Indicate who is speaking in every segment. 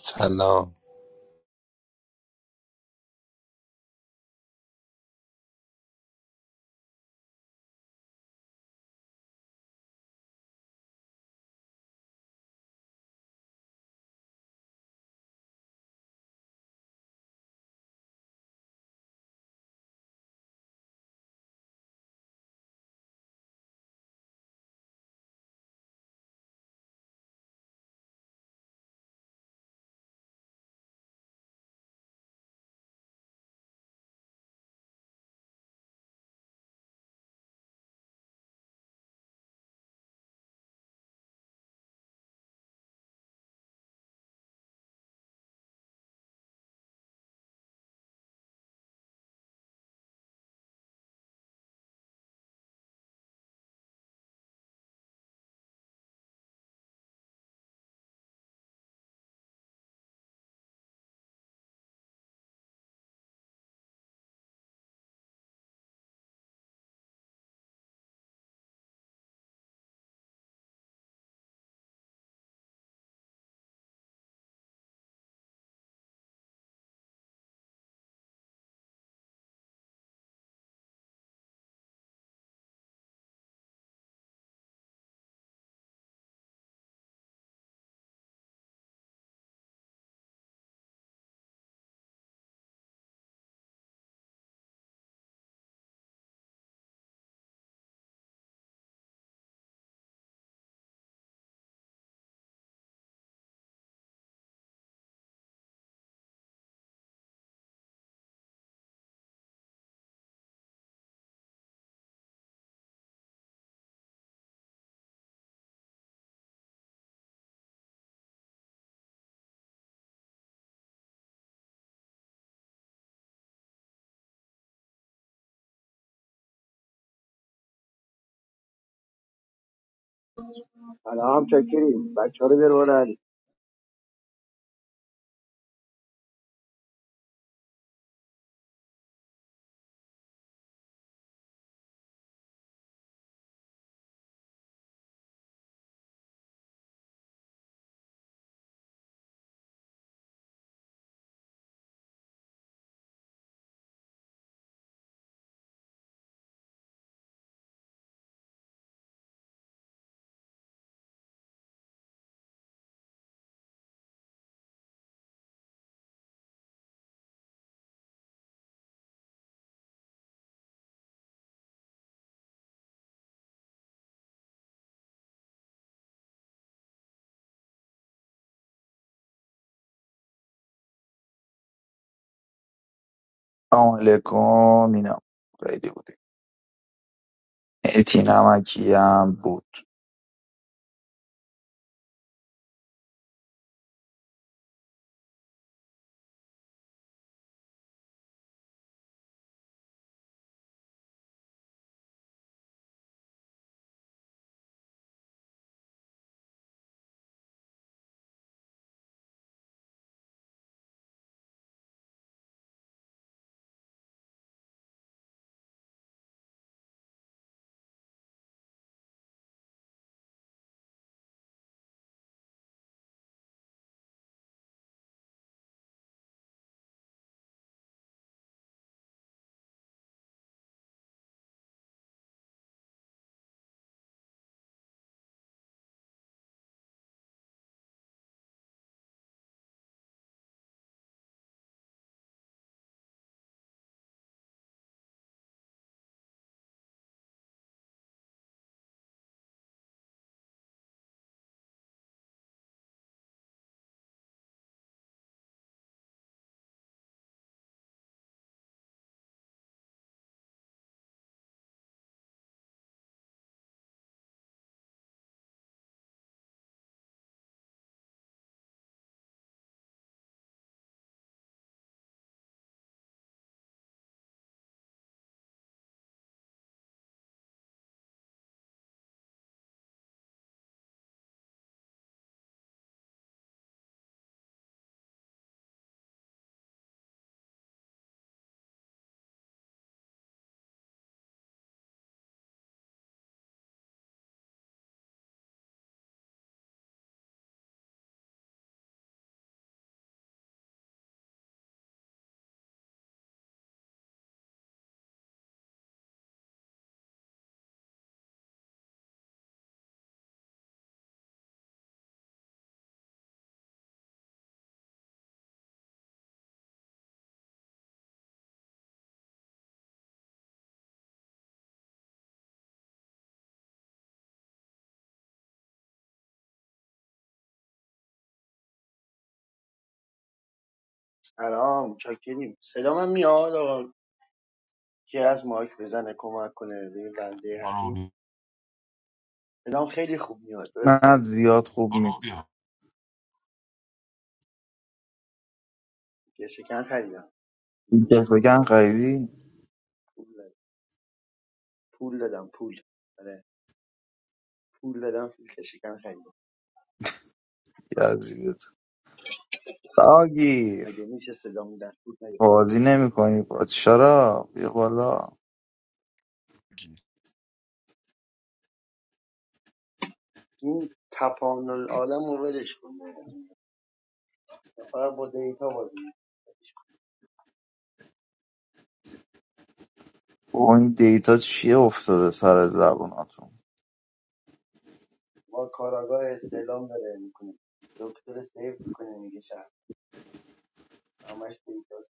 Speaker 1: سلام
Speaker 2: سلام چاکریم بچه ها رو بیار
Speaker 3: سلام علیکم اینم خیلی بودیم اتی نمکی هم بود
Speaker 2: سلام چاکریم صدا من میاد آقا که از مایک بزنه کمک کنه به این بنده
Speaker 4: برو
Speaker 2: حبیب
Speaker 4: بی-
Speaker 2: صدام خیلی خوب میاد
Speaker 3: نه
Speaker 2: درسته
Speaker 3: زیاد خوب
Speaker 4: برو
Speaker 3: نیست
Speaker 4: بیا
Speaker 2: یه شکن خریدم
Speaker 3: این
Speaker 2: میشه خوب
Speaker 3: دفعه
Speaker 2: نباشه
Speaker 3: قیدی
Speaker 2: پول دادم پول دادم پول آره پول دادم فیلتر شکن خریدم
Speaker 3: یزیدت آگیر،
Speaker 2: مگه میشه صدام در پول نیاد
Speaker 3: بازی نمی کنی را بیا بالا
Speaker 4: بگیر.
Speaker 2: این تپان العالم رو ولش کن فقط با دیتا بازی می‌کنه.
Speaker 3: با این دیتا چیه افتاده سر زبوناتون
Speaker 2: ما کاراگاه استعلام داره میکنه دکتر سیو میکنه میگه شهر همش دیتا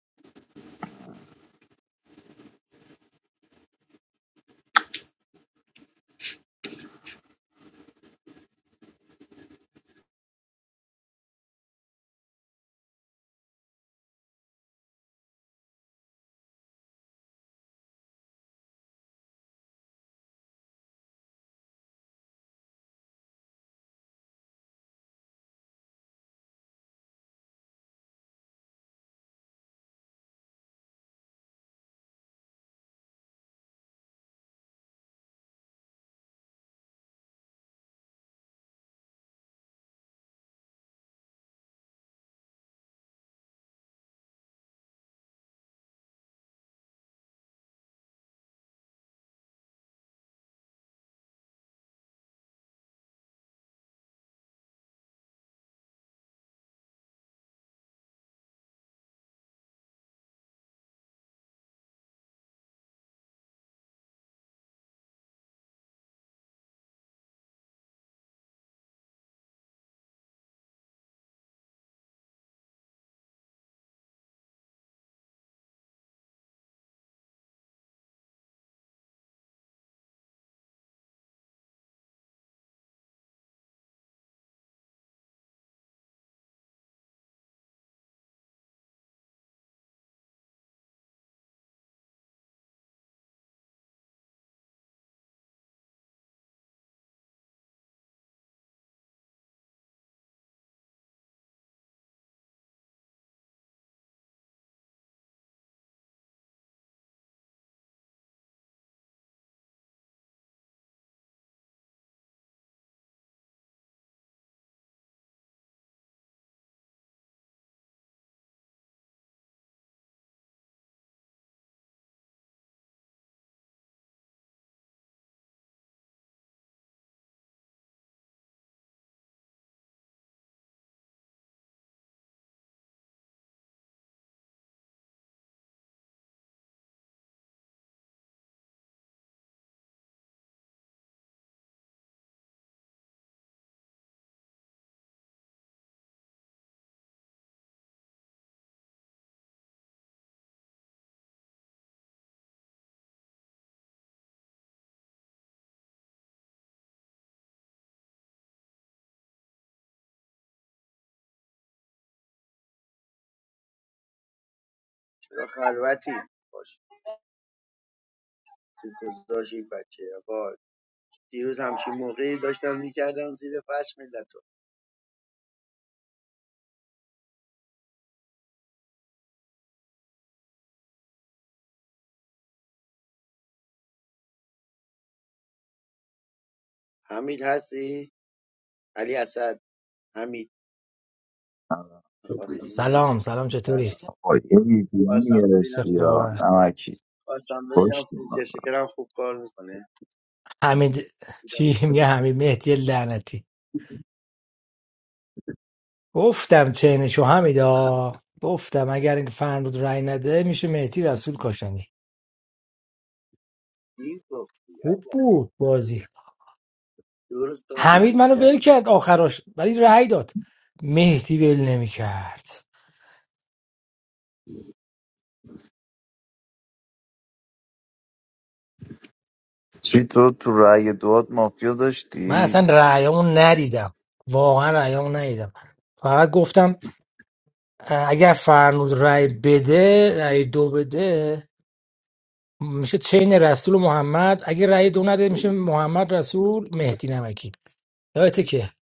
Speaker 2: چرا خلوتی گذاشت این بچه آقا دیروز همچین موقعی داشتم میکردن زیر فرش ملت رو حمید هستی علی اسد حمید میخواستم ببینم
Speaker 5: سلام سلام چطوری
Speaker 2: سلام
Speaker 3: آقا، یه ویدیو
Speaker 2: خواستم ببینم
Speaker 3: گرفتی
Speaker 2: فیل-
Speaker 3: یا
Speaker 5: سختاور
Speaker 3: نمکی
Speaker 2: خواستم ببینم
Speaker 3: پشتی ما.
Speaker 2: فیلتر شکرم خوب کار میکنه
Speaker 5: حمید
Speaker 2: دیدم
Speaker 5: چی
Speaker 2: خوب
Speaker 5: میگه
Speaker 2: کار
Speaker 5: حمید مهدی لعنتی گفتم چینشو حمیدا گفتم اگر این فرنود رای نده میشه مهدی رسول کاشانی
Speaker 2: دیر گفتی
Speaker 5: خوب
Speaker 2: علی اسد.
Speaker 5: بود بازی
Speaker 2: درست
Speaker 5: حمید
Speaker 2: تارگت
Speaker 5: منو ول
Speaker 2: کرد
Speaker 5: کرد آخراش ولی رأی داد مهدی ول نمیکرد
Speaker 3: چی تو تو رأی دوات مافیا
Speaker 5: من
Speaker 3: داشتی؟
Speaker 5: اصلا رأیامو ندیدم واقعا رأیامو ندیدم فقط گفتم اه، اگر فرنود رأی بده رأی دو بده میشه چین رسول و محمد اگه رأی دو نده میشه محمد رسول مهدی نمکی یادته که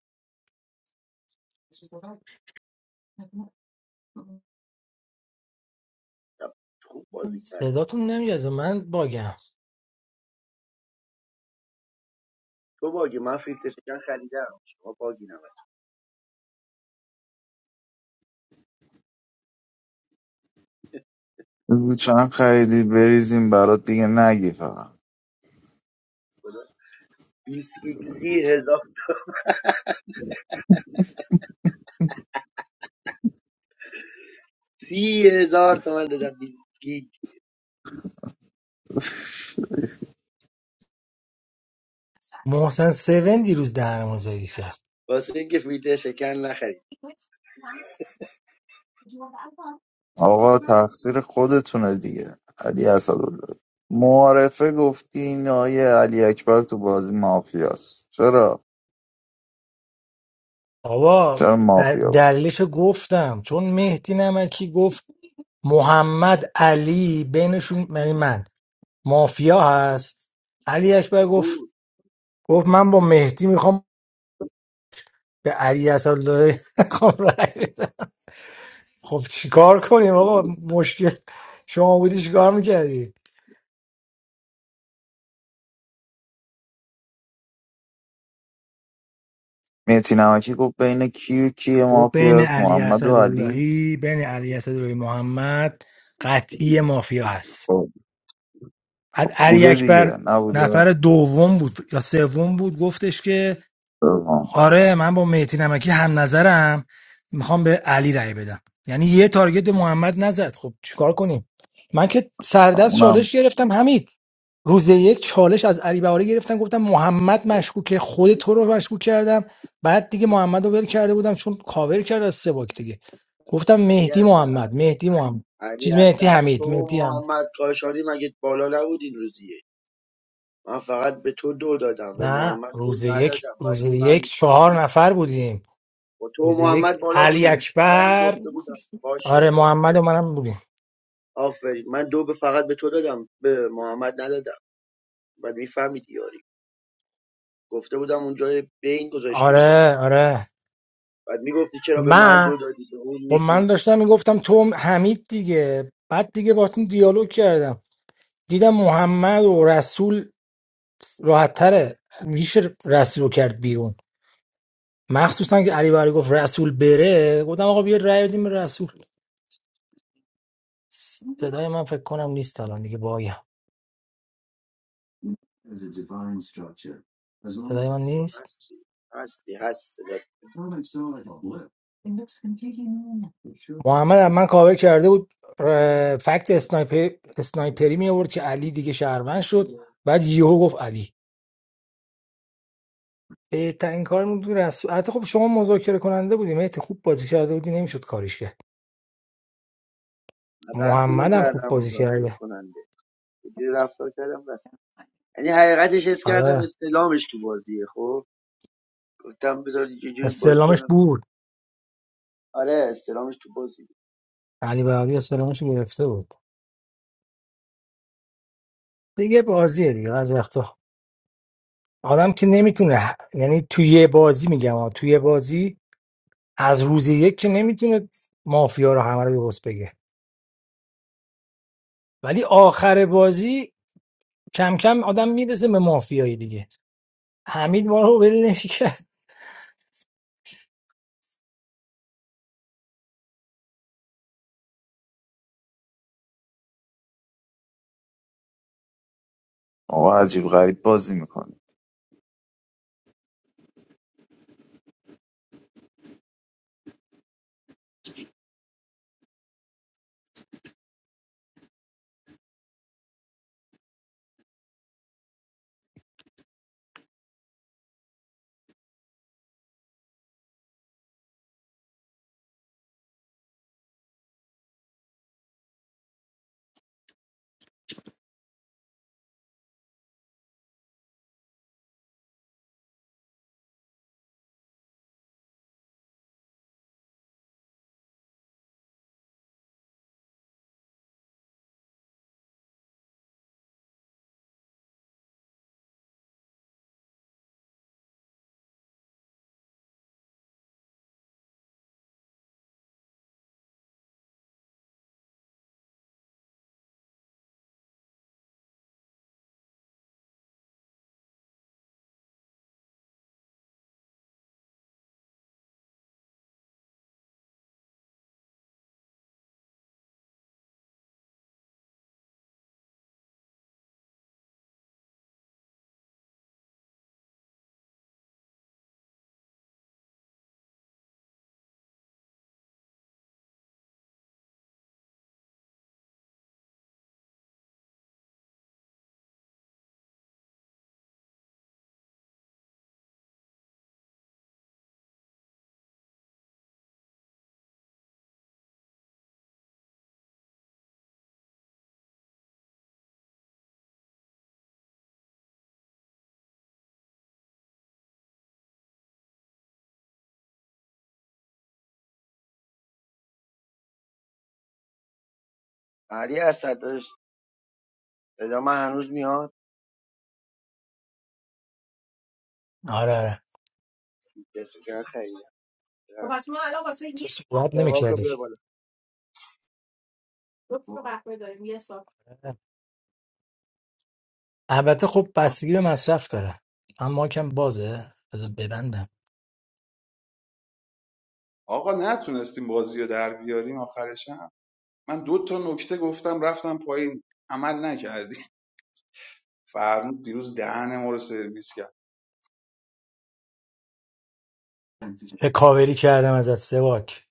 Speaker 2: خوب بازی کردی
Speaker 5: صداتون نمیاد من باگم
Speaker 2: تو باگی من فیلتر شکر خریدم شما باگی نمتون
Speaker 3: بگو چند خریدی بریزیم برات دیگه نگی فقط
Speaker 2: خدا 20 گیگ سی هزار سی هزار تومن دادم 20 گیگ
Speaker 5: محسن سون دیروز دهنمون زدی کرد
Speaker 2: واسه اینکه فیلتر شکر نخرید
Speaker 3: آقا تقصیر خودتونه دیگه علی اسدالله معارفه گفتی این آیه علی اکبر تو بازی مافیاست چرا
Speaker 5: آقا
Speaker 3: چرا
Speaker 5: دل-
Speaker 3: مافیا بود
Speaker 5: دلیلشو گفتم چون مهدی نمکی گفت محمد علی بینشون یعنی من مافیا هست علی اکبر
Speaker 2: خب
Speaker 5: گفت گفت من با مهدی میخوام به علی اسدالله میخوام رأی بدم. خب چیکار کنیم آقا مشکل شما بودی چیکار میکردی
Speaker 3: مهتی نمکی گفت بین کی و کی
Speaker 5: و بین
Speaker 3: مافیاست
Speaker 5: علی
Speaker 3: محمد و علی
Speaker 5: اسداللهی بین علی اسداللهی محمد قطعی مافیا هست
Speaker 3: خب،
Speaker 5: بعد علی
Speaker 3: بوده
Speaker 5: اکبر
Speaker 3: دیگه نبوده
Speaker 5: نفر دوم بود یا سوم بود گفتش که
Speaker 3: آه.
Speaker 5: آره من با مهدی نمکی هم نظرم میخوام به علی رأی بدم یعنی یه تارگت به محمد نزد خب چیکار کنیم من که سردست
Speaker 3: اونم
Speaker 5: چالش گرفتم حمید روز یک چالش از علی بهاری گرفتم گفتم محمد مشکوکه خود تو رو مشکوک کردم بعد دیگه محمد رو ول کرده بودم چون کاور کرد از سواک دیگه گفتم
Speaker 2: علی
Speaker 5: مهدی
Speaker 2: اصغر
Speaker 5: محمد مهدی محمد
Speaker 2: علی
Speaker 5: چیز مهدی
Speaker 2: اصغر تو
Speaker 5: حمید
Speaker 2: و
Speaker 5: مهدی هم
Speaker 2: محمد کاشانی مگه بالا نبودین روزیه من فقط به تو دو دادم به
Speaker 5: نه
Speaker 2: محمد دو
Speaker 5: روز یک
Speaker 2: ندادم
Speaker 5: روز
Speaker 2: ولی
Speaker 5: یک
Speaker 2: من
Speaker 5: چهار نفر بودیم
Speaker 2: با تو و
Speaker 5: روز یک
Speaker 2: محمد بالا
Speaker 5: علی
Speaker 2: بودیم منم
Speaker 5: اکبر
Speaker 2: گفته بودم باشه
Speaker 5: آره محمد و منم بودیم
Speaker 2: آفرین من دو به فقط به تو دادم به محمد ندادم بعد میفهمیدی یاری گفته بودم اونجا بین گذاشته بودم
Speaker 5: آره آره
Speaker 2: بعد میگفتی چرا به من
Speaker 5: من
Speaker 2: دو دادی به اون
Speaker 5: خب
Speaker 2: یکی
Speaker 5: من داشتم میگفتم تو هم- حمید دیگه بعد دیگه باتون دیالوگ کردم دیدم محمد و رسول راحت تره میشه رسول رو کرد بیرون مخصوصا که علی برای گفت رسول بره گفتم آقا بیا رأی بدیم به رسول صدای من فکر کنم نیست الان دیگه بایم صدای من نیست
Speaker 2: هستی هستی هست صدات.
Speaker 5: محمد هم من کاور کرده بود اه، فکت اسنایپر اسنایپری می آورد که علی دیگه شهروند شد بعد یهو گفت علی بهترین کار بود رسول حتی خب شما مذاکره کننده بودیم حتی خوب بازی کرده بودی نمیشد کاریش کرد
Speaker 2: من رد
Speaker 5: محمد هم خوب
Speaker 2: کردم اون
Speaker 5: بازی
Speaker 2: رد
Speaker 5: کرده
Speaker 2: کننده یه جوری رفتار کردم یعنی حقیقتش حس کردم
Speaker 5: آره
Speaker 2: استلامش تو بازیه خب گفتم بذار یه جوری بازی
Speaker 5: استعلامش
Speaker 2: کنم
Speaker 5: بود
Speaker 2: آره استلامش تو بازی
Speaker 5: علی بهاری استعلامش رو گرفته بود دیگه بازیه دیگه از وقتا آدم که نمیتونه یعنی توی یه بازی میگم آه، توی یه بازی از روز یک که نمیتونه مافیا رو همه رو درست بگه ولی آخر بازی کم کم آدم میرسه به مافیایی دیگه حمید ما رو ول نمیکرد
Speaker 3: آقا عجیب غریب بازی میکنه
Speaker 2: علی اسد داشت صدا من هنوز میاد
Speaker 5: آره آره
Speaker 2: چه خیلی
Speaker 5: خب پس ما الان واسه تو صحبت
Speaker 2: دقاقا
Speaker 5: نمیکردی
Speaker 2: بیا بالا
Speaker 5: البته خب بستگی به مصرف داره اما کم بازه بذار ببندم
Speaker 6: آقا نتونستیم بازی رو در بیاریم آخرشم من دو تا نکته گفتم رفتم پایین عمل نکردی فرمود دیروز دهن ما رو سرویس کرد
Speaker 5: چه کاوری کردم از سواک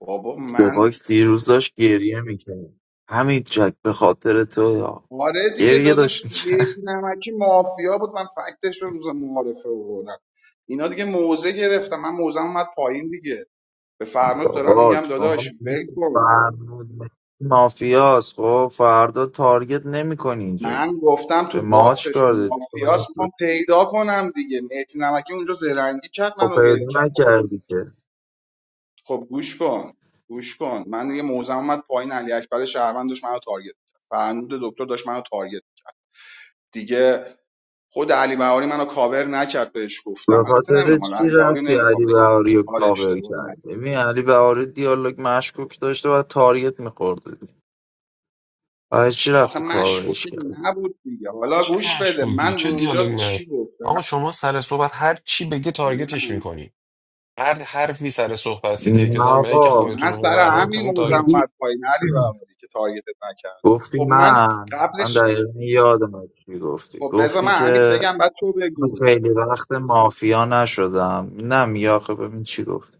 Speaker 6: بابا من
Speaker 3: سپاکس دیروز داشت گریه میکرد همین جک به خاطر تو یا
Speaker 6: آره دیگه
Speaker 3: گریه
Speaker 6: داداش
Speaker 3: داشت
Speaker 6: بیتی نمکی مافیا بود من فکتش رو روز معارفه بردم اینا دیگه موزه گرفتم من موزم اومد پایین دیگه به فرنود دارم
Speaker 3: آقا
Speaker 6: میگم
Speaker 3: شما
Speaker 6: داداش
Speaker 3: می‌گی
Speaker 6: ول
Speaker 3: که
Speaker 6: کن
Speaker 3: فرنود مافیاس خب فردا تارگت نمیکنی اینجا
Speaker 6: من گفتم
Speaker 3: به
Speaker 6: تو
Speaker 3: ما
Speaker 6: باکسش و
Speaker 3: چیکار داری؟ تارگت
Speaker 6: مافیاس میخوام
Speaker 3: بود.
Speaker 6: پیدا کنم دیگه مهدی نمکی اونجا زرنگی کرد
Speaker 3: خب
Speaker 6: منو ول
Speaker 3: پیدا
Speaker 6: کرد خب
Speaker 3: نکردی که
Speaker 6: خب گوش کن گوش کن من دیگه موزم اومد پایین علی اکبر شهروند داشت منو تارگت کرد فرنود دکتر داشت منو تارگت دیگه خود علی بهاری منو کاور نکرد بهش
Speaker 3: به
Speaker 6: گفتم البته
Speaker 3: خاطر
Speaker 6: نمیدونم حالا
Speaker 3: چی
Speaker 6: علی بهاری
Speaker 3: رفتی
Speaker 6: نمیخوام
Speaker 3: علی
Speaker 6: بگم
Speaker 3: بهاری رو
Speaker 6: حالا
Speaker 3: کاور
Speaker 6: اشتباهی
Speaker 3: کردی
Speaker 6: نکرد
Speaker 3: ببین علی بهاری دیالوگ مشکوک داشته و تارگت میخورده برای چی
Speaker 6: آخه
Speaker 3: رفتی کاورش
Speaker 6: مشکوکی
Speaker 3: کردی
Speaker 6: نبود دیگه حالا
Speaker 4: چه
Speaker 6: گوش بده
Speaker 4: مشکوکی
Speaker 6: من
Speaker 4: چه دیالوگ
Speaker 6: اونجا
Speaker 4: مر
Speaker 6: چی گفتم
Speaker 4: آقا شما سر صحبت هر چی بگه تارگتش
Speaker 6: نه
Speaker 4: میکنی هر حرفی سر صحبت سیتی که
Speaker 3: نه
Speaker 4: زن برای که
Speaker 3: آقا
Speaker 4: خودتون
Speaker 6: من
Speaker 4: رو
Speaker 6: سر
Speaker 4: مبرا
Speaker 6: همین
Speaker 4: کنی
Speaker 6: موزم
Speaker 4: تارگت رو-
Speaker 3: میگی
Speaker 6: اومد پایین علی بهاری که تارگتت نکردم
Speaker 3: گفتی
Speaker 6: خب من
Speaker 3: من من
Speaker 6: قبلش
Speaker 3: دقیقا یادم چی گفتی
Speaker 6: خب بذار
Speaker 3: گفتی
Speaker 6: من همین
Speaker 3: که
Speaker 6: بگم بعد تو
Speaker 3: من
Speaker 6: بگو
Speaker 3: خیلی وقت مافیا نشدم نه میگه آخه ببین چی گفت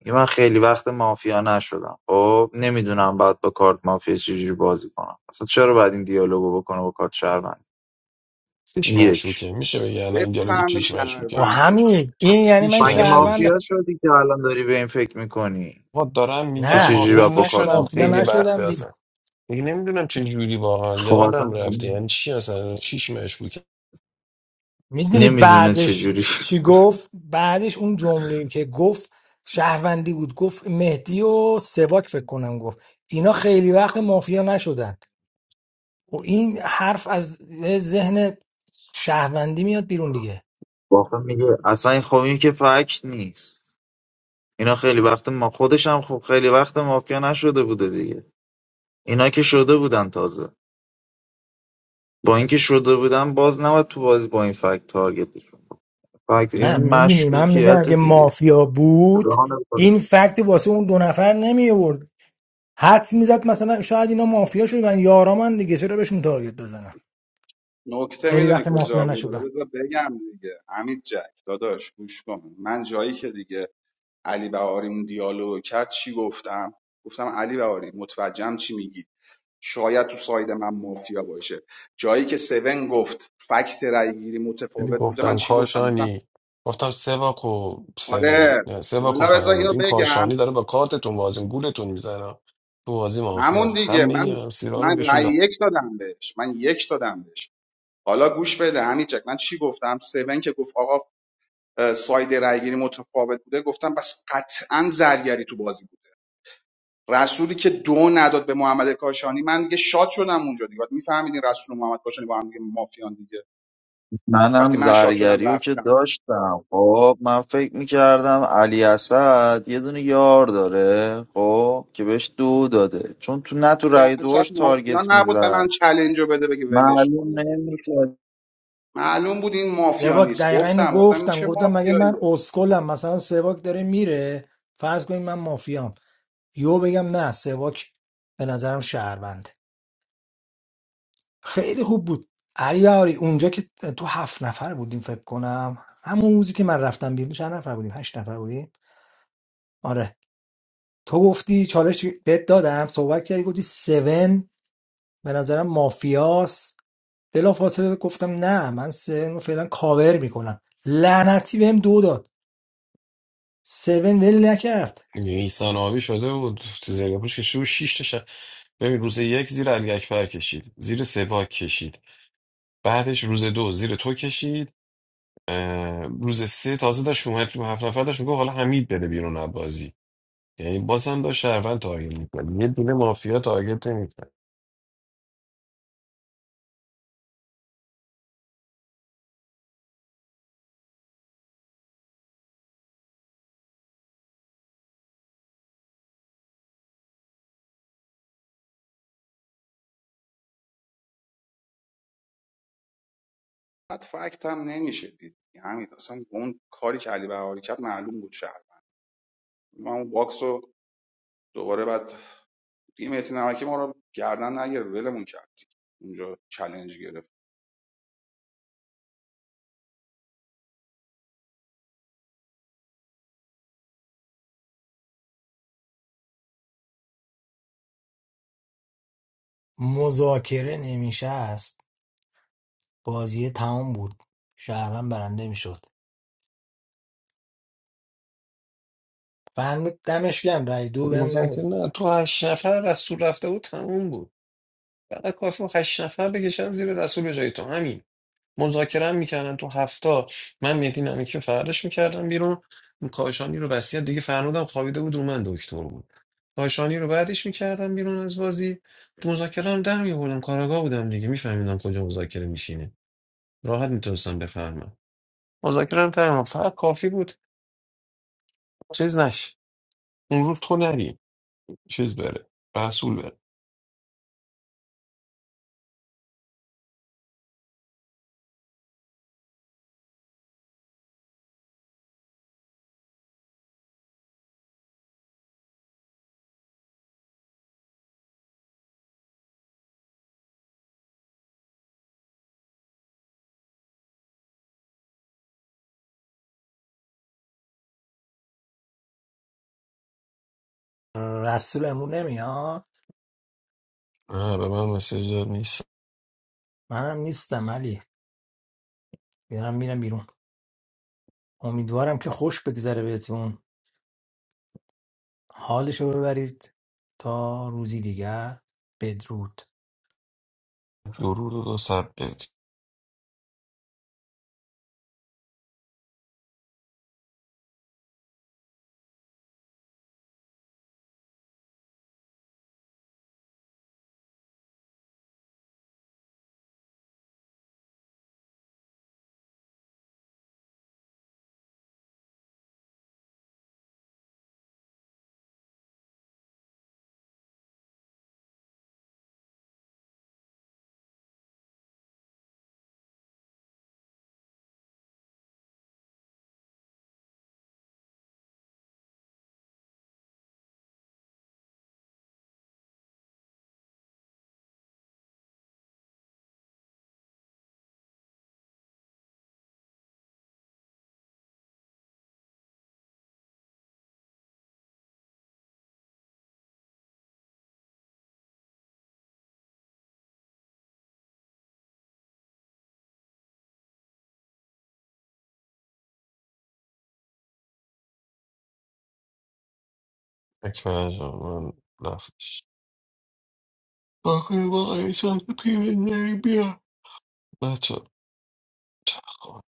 Speaker 3: میگه من خیلی وقت مافیا نشدم خب نمیدونم باید با کارت مافیا چجوری بازی کنم اصلا چرا باید این دیالوگو بکنه با کارت شهروند
Speaker 4: چیش
Speaker 3: این یک
Speaker 4: مشکوکه میشه بگی
Speaker 6: باید
Speaker 4: الان این دیالوگ
Speaker 6: بفهمی
Speaker 4: چیش
Speaker 5: و
Speaker 4: مشکوکه
Speaker 6: شهروند
Speaker 5: همین این یعنی من
Speaker 4: هیچ
Speaker 3: مگه
Speaker 5: شهروند
Speaker 4: مشکوکه
Speaker 3: مافیا شدی که الان داری به این فکر میکنی
Speaker 4: آقا دارم
Speaker 3: که
Speaker 4: میگم
Speaker 5: نه
Speaker 3: چجوری
Speaker 4: مافیا
Speaker 3: باید با
Speaker 5: گفتش
Speaker 3: کارت
Speaker 4: نشدم
Speaker 5: مافیا
Speaker 3: مافیا
Speaker 4: خیلی
Speaker 3: بازی کنی
Speaker 4: وقته
Speaker 5: نشدم
Speaker 4: اصلا دیگه نمیدونم چه جوری واقعا
Speaker 3: خب
Speaker 4: یادم
Speaker 3: اصلا
Speaker 4: رفته یعنی چی اصلا چیش مشکوکه
Speaker 5: میدونی
Speaker 3: نمیدونه
Speaker 5: بعدش
Speaker 3: چجوری
Speaker 5: چی گفت بعدش اون جمله که گفت شهروندی بود گفت مهدی و سواک فکر کنم گفت اینا خیلی وقت مافیا نشدن و این حرف از ذهن شهروندی میاد بیرون دیگه
Speaker 3: واقعا میگه اصلا این خب این که فکت نیست اینا خیلی وقت ما خودش هم خب خیلی وقت مافیا نشده بوده دیگه اینا که شده بودن تازه با اینکه شده بودم باز نباید تو بازی با این فکت تارگتشون فکت
Speaker 5: نه
Speaker 3: این
Speaker 5: میدونی من میگم
Speaker 3: مشکوکیت
Speaker 5: اگه
Speaker 3: دیگه
Speaker 5: مافیا بود
Speaker 3: ران بازی.
Speaker 5: این فکت واسه اون دو نفر نمی آورد حدس میزد مثلا شاید اینا مافیا شدن یارامن دیگه چرا بهشون تارگت بزنم
Speaker 6: نکته
Speaker 5: خیلی
Speaker 6: میدونی
Speaker 5: وقت مافیا
Speaker 6: کجا بود
Speaker 5: نشدن
Speaker 6: حالا بذار بگم دیگه حمید جک داداش گوش کن من جایی که دیگه علی بهاری اون دیالوگ کرد چی گفتم گفتم علی بهاری متوجهم چی میگی شاید تو ساید من مافیا باشه جایی که سون گفت فکت رای گیری
Speaker 4: دیدی
Speaker 6: متفاوت بوده من
Speaker 4: گفتم
Speaker 6: چی گفتم گفتم
Speaker 4: کاشانی گفتم سواکو سون
Speaker 6: آره
Speaker 4: نه، سواکو
Speaker 6: حالا بذار
Speaker 4: فنود
Speaker 6: اینو
Speaker 4: این
Speaker 6: بگم
Speaker 4: کاشانی داره با کارتتون بازی گولتون میزنه تو بازی مافیا
Speaker 6: همون دیگه
Speaker 4: همه
Speaker 6: من
Speaker 4: این سیرا رو
Speaker 6: من
Speaker 4: بهشون
Speaker 6: رای
Speaker 4: داد
Speaker 6: یک دادم بهش من یک دادم بهش حالا گوش بده همین جک من چی گفتم سون که گفت آقا اه، ساید رأیگیری متفاوت بوده گفتم بس قطعا زرگری تو بازی بود رسولی که دو نداد به محمد کاشانی من دیگه شاد شدم اونجا دیگه میفهمیدین رسول و محمد کاشانی با هم دیگه مافیان دیگه
Speaker 3: منم
Speaker 6: وقتی من شاد شدم
Speaker 3: زرگری رو که
Speaker 6: رفتم
Speaker 3: داشتم خب من فکر میکردم علی اسد یه دونه یار داره خب که بهش دو داده چون تو نه تو
Speaker 6: یعنی
Speaker 3: رای
Speaker 6: اصلا
Speaker 3: دوش
Speaker 6: مافیا
Speaker 3: تارگت
Speaker 6: نبود به من
Speaker 3: میزد
Speaker 6: چلنج رو بده بگه ولش
Speaker 3: معلوم
Speaker 6: کنی
Speaker 3: نمیکرد
Speaker 6: معلوم بود این مافیا
Speaker 5: سواک
Speaker 6: نیست
Speaker 5: دقیقا اینو
Speaker 6: گفتم گفتم این
Speaker 5: گفتم
Speaker 6: چه
Speaker 5: گفتم مگه من
Speaker 6: مافیاییه
Speaker 5: اسکلم مثلا سواک داره میره فرض کنیم من مافیام یو بگم نه سواک به نظرم شهروند خیلی خوب بود علی بهاری اونجا که تو هفت نفر بودیم فکر کنم همون روزی که من رفتم بیرون چند نفر بودیم هشت نفر بودیم آره تو گفتی چالش بهت دادم صحبت کردی گفتی 7 به نظرم مافیاس بلا فاصله گفتم نه من 7 رو فعلا کاور میکنم لعنتی بهم دو داد 7 ول نکرد
Speaker 4: نیسان آبی شده بود تو زیر پوش کشید و شیش تا شب. ببین روز یک زیر علی اکبر کشید زیر سواک کشید بعدش روز دو زیر تو کشید اه، روز سه تازه داشت اومد تو هفت نفر داشت میگفت حالا حمید بره بیرون از بازی یعنی بازم داشت شهروند تارگت میکنه یه دونه مافیا تارگت نمی‌کرد.
Speaker 6: بعد فکت هم نمیشه دید همین اصلا اون کاری که علی بهاری کرد معلوم بود شهر من اون باکسو رو دوباره بعد دیگه مهدی نمکی ما رو گردن نگرفت ولمون کرد اونجا چلنج گرفت
Speaker 5: مذاکره نمیشست بازی تمام بود شهروند برنده میشد فهمید دمش گرم رای دو بهم
Speaker 4: مذاکره
Speaker 5: نداد
Speaker 4: نه تو هشت نفر رسول رفته بود تموم بود فقط کافی بود هشت نفر بکشن زیر رسول به جای تو همین مذاکره هم میکردن تو هفته. من مهدی نمیکی رو فرارش میکردم بیرون کاشانی رو بسیار دیگه فرمودم خوابیده بود رو من دکتر بود کاشانی رو بعدش میکردم بیرون از بازی مذاکره هم در میبردم کاراگاه بودم دیگه میفهمیدم کجا مذاکره میشینه راحت میتونستم بفهمم مذاکره هم تمام فقط کافی بود چیز نش اون روز تو نری چیز بره رسول بره
Speaker 5: رسول امون نمیاد
Speaker 4: نه به من مسیج داد نیست
Speaker 5: منم نیستم علی میرم میرم بیرون امیدوارم که خوش بگذره بهتون حالشو ببرید تا روزی دیگر بدرود
Speaker 4: درود و دو صد بید اکبر جان من رفتش با کنیم با یه چند تا پیوندری بیا بچه خب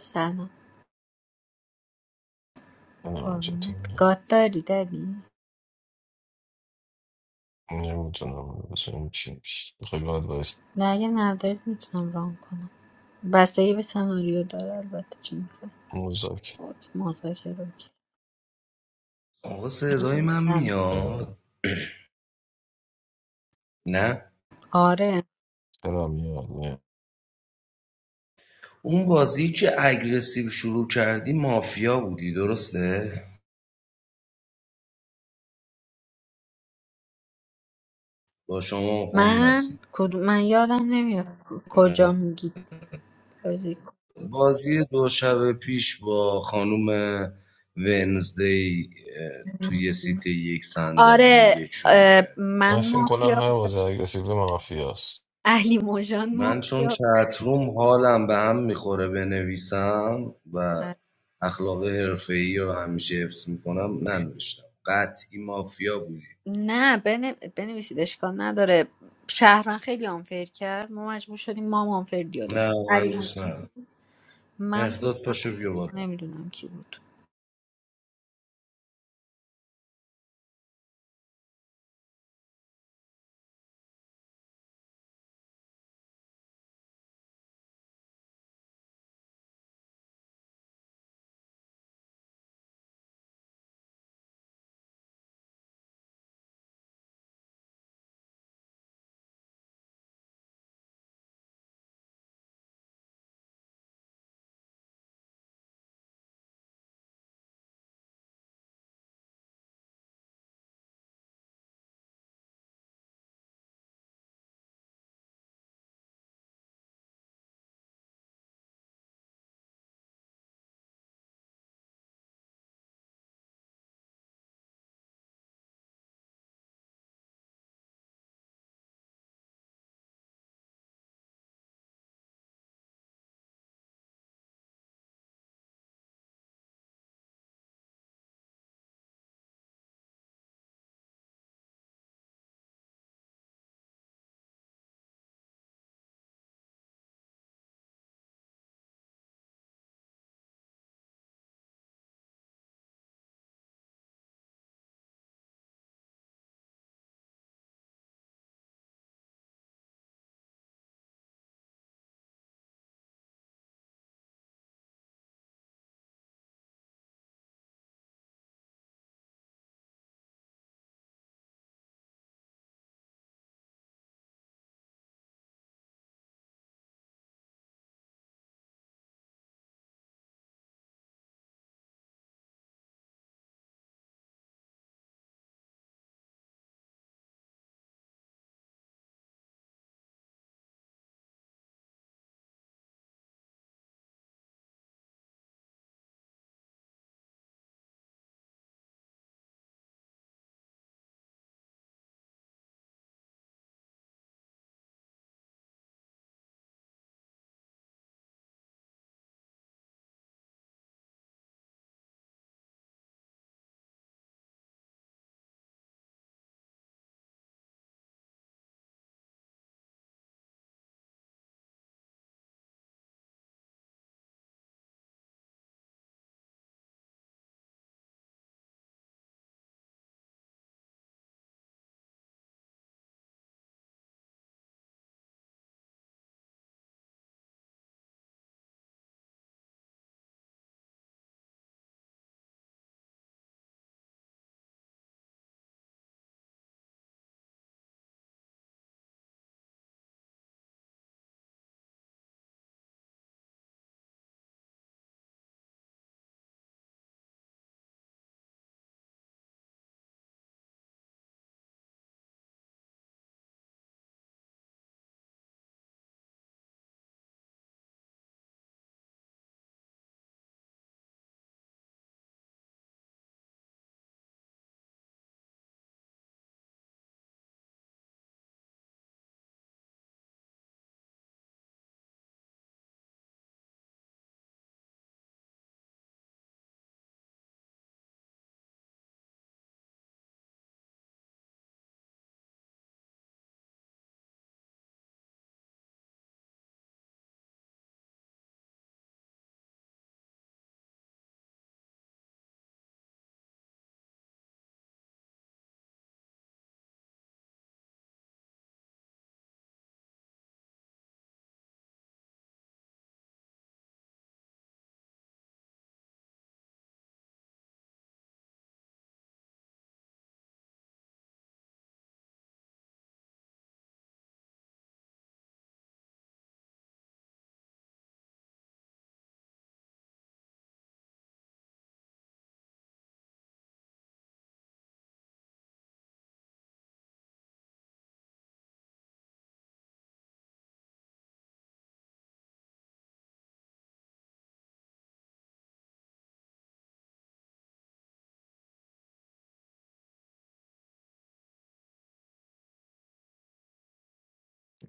Speaker 7: سلام
Speaker 4: نه آنجا
Speaker 7: قربونت
Speaker 4: تو
Speaker 7: گاد داری داری
Speaker 4: نمیتونم بسیم چی میشه بخوایی باید باید
Speaker 7: نه اگه ندارید میتونم ران کنم بستگی به سناریو داره البته چی میخوای
Speaker 4: مذاکره
Speaker 7: اوکی مذاکره اوکی
Speaker 8: آقا صدای من
Speaker 7: سلام.
Speaker 4: آره.
Speaker 8: میاد نه
Speaker 7: آره
Speaker 4: چرا میاد نه
Speaker 8: اون بازی که اگریسیو شروع کردی مافیا بودی درسته با شما میخوام
Speaker 7: من
Speaker 8: نسیم
Speaker 7: کدوم من یادم نمیاد ک- کجا میگید بازی کن
Speaker 8: بازی دو شب پیش با خانوم ونزدی اه، توی سیت یک صندلی
Speaker 7: آره
Speaker 8: یک شروع
Speaker 7: اه،
Speaker 8: کرد
Speaker 7: من
Speaker 4: این کلا
Speaker 7: مافیا
Speaker 4: هر
Speaker 7: بودم
Speaker 4: بازی اگرسیو مافیاست
Speaker 7: علی موجان
Speaker 8: من چون
Speaker 7: مافیا بود.
Speaker 8: چتروم حالم به هم میخوره بنویسم و
Speaker 7: اه،
Speaker 8: اخلاق حرفه‌ای رو همیشه حفظ میکنم ننوشتم قطعی مافیا بودی
Speaker 7: نه بن... بنویسید اشکال نداره شهران خیلی آنفر کرد ما مجبور شدیم ما هم آنفر دیالوگ
Speaker 8: نه
Speaker 7: کنیم علی
Speaker 8: من دوست
Speaker 7: موجان
Speaker 8: ندارم.
Speaker 7: من بودم
Speaker 8: مهرداد پاشو بیا بالا
Speaker 7: نمیدونم کی بود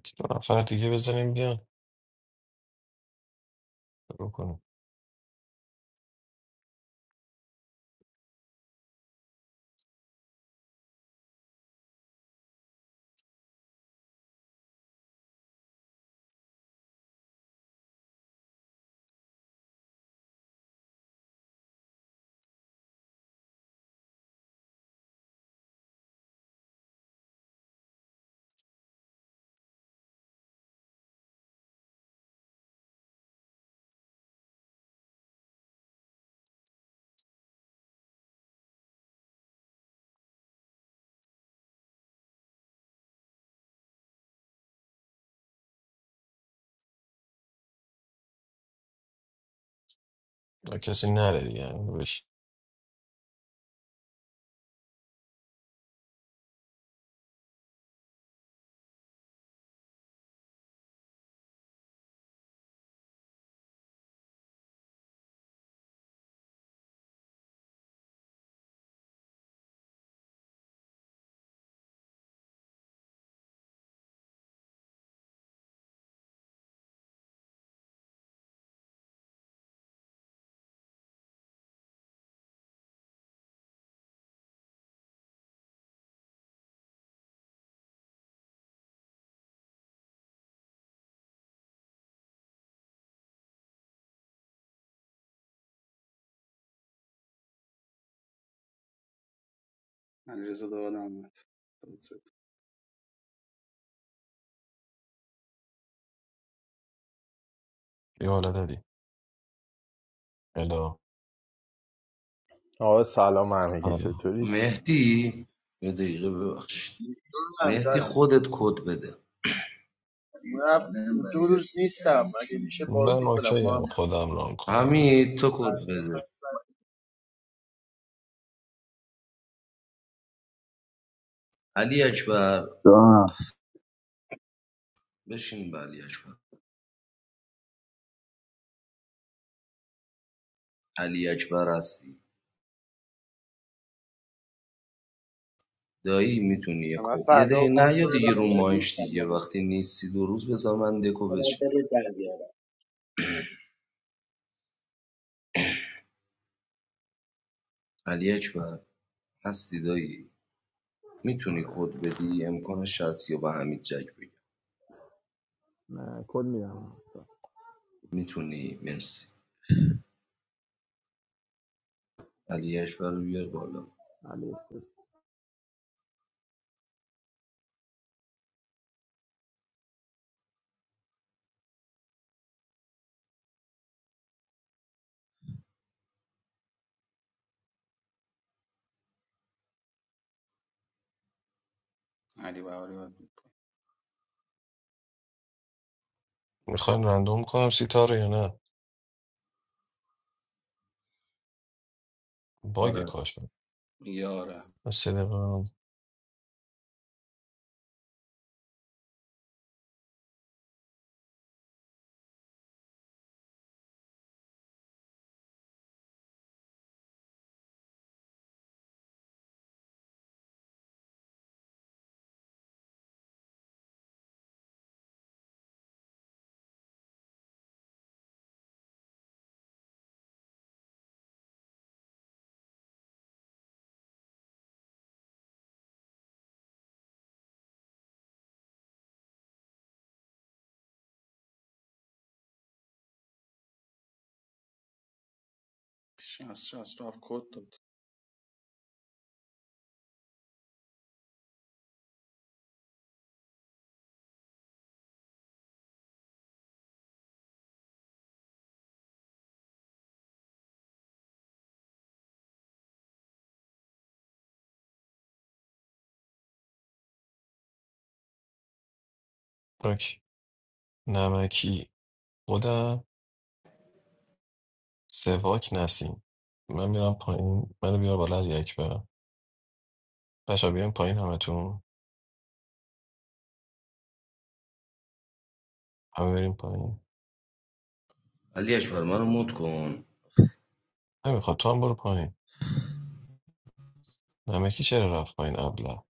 Speaker 4: که دو نفر دیگه بزنیم بیان رو کنیم و کسی نره دیگه یعنی بهش
Speaker 6: علیرضا دادم اومد
Speaker 4: یه حالت دی الا
Speaker 9: آقا سلام همگی
Speaker 4: حالا
Speaker 9: چطورید
Speaker 8: مهدی یه دقیقه ببخشید
Speaker 2: هم
Speaker 8: مهدی
Speaker 2: دارم
Speaker 8: خودت کد بده
Speaker 2: دو روز نیستم اگه میشه
Speaker 4: من
Speaker 2: بازی کنم
Speaker 4: اوکی هم
Speaker 2: محمد
Speaker 4: خودم ران کنم
Speaker 8: حمید تو کد بده علی اکبر بشین به علی اکبر علی اکبر هستی دایی میتونی یه
Speaker 2: من
Speaker 8: کو یه
Speaker 2: فردا و
Speaker 8: دقیقه نه
Speaker 2: پس
Speaker 8: یا
Speaker 2: فردا
Speaker 8: دیگه رو
Speaker 2: بلد
Speaker 8: مایش
Speaker 2: نیستم
Speaker 8: دیگه
Speaker 2: یعنی.
Speaker 8: وقتی نیستی دو روز بذار من دکو
Speaker 2: خدا
Speaker 8: بچینم
Speaker 2: دلت در بیاره.
Speaker 8: علی اکبر هستی دایی میتونی کد بدی امکانش هست یا به حمید جک بگم میتونی مرسی علی اکبر رو بیار بالا
Speaker 6: علی بهاری بود
Speaker 4: میخواین رندوم کنم سیتا رو یا نه باگ
Speaker 8: آره
Speaker 4: کاشون
Speaker 6: یاره
Speaker 4: سه دقیقه هم.
Speaker 6: 60 67 کد داد
Speaker 4: اوکی. نمکی خودم سواک نسیم من میرم پایین منو بیار بالا یک اکبرم بچه بیایم پایین همتون همه بریم پایین
Speaker 8: علی اکبر منو مد کن
Speaker 4: نمیخواد تو هم برو پایین نمکی چرا رفت پایین ابله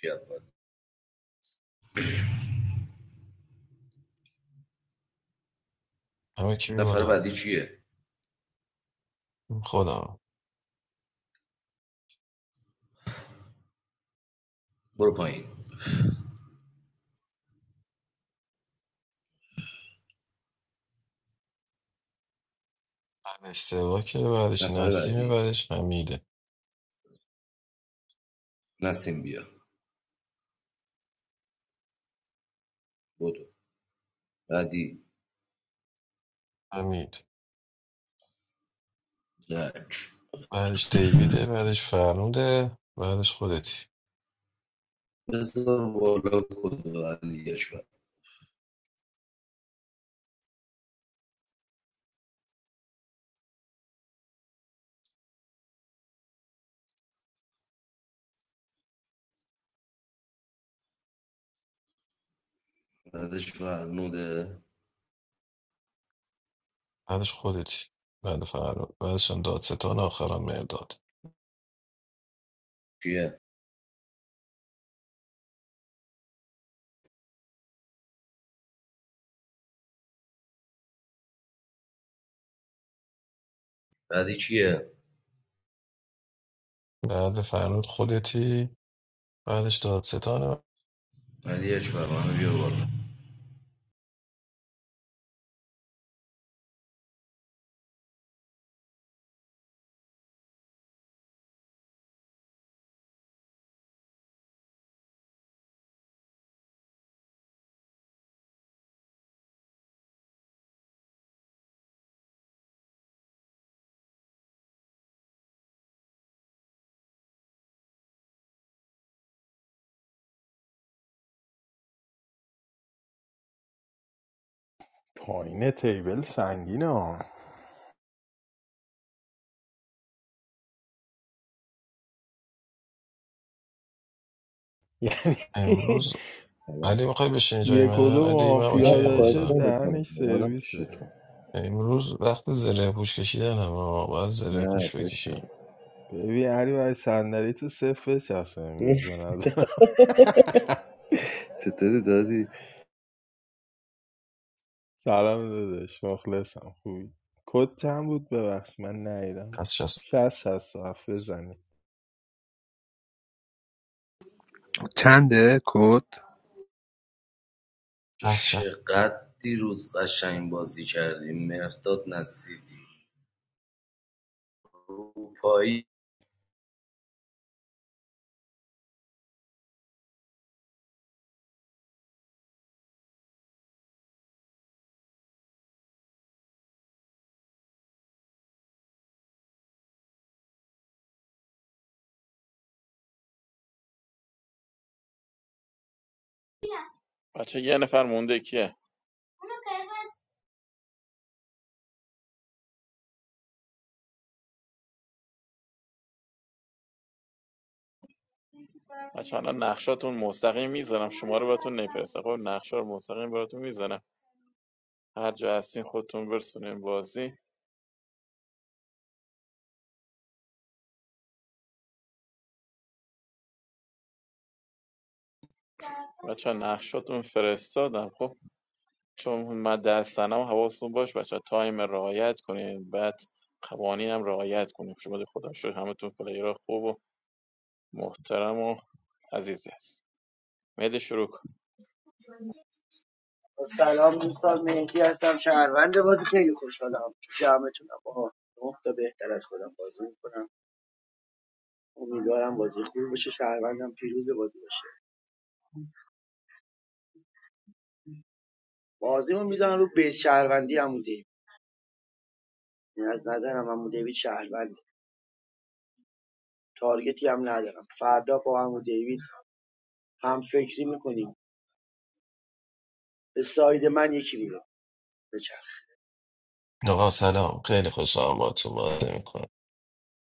Speaker 8: کی اول؟
Speaker 4: همه کی بی
Speaker 8: نفر
Speaker 4: بالا
Speaker 8: بعدی چیه
Speaker 4: خودم
Speaker 8: برو پایین
Speaker 4: بعدش سواکه بعدش
Speaker 8: نفر
Speaker 4: نسیمه
Speaker 8: بعدی
Speaker 4: بعدش حمیده
Speaker 8: نسیم بیا بدو بعدی
Speaker 4: حمید
Speaker 8: جک
Speaker 4: بعدش دیویده بعدش فرنوده بعدش خودتی
Speaker 8: بذار بالا کد و علی اکبر بعدش فرنوده
Speaker 4: بعدش خودتی بعد فراد بعدش هم دادستان آخرم مرداد
Speaker 8: چیه بعدی کیه
Speaker 4: بعد فراد خودتی بعدش دادستان
Speaker 8: علی اکبر منو بیا بالا
Speaker 9: پایین تیبل سنگینه ها یعنی
Speaker 4: امروز
Speaker 10: Salam.
Speaker 4: علی میخوای بشینی جای
Speaker 9: یک و
Speaker 4: من
Speaker 9: دو
Speaker 4: علی من
Speaker 10: I
Speaker 9: مافیا
Speaker 4: اوکی
Speaker 10: don't know.
Speaker 9: داشته
Speaker 10: I
Speaker 4: بازم
Speaker 10: don't know. I don't
Speaker 9: دهنش
Speaker 10: know. I don't
Speaker 9: سرویسه
Speaker 10: know.
Speaker 4: امروز وقت زره پوش کشیدن هم باید زره
Speaker 10: No,
Speaker 4: پوش
Speaker 10: that's it.
Speaker 4: بکشم
Speaker 9: ببین علی برای صندلی تو صفر بچسبه
Speaker 10: You
Speaker 9: امروز
Speaker 10: see,
Speaker 9: به نظر
Speaker 10: that's it.
Speaker 9: سلام داداش مخلصم خوبی کد چند بود ببخش من نیدم
Speaker 4: از شست
Speaker 9: شست شست و هفت
Speaker 1: چنده کد
Speaker 4: از شست
Speaker 8: چقدر دیروز قشنگ بازی کردیم مرداد نصیری روپایی
Speaker 11: بچه یه نفر مونده کیه بچه الان نقشاتون مستقیم میزنم شما رو براتون نفرستم خب نقشه رو مستقیم براتون میزنم هر جا هستین خودتون برسونین بازی بچه نقشاتون فرستادم خب چون من دستنم حواستون باش بچه تایم رعایت کنین بعد قوانین هم رعایت کنین شما دی خدا شد همتون پلیر خوب و محترم و عزیزی هست مهدی شروع کن
Speaker 2: سلام دوستان مهدی هستم شهروند بازی خیلی خوشحالم تو جمعتونم آها نه تا بهتر از خودم بازی میکنم امیدوارم بازی خوب باشه شهروندم پیروز بازی باشه بازیمون میدونم رو بیس شهروندی عمو دیوید یعنی از نظرم عمو دیوید شهروند تارگتی هم ندارم فردا با عمو دیوید هم فکری میکنیم به ساید من یکی میره بچرخ
Speaker 4: آقا سلام خیلی خوشحالم با تو بازی میکنم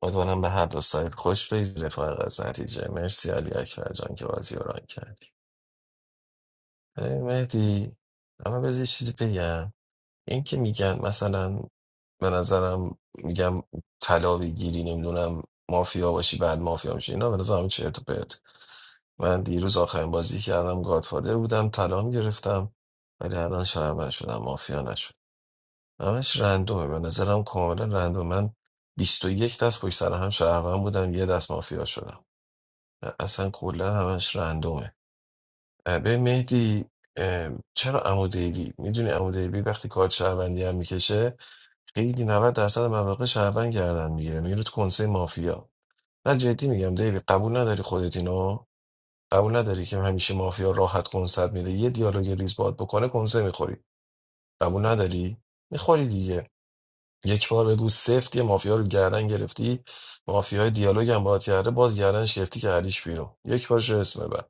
Speaker 4: امیدوارم به هر دو سایت خوش بگذره فارغ از نتیجه مرسی علی اکبر جان که بازی رو ران کرد ببین مهدی اما بذار یه چیزی بگم این که میگن مثلا به نظرم میگم طلا بگیری نمیدونم مافیا باشی بعد مافیا میشی اینا به نظرم همین چرت و پرت من دیروز آخرین بازی کردم گادفادر بودم طلا گرفتم ولی الان شهرمن شدم مافیا نشد همش رندومه به نظرم کاملا رندوم من 21 دست پشت سر هم شهرمن بودم یه دست مافیا شدم اصلا کلا همش رندومه به مهدی اه، چرا عمو دیوی میدونی عمو دیوی وقتی کارت شهروندی هم میکشه خیلی 90 درصد مواقع شهروند گردن میگیره میره تو کنسه مافیا نه جدی میگم دیوی قبول نداری خودت اینو قبول نداری که همیشه مافیا راحت کنسرت میده یه دیالوگ ریز باد بکنه کنسه میخوری قبول نداری میخوری دیگه یک بار بگو سفت یه مافیا رو گردن گرفتی مافیای دیالوگ هم باهات کرده باز گردنش گرفتی که هریش بیرون یک بارش رو اسم ببر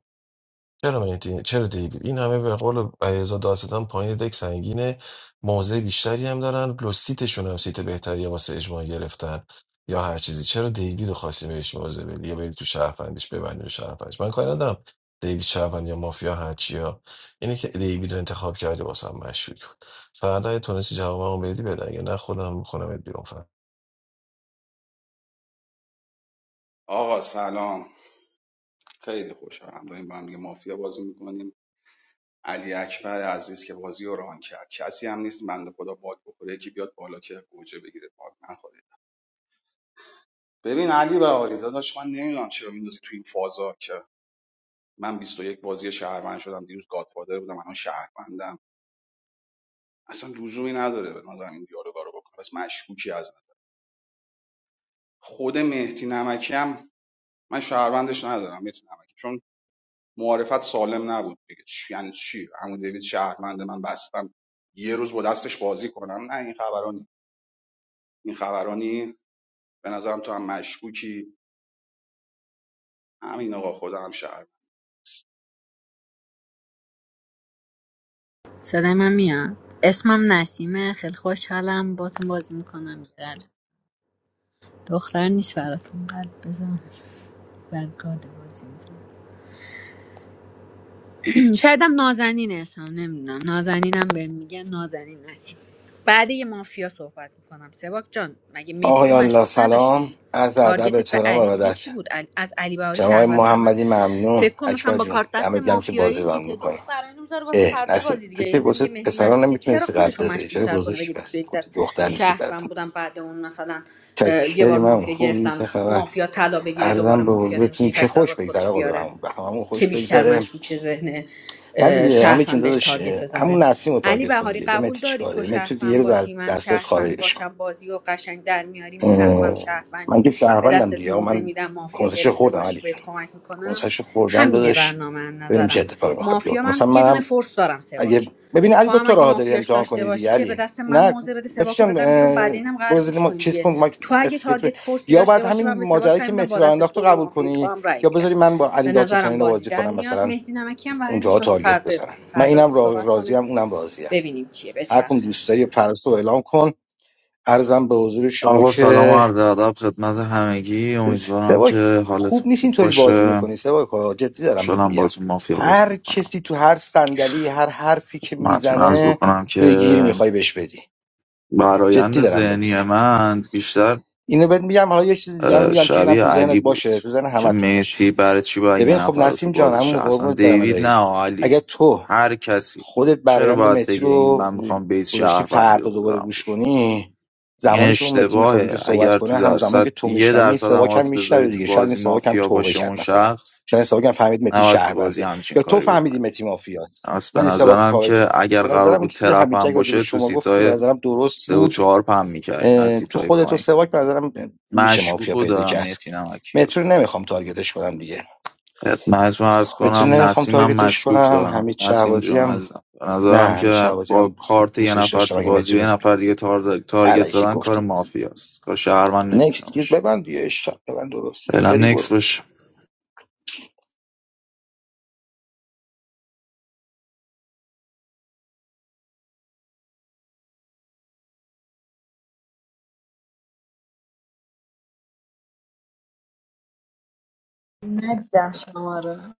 Speaker 4: چرا مهدی چرا دیوید این همه به قول علیرضا دادستان پایین دک سنگینه موضع بیشتری هم دارن لو سیتشون هم سیت بهتری واسه اجماع گرفتن یا هر چیزی چرا دیوید رو خواستی بهش موضع بدی یا بری تو شهروندیش ببندی رو شهروندیش من کاری ندارم دیوید شهروند یا مافیا هر چیا اینه که دیوید رو انتخاب کردی واسه هم مشکوک بود فردا اگه تونستی جوابمو بدی بده اگه نه خودم میکنم بیرون فردا
Speaker 6: آقا سلام خیلی خوشحالم داریم با هم دیگه مافیا بازی میکنیم علی اکبر عزیز که بازی رو ران کرد کسی هم نیست بنده خدا باگ بخوره یکی بیاد بالا که گوجه بگیره باگ نخوره ببین علی بهاری داداش من نمیدونم چرا میندازی تو این فازا که من بیست و یک بازی شهروند شدم دیروز گادفادر بودم الان شهروندم اصلا لزومی نداره به نظرم این دیالوگا رو بکنه پس مشکوکی از خود مهدی نمکی هم من شهروندش ندارم مهدی نمکی چون معارفت سالم نبود دیگه چی یعنی چی عمو دیوید شهروند من بستم یه روز با دستش بازی کنم نه این خبرانی این خبرانی به نظرم تو هم مشکوکی همین آقا خودم هم شهر
Speaker 7: صدای من میاد اسمم نسیمه خیلی خوشحالم باتون بازی میکنم قلب دختر نیست براتون قلب بذارم بر گاد بازی می‌کنم. شاید هم نازنینش هم نمیدونم نازنینم بهم میگن نازنین نسیم بعد یه مافیا صحبت میکنم سباک جان مگه مهدی و
Speaker 12: آقایان لا
Speaker 7: مشکوک نداشتی
Speaker 12: سلام عرض ادب
Speaker 7: تارگتت به
Speaker 12: احترام
Speaker 7: علی دیگه
Speaker 12: ارادت
Speaker 7: چی بود علی- از علی بهاری
Speaker 12: جناب آقای
Speaker 7: شهروندتر من
Speaker 12: محمدی ممنون
Speaker 7: فکر کنم مثلا
Speaker 12: اکبر
Speaker 7: با
Speaker 12: جون
Speaker 7: کارت دست
Speaker 12: دمت گم که
Speaker 7: مافیایی
Speaker 12: بازی ران
Speaker 7: سیت دو
Speaker 12: میکنی
Speaker 7: خب برای میذاره واسه
Speaker 12: اه
Speaker 7: فردا
Speaker 12: نسیم
Speaker 7: بازی
Speaker 12: تو
Speaker 7: دیگه
Speaker 12: که
Speaker 7: یعنی
Speaker 12: واسه
Speaker 7: نمیگه مهدی
Speaker 12: پسرا
Speaker 7: مشکوکه چرا
Speaker 12: نمیتونستی
Speaker 7: خودش
Speaker 12: قلب
Speaker 7: رو
Speaker 12: بذاری
Speaker 7: مشکوک
Speaker 12: چرا
Speaker 7: تر کنه
Speaker 12: گذاشتی
Speaker 7: بگه بیست و
Speaker 12: پس
Speaker 7: یک
Speaker 12: گفتی
Speaker 7: دست
Speaker 12: دختر نیستی
Speaker 7: شهروند
Speaker 12: براتون
Speaker 7: بودم بعد اون مثلا اه، یه
Speaker 12: چکری
Speaker 7: بار
Speaker 12: من
Speaker 7: مافیا
Speaker 12: خوبی چه
Speaker 7: گرفتم
Speaker 12: خبر
Speaker 7: مافیا طلا بگیره دوباره
Speaker 12: ارزم به
Speaker 7: مافیا نمیشه
Speaker 12: حضورتون
Speaker 7: این
Speaker 12: که
Speaker 7: فکتار
Speaker 12: خوش
Speaker 7: واسه
Speaker 12: بگذره
Speaker 7: خودش
Speaker 12: آقا به
Speaker 7: بیاره
Speaker 12: همون به همون
Speaker 7: که
Speaker 12: خوش
Speaker 7: بیشتر
Speaker 12: بگذره
Speaker 7: مشکوک چه ذهن
Speaker 12: نه
Speaker 7: اه،
Speaker 12: دیگه همین چون
Speaker 7: شهروند بهش
Speaker 12: داداش اه،
Speaker 7: تارگت بزنه
Speaker 12: همون نسیم رو
Speaker 7: علی
Speaker 12: تارگت کن
Speaker 7: بهاری
Speaker 12: دیگه به
Speaker 7: قبول
Speaker 12: متی
Speaker 7: داری
Speaker 12: چیکار
Speaker 7: تو
Speaker 12: داری متی دیگه یه
Speaker 7: شهروند
Speaker 12: روز از
Speaker 7: باشی من
Speaker 12: دسترس
Speaker 7: شهروند
Speaker 12: خارجش کن
Speaker 7: باشم بازی و قشنگ در میاری میفهمم
Speaker 12: اه، من
Speaker 7: شهروندی
Speaker 12: که
Speaker 7: به
Speaker 12: شهروندم
Speaker 7: دستت
Speaker 12: دیگه آقا
Speaker 7: موزه
Speaker 12: من
Speaker 7: میدم مافیا
Speaker 12: کنسش
Speaker 7: گرفته
Speaker 12: خوردم
Speaker 7: باشی
Speaker 12: علی جون.
Speaker 7: بهت کمک میکنم
Speaker 12: کنسش خوردم
Speaker 7: همینه
Speaker 12: داداش
Speaker 7: برنامه از
Speaker 12: ببینیم چه
Speaker 7: نظرم
Speaker 12: اتفاقی میخواد
Speaker 7: مافیا
Speaker 12: بیفته
Speaker 7: من
Speaker 12: مثلا
Speaker 7: یه دونه
Speaker 12: منم
Speaker 7: فورس دارم
Speaker 12: اگه
Speaker 7: سباک
Speaker 12: ببین علی
Speaker 7: تو
Speaker 12: دو
Speaker 7: هم
Speaker 12: تا
Speaker 7: اگه
Speaker 12: راه داری
Speaker 7: مافیاش
Speaker 12: امتحان
Speaker 7: داشته
Speaker 12: کنی دیگه
Speaker 7: باشی که به
Speaker 12: علی
Speaker 7: دست من
Speaker 12: نه
Speaker 7: موزه بده
Speaker 12: بسی
Speaker 7: سباکو
Speaker 12: جان
Speaker 7: بدم بیرون بعد
Speaker 12: اه،
Speaker 7: اینم قرار گوش
Speaker 12: ما
Speaker 7: کنی
Speaker 12: چیز
Speaker 7: دیگه
Speaker 12: کن ما
Speaker 7: تو اگه
Speaker 12: استیکت رو-
Speaker 7: تارگت فورسی
Speaker 12: یا
Speaker 7: داشته
Speaker 12: بعد
Speaker 7: باشی
Speaker 12: همین
Speaker 7: من به سباک
Speaker 12: ماجرایی
Speaker 7: رای
Speaker 12: که
Speaker 7: میدم
Speaker 12: متی
Speaker 7: با
Speaker 12: راه
Speaker 7: دست
Speaker 12: انداخت رو
Speaker 7: تو به
Speaker 12: قبول
Speaker 7: مافیای تو
Speaker 12: کنی
Speaker 7: هم رای
Speaker 12: یا
Speaker 7: میدم
Speaker 12: بذاری من با علی
Speaker 7: به نظرم
Speaker 12: دادستانی رو
Speaker 7: بازی
Speaker 12: بازی
Speaker 7: در
Speaker 12: کنم
Speaker 7: میاد
Speaker 12: مثلا
Speaker 7: مهدی نمکی هم برندش
Speaker 12: اونجاها
Speaker 7: واسه
Speaker 12: تارگت
Speaker 7: فردا
Speaker 12: بزنم
Speaker 7: بازی
Speaker 12: من
Speaker 7: فردا بازی
Speaker 12: اینم را-
Speaker 7: صحبت
Speaker 12: راضیم
Speaker 7: کنه
Speaker 12: اونم راضیم
Speaker 7: ببینیم چیه به
Speaker 12: هر کدوم
Speaker 7: بچرخه
Speaker 12: دوست داری فراس رو اعلام کن عرضم به حضور شما
Speaker 3: آقا سلام و
Speaker 12: که
Speaker 3: عرض ادب خدمت همگی امیدوارم
Speaker 12: سواک
Speaker 3: که
Speaker 12: خوب
Speaker 3: حالتون
Speaker 12: نیست
Speaker 3: خوب
Speaker 12: اینطوری بازی
Speaker 3: باشه
Speaker 12: میکنی سواک ها. جدی دارم بهت
Speaker 3: خوشحالم
Speaker 12: میگم
Speaker 3: باتون مافیا بازی
Speaker 12: هر
Speaker 3: میکنم
Speaker 12: کسی تو هر صندلی هر حرفی که
Speaker 3: خدمتتون عرض
Speaker 12: میزنه
Speaker 3: بکنم
Speaker 12: توی
Speaker 3: که
Speaker 12: گیری میخوای بهش بدی جدی
Speaker 3: برایند
Speaker 12: دارم بهت
Speaker 3: ذهنی
Speaker 12: میگم
Speaker 3: من بیشتر
Speaker 12: اینو بهت میگم حالا یه چیز دیگه هم
Speaker 3: اه،
Speaker 12: میگم که اینم
Speaker 3: شبیه
Speaker 12: تو ذهنت
Speaker 3: علی بود
Speaker 12: باشه تو ذهن
Speaker 3: که
Speaker 12: همتون باشه
Speaker 3: مهدی برای چی باید یه
Speaker 12: ببین خب
Speaker 3: نفر رو تو
Speaker 12: نسیم جان
Speaker 3: بازیشه
Speaker 12: عمو
Speaker 3: اصلا
Speaker 12: قربونت برم
Speaker 3: دیوید
Speaker 12: الهی
Speaker 3: نه
Speaker 12: اگه
Speaker 3: علی
Speaker 12: تو
Speaker 3: هر کسی
Speaker 12: خودت
Speaker 3: چرا
Speaker 12: برایند
Speaker 3: باید
Speaker 12: متی
Speaker 3: بگه این
Speaker 12: رو
Speaker 3: من میخوام بیس
Speaker 12: گذاشتی
Speaker 3: شهروندی رو
Speaker 12: فردا دوباره
Speaker 3: بذارم
Speaker 12: گوش
Speaker 3: روش
Speaker 12: کنی
Speaker 3: این
Speaker 12: زمانی که اون متی میخواد اونجا
Speaker 3: اشتباهه
Speaker 12: صحبت
Speaker 3: اگر
Speaker 12: کنه
Speaker 3: تو
Speaker 12: همزمان که
Speaker 3: درصد
Speaker 12: تو
Speaker 3: یه
Speaker 12: میشنوی این
Speaker 3: درصد
Speaker 12: سواک
Speaker 3: هم
Speaker 12: هم
Speaker 3: odds
Speaker 12: میشنوه
Speaker 3: بذاری تو
Speaker 12: دیگه شاید این
Speaker 3: بازی
Speaker 12: سواک هم
Speaker 3: مافیا
Speaker 12: توبه
Speaker 3: باشه اون
Speaker 12: کرد مثلا
Speaker 3: شخص
Speaker 12: شاید این سواک هم فهمید متی
Speaker 3: نباید تو بازی
Speaker 12: شهربنده
Speaker 3: همچین
Speaker 12: یا تو
Speaker 3: کاری
Speaker 12: فهمیدی
Speaker 3: بکنی
Speaker 12: متی مافیاست
Speaker 3: پس
Speaker 12: من
Speaker 3: به
Speaker 12: این سواک رو
Speaker 3: نظرم
Speaker 12: کاوه که
Speaker 3: که اگر
Speaker 12: به
Speaker 3: قرار
Speaker 12: نظرم این
Speaker 3: بود
Speaker 12: چیزی که
Speaker 3: ترپ
Speaker 12: حمید جک
Speaker 3: هم
Speaker 12: راجع به
Speaker 3: باشه تو
Speaker 12: شما گفت که به
Speaker 3: سیتای
Speaker 12: نظرم درست
Speaker 3: سه و
Speaker 12: بود
Speaker 3: چهار پم میکردیم
Speaker 12: اه،
Speaker 3: نسیت
Speaker 12: تو
Speaker 3: های
Speaker 12: خودت و
Speaker 3: پایین
Speaker 12: سواک به نظرم میشه مافیا
Speaker 3: مشکوکو
Speaker 12: پیدا
Speaker 3: دارم
Speaker 12: کرد
Speaker 3: مهتی نمکی رو
Speaker 12: مترو نمیخوام تارگتش کنم دیگه
Speaker 3: خدمت ارز
Speaker 12: مترو
Speaker 3: کنم
Speaker 12: نمیخوام
Speaker 3: نسیمم
Speaker 12: تارگتش
Speaker 3: مشکوک
Speaker 12: کنم
Speaker 3: دارم
Speaker 12: حمید
Speaker 3: نسیم
Speaker 12: شهبازی
Speaker 3: جان
Speaker 12: هم
Speaker 3: عزیزم به
Speaker 12: نه
Speaker 3: نظرم
Speaker 12: همیشه
Speaker 3: که
Speaker 12: عوضی
Speaker 3: با
Speaker 12: هم خوب
Speaker 3: کارت یه
Speaker 12: دوستش
Speaker 3: نفر
Speaker 12: داشتم
Speaker 3: تو
Speaker 12: اگه
Speaker 3: بازی
Speaker 12: متی
Speaker 3: به
Speaker 12: رو
Speaker 3: یه نفر دیگه تار- تارگت
Speaker 12: علکی
Speaker 3: زدن کار
Speaker 12: گفتی
Speaker 3: مافیاست کار شهروند نمیتونه
Speaker 12: نکست گیر
Speaker 3: باشه
Speaker 12: ببند دیگه اشتاق ببند درسته
Speaker 3: فعلا
Speaker 12: فری
Speaker 3: نکس
Speaker 12: برو
Speaker 3: باشه
Speaker 7: ندیدم شما رو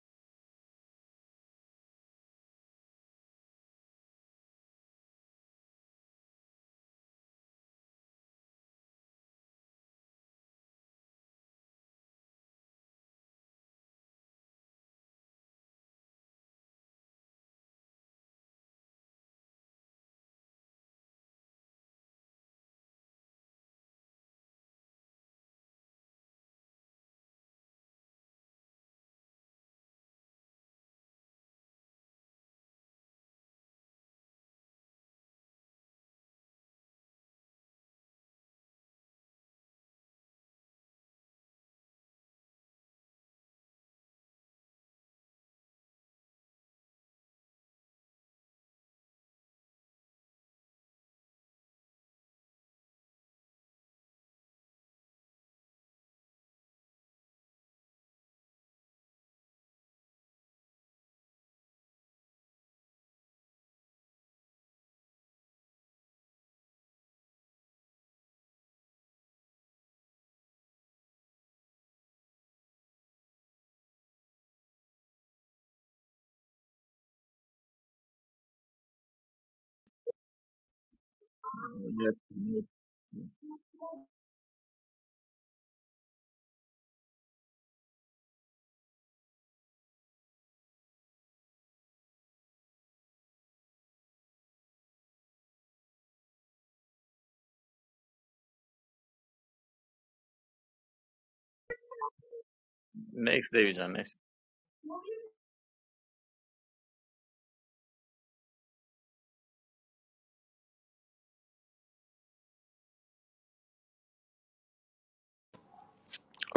Speaker 11: نیکس دیوی جان نیکس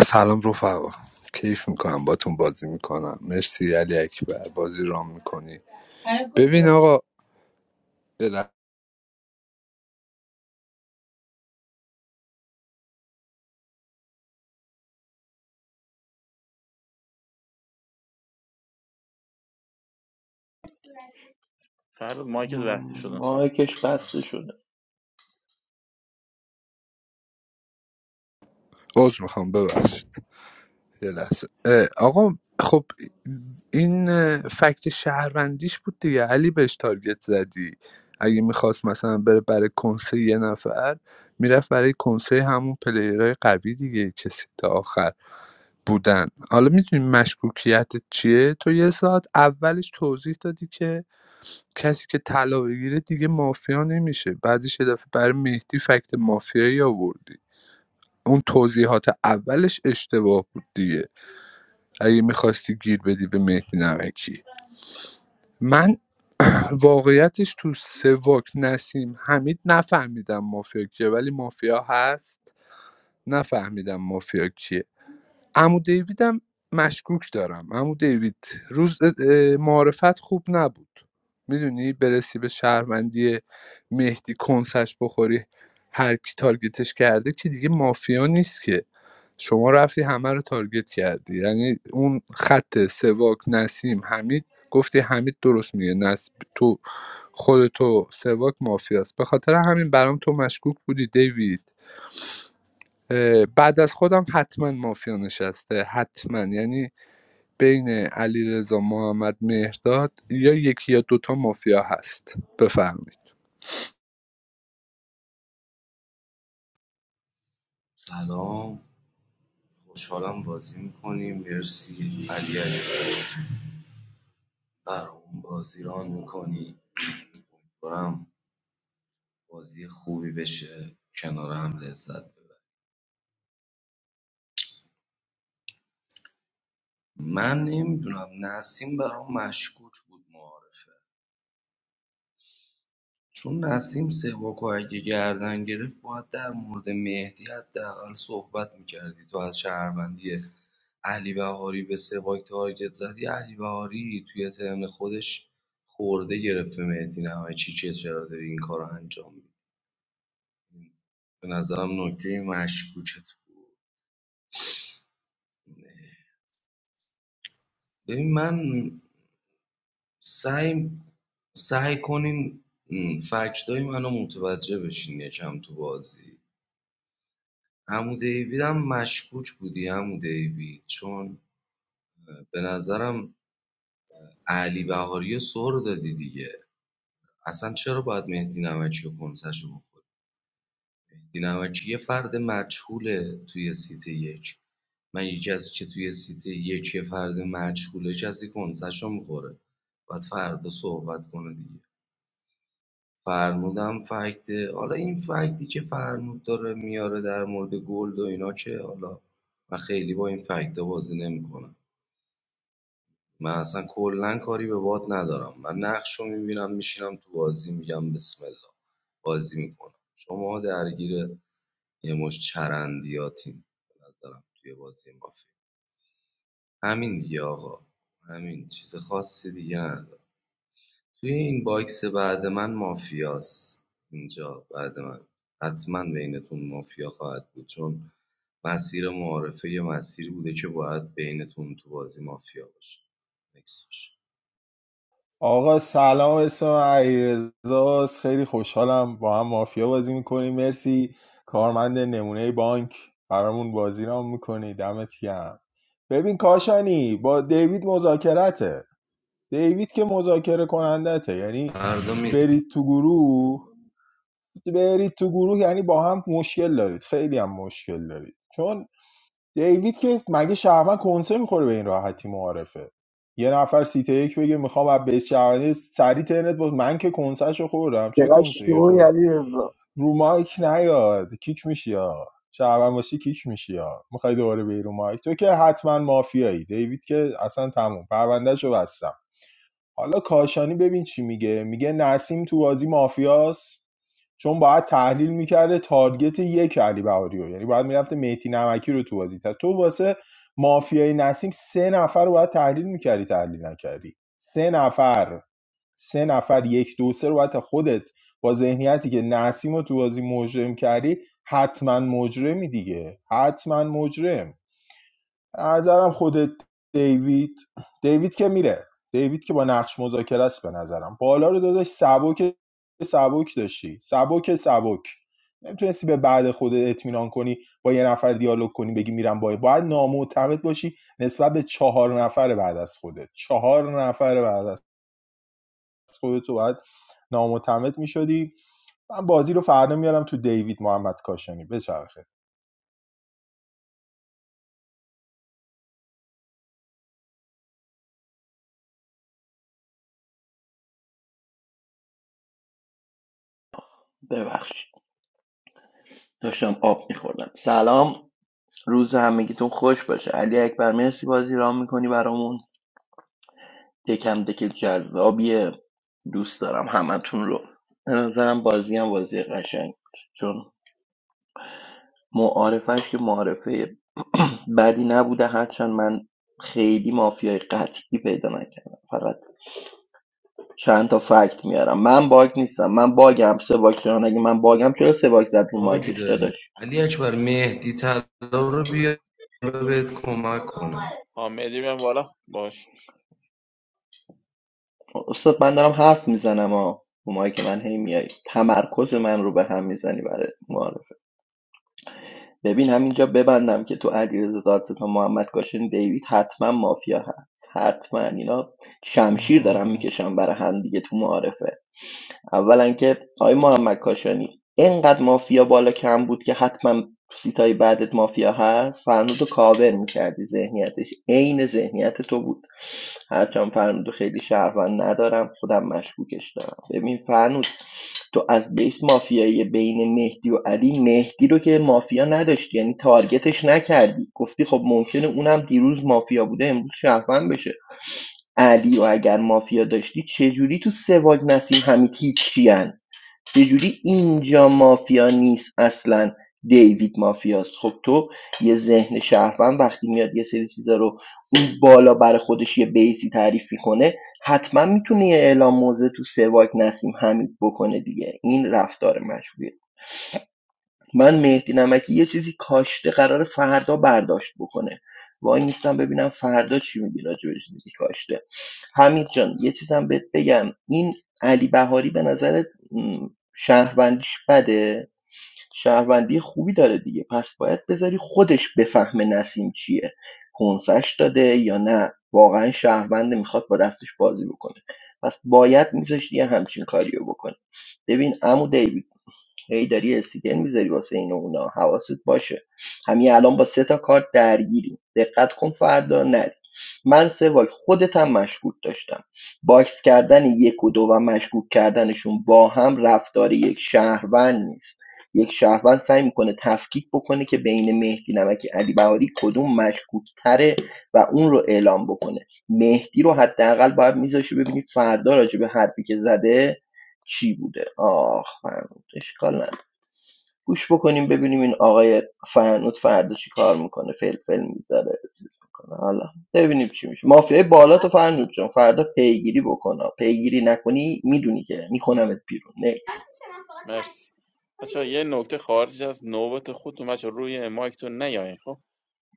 Speaker 1: سلام رفقا کیف میکنم باتون بازی میکنم مرسی علی اکبر بازی رام میکنی ببین آقا یه لحظه
Speaker 11: فرد مایکت بسته
Speaker 13: م،
Speaker 11: شدم
Speaker 13: مایکش بسته شده
Speaker 1: عذر میخوام ببخشید یه لحظه اه، آقا خب این اه، فکت شهروندیش بود دیگه علی بهش تارگت زدی اگه میخواست مثلا بره برای کنسه یه نفر میرفت برای کنسه همون پلیرهای قوی دیگه کسی تا آخر بودن حالا می‌دونی مشکوکیت چیه تو یه ساعت اولش توضیح دادی که کسی که طلا بگیره دیگه مافیا نمیشه بعدش یه دفعه برای مهدی فکت مافیایی آوردی اون توضیحات اولش اشتباه بود دیگه اگه میخواستی گیر بدی به مهدی نمکی من واقعیتش تو سواک نسیم حمید نفهمیدم مافیا کیه ولی مافیا هست نفهمیدم مافیا کیه عمو دیویدم مشکوک دارم عمو دیوید روز اه، معارفت خوب نبود میدونی برسی به شهروندی مهدی کنسش بخوری هر کی تارگتش کرده که دیگه مافیا نیست که شما رفتی همه رو تارگت کردی یعنی اون خط سواک نسیم حمید گفتی حمید درست میگه نس تو خودتو سواک مافیاست به خاطر همین برام تو مشکوک بودی دیوید اه، بعد از خودم حتما مافیا نشسته حتما یعنی بین علیرضا محمد مهرداد یا یکی یا دوتا مافیا هست بفرمایید
Speaker 8: سلام خوشحالم بازی میکنیم مرسی علی اکبر برام بازی ران میکنی برام بازی خوبی بشه کنار هم لذت ببریم من نمیدونم نسیم برام مشکوک بود معارفه چون نسیم سواکو اگه گردن گرفت باید در مورد مهدی حداقل صحبت میکردی تو از شهروندی علی بهاری به سواک تارگت زدی علی بهاری توی ترن خودش خورده گرفت به مهدی نمای چی که چرا داری این کار رو انجام میدی به نظرم نکته مشکوکت بود ببین من سعی سعی کنین م، فکتای منو متوجه بشین یکم تو بازی عمو دیوید هم مشکوک بودی عمو دیوید چون اه، به نظرم علی بهاری رو سر دادی دیگه اصلا چرا باید مهدی نمکی و کنسش رو بخوری مهدی نمکی یه فرد مجهوله توی سیت یک من یکی از که توی سیت یک یه فرد مجهوله کسی کنسش رو میخوره باید فردا صحبت کنه دیگه فرمودم فکته حالا این فکتی که فرمود داره میاره در مورد گلد و اینا که حالا من خیلی با این فکتا بازی نمیکنم من اصلا کلا کاری به باد ندارم من نقش رو میبینم میشینم تو بازی میگم بسم الله بازی میکنم شما درگیر یه مش چرندیاتین به نظرم توی بازی مافی همین دیگه آقا همین چیز خاصی دیگه نداره توی این باکس بعد من مافیاست اینجا بعد من حتما بینتون مافیا خواهد بود چون مسیر معارفه یه مسیری بوده که باید بینتون تو بازی مافیا باشه نکس باشه
Speaker 9: آقا سلام اسم من علیرضا خیلی خوشحالم با هم مافیا بازی میکنیم مرسی کارمند نمونه بانک برامون بازی را میکنی دمت گرم ببین کاشانی با دیوید مذاکرته دیوید که مذاکره کنندته یعنی
Speaker 8: فردا مهدی
Speaker 9: برید تو گروه برید تو گروه یعنی با هم مشکل دارید خیلی هم مشکل دارید چون دیوید که مگه شهروند کنسه میخوره به این راحتی معارفه یه نفر سیته یک بگه میخوام از بیس شهروندی سری ترنت بود من که کنسهشو خوردم چه
Speaker 12: چقدر
Speaker 9: کنسه
Speaker 12: شوی
Speaker 9: خورد
Speaker 12: علی رضا
Speaker 9: رو مایک نیاد کیک میشی ها شهروند باشی کیک میشی ها میخوای دوباره به رو مایک تو که حتما مافیایی دیوید که اصلا تموم پروندهشو بستم حالا کاشانی ببین چی میگه میگه نسیم تو بازی مافیاست چون باید تحلیل میکرده تارگت یک علی بهاری رو یعنی باید میرفته مهدی نمکی رو تو بازی تو واسه مافیای نسیم سه نفر رو باید تحلیل میکردی تحلیل نکردی سه نفر سه نفر یک دو سه رو باید خودت با ذهنیتی که نسیم رو تو بازی مجرم کردی حتما مجرمی دیگه حتما مجرم نظرم خود دیوید دیوید که میره دیوید که با نقش مذاکره است به نظرم بالا رو داداش سبک سبک داشتی سبک سبک نمیتونستی به بعد خودت اطمینان کنی با یه نفر دیالوگ کنی بگی میرم با باید نامعتمد باشی نسبت به چهار نفر بعد از خودت چهار نفر بعد از خودت تو باید نامعتمد میشدی من بازی رو فردا میارم تو دیوید محمد کاشانی بچرخه
Speaker 13: ببخشید داشتم آب میخوردم سلام روز همگیتون خوش باشه علی اکبر مرسی بازی رام میکنی برامون دکم دک جذابیه دوست دارم همتون رو به نظرم بازی هم بازی قشنگ بود. چون معارفش که معارفه بدی نبوده هرچند من خیلی مافیای قطعی پیدا نکردم فقط چند تا فکت میارم من باگ نیستم من باگم سه باگ چرا؟ اگه من باگم چرا سه باگ زد رو
Speaker 8: باج
Speaker 13: مایکش داداش
Speaker 8: داری علی اکبر مهدی طلا رو بیا بهت کمک کنه
Speaker 11: آمدی بیام بالا باش
Speaker 13: استاد من دارم حرف میزنم ها رو ماهی که من هی میای تمرکز من رو به هم میزنی برای معارفه ببین همینجا ببندم که تو علیرضا دادستان محمد کاشان دیوید حتما مافیا هست حتما اینا شمشیر دارم میکشم برای هم دیگه تو معارفه اولا که آقای محمد کاشانی اینقدر مافیا بالا کم بود که حتما تو سیتای بعدت مافیا هست فرنود رو کاور میکردی ذهنیتش عین ذهنیت تو بود هرچند فرنود خیلی شهروند ندارم خودم مشکوکش دارم ببین فرنود تو از بیس مافیایی بین مهدی و علی مهدی رو که مافیا نداشتی یعنی تارگتش نکردی گفتی خب ممکنه اونم دیروز مافیا بوده امروز شهروند بشه علی و اگر مافیا داشتی چجوری تو سواگ نسیم همین هیچ کیان چجوری اینجا مافیا نیست اصلا دیوید مافیاست خب تو یه ذهن شهروند وقتی میاد یه سری چیزا رو اون بالا برای خودش یه بیسی تعریف میکنه حتما میتونه یه اعلام موضع تو سواک نسیم حمید بکنه دیگه این رفتار مشهوره من مهدی نمکی یه چیزی کاشته قرار فردا برداشت بکنه وای نیستم ببینم فردا چی میگی راجع به چیزی که کاشته حمید جان یه چیزم بهت بگم این علی بهاری به نظرت م، شهروندیش بده شهروندی خوبی داره دیگه پس باید بذاری خودش بفهمه نسیم چیه کنسش داده یا نه واقعا شهرونده میخواد با دستش بازی بکنه پس باید میذاشت یه همچین کاریو بکنه ببین عمو دیوید هی داری استیکر میذاری واسه این و اونا حواست باشه همین الان با سه تا کارت درگیری دقت کن فردا نری من سه واک خودت هم مشکوک داشتم باکس کردن یک و دو و مشکوک کردنشون با هم رفتار یک شهروند نیست یک شهروند سعی میکنه تفکیک بکنه که بین مهدی نمکی علی بهاری کدوم مشکوک تره و اون رو اعلام بکنه مهدی رو حداقل باید میذاشه ببینید فردا راجع به حرفی که زده چی بوده آخ اشکال نداره گوش بکنیم ببینیم این آقای فرنود فردا چی کار میکنه فلفل میذاره چیز میکنه حالا ببینیم چی میشه مافیای بالا تو فرنود جان فردا پیگیری بکنه پیگیری نکنی میدونی که میکنمت بیرون نکس
Speaker 11: مرسی بچه‌ها یه نکته خارج از نوبت خودتون بچه روی مایکتون نیاین خب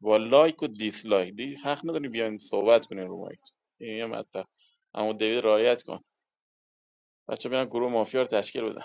Speaker 11: با لایک و دیسلایک دی حق نداری بیاین صحبت کنین رو مایکتون این یه مطلب اما دیوید رعایت کن بچه بیان گروه مافیا رو تشکیل بدن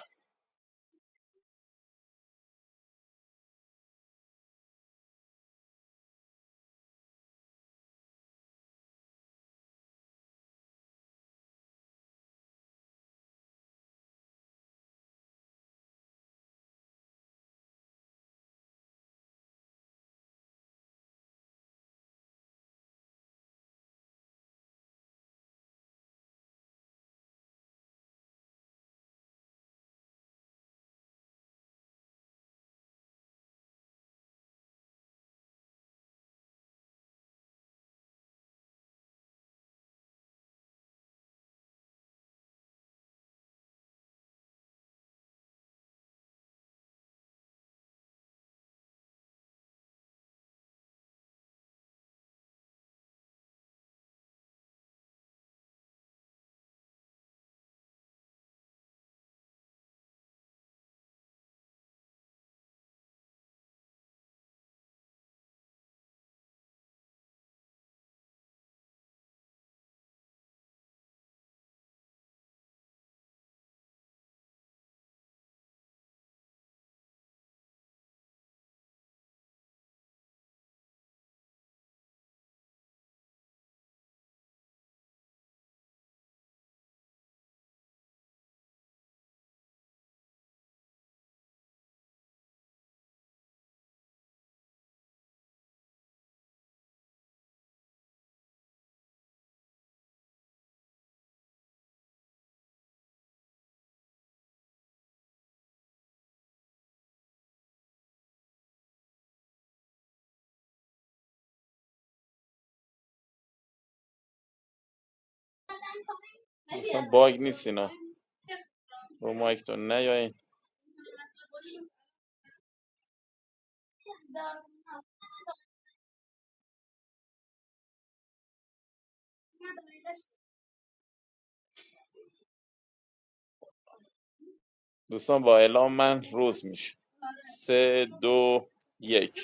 Speaker 11: دوستان باگ نیست اینا رو مایکتون نیاین دوستان با اعلام من روز میشه سه دو یک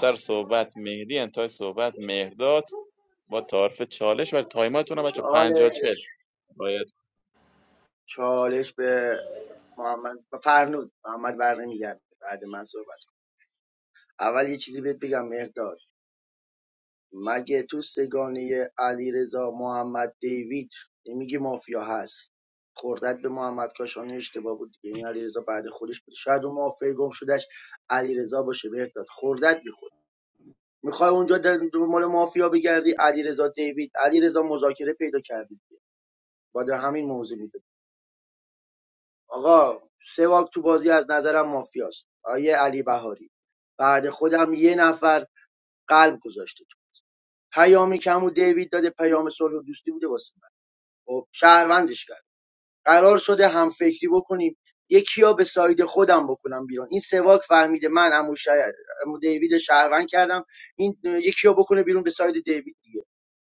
Speaker 11: سر صحبت مهدی انتهای صحبت مهرداد با تعارف چالش و تایماتون هم بچه 50 40
Speaker 2: چالش
Speaker 11: رعایت کنین.
Speaker 2: چالش به محمد فرنود محمد برنمیگرد بعد من صحبت کن. اول یه چیزی بهت بگم مهداد مگه تو سگانه علیرضا محمد دیوید نمیگه مافیا هست خوردت به محمد کاشانی اشتباه بود دیگه این علیرضا بعد خودش بود شاید اون مافیا گم شدش علیرضا باشه بهت داد خوردت میخورد میخوای اونجا در مال مافیا بگردی علیرضا دیوید علیرضا مذاکره پیدا کردی دیگه بعد همین موضوع میده آقا سواک تو بازی از نظرم مافیاست آیه علی بهاری بعد خودم یه نفر قلب گذاشته تو پیامی که و دیوید داده پیام صلح و دوستی بوده واسه خب شهروندش کرد قرار شده هم فکری بکنیم یکی ها به ساید خودم بکنم بیرون این سواک فهمیده من عمو, شه- عمو دیوید شهروند کردم این یکی ها بکنه بیرون به ساید دیوید دیگه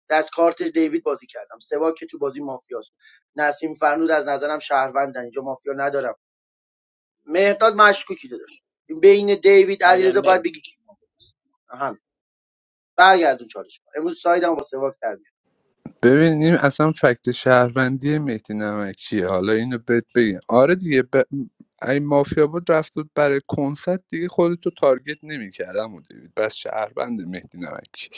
Speaker 2: از کارت دیوید بازی کردم سواک که تو بازی مافیاست نسیم فرنود از نظرم شهروندن اینجا مافیا ندارم مهداد مشکوکی داشت بین دیوید
Speaker 11: نه جان،
Speaker 2: علیرضا
Speaker 11: نه.
Speaker 2: باید بگی کی مافیاست هم برگردون چالش کن. امروز سایدم با سواک در
Speaker 1: ببینیم این اصلا فکت شهروندی مهدی نمکیه حالا اینو بهت بگم آره دیگه ب... این مافیا بود رفت بود برای کنسرت دیگه خودتو تارگت نمیکردم و دیوید بس شهروند مهدی نمکی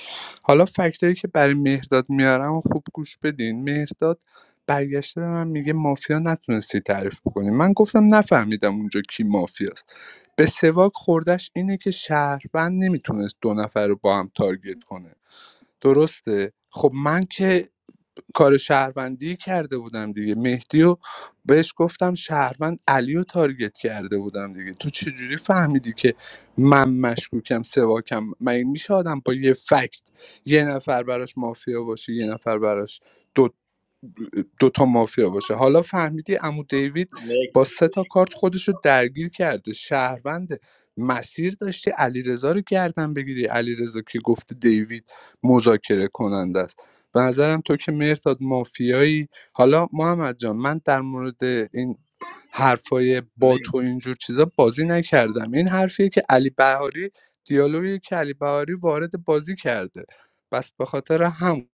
Speaker 1: حالا فکتایی که برای مهرداد میارم و خوب گوش بدین مهرداد برگشته به من میگه مافیا نتونستی تعریف بکنی من گفتم نفهمیدم اونجا کی مافیاست به سواک خوردش اینه که شهروند نمیتونست دو نفر رو با هم تارگت کنه درسته خب من که کار شهروندی کرده بودم دیگه مهدی و بهش گفتم شهروند علی رو تارگت کرده بودم دیگه تو چجوری فهمیدی که من مشکوکم سواکم مگه میشه آدم با یه فکت یه نفر براش مافیا باشه یه نفر براش دو دوتا مافیا باشه حالا فهمیدی عمو دیوید
Speaker 11: نه.
Speaker 1: با سه تا کارت خودش رو درگیر کرده شهرونده مسیر داشتی علیرضا رو گردن بگیری علیرضا که گفته دیوید مذاکره کننده است به نظرم تو که مرتاد مافیایی حالا محمد جان من در مورد این حرفای
Speaker 11: نه
Speaker 1: با تو اینجور چیزا بازی نکردم این حرفیه که علی بهاری دیالوگی که علی بهاری وارد بازی کرده بس به خاطر هم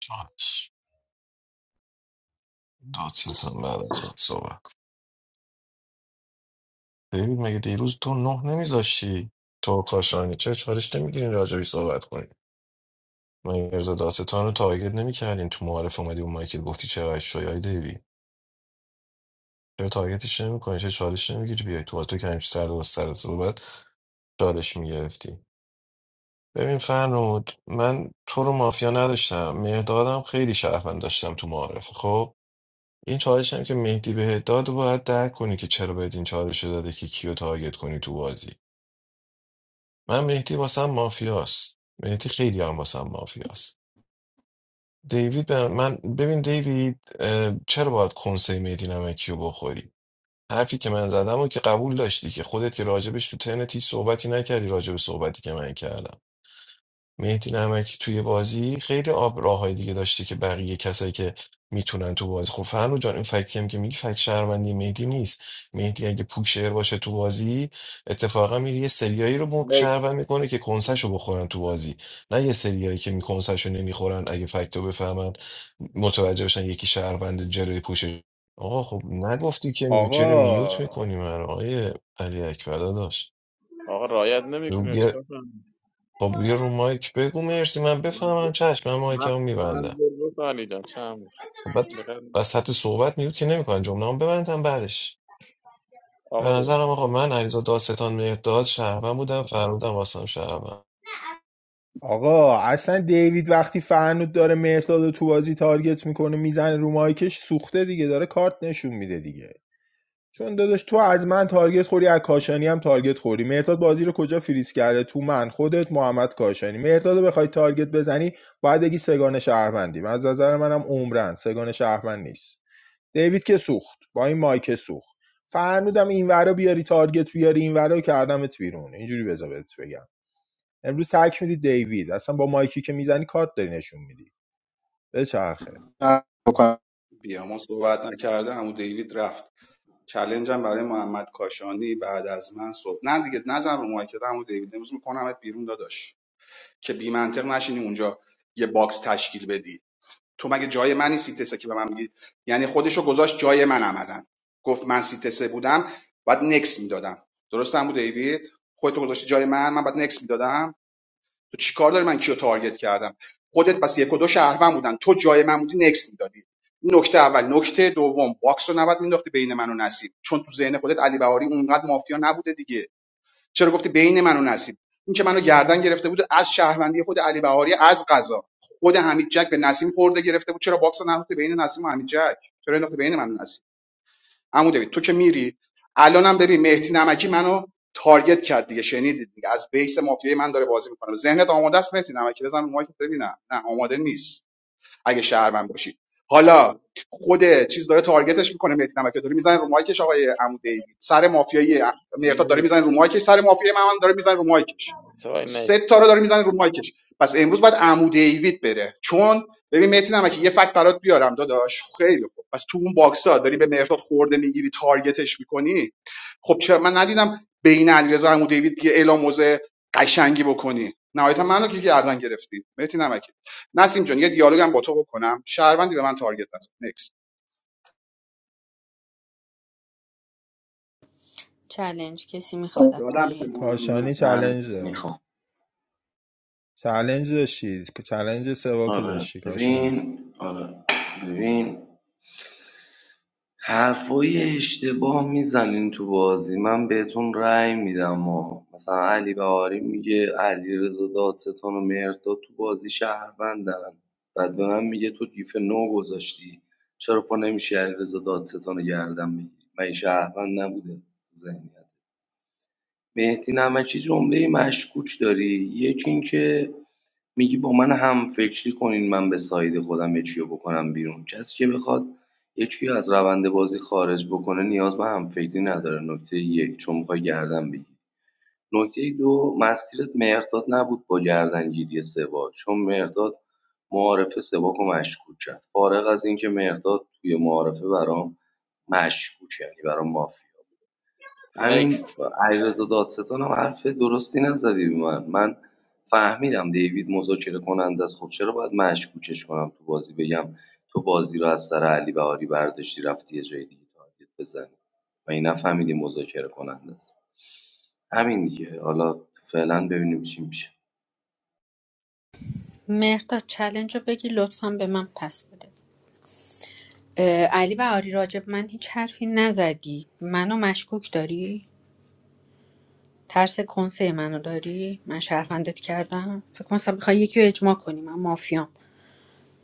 Speaker 4: چالش دادستان بعد از من صحبت دیوید مگه دیروز تو نه نمیذاشتی تو و کاشانی چه چالش نمیگیرین راجبی صحبت کنیم مگه رضا دادستان رو تارگت نمیکردین تو معارف اومدی اون مایکل گفتی چرا شوی های دیوید چرا تارگتش نمیکنی چه چالش نمیگیری بیای تو تو که همیشه سر و سر صحبت چالش میگرفتی ببین فرنود من تو رو مافیا نداشتم مهدادم خیلی شهروند داشتم تو معارف خب این چالش هم که مهدی به داد رو باید درک کنی که چرا بهت این چالش رو داده که کیو تارگت کنی تو بازی من مهدی واسم مافیاست مهدی خیلی هم واسم مافیاست دیوید به من ببین دیوید اه، چرا باید کنسه مهدی نمکی رو بخوری حرفی که من زدم و که قبول داشتی که خودت که راجبش تو ترنت هیچ صحبتی نکردی راجب صحبتی که من کردم مهدی نمکی توی بازی خیلی آب راههای دیگه داشته که بقیه کسایی که میتونن تو بازی خب فرنو جان این فکتی هم که میگی فکت شهروندی مهدی نیست مهدی اگه پوکشر باشه تو بازی اتفاقا میری یه سریایی رو مک
Speaker 11: نه
Speaker 4: شهروند میکنه که کنسشو بخورن تو بازی نه یه سریایی که می کنسشو نمیخورن اگه فکتو بفهمن متوجه بشن یکی شهروند جلوی پوشش آقا خب نگفتی که می- چرا میوت
Speaker 9: آقا
Speaker 4: میکنی من آقای علی اکبر داداش
Speaker 11: آقا رایت نمیکنی کنی چیکار کنم
Speaker 4: خب بیا رو مایک بگو مرسی من بفهمم چشم من
Speaker 11: من
Speaker 4: مایکمو
Speaker 11: چند
Speaker 4: میبندم
Speaker 11: بار گفت علی جان چند بار
Speaker 4: بعد
Speaker 11: بخیر.
Speaker 4: وسط صحبت میوت که نمیکنن جمله ببندم بعدش به
Speaker 11: آقا بیا
Speaker 4: نظرم آقا من علیرضا دادستان مرداد شهروند بودم فرمودم واسم شهروند
Speaker 9: آقا اصلا دیوید وقتی فرنود داره مرتاد رو تو بازی تارگت میکنه میزنه رو مایکش سوخته دیگه داره کارت نشون میده دیگه چون داداش تو از من تارگت خوری از کاشانی هم تارگت خوری مرتاد بازی رو کجا فریز کرده تو من خودت محمد کاشانی مرتاد بخوای تارگت بزنی باید بگی سگان شهروندیم از نظر منم عمرن سگان شهروند نیست دیوید که سوخت با این مایک سوخت فرنودم این ورا بیاری تارگت بیاری این ورا کردمت بیرون اینجوری بذار بهت بگم امروز تک میدی دیوید اصلا با مایکی که میزنی کارت داری نشون میدی بچرخه
Speaker 12: نه، بکنم.
Speaker 6: بیاما صحبت نکرده عمو دیوید رفت چلنجم برای محمد کاشانی بعد از من صبح نه دیگه نظر رو مایکت عمو دیوید امروز میکنمت بیرون داداش که بی منطق نشینی اونجا یه باکس تشکیل بدی تو مگه جای منی سیتسه که به من میگی یعنی خودشو گذاشت جای من عملا گفت من سیتسه بودم باید نکس میدادم درستم بود دیوید خودتو گذاشتی جای من من باید نکس میدادم تو چیکار داری من کیو تارگت کردم خودت پس یک و دو شهروند بودن تو جای من بودی نکس میدادی نکته اول نکته دوم باکس رو نباید مینداختی بین من و نصیب چون تو ذهن خودت علی بهاری اونقدر مافیا نبوده دیگه چرا گفتی بین من و نصیب این که منو گردن گرفته بود از شهروندی خود علی بهاری از قضا خود حمید جک به نسیم خورده گرفته بود چرا باکس رو ننداختی بین نسیم و حمید جک چرا انداختی بین من و نسیم عمو دوید تو که میری الانم ببین مهدی نمکی منو تارگت کرد دیگه شنیدید دیگه از بیس مافیای من داره بازی میکنه ذهنت آماده است مهدی نمکی بزن رو مایک ببینم نه آماده نیست اگه شهروند باشی حالا خود چیز داره تارگتش میکنه مهدی نمکی داره میزنه رو مایکش آقای عمو دیوید سر مافیایی مهرداد داره
Speaker 11: نه.
Speaker 6: میزنه رو مایکش سر مافیای محمد داره میزنه رو مایکش
Speaker 11: سوای نه
Speaker 6: سه تا رو داره میزنه رو مایکش پس امروز باید عمو دیوید بره چون ببین مهدی نمکی یه فکت برات بیارم داداش خیلی خوب پس تو اون باکسا داری به مهرداد خورده میگیری تارگتش میکنی خب چرا من ندیدم بین علیرضا و عمو دیوید یه اعلام موزه قشنگی بکنی نهایتا منو که گردن گرفتی مهدی نمکی نسیم جان یه دیالوگ هم با تو بکنم شهروندی به من تارگت نزن نکس
Speaker 7: چلنج کسی میخواد از
Speaker 6: دادم به
Speaker 7: پایین
Speaker 9: کاشانی
Speaker 6: محمد
Speaker 8: من
Speaker 9: چلنج داد.
Speaker 8: میخوام
Speaker 9: چلنج داشتید که چلنج سوا
Speaker 8: آره
Speaker 9: داشتی کاشانی
Speaker 8: ببین آره ببین حرفای اشتباه میزنین تو بازی من بهتون رأی میدم و مثلا علی بهاری میگه علیرضا دادستان و مهرداد تو بازی شهروندن بعد به من میگه تو گیف نو گذاشتی چرا پا نمیشه علیرضا دادستان رو گردن بگیری من این شهروند نبوده تو ذهنیت مهدی نمکی جمله مشکوک داری یکی اینکه میگی با من هم همفکری کنین من به ساید خودم یکیو بکنم بیرون کسی که بخواد یکی از روند بازی خارج بکنه نیاز به هم همفکری نداره نکته یک چون میخوای گردن بگیری نکته دو مسیرت مهرداد نبود با گردنگیری سوا چون مهرداد معارفه سواک و مشکوک کرد فارغ از اینکه مهرداد توی معارفه برام مشکوک یعنی برام مافی. همین
Speaker 11: نکست
Speaker 8: علیرضا دادستان هم حرف درستی نزدی به من من فهمیدم دیوید مذاکره کننده است خب چرا باید مشکوکش کنم تو بازی بگم تو بازی رو از سر علی بهاری برداشتی رفتی یه جای دیگه تارگت بزنی و این نفهمیدی مذاکره کننده است همین دیگه حالا فعلا ببینیم چی میشه
Speaker 7: مهرداد چلنج رو بگی لطفا به من پس بده اه، علی و آری راجب من هیچ حرفی نزدی منو مشکوک داری ترس کنسه منو داری من شهروندت کردم فکر کنم مثلا بخوای یکی رو اجماع کنی من مافیام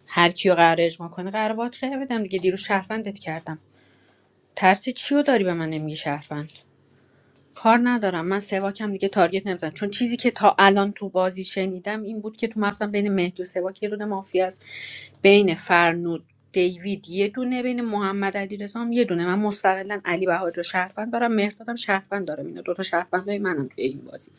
Speaker 7: هر کیو قرار اجماع کنه قرار بات ره بدم دیگه دیرو شهروندت کردم ترس چی رو داری به من نمیگی شهروند کار ندارم من سواکم دیگه تارگت نمیزنم چون چیزی که تا الان تو بازی شنیدم این بود که تو مغزم بین مهدی و سواک یه دونه مافیا است بین فرنود دیوید یه دونه بین محمد علی هم یه دونه من مستقلا علی بهاری رو شهروند دارم مهردادم شهروند دارم اینا دوتا شهروندای منم توی این بازی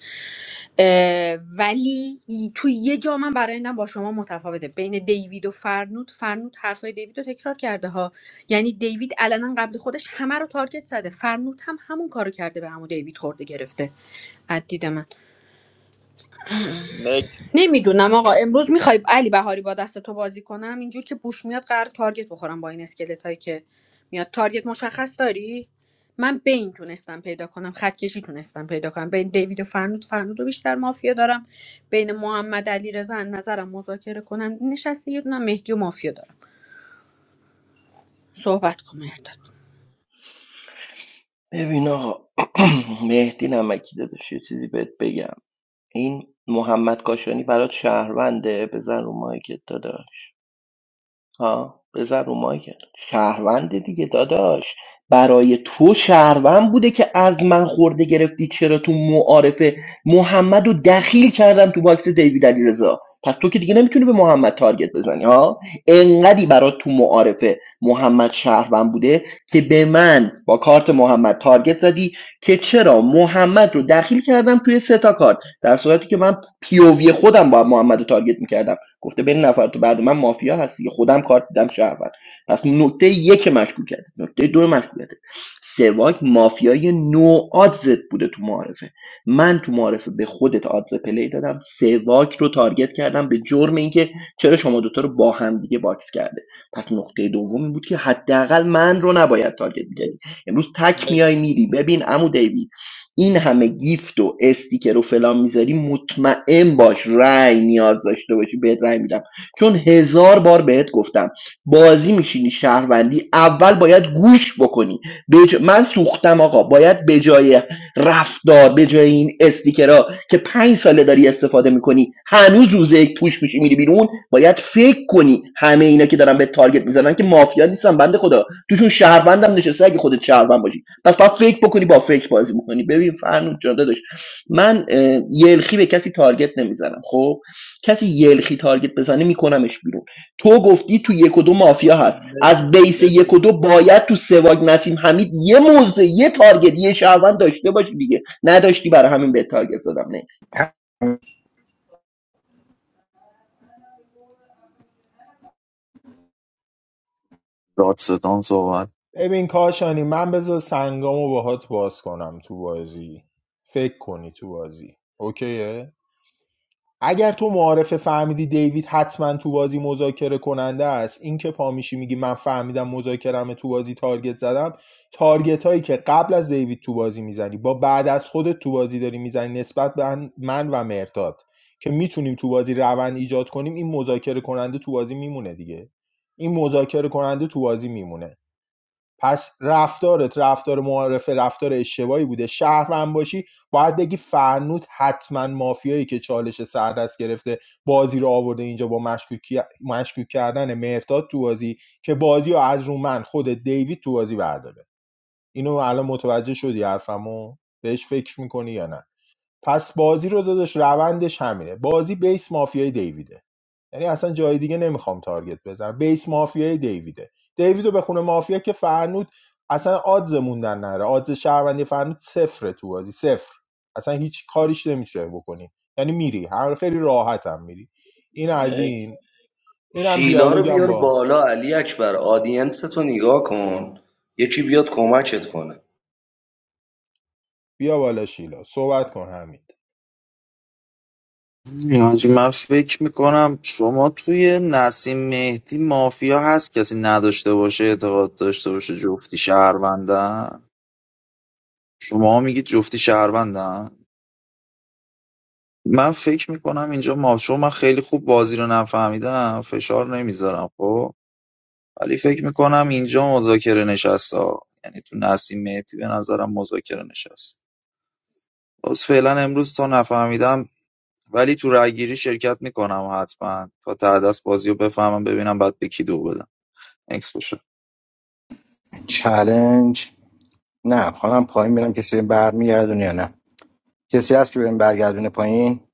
Speaker 7: اه، ولی ی- تو یه جا من برای با شما متفاوته بین دیوید و فرنود فرنود حرفای دیوید رو تکرار کرده ها یعنی دیوید علنا قبل خودش همه رو تارگت زده فرنود هم همون کارو کرده به همون دیوید خورده گرفته از دید من
Speaker 11: نکست
Speaker 7: نمیدونم آقا امروز میخوای علی بهاری با دست تو بازی کنم اینجور که بوش میاد قرار تارگت بخورم با این اسکلت هایی که میاد تارگت مشخص داری من بین تونستم پیدا کنم خط کشی تونستم پیدا کنم بین دیوید و فرنود فرنود رو بیشتر مافیا دارم بین محمد علی رضا نظرم مذاکره کنن نشسته یه دونه مهدی و مافیا دارم صحبت کن مهرداد.
Speaker 13: ببین آقا مهدی نمکی داداش یه چیزی بهت بگم این محمد کاشانی برات شهرونده بزن رو مایکت داداش ها بذار رو مایکل شهروند دیگه داداش برای تو شهروند بوده که از من خورده گرفتی چرا تو معارفه محمد رو دخیل کردم تو باکس دیوید علیرضا پس تو که دیگه نمیتونی به محمد تارگت بزنی ها انقدی برای تو معارفه محمد شهروند بوده که به من با کارت محمد تارگت زدی که چرا محمد رو دخیل کردم توی سه تا کارت در صورتی که من پیووی خودم با محمد رو تارگت میکردم گفته بین نفر که بعد من مافیا هستی که خودم کارت دیدم شهروند پس نکته یک مشکوکیت نکته دو مشکوکیت سواک مافیای نو آدزت بوده تو معارفه من تو معارفه به خودت آدز پلی دادم سواک رو تارگت کردم به جرم اینکه چرا شما دوتا رو با هم دیگه باکس کرده پس نقطه دوم این بود که حداقل من رو نباید تارگت میکردی
Speaker 11: نکست
Speaker 13: امروز تک میای
Speaker 11: نکست
Speaker 13: میری ببین عمو دیوید این همه گیفت و استیکر و فلان میذاری مطمئن باش رأی نیاز داشته باشی بهت رأی میدم چون هزار بار بهت گفتم بازی میشینی شهروندی اول باید گوش بکنی بج... من سوختم آقا باید به جای رفتار به جای این استیکرها که پنج ساله داری استفاده میکنی هنوز روز یک پوش میشی میری بیرون باید فکر کنی همه اینا که دارن به تارگت میزنن که مافیا نیستن بنده خدا توشون شهروندم نشسته اگه خودت شهروند باشی پس باید فکر بکنی با فکر بازی بکنی ببین فرنوب جان داداش من اه، یلخی به کسی تارگت نمیزنم خب کسی یلخی تارگت بزنه میکنمش بیرون تو گفتی تو یک و دو مافیا هست
Speaker 11: نکست
Speaker 13: از بیس
Speaker 11: نکست
Speaker 13: یک و دو باید تو سواگ نسیم حمید یه موزه یه تارگت یه شهروند داشته باشی دیگه نداشتی برای همین به تارگت زدم نکس
Speaker 3: دادستان صحبت
Speaker 9: ببین کاشانی من بذار سنگامو باهات باز کنم تو بازی فکر کنی تو بازی اوکیه اگر تو معارفه فهمیدی دیوید حتما تو بازی مذاکره کننده است این که پا میشی میگی من فهمیدم مذاکرم تو بازی تارگت زدم تارگت هایی که قبل از دیوید تو بازی میزنی با بعد از خودت تو بازی داری میزنی نسبت به من و مرداد که میتونیم تو بازی روند ایجاد کنیم این مذاکره کننده تو بازی میمونه دیگه این مذاکره کننده تو بازی میمونه پس رفتارت رفتار معارفه رفتار اشتباهی بوده شهروند باشی باید بگی فرنود حتما مافیایی که چالش سردست گرفته بازی رو آورده اینجا با مشکوکی- مشکوک کردن مهرداد تو بازی که بازی رو از رو من خود دیوید تو بازی برداره اینو الان متوجه شدی حرفمو بهش فکر میکنی یا نه پس بازی رو داداش روندش همینه بازی بیس مافیای دیویده یعنی اصلا جای دیگه نمیخوام تارگت بزنم بیس مافیای دیویده دیویدو بخونه مافیا که فرنود اصلا آدز موندن نره آدز شهروندی فرنود صفره تو بازی صفر اصلا هیچ کاریش نمیشه بکنی یعنی میری هر خیلی راحت هم میری این از
Speaker 11: نکست
Speaker 9: این این
Speaker 8: شیلا رو
Speaker 9: دیالوگم
Speaker 8: بیار
Speaker 9: با
Speaker 8: بالا علی اکبر آدینس تو نگاه کن یکی بیاد کمکت کنه
Speaker 9: بیا بالا شیلا صحبت کن همین
Speaker 3: یعنی من فکر میکنم شما توی نسیم مهدی مافیا هست کسی نداشته باشه اعتقاد داشته باشه جفتی شهروندن شما میگید جفتی شهروندن من فکر میکنم اینجا ما چون من خیلی خوب بازی رو نفهمیدم فشار نمیذارم خب ولی فکر میکنم اینجا مذاکره نشسته ها. یعنی تو نسیم مهدی به نظرم مذاکره نشست باز فعلا امروز تا نفهمیدم ولی تو رأیگیری شرکت میکنم حتما تا ته دست بازی رو بفهمم ببینم بعد به کی دو بدم اکس باشه
Speaker 12: چلنج نه خودم پایین میرم کسی برمیگردونه یا نه کسی هست که بهم برگردونه پایین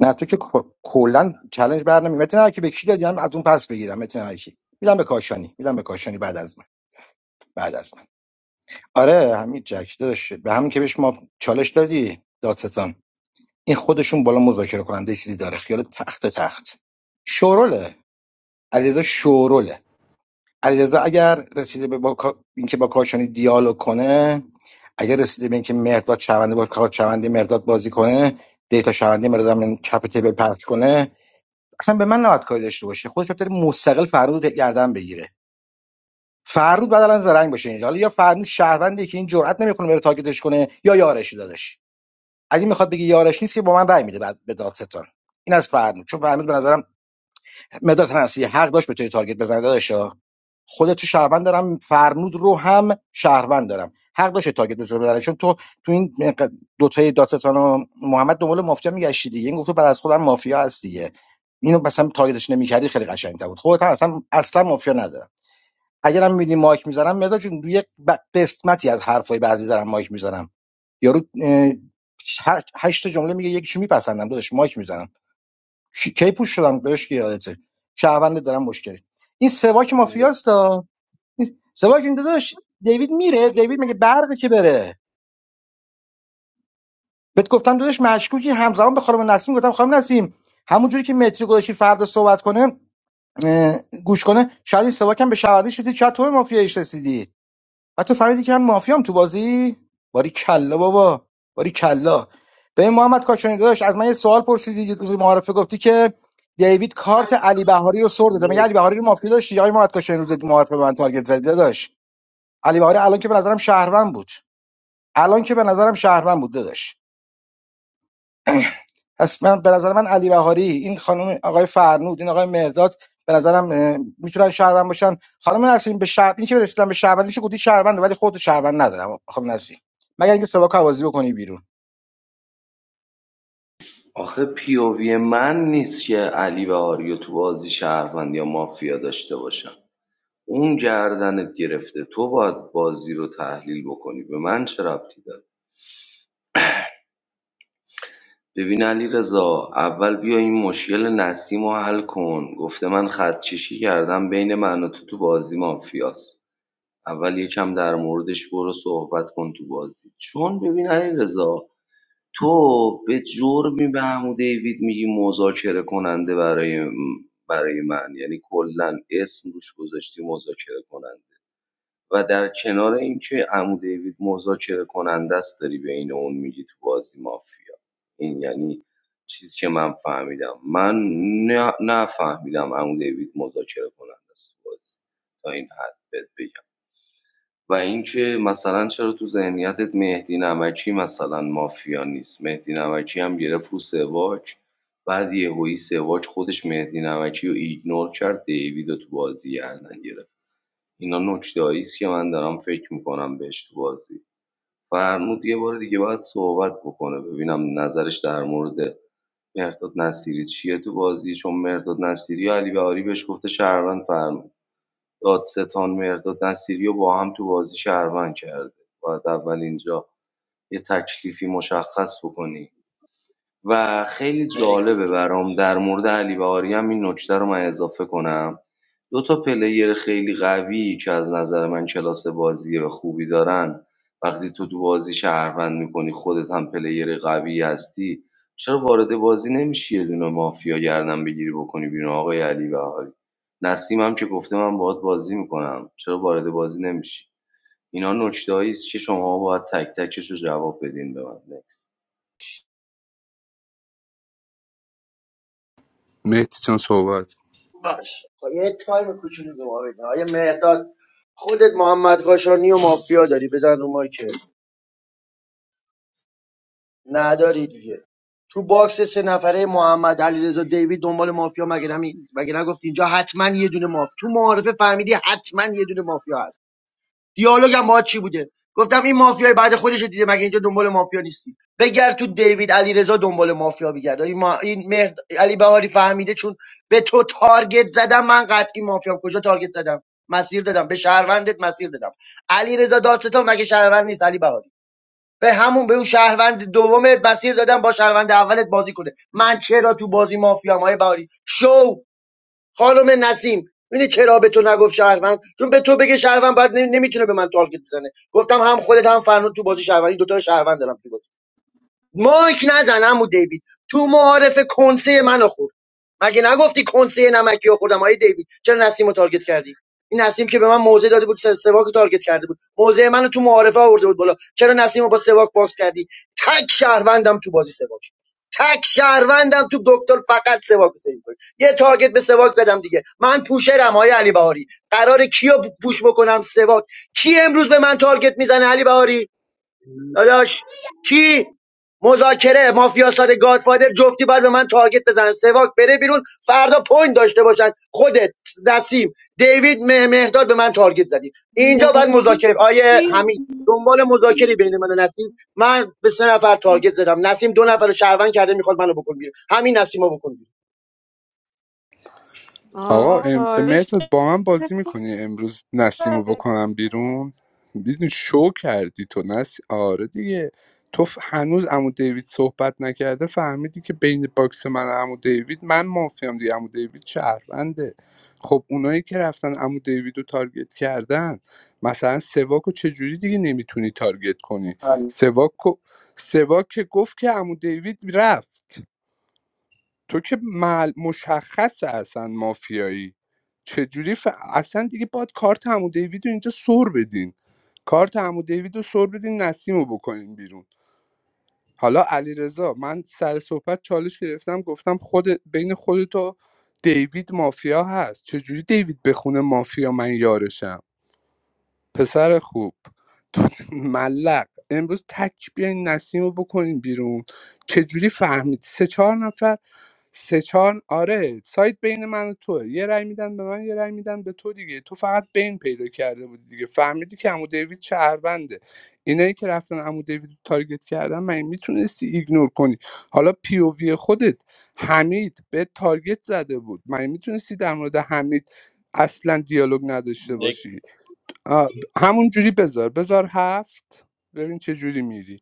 Speaker 12: نه تو که ک- کلا چلنج بر نمی متن هر کی به کی دادی هم از اون پس بگیرم متن هر کی میدم به کاشانی میدم به کاشانی بعد از من بعد از من آره همین جک داشت به همین که بهش ما چالش دادی دادستان این خودشون بالا مذاکره کننده چیزی داره خیال تخت تخت شوروله علیرضا شوروله علیرضا اگر رسیده به با کا- اینکه با کاشانی دیالوگ کنه اگر رسیده به اینکه مهرداد شونده با کار شونده مهرداد بازی کنه دیتا شونده مهرداد هم کف تیبل پخش کنه اصلا به من نهاد کاری داشته باشه خودش بهتر مستقل فرود رو گردن بگیره فرود بعد الان زرنگ باشه اینجا حالا یا فرود شهروندی که این جرئت نمیکنه بره تاگتش کنه یا یارش دادش اگه میخواد بگه یارش نیست که با من رأی میده بعد به دادستان این از فرمود چون فرمود به نظرم مداد تنسی حق داشت به توی تارگت بزنه داداشا خودت تو شهروند دارم فرمود رو هم شهروند دارم حق داشت تارگت بزنه بزنه چون تو تو این دو تای دادستان و محمد دنبال مافیا میگشتی دیگه این گفت تو بعد از خودم مافیا هست دیگه اینو مثلا تارگتش نمیکردی خیلی قشنگ‌تر بود خودت هم اصلا اصلا مافیا ندارم اگرم میدی مایک میزنم مداد چون روی ب- قسمتی از حرفای بعضی دارم مایک میزنم یارو اه، هشت هشت تا جمله میگه یکیشو میپسندم داداش مایک میزنم کی کی پوش شدم بهش که یادته شهروند دارم مشکل است. این سواک مافیاست ها. این سواک این داداش دیوید میره دیوید میگه برقی که بره بهت گفتم داداش مشکوکی همزمان به خانم نسیم گفتم خانم نسیم همونجوری که متری گذاشتی فردا صحبت کنه اه، گوش کنه شاید این سواک هم به شهروندی رسید شاید تو به مافیایش رسیدی حتی فهمیدی که من مافیام تو بازی باری کلا بابا باری کلا ببین محمد کاشانی داداش از من یه سوال پرسیدی روز معارفه گفتی که دیوید کارت علی بهاری رو سر داده مگه علی بهاری رو مافیا داشتی یا محمد کاشانی روز معارفه به من تارگت زدی داداش علی بهاری الان که به نظرم شهروند بود الان که به نظرم شهروند بود داداش پس من به نظر من علی بهاری این خانم آقای فرنود این آقای مهرداد به نظرم اه، میتونن شهروند باشن خانم نسیم به شهر این که رسیدن به شهروندی که گفتی شهرونده ولی خودت شهروند ندارم خانم نسیم مگر اینکه سواکو بازی بکنی بیرون
Speaker 8: آخه پی او وی من نیست که علی و آریو تو بازی شهروند یا مافیا داشته باشن اون گردنت گرفته تو باید بازی رو تحلیل بکنی به من چه ربطی داره ببین علی رضا اول بیا این مشکل نسیم رو حل کن گفته من خدکشی کردم بین من و تو تو بازی مافیاست اول یکم در موردش برو صحبت کن تو بازی چون ببین علی رضا، تو به جرمی به عمو دیوید میگی مذاکره کننده برای برای من یعنی کلا اسم روش گذاشتی مذاکره کننده و در کنار اینکه عمو دیوید مذاکره کننده است داری به این اون میگی تو بازی مافیا این یعنی چیزی که من فهمیدم من نه- نفهمیدم عمو دیوید مذاکره کننده است تو بازی تا این حد بهت بگم. و اینکه مثلا چرا تو ذهنیتت مهدی نمکی مثلا مافیا نیست مهدی نمکی هم گرفت رو سواک بعد یهویی سواک خودش مهدی نمکی رو ایگنور کرد دیوید رو تو بازی گردن گرفت اینا نکتهایی است که من دارم فکر میکنم بهش تو بازی فرمود یه بار دیگه باید صحبت بکنه ببینم نظرش در مورد مرداد نصیری چیه تو بازی چون مرداد نصیری و علی بهاری بهش گفته شهروند فرمود دادستان مهرداد نصیری رو با هم تو بازی شهروند کرده باید اول اینجا یه تکلیفی مشخص بکنی و خیلی جالبه
Speaker 11: نکست
Speaker 8: برام در مورد علی بهاری هم این نکته رو من اضافه کنم دو تا پلیر خیلی قوی که از نظر من کلاس بازی و خوبی دارن وقتی تو تو بازی شهروند میکنی خودت هم پلیر قوی هستی چرا وارد بازی نمیشی یه دونه مافیا گردن بگیری بکنی بیرون آقای علی بهاری نسیم هم که گفته من باهات بازی میکنم چرا وارد بازی نمیشی اینا نکتهایی است که شما باید تک تکش رو جواب بدین به من
Speaker 1: مهدی جان صحبت
Speaker 2: باش خب یه تایم کوچولو به ما بده آیا مهرداد خودت محمد قاشانی و مافیا داری بزن رو مایکل نداری دیگه تو باکس سه نفره محمد علیرضا دیوید دنبال مافیا مگه نمی... مگه نگفتی اینجا حتما یه دونه مافیا تو معارفه فهمیدی حتما یه دونه مافیا هست دیالوگم با چی بوده گفتم این مافیای بعد خودش دیده مگه اینجا دنبال مافیا نیستی بگرد تو دیوید علیرضا دنبال مافیا بگرد این, ما... این مهد... علی بهاری فهمیده چون به تو تارگت زدم من قطعی مافیام کجا تارگت زدم مسیر دادم به شهروندت مسیر دادم علیرضا دادستان مگه شهروند نیست علی بهاری به همون به اون شهروند دومت مسیر دادم با شهروند اولت بازی کنه من چرا تو بازی مافیام های بهاری شو خانم نسیم ببینی چرا به تو نگفت شهروند چون به تو بگه شهروند بعد نمی- نمیتونه به من تارگت بزنه گفتم هم خودت هم فرنود تو بازی شهروندی دوتا رو شهروند دارم تو بازی. مایک نزن عمو دیوید تو معارف کنسه منو خورد مگه نگفتی کنسه نمکی رو خوردم آیه دیوید چرا نسیم رو تارگت کردی این نسیم که به من موزه داده بود سه- سواک رو تارگت کرده بود موزه منو تو معارفه آورده بود بالا چرا نسیم رو با سواک باکس کردی تک شهروندم تو بازی سواک تک شهروندم تو دکتر فقط سواک رو سیو کنی. یه تارگت به سواک زدم دیگه من پوشرم های علی بهاری قرار کیو پوش بکنم سواک کی امروز به من تارگت میزنه علی بهاری داداش کی مذاکره مافیا ساده گادفادر جفتی باید به من تارگت بزنن سواک بره بیرون فردا پوینت داشته باشن خودت نسیم دیوید مه- مهداد به من تارگت زدی اینجا باید مذاکره آیه
Speaker 14: مرسی
Speaker 2: حمید دنبال مذاکره بین من و نسیم من به سه نفر تارگت زدم نسیم دو نفر رو شهروند کرده میخواد منو بکن بیرون همین نسیمو بکن بیرون
Speaker 1: آقا
Speaker 14: آقا
Speaker 1: ام...
Speaker 14: حالش
Speaker 1: مهداد با من بازی
Speaker 14: خوبه.
Speaker 1: میکنی امروز نسیم رو بکنم بیرون میدونی شو کردی تو نس آره دیگه تو ف- هنوز عمو دیوید صحبت نکرده فهمیدی که بین باکس من و عمو دیوید من مافیام دیگه عمو دیوید شهرونده خب اونایی که رفتن عمو دیوید رو تارگت کردن مثلا سواک رو چجوری دیگه نمیتونی تارگت کنی سواک, رو- سواک که گفت که عمو دیوید رفت تو که مل... مشخص اصلا مافیایی چجوری ف... اصلا دیگه باید کارت عمو دیوید رو اینجا سر بدین کارت عمو دیوید رو سر بدین نسیم رو بکنین بیرون حالا علیرضا من سر صحبت چالش گرفتم گفتم خود بین خودت و دیوید مافیا هست چجوری دیوید بخونه مافیا من یارشم پسر خوب تو ملق امروز تک بیاین نسیم رو بکنین بیرون چجوری فهمید سه چهار نفر سه چهار آره سایت بین من و توه یه رأی میدن به من یه رأی میدن به تو دیگه تو فقط بین پیدا کرده بودی دیگه فهمیدی که عمو دیوید شهرونده اینایی که رفتن عمو دیوید رو تارگت کردن من میتونستی ایگنور کنی حالا پی او وی خودت حمید به تارگت زده بود من میتونستی در مورد حمید اصلا دیالوگ نداشته
Speaker 11: نکست
Speaker 1: باشی آه، ب- همون جوری بذار بذار هفت ببین چه جوری میری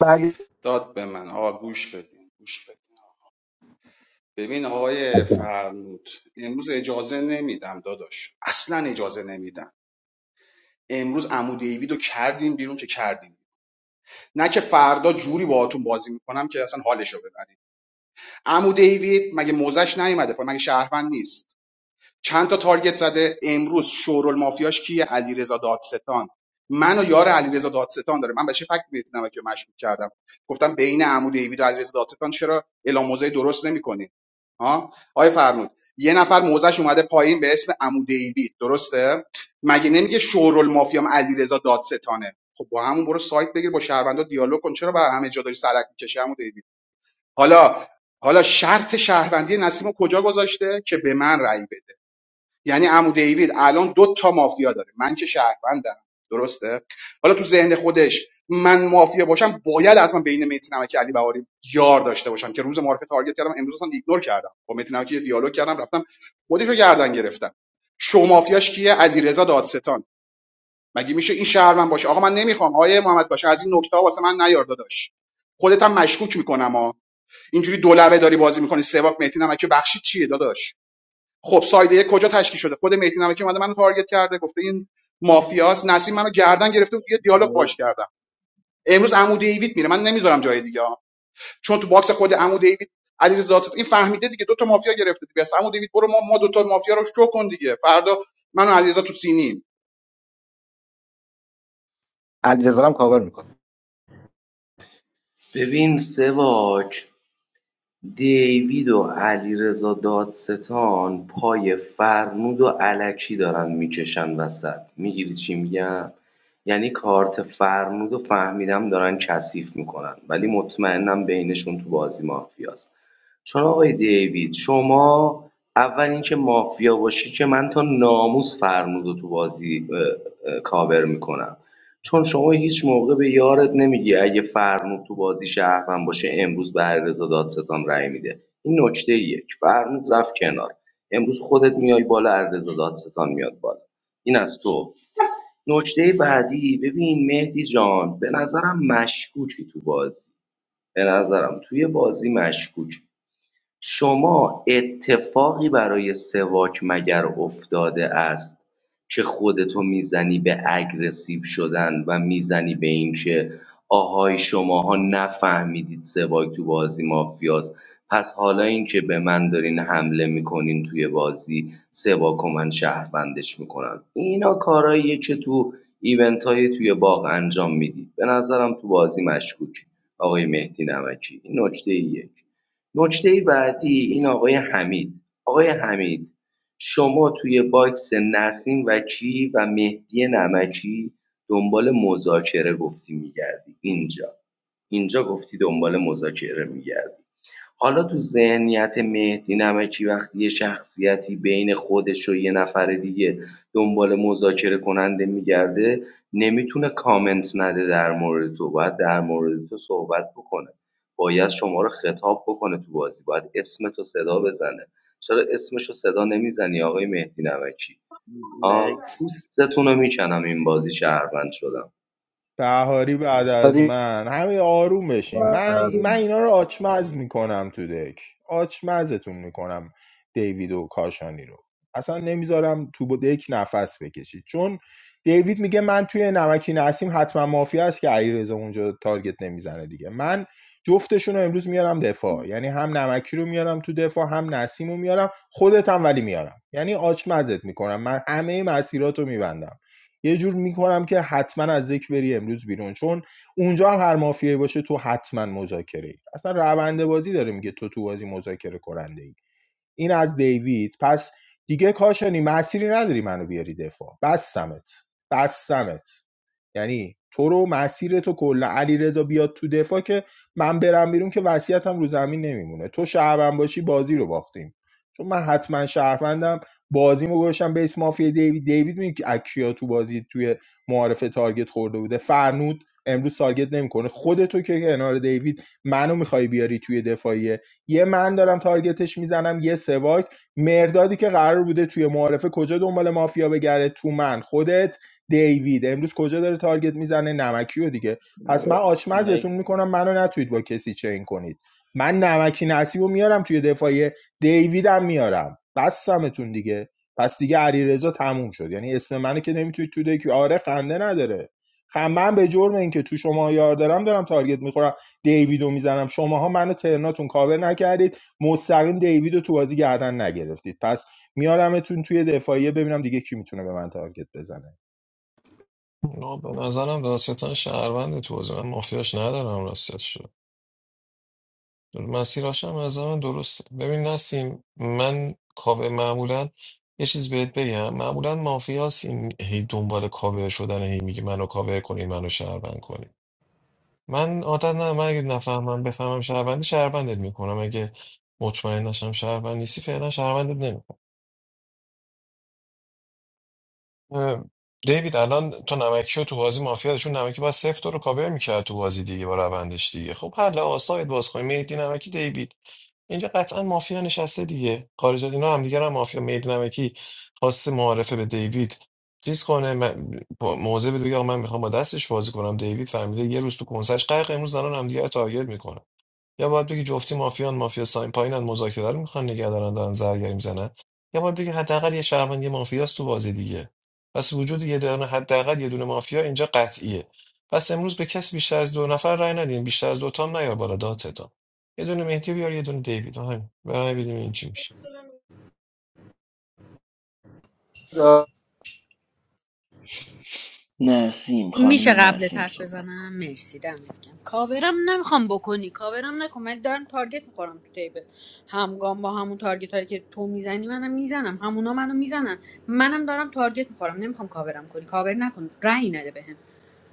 Speaker 12: بله
Speaker 6: داد به من آقا گوش بدین گوش بدین ببین آقای فرمود امروز اجازه نمیدم داداش اصلا اجازه نمیدم امروز عمود دیوید رو کردیم بیرون که کردیم نه که فردا جوری باهاتون بازی میکنم که اصلا حالشو ببرید عمود دیوید مگه موزش نیومده پایین مگه شهروند نیست چند تا تارگت زده امروز شورال مافیاش کیه علیرضا دادستان من و یار علیرضا دادستان داره من بهش فکت مهدی که رو مشکوک کردم گفتم بین عمود دیوید و علیرضا دادستان چرا اعلام موضع درست نمی‌کنی ها آیه فرمود یه نفر موزش اومده پایین به اسم عمود دیوید درسته مگه نمیگه شورال مافیام علیرضا دادستانه خب با همون برو سایت بگیر با شهروندا دیالوگ کن چرا با همه جا داری سرک می‌کشی عمود دیوید حالا حالا شرط شهروندی نسیمو کجا گذاشته که به من رأی بده یعنی عمو دیوید الان دو تا مافیا داره من که شهروندم درسته حالا تو ذهن خودش من مافیا باشم باید حتما بین متی نمکی علی بهاری یار داشته باشم که روز معارفه تارگت کردم امروز اصلا ایگنور کردم با متی نمکی دیالوگ کردم رفتم خودشو گردن گرفتم شو مافیاش کیه علیرضا دادستان مگه میشه این شهروند باشه آقا من نمیخوام آیه محمد باشه از این نکته ها واسه من نیار داداش خودت هم مشکوک میکنم ها اینجوری دولبه داری بازی میکنی سواک مهدی نمکی بخشی چیه داداش خب سایده یک کجا تشکیل شده خود مهدی نمکی اومده منو تارگت کرده گفته این مافیاست نسیم منو گردن گرفته بود یه دیالوگ باش کردم امروز عمو دیوید میره من نمیذارم جای دیگه ها. چون تو باکس خود عمو دیوید علیرضا دادستان این فهمیده دیگه دو تا مافیا گرفته دیگه پس عمو دیوید برو ما ما دو تا مافیا رو شو کن دیگه فردا من و علیرضا تو سینیم
Speaker 12: علیرضا هم کاور میکنه
Speaker 8: ببین سواک دیوید و علیرضا دادستان پای فرنود و الکی دارن میکشن وسط میگیری چی میگم یعنی کارت فرنود و فهمیدم دارن کثیف میکنن ولی مطمئنم بینشون تو بازی مافیاست چون آقای دیوید شما اول اینکه مافیا باشی که من تا ناموس فرمود تو بازی اه، کاور میکنم چون شما هیچ موقع به یارت نمیگی اگه فرمود تو بازی شهرم باشه امروز به علیرضا دادستان رأی میده این نکته یک فرمود رفت کنار امروز خودت میای بالا علیرضا دادستان میاد بالا این از تو نکته بعدی ببین مهدی جان به نظرم مشکوکی تو بازی به نظرم توی بازی مشکوکی شما اتفاقی برای سواک مگر افتاده است؟ که خودتو می‌زنی به اگریسیو شدن و می‌زنی به اینکه آهای شماها نفهمیدید سواک تو بازی مافیاست پس حالا این که به من دارین حمله میکنین توی بازی سواک و من شهروندش میکنم اینا کاراییه که تو ایونت های توی باغ انجام میدید به نظرم تو بازی مشکوکی آقای مهدی نمکی این نکته یک نکته بعدی این آقای حمید آقای حمید شما توی باکس نسیم وکیعی و مهدی نمکی دنبال مذاکره گفتی می‌گردی اینجا اینجا گفتی دنبال مذاکره می‌گردی حالا تو ذهنیت مهدی نمکی وقتی یه شخصیتی بین خودش و یه نفر دیگه دنبال مذاکره کننده میگرده نمیتونه کامنت نده در مورد تو باید در مورد تو صحبت بکنه باید شما رو خطاب بکنه تو بازی باید اسم تو صدا بزنه چرا اسمش رو صدا نمیزنی آقای مهدی نمکی آه پوستتون رو میکنم این بازی شهروند شدم
Speaker 9: بهاری بعد از
Speaker 12: قضیه
Speaker 9: من همین آروم بشین من من اینا رو آچمز میکنم تو دک آچمزتون میکنم دیوید و کاشانی رو اصلا نمیذارم تو دک نفس بکشید چون دیوید میگه من توی نمکی نسیم حتما مافیا است که علیرضا اونجا تارگت نمیزنه دیگه من جفتشون رو امروز میارم دفاع یعنی هم نمکی رو میارم تو دفاع هم نسیم رو میارم خودت هم ولی میارم یعنی آچمزت میکنم من همه مسیرات رو میبندم یه جور میکنم که حتما از ذکر بری امروز بیرون چون اونجا هم هر مافیایی باشه تو حتما مذاکره ای اصلا روند بازی داره میگه تو تو بازی مذاکره کننده ای این از دیوید پس دیگه کاشانی مسیری نداری منو بیاری دفاع بس سمت بس سمت یعنی تو رو مسیر تو کلا علی رضا بیاد تو دفاع که من برم بیرون که وصیتم رو زمین نمیمونه تو شهروند باشی بازی رو باختیم چون من حتما شهروندم بازیمو گوشم به اسم مافیا دیوید دیوید میگه که اکیا تو بازی توی معارف تارگت خورده بوده فرنود امروز تارگت نمیکنه خودتو که کنار دیوید منو میخوای بیاری توی دفاعیه یه من دارم تارگتش میزنم یه سواک مردادی که قرار بوده توی معارفه کجا دنبال مافیا بگره تو من خودت دیوید امروز کجا داره تارگت میزنه نمکیو دیگه پس من آچمزتون میکنم منو نتوید با کسی چین کنید من نمکی نصیب میارم توی دفاعی دیویدم میارم بستمتون دیگه پس دیگه علیرضا تموم شد یعنی اسم منو که نمیتونید تو دیگه آره خنده نداره خ- من به جرم اینکه تو شما یار دارم دارم تارگت میخورم دیویدو میزنم شماها منو ترناتون کاور نکردید مستقیم دیویدو تو بازی گردن نگرفتید پس میارمتون توی دفاعیه ببینم دیگه کی میتونه به من تارگت بزنه
Speaker 4: نه به نظرم دادستان شهروند تو بازی. من مافیاش ندارم راستش شد مسیراش هم از من درسته ببین نسیم من کاوه معمولا یه چیز بهت بگم معمولا مافیاس این هی دنبال کاوه شدن هی میگه منو کاوه کنی منو شهروند کنی من عادت نه من اگه نفهمم بفهمم شهروندی شهروندت میکنم اگه مطمئن نشم شهروند نیستی فعلا شهروندت نمیکنم دیوید الان تو نمکی رو تو بازی مافیا داشت. چون نمکی باید صفر تو رو کاور میکرد تو بازی دیگه با روندش دیگه خب حل آسایید باز کنیم مهدی نمکی دیوید اینجا قطعا مافیا نشسته دیگه خارج از اینا هم دیگه هم مافیا مهدی نمکی خاص معارفه به دیوید چیز کنه من- با- موضع بده بگه آقا من میخوام با دستش بازی کنم دیوید فهمیده یه روز تو کنسش غرق امروز دارن هم دیگه رو تارگت میکنن یا باید بگی جفتی مافیان مافیا ساین پایینن مذاکره رو میخوان نگه دارن دارن زرگری میزنن یا باید بگی حداقل یه شهروند یه مافیاست تو بازی دیگه پس وجود یه دونه حداقل یه دونه مافیا اینجا قطعیه پس امروز به کسی بیشتر از دو نفر رای ندین بیشتر از دو تام نیار بالا دادتان یه دونه مهدی بیار یه دونه دیوید آها برای ببینیم این چی میشه
Speaker 13: نسیم
Speaker 7: میشه
Speaker 13: خانم
Speaker 7: قبل
Speaker 13: نسیم
Speaker 7: حرف
Speaker 13: صبح
Speaker 7: بزنم مرسی دمت گرم کاورم نمیخوام بکنی کاورم نکن ولی دارم تارگت میخورم تو تیبل همگام با همون تارگت هایی که تو میزنی منم میزنم همونا منو میزنن منم دارم تارگت میخورم نمیخوام کاورم کنی کاور نکن رأی نده بهم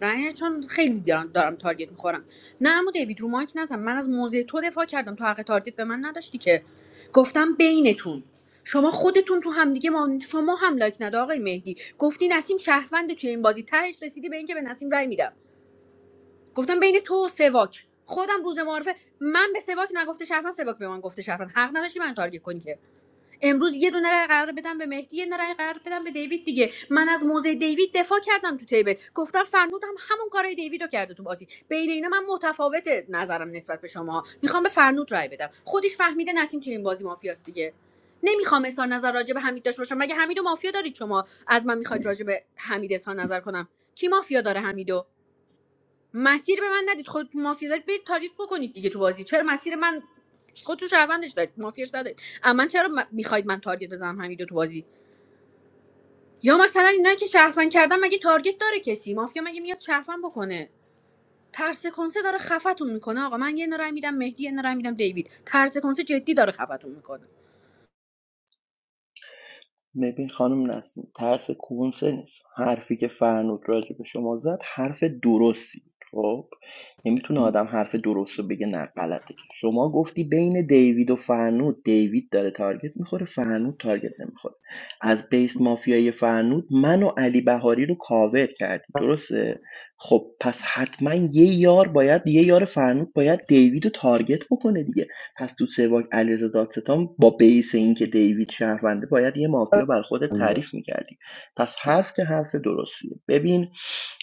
Speaker 7: رأی نده چون خیلی دارم, دارم تارگت میخورم نه اما دیوید رو مایک نزن من از موضع تو دفاع کردم تو حق تارگت به من نداشتی که گفتم بینتون شما خودتون تو همدیگه ما شما هم لایک نده آقای مهدی گفتی نسیم شهروند توی این بازی تهش رسیدی به اینکه به نسیم رای میدم گفتم بین تو و سواک خودم روز معرفه من به سواک نگفته شهروند سواک به من گفته شهروند حق نداشتی من تارگت کنی که امروز یه دونه رای قرار بدم به مهدی یه دونه رای قرار بدم به دیوید دیگه من از موضع دیوید دفاع کردم تو تیبل گفتم فرنودم همون کارای دیوید رو کرده تو بازی بین اینا من متفاوت نظرم نسبت به شما میخوام به فرنود رای بدم خودش فهمیده نسیم تو این بازی مافیاست دیگه نمیخوام اظهار نظر راجع به حمید داشته باشم مگه حمید مافیا دارید شما از من میخواید راجع به حمید اظهار نظر کنم کی مافیا داره حمیدو مسیر به من ندید خود تو مافیا دارید برید تاریت بکنید دیگه تو بازی چرا مسیر من خودتون شهروندش دارید مافیاش ندارید اما من چرا م- میخواید من تارگت بزنم همینجا تو بازی یا مثلا اینا که شهروند کردن مگه تارگت داره کسی مافیا مگه میاد شهروند بکنه ترس کنسه داره خفتون میکنه آقا من یه نرای میدم مهدی یه نرای میدم دیوید ترس کنسه جدی داره خفتون میکنه
Speaker 13: ببین خانم نسیم ترس کنسه نیست حرفی که فرنود راجع به شما زد حرف درستی بود، خب نمیتونه آدم حرف درست رو بگه نه غلطه که شما گفتی بین دیوید و فرنود دیوید داره تارگت میخوره فرنود تارگت نمیخوره از بیس مافیای فرنود من و علی بهاری رو کاور کردی درسته خب پس حتما یه یار باید یه یار فرنود باید دیوید رو تارگت بکنه دیگه پس تو سواک علیرضا دادستان با بیس اینکه دیوید شهرونده باید یه مافیا بر خودت تعریف میکردی پس حرف که حرف درستیه ببین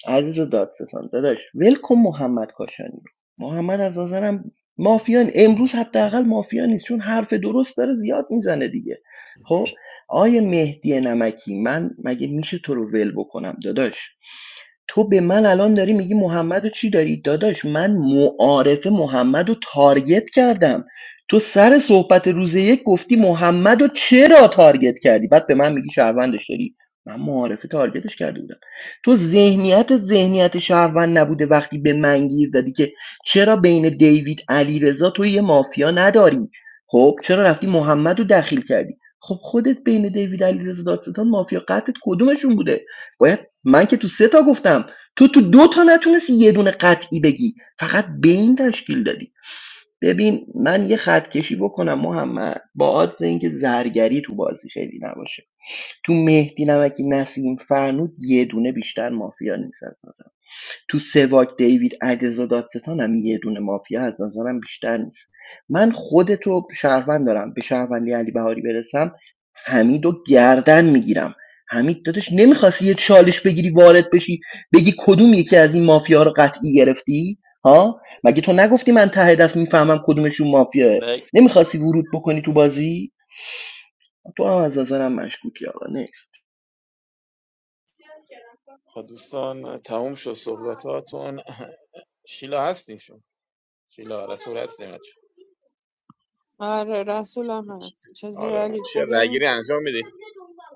Speaker 13: علیرضا دادستان داداش ولکن محمد کاشانی محمد از نظرم مافیا نی- امروز حداقل مافیا نیست چون حرف درست داره زیاد میزنه دیگه خب آیه مهدی نمکی من مگه میشه تو رو ول بکنم داداش تو به من الان داری میگی محمدو چی داری داداش من معارفه محمدو تارگت کردم تو سر صحبت روز یک گفتی محمدو چرا تارگت کردی بعد به من میگی شهروندش داری من معارفه تارگتش کرده بودم تو ذهنیت ذهنیت شهروند نبوده وقتی به من گیر دادی که چرا بین دیوید علیرضا تو یه مافیا نداری خب چرا رفتی محمدو دخیل کردی خب خودت بین دیوید علیرضا دادستان مافیا قطعت کدومشون بوده باید من که تو سه تا گفتم تو تو دو تا نتونستی یه دونه قطعی بگی فقط به این تشکیل دادی ببین من یه خط کشی بکنم محمد با عادت اینکه زرگری تو بازی خیلی نباشه تو مهدی نمکی نسیم فرنود یه دونه بیشتر مافیا نیست تو سواک دیوید علیرضا دادستان هم یه دونه مافیا از نظرم بیشتر نیست من خودتو شهروند دارم به شهروندی علی بهاری برسم حمیدو گردن میگیرم حمید داداش نمیخواستی یه چالش بگیری وارد بشی بگی کدوم یکی از این مافیا رو قطعی گرفتی ها مگه تو نگفتی من ته دست میفهمم کدومشون مافیاه
Speaker 11: نکست
Speaker 13: نمیخواستی ورود بکنی تو بازی تو هم از نظرم مشکوکی آقا نیست
Speaker 11: خب دوستان تموم شد صحبتاتون شیلا هستین شما شیلا رسول هستیم
Speaker 14: آره رسولم هست چطوری
Speaker 11: آره
Speaker 14: علی
Speaker 11: چه
Speaker 14: خوبی؟
Speaker 11: رگیری انجام میدی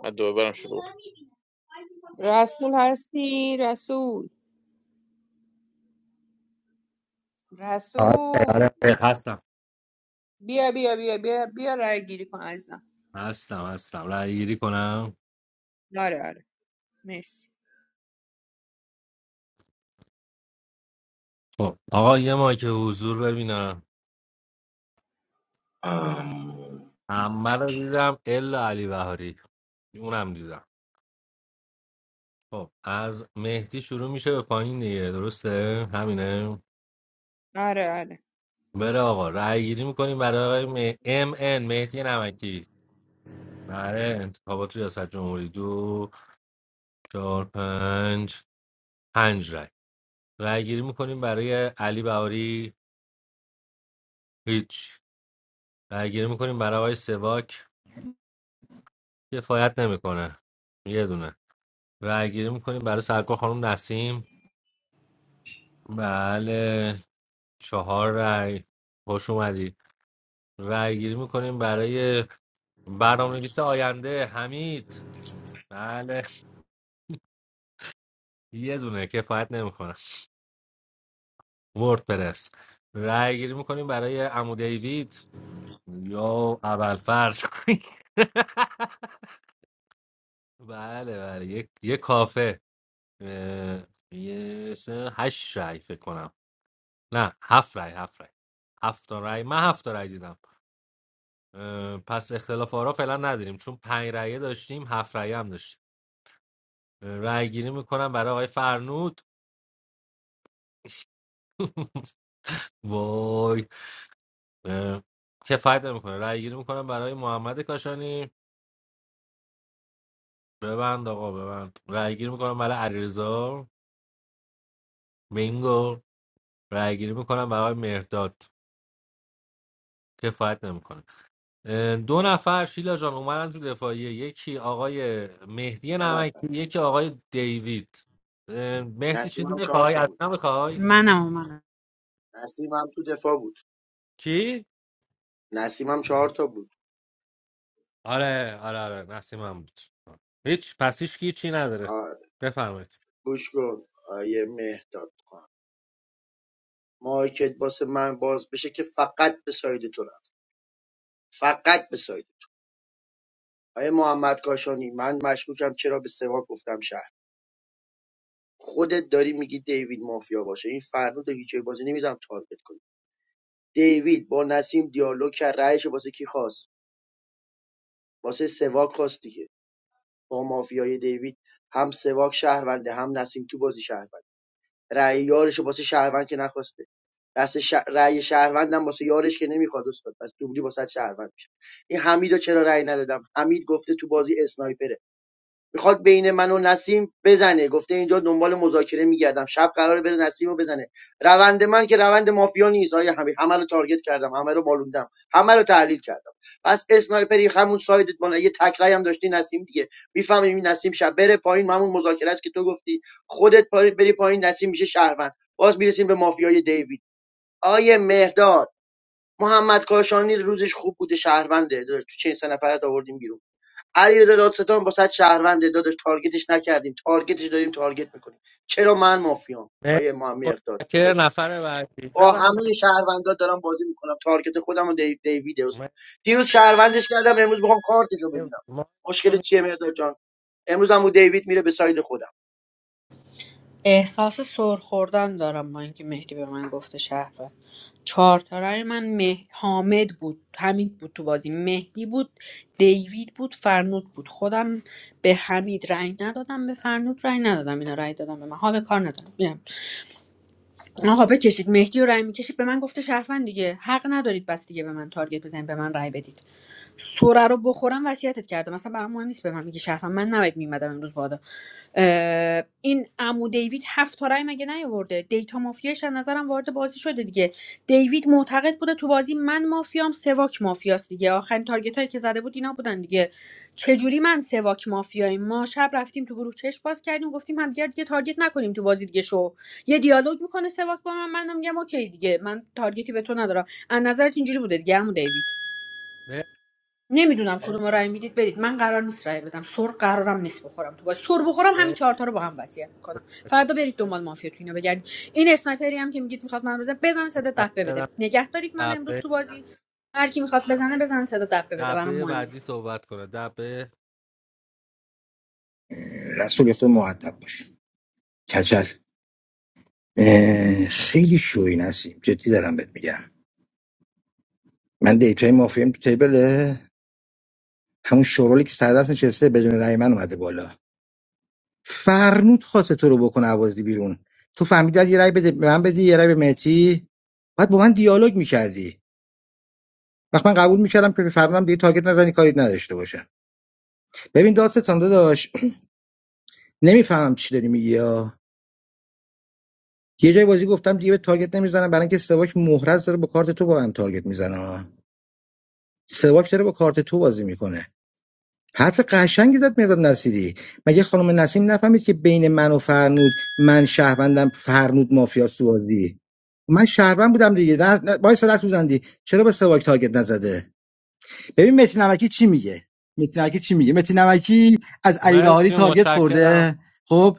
Speaker 11: من دوبارم شروع
Speaker 14: رسول هستی رسول
Speaker 15: آره
Speaker 14: رسول
Speaker 15: آره آره، هستم
Speaker 14: بیا بیا بیا بیا بیا رای گیری کن عزیزم
Speaker 15: هستم هستم رای گیری کنم
Speaker 14: آره آره مرسی
Speaker 15: خب آقا یه مایک حضور ببینم
Speaker 8: ام،
Speaker 15: همه رو دیدم الا علی بهاری اونم دیدم خب از مهدی شروع میشه به پایین دیگه درسته همینه
Speaker 14: آره آره
Speaker 15: بره آقا رای گیری میکنیم برای آقای مه... ام ان مهدی نمکی برای انتخابات ریاست جمهوری دو چهار پنج پنج رای رای گیری میکنیم برای علی بهاری هیچ رای گیری میکنیم برای آقای سواک کفایت نمیکنه یه دونه رأی گیری میکنیم برای سرکار خانم نسیم بله چهار رای خوش اومدی رأی گیری میکنیم برای برنامه نویس آینده حمید بله یه دونه کفایت نمیکنه وردپرس رأی گیری میکنیم برای عمو دیوید یا اول فرض بله بله یک یه کافه اه، یه سه- هشت رأی فکر کنم نه هفت رای هفت رای هفت تا رای من هفت تا رای دیدم اه، پس اختلاف آرا فعلا نداریم چون پنج رایه داشتیم هفت رایه هم داشتیم اه، رای گیری میکنم برای آقای فرنود وای اه، کفایت میکنه رای گیری میکنم برای محمد کاشانی ببند آقا ببند رای گیری میکنم برای علیرضا بینگو رای گیری میکنم برای آقای مهرداد کفایت نمیکنه دو نفر شیلا جان اومدن تو دفاعیه یکی آقای مهدی
Speaker 2: سه
Speaker 15: نمکی
Speaker 2: نفر
Speaker 15: یکی آقای دیوید اه، مهدی
Speaker 2: نسیم
Speaker 15: چیزی
Speaker 2: هم چهار
Speaker 15: میخوای
Speaker 2: تا
Speaker 15: از
Speaker 2: بود
Speaker 15: من میخوای
Speaker 7: منم
Speaker 2: نسیم هم تو دفاع بود
Speaker 15: کی
Speaker 2: نسیم هم چهار تا بود
Speaker 15: آره آره آره نسیمم بود هیچ پس هیچ کی چی نداره
Speaker 2: آه
Speaker 15: بفرمایید
Speaker 2: گوش کن آیه مهداد مارکت واسه من باز بشه که فقط به ساید تو رفت فقط به ساید آیا محمد کاشانی من مشکوکم چرا به سواد گفتم شهر خودت داری میگی دیوید مافیا باشه این فرنود رو هیچ جای بازی نمیذارم تارگت کنی دیوید با نسیم دیالوگ کرد رأیش واسه کی خواست واسه سواک خواست دیگه با مافیای دیوید هم سواک شهرونده هم نسیم تو بازی شهر رأی یارشو واسه شهروند که نخواسته دست ش... رأی شهروندم واسه یارش که نمیخواد استاد پس دوبلی واسه شهروند میشه این حمیدو چرا رأی ندادم حمید گفته تو بازی اسنایپره میخواد بین من و نسیم بزنه گفته اینجا دنبال مذاکره میگردم شب قراره بره نسیم رو بزنه روند من که روند مافیا نیست آیا همه همه رو تارگت کردم همه رو بالوندم همه رو تحلیل کردم پس اسنایپری همون سایدت بالا یه تکرای هم داشتی نسیم دیگه میفهمیم این نسیم شب بره پایین همون مذاکره است که تو گفتی خودت پاری- بری پایین نسیم میشه شهروند باز میرسیم به مافیای دیوید آیه مهداد محمد کاشانی روزش خوب بوده شهرونده تو چه سه نفرت آوردیم بیرون علیرضا دادستان با صد شهرونده داداش تارگتش نکردیم تارگتش داریم تارگت میکنیم چرا من مافیام
Speaker 15: مهدی،
Speaker 2: آیه محمد داد
Speaker 15: متشکر
Speaker 2: داداش
Speaker 15: نفر بعدی
Speaker 2: با همه
Speaker 15: بفرمایید
Speaker 2: شهروندا دارم بازی میکنم تارگت خودم و دیو- دیوید استاد دیروز شهروندش کردم امروز میخوام کارتشو
Speaker 15: مهدی،
Speaker 2: ببینم
Speaker 15: ما تو
Speaker 2: مشکل
Speaker 15: می-
Speaker 2: چیه مقداد جان امروز عمو دیوید میره به ساید خودم
Speaker 7: احساس سر خوردن دارم با اینکه مهدی به من گفته شهروند چهار تا رأی من مه... حامد بود حمید بود تو بازی مهدی بود دیوید بود فرنود بود خودم به حمید رأی ندادم به فرنود رأی ندادم اینا رأی دادم به من حال کار ندارم آقا بکشید مهدی رو رای میکشید به من گفته شرفن دیگه حق ندارید بس دیگه به من تارگت بزنید به من رای بدید سوره رو بخورم وصیتت کرده مثلا برام مهم نیست به من میگه شرفن من نباید میمدم امروز بادا اه، این عمو دیوید هفت تا رای مگه نیاورده دیتا مافیاش از نظرم وارد بازی شده دیگه دیوید معتقد بوده تو بازی من مافیام سواک مافیاست دیگه آخرین تارگت هایی که زده بود اینا بودن دیگه چجوری من سواک مافیایی ما شب رفتیم تو گروه چش باز کردیم گفتیم هم دیگه تارگت نکنیم تو بازی دیگه شو یه دیالوگ میکنه سواک با من منم میگم اوکی دیگه من تارگتی به تو ندارم از نظرت اینجوری بوده دیگه عمو دیوید نمیدونم کدوم رأی میدید برید من قرار نیست رأی بدم سر قرارم نیست بخورم تو باز سر بخورم همین
Speaker 15: مهدی،
Speaker 7: چهار تا رو با هم وصیت میکنم فردا برید دنبال مافیا تو اینا بگردید این اسنایپری هم که میگید میخواد من بزنه بزن صدا دبه بده
Speaker 15: متشکرم.
Speaker 7: نگه دارید من امروز
Speaker 15: دبه
Speaker 7: تو بازی هر کی میخواد بزنه بزنه صدا دبه بده برام
Speaker 15: دبه
Speaker 7: مهم
Speaker 15: بعدی
Speaker 7: نیست
Speaker 15: صحبت کنه دبه
Speaker 12: رسول خود مؤدب باش کچل خیلی شوی نسیم جدی دارم بهت میگم من دیتای مافیم تو تیبله همون شورولی که سر دست نشسته بدون رأی من اومده بالا فرنود خواسته تو رو بکنه عوازی بیرون تو فهمیدی از یه رای بده به من بدی یه رای به مهتی بعد با من دیالوگ میکردی وقت من قبول میکردم که فرمودم دیگه تارگت نزنی کاری نداشته باشه ببین دادستان داداش نمیفهمم چی داری میگی یا یه جای بازی گفتم دیگه به تارگت نمیزنم برای اینکه سواک مهرز داره با کارت تو با هم تارگت میزنه سواک داره با کارت تو بازی میکنه حرف قشنگی زد مرداد نصیری مگه خانم نسیم نفهمید که بین من و فرنود من شهروندم فرنود مافیاست تو بازی من شهروند بودم دیگه نه نه- وایس رد سوزندی چرا به سواک تارگت نزده ببین متی نمکی چی میگه متی نمکی چی میگه متی نمکی از علی بهاری
Speaker 15: مرسی
Speaker 12: تارگت
Speaker 15: متشکرم
Speaker 12: خورده خب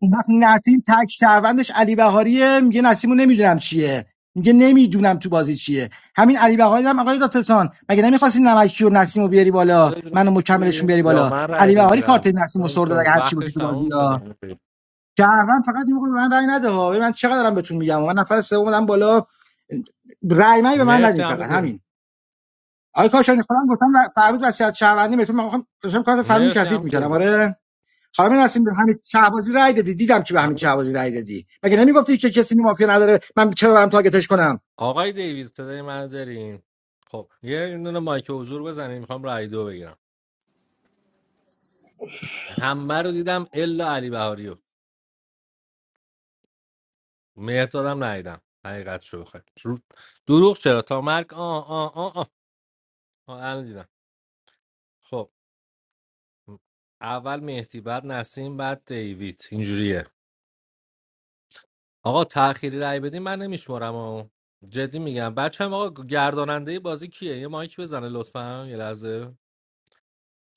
Speaker 12: اون وقت نسیم تک شهروندش علی بهاریه میگه نسیمو نمیدونم چیه میگه نمیدونم تو بازی چیه همین علی بهاری هم آقای داتسان مگه نمیخواستی نمکی و نسیمو بیاری بالا
Speaker 15: خودت
Speaker 12: منو
Speaker 15: رای
Speaker 12: مکملشون
Speaker 15: می‌دی
Speaker 12: بیاری
Speaker 15: یا
Speaker 12: بالا
Speaker 15: من رای
Speaker 12: علی بهاری کارت
Speaker 15: بگیرم
Speaker 12: نسیمو
Speaker 15: چون
Speaker 12: سر
Speaker 15: تو
Speaker 12: داد اگه هرچی باشی
Speaker 15: وقتش
Speaker 12: تو بازی
Speaker 15: تموم شده
Speaker 12: شهروند فقط یه موقع به من رأی نده ها ببین من چقدر دارم بهتون میگم من نفر سوم اومدم بالا رأی من به من
Speaker 15: مرسی
Speaker 12: ندین
Speaker 15: عمو
Speaker 12: فقط همین
Speaker 15: دیوید
Speaker 12: آقای کاشانی خودم گفتم و- فرود وصیت شهروندی بهتون من خواهم- داشتم کارت فرود
Speaker 15: مرسی
Speaker 12: کثیف
Speaker 15: عمو
Speaker 12: میکردم
Speaker 15: دیوید
Speaker 12: آره خانم نسیم به همین شهبازی رأی دادی دیدم که به همین
Speaker 15: عمو-
Speaker 12: شهبازی رأی دادی مگه نمیگفتی که کسی مافیا نداره من چرا برم تارگتش کنم
Speaker 15: آقای دیوید صدای منو دارین خب یه دونه مایک حضور بزنین میخوام رای دو بگیرم همه رو دیدم الا علی بهاری رو مهدادم ندیدم حقیقت شو بخوای رو- دروغ چرا تا مرگ آه آه آه آه آ الان دیدم خب اول مهدی بعد نسیم بعد دیوید اینجوریه آقا تأخیری رای بدین من نمیشمرم و جدی میگم بچه هم آقا گرداننده بازی کیه یه مایک بزنه لطفا یه لحظه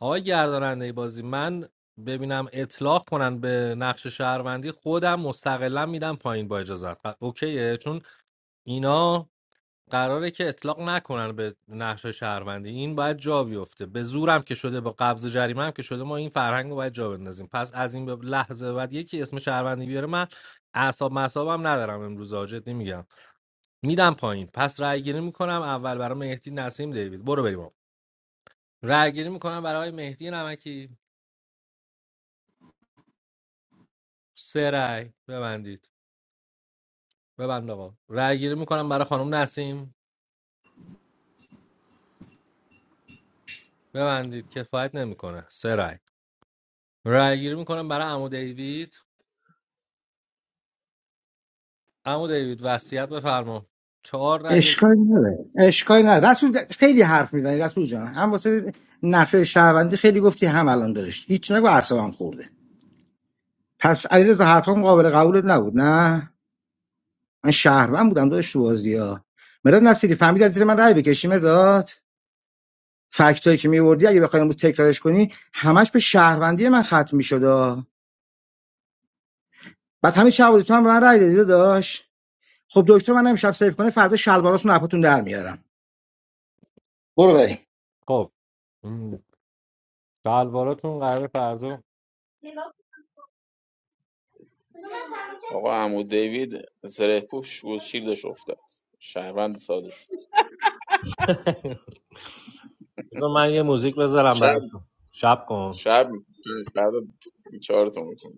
Speaker 15: آقا گرداننده بازی من ببینم اطلاق کنن به نقش شهروندی خودم مستقلا میدم پایین با اجازت اوکیه چون اینا قراره که اطلاق نکنن به نقش شهروندی این باید جا بیفته به زورم که شده با قبض جریمه هم که شده ما این فرهنگ رو باید جا بندازیم پس از این به لحظه بعد یکی اسم شهروندی بیاره من اعصاب مصابم ندارم امروز آجت نمیگم میدم پایین پس رأی گیری میکنم اول برای مهدی نسیم دیوید برو بریم آقا. رأی گیری میکنم برای مهدی نمکی سه رأی ببندید ببند آقا رأی گیری میکنم برای خانم نسیم ببندید کفایت نمیکنه سه رأی رأی گیری میکنم برای عمو دیوید عمو دیوید وصیت بفرما چهار رأی
Speaker 12: اشکالی نداره اشکالی نداره رسول خیلی حرف میزنی رسول جان هم واسه نقشه شهروندی خیلی گفتی هم الان دارش هیچ نگو اعصابم خورده پس علیرضا حتم قابل قبولت نبود نه من شهروند بودم داداش تو بازی‌ها مداد نصیری فهمید از زیر من رأی بکشی مداد فکتایی که میوردی اگه بخوایم امروز تکرارش کنی همش به شهروندی من ختم می‌شد بعد همین شهر تو هم به من رأی دادی داداش خب دکتر من امشب سیف کنه فردا شلواراتون رو اپاتون در میارم برو بریم
Speaker 15: خب م، شلواراتون قرار فردا
Speaker 11: آقا عمو دیوید زره پوش و شیلدش افتاد شهروند ساده شد
Speaker 15: بذار من یه موزیک بذارم
Speaker 11: شب
Speaker 15: براتون شب کن
Speaker 11: شب میشه شب بیچارتون میکنه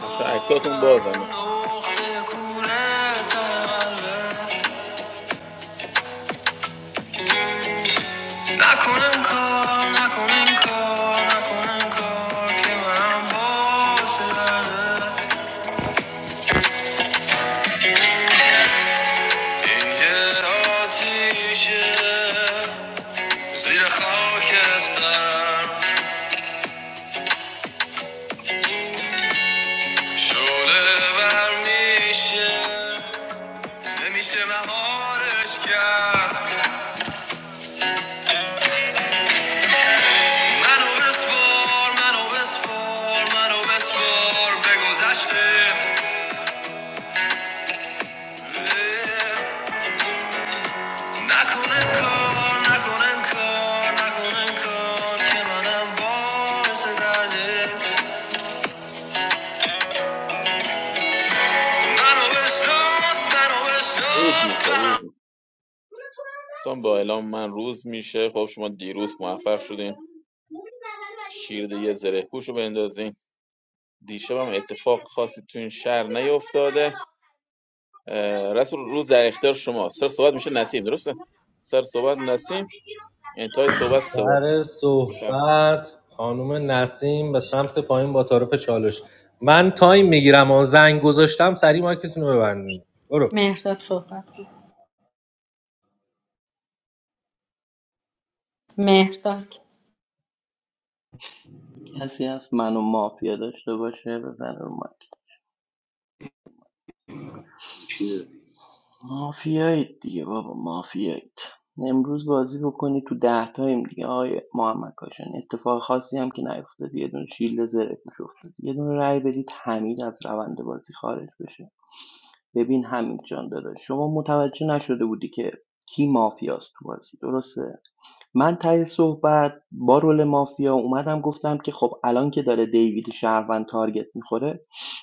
Speaker 11: بچه اکتاتون بازنه
Speaker 15: این که آتیشه زیر خاکستر شعله ور میشه نمیشه مهارش کرد منو بسپار منو بسپار منو بسپار به گذشته نکن کار نکنه کار نکنه کار که منم باعث درده منو بشناس منو
Speaker 11: روز
Speaker 15: بشناس
Speaker 11: میشه
Speaker 15: منو
Speaker 11: روز میشه دوستان با اعلام من روز میشه خب شما دیروز موفق شدین شیرده یه زره پوش رو بندازین دیشب هم اتفاق خاصی تو این شهر نیفتاده رسول روز در اختیار شما سر صحبت میشه نسیم درسته سر صحبت نسیم انتهای صحبت سواد
Speaker 15: در
Speaker 11: بفرم
Speaker 15: صحبت خانم نسیم به سمت پایین با تعارف چالش من تایم میگیرم و زنگ گذاشتم سری مایکتون رو ببندیم برو
Speaker 7: مهرداد صحبت کن. مهرداد
Speaker 13: کسی هست منو مافیا داشته باشه بزنه رو من.
Speaker 8: چیز دیگه.
Speaker 13: مافیایید دیگه بابا مافیایید امروز بازی بکنی تو ده تایم دیگه آقای محمد کاشان اتفاق خاصی هم که نیفتاد یه دونه شیلد زره پوش افتاد یه دونه رأی بدید حمید از روند بازی خارج بشه ببین حمید جان داداش شما متوجه نشده بودی که کی مافیاست تو بازی درسته من ته صحبت با رول مافیا اومدم گفتم که خب الان که داره دیوید شهروند تارگت میخوره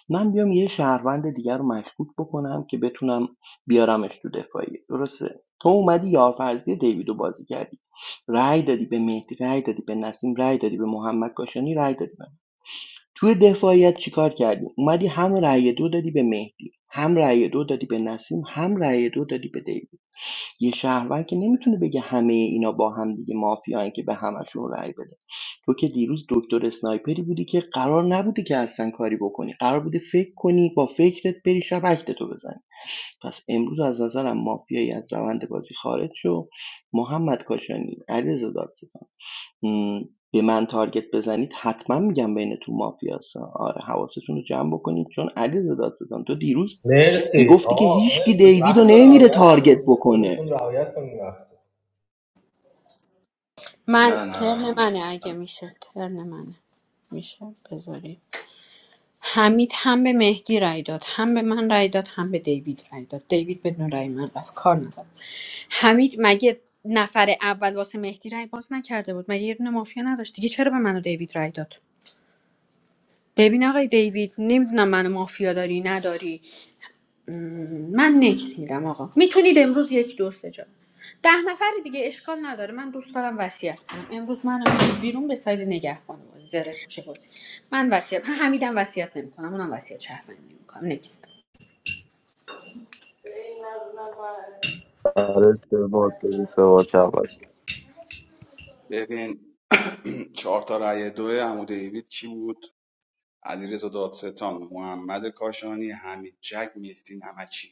Speaker 13: من بیام یه شهروند دیگر رو مشکوک بکنم که بتونم بیارمش تو دفاعیه درسته تو اومدی یارفرزی دیوید رو بازی کردی رای دادی به مهدی رای دادی به نسیم رای دادی به محمد کاشانی رای دادی به من. توی دفاعیت چیکار کردی اومدی هم رای دو دادی به مهدی هم رای دو دادی به نسیم هم رای دو دادی به دیوید یه شهروند که نمیتونه بگه همه اینا با هم دیگه مافیان که به همشون رأی بده تو که دیروز دکتر اسنایپری بودی که قرار نبوده که اصلا کاری بکنی قرار بوده فکر کنی با فکرت بری شبکت تو بزنی پس امروز از نظرم مافیایی از روند بازی خارج شو محمد کاشانی علیرضا دادستان م، به من تارگت بزنید حتما میگم بین تو مافیاسا آره حواستون رو جمع بکنید چون علیرضا دادستان تو دیروز
Speaker 15: مرسی
Speaker 13: میگفتی که
Speaker 15: آقا
Speaker 13: هیچکی
Speaker 15: مرسی
Speaker 13: دیوید رو
Speaker 15: وقت رو
Speaker 13: نمیره
Speaker 15: رعایت
Speaker 13: تارگت
Speaker 15: کنین دیگه
Speaker 13: بکنه
Speaker 15: خودتون رعایت کنین وقت رو.
Speaker 7: من
Speaker 8: نه
Speaker 7: ترن منه
Speaker 8: نه
Speaker 7: اگه میشه ترن منه میشه بذارید حمید هم به مهدی رای داد هم به من رای داد هم به دیوید رای داد دیوید بدون رای من رفت کار نداد حمید مگه نفر اول واسه مهدی رای باز نکرده بود مگه یه دونه مافیا نداشت دیگه چرا به من و دیوید رای داد ببین آقای دیوید نمیدونم منو مافیا داری نداری من نکس میدم آقا میتونید امروز یک دو سه جا ده نفر دیگه اشکال نداره من دوست دارم وصیت کنم امروز من بیرون به ساید نگهبان بازی زره پوشه بازی من وصیت من همیدم وصیت نمیکنم اونم وصیت شهروندی میکنم نکس
Speaker 3: برای سوال سوال
Speaker 6: ببین چهار تا رأی دو عمو دیوید کی بود علیرضا دادستان محمد کاشانی حمید جک مهدی نمکی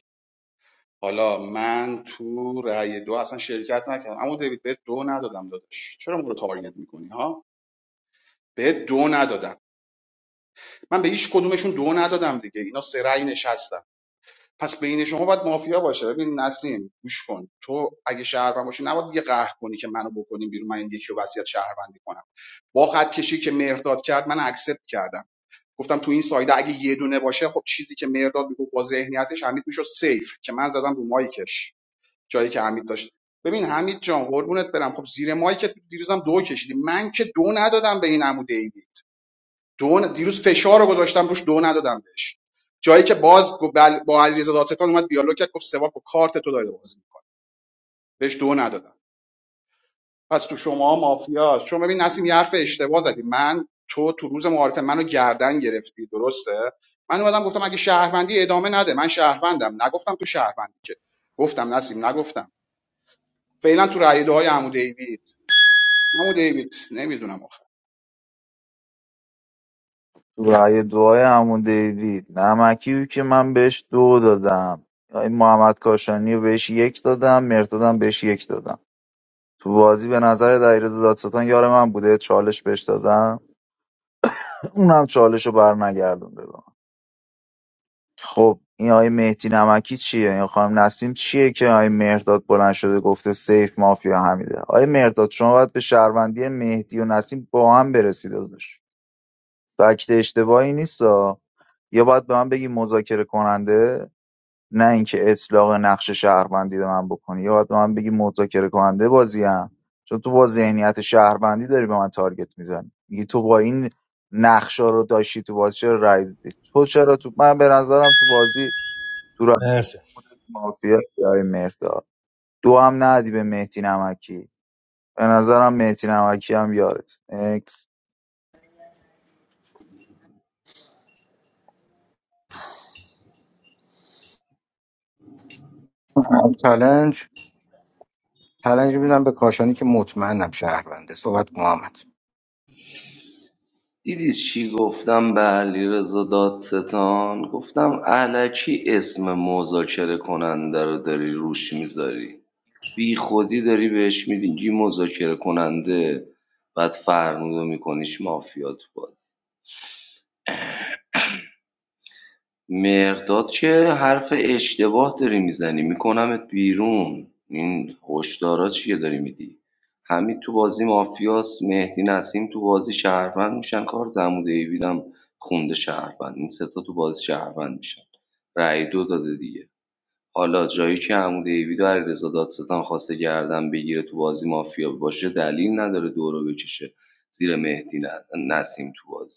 Speaker 6: حالا من تو رأی دو اصلا شرکت نکردم اما دیوید بهت دو ندادم داداش چرا ما رو تارگت میکنی ها بهت دو ندادم من به هیچ کدومشون دو ندادم دیگه اینا سه رأی نشستم پس بین شما باید مافیا باشه ببین نسرین گوش کن تو اگه شهروند باشی نباید یه قهر کنی که منو بکنیم بیرون من این یکی رو وصیت شهروندی کنم با خط کشی که مهرداد کرد من اکسپت کردم گفتم تو این سایده اگه یه دونه باشه خب چیزی که مهرداد میگفت با ذهنیتش حمید میشد سیف که من زدم رو مایکش جایی که حمید داشت ببین حمید جان قربونت برم خب زیر مایی که دیروزم دو کشیدی من که دو ندادم به این عمو دیوی دو ن- دیروز فشار رو گذاشتم روش دو ندادم بهش جایی که باز گفت بل... با علیرضا دادستان اومد دیالوگ کرد گفت سواک با کارت تو داره بازی می‌کنه. بهش دو ندادم پس تو شما مافیا شما ببین نسیم یه حرف اشتباه زدی من تو تو روز معارفه منو گردن گرفتی درسته من اومدم گفتم اگه شهروندی ادامه نده من شهروندم نگفتم تو شهروندی که گفتم نسیم نگفتم فعلا تو رأی های عمو دیوید عمو دیوید نمیدونم آخه
Speaker 3: تو رأی دعای عمو دیوید نمکی بود که من بهش دو دادم این محمد کاشانی رو بهش یک دادم مرتادم بهش یک دادم تو بازی به نظر دایره دادستان یار من بوده چالش بهش دادم اونم چالش رو بر نگردونده به من. خب این آقای مهدی نمکی چیه این خانم نسیم چیه که آقای مهرداد بلند شده گفته سیف مافیا حمیده آقای مهرداد شما باید به شهروندی مهدی و نسیم با هم برسید داداش فکت اشتباهی نیست یا باید به من بگی مذاکره کننده نه اینکه اطلاق نقش شهروندی به من بکنی یا باید به من بگی مذاکره کننده بازیم چون تو با ذهنیت شهروندی داری به من تارگت میزنی میگی تو با این نقشا رو داشتی تو بازی چرا رای دادی تو چرا تو من به نظرم تو بازی تو رابطه
Speaker 15: مرسی
Speaker 3: مافیا یاری مردا دو هم ندی به مهدی نمکی به نظرم مهدی نمکی هم یارت اکس
Speaker 12: من چالنج چالنج میدم به کاشانی که مطمئنم شهرونده صحبت کن، محمد
Speaker 8: دیدی چی گفتم به علیرضا دادستان گفتم علکی اسم مذاکره کننده رو داری روش میذاری بی خودی داری بهش میدی مذاکره کننده بعد فرمودو میکنیش مافیا تو بازی. مهرداد که حرف اشتباه داری میزنی میکنمت بیرون این هشدارا چیه داری میدی حمید تو بازی مافیاس مهدی نسیم تو بازی شهروند میشن کار دموده ایویدم خونده شهروند این ستا تو بازی شهروند میشن رأی دو داده دیگه حالا جایی که عمود ایوید و علیرضا دادستان خواسته گردن بگیره تو بازی مافیا باشه دلیل نداره دورو بکشه زیر مهدی ن- نسیم تو بازی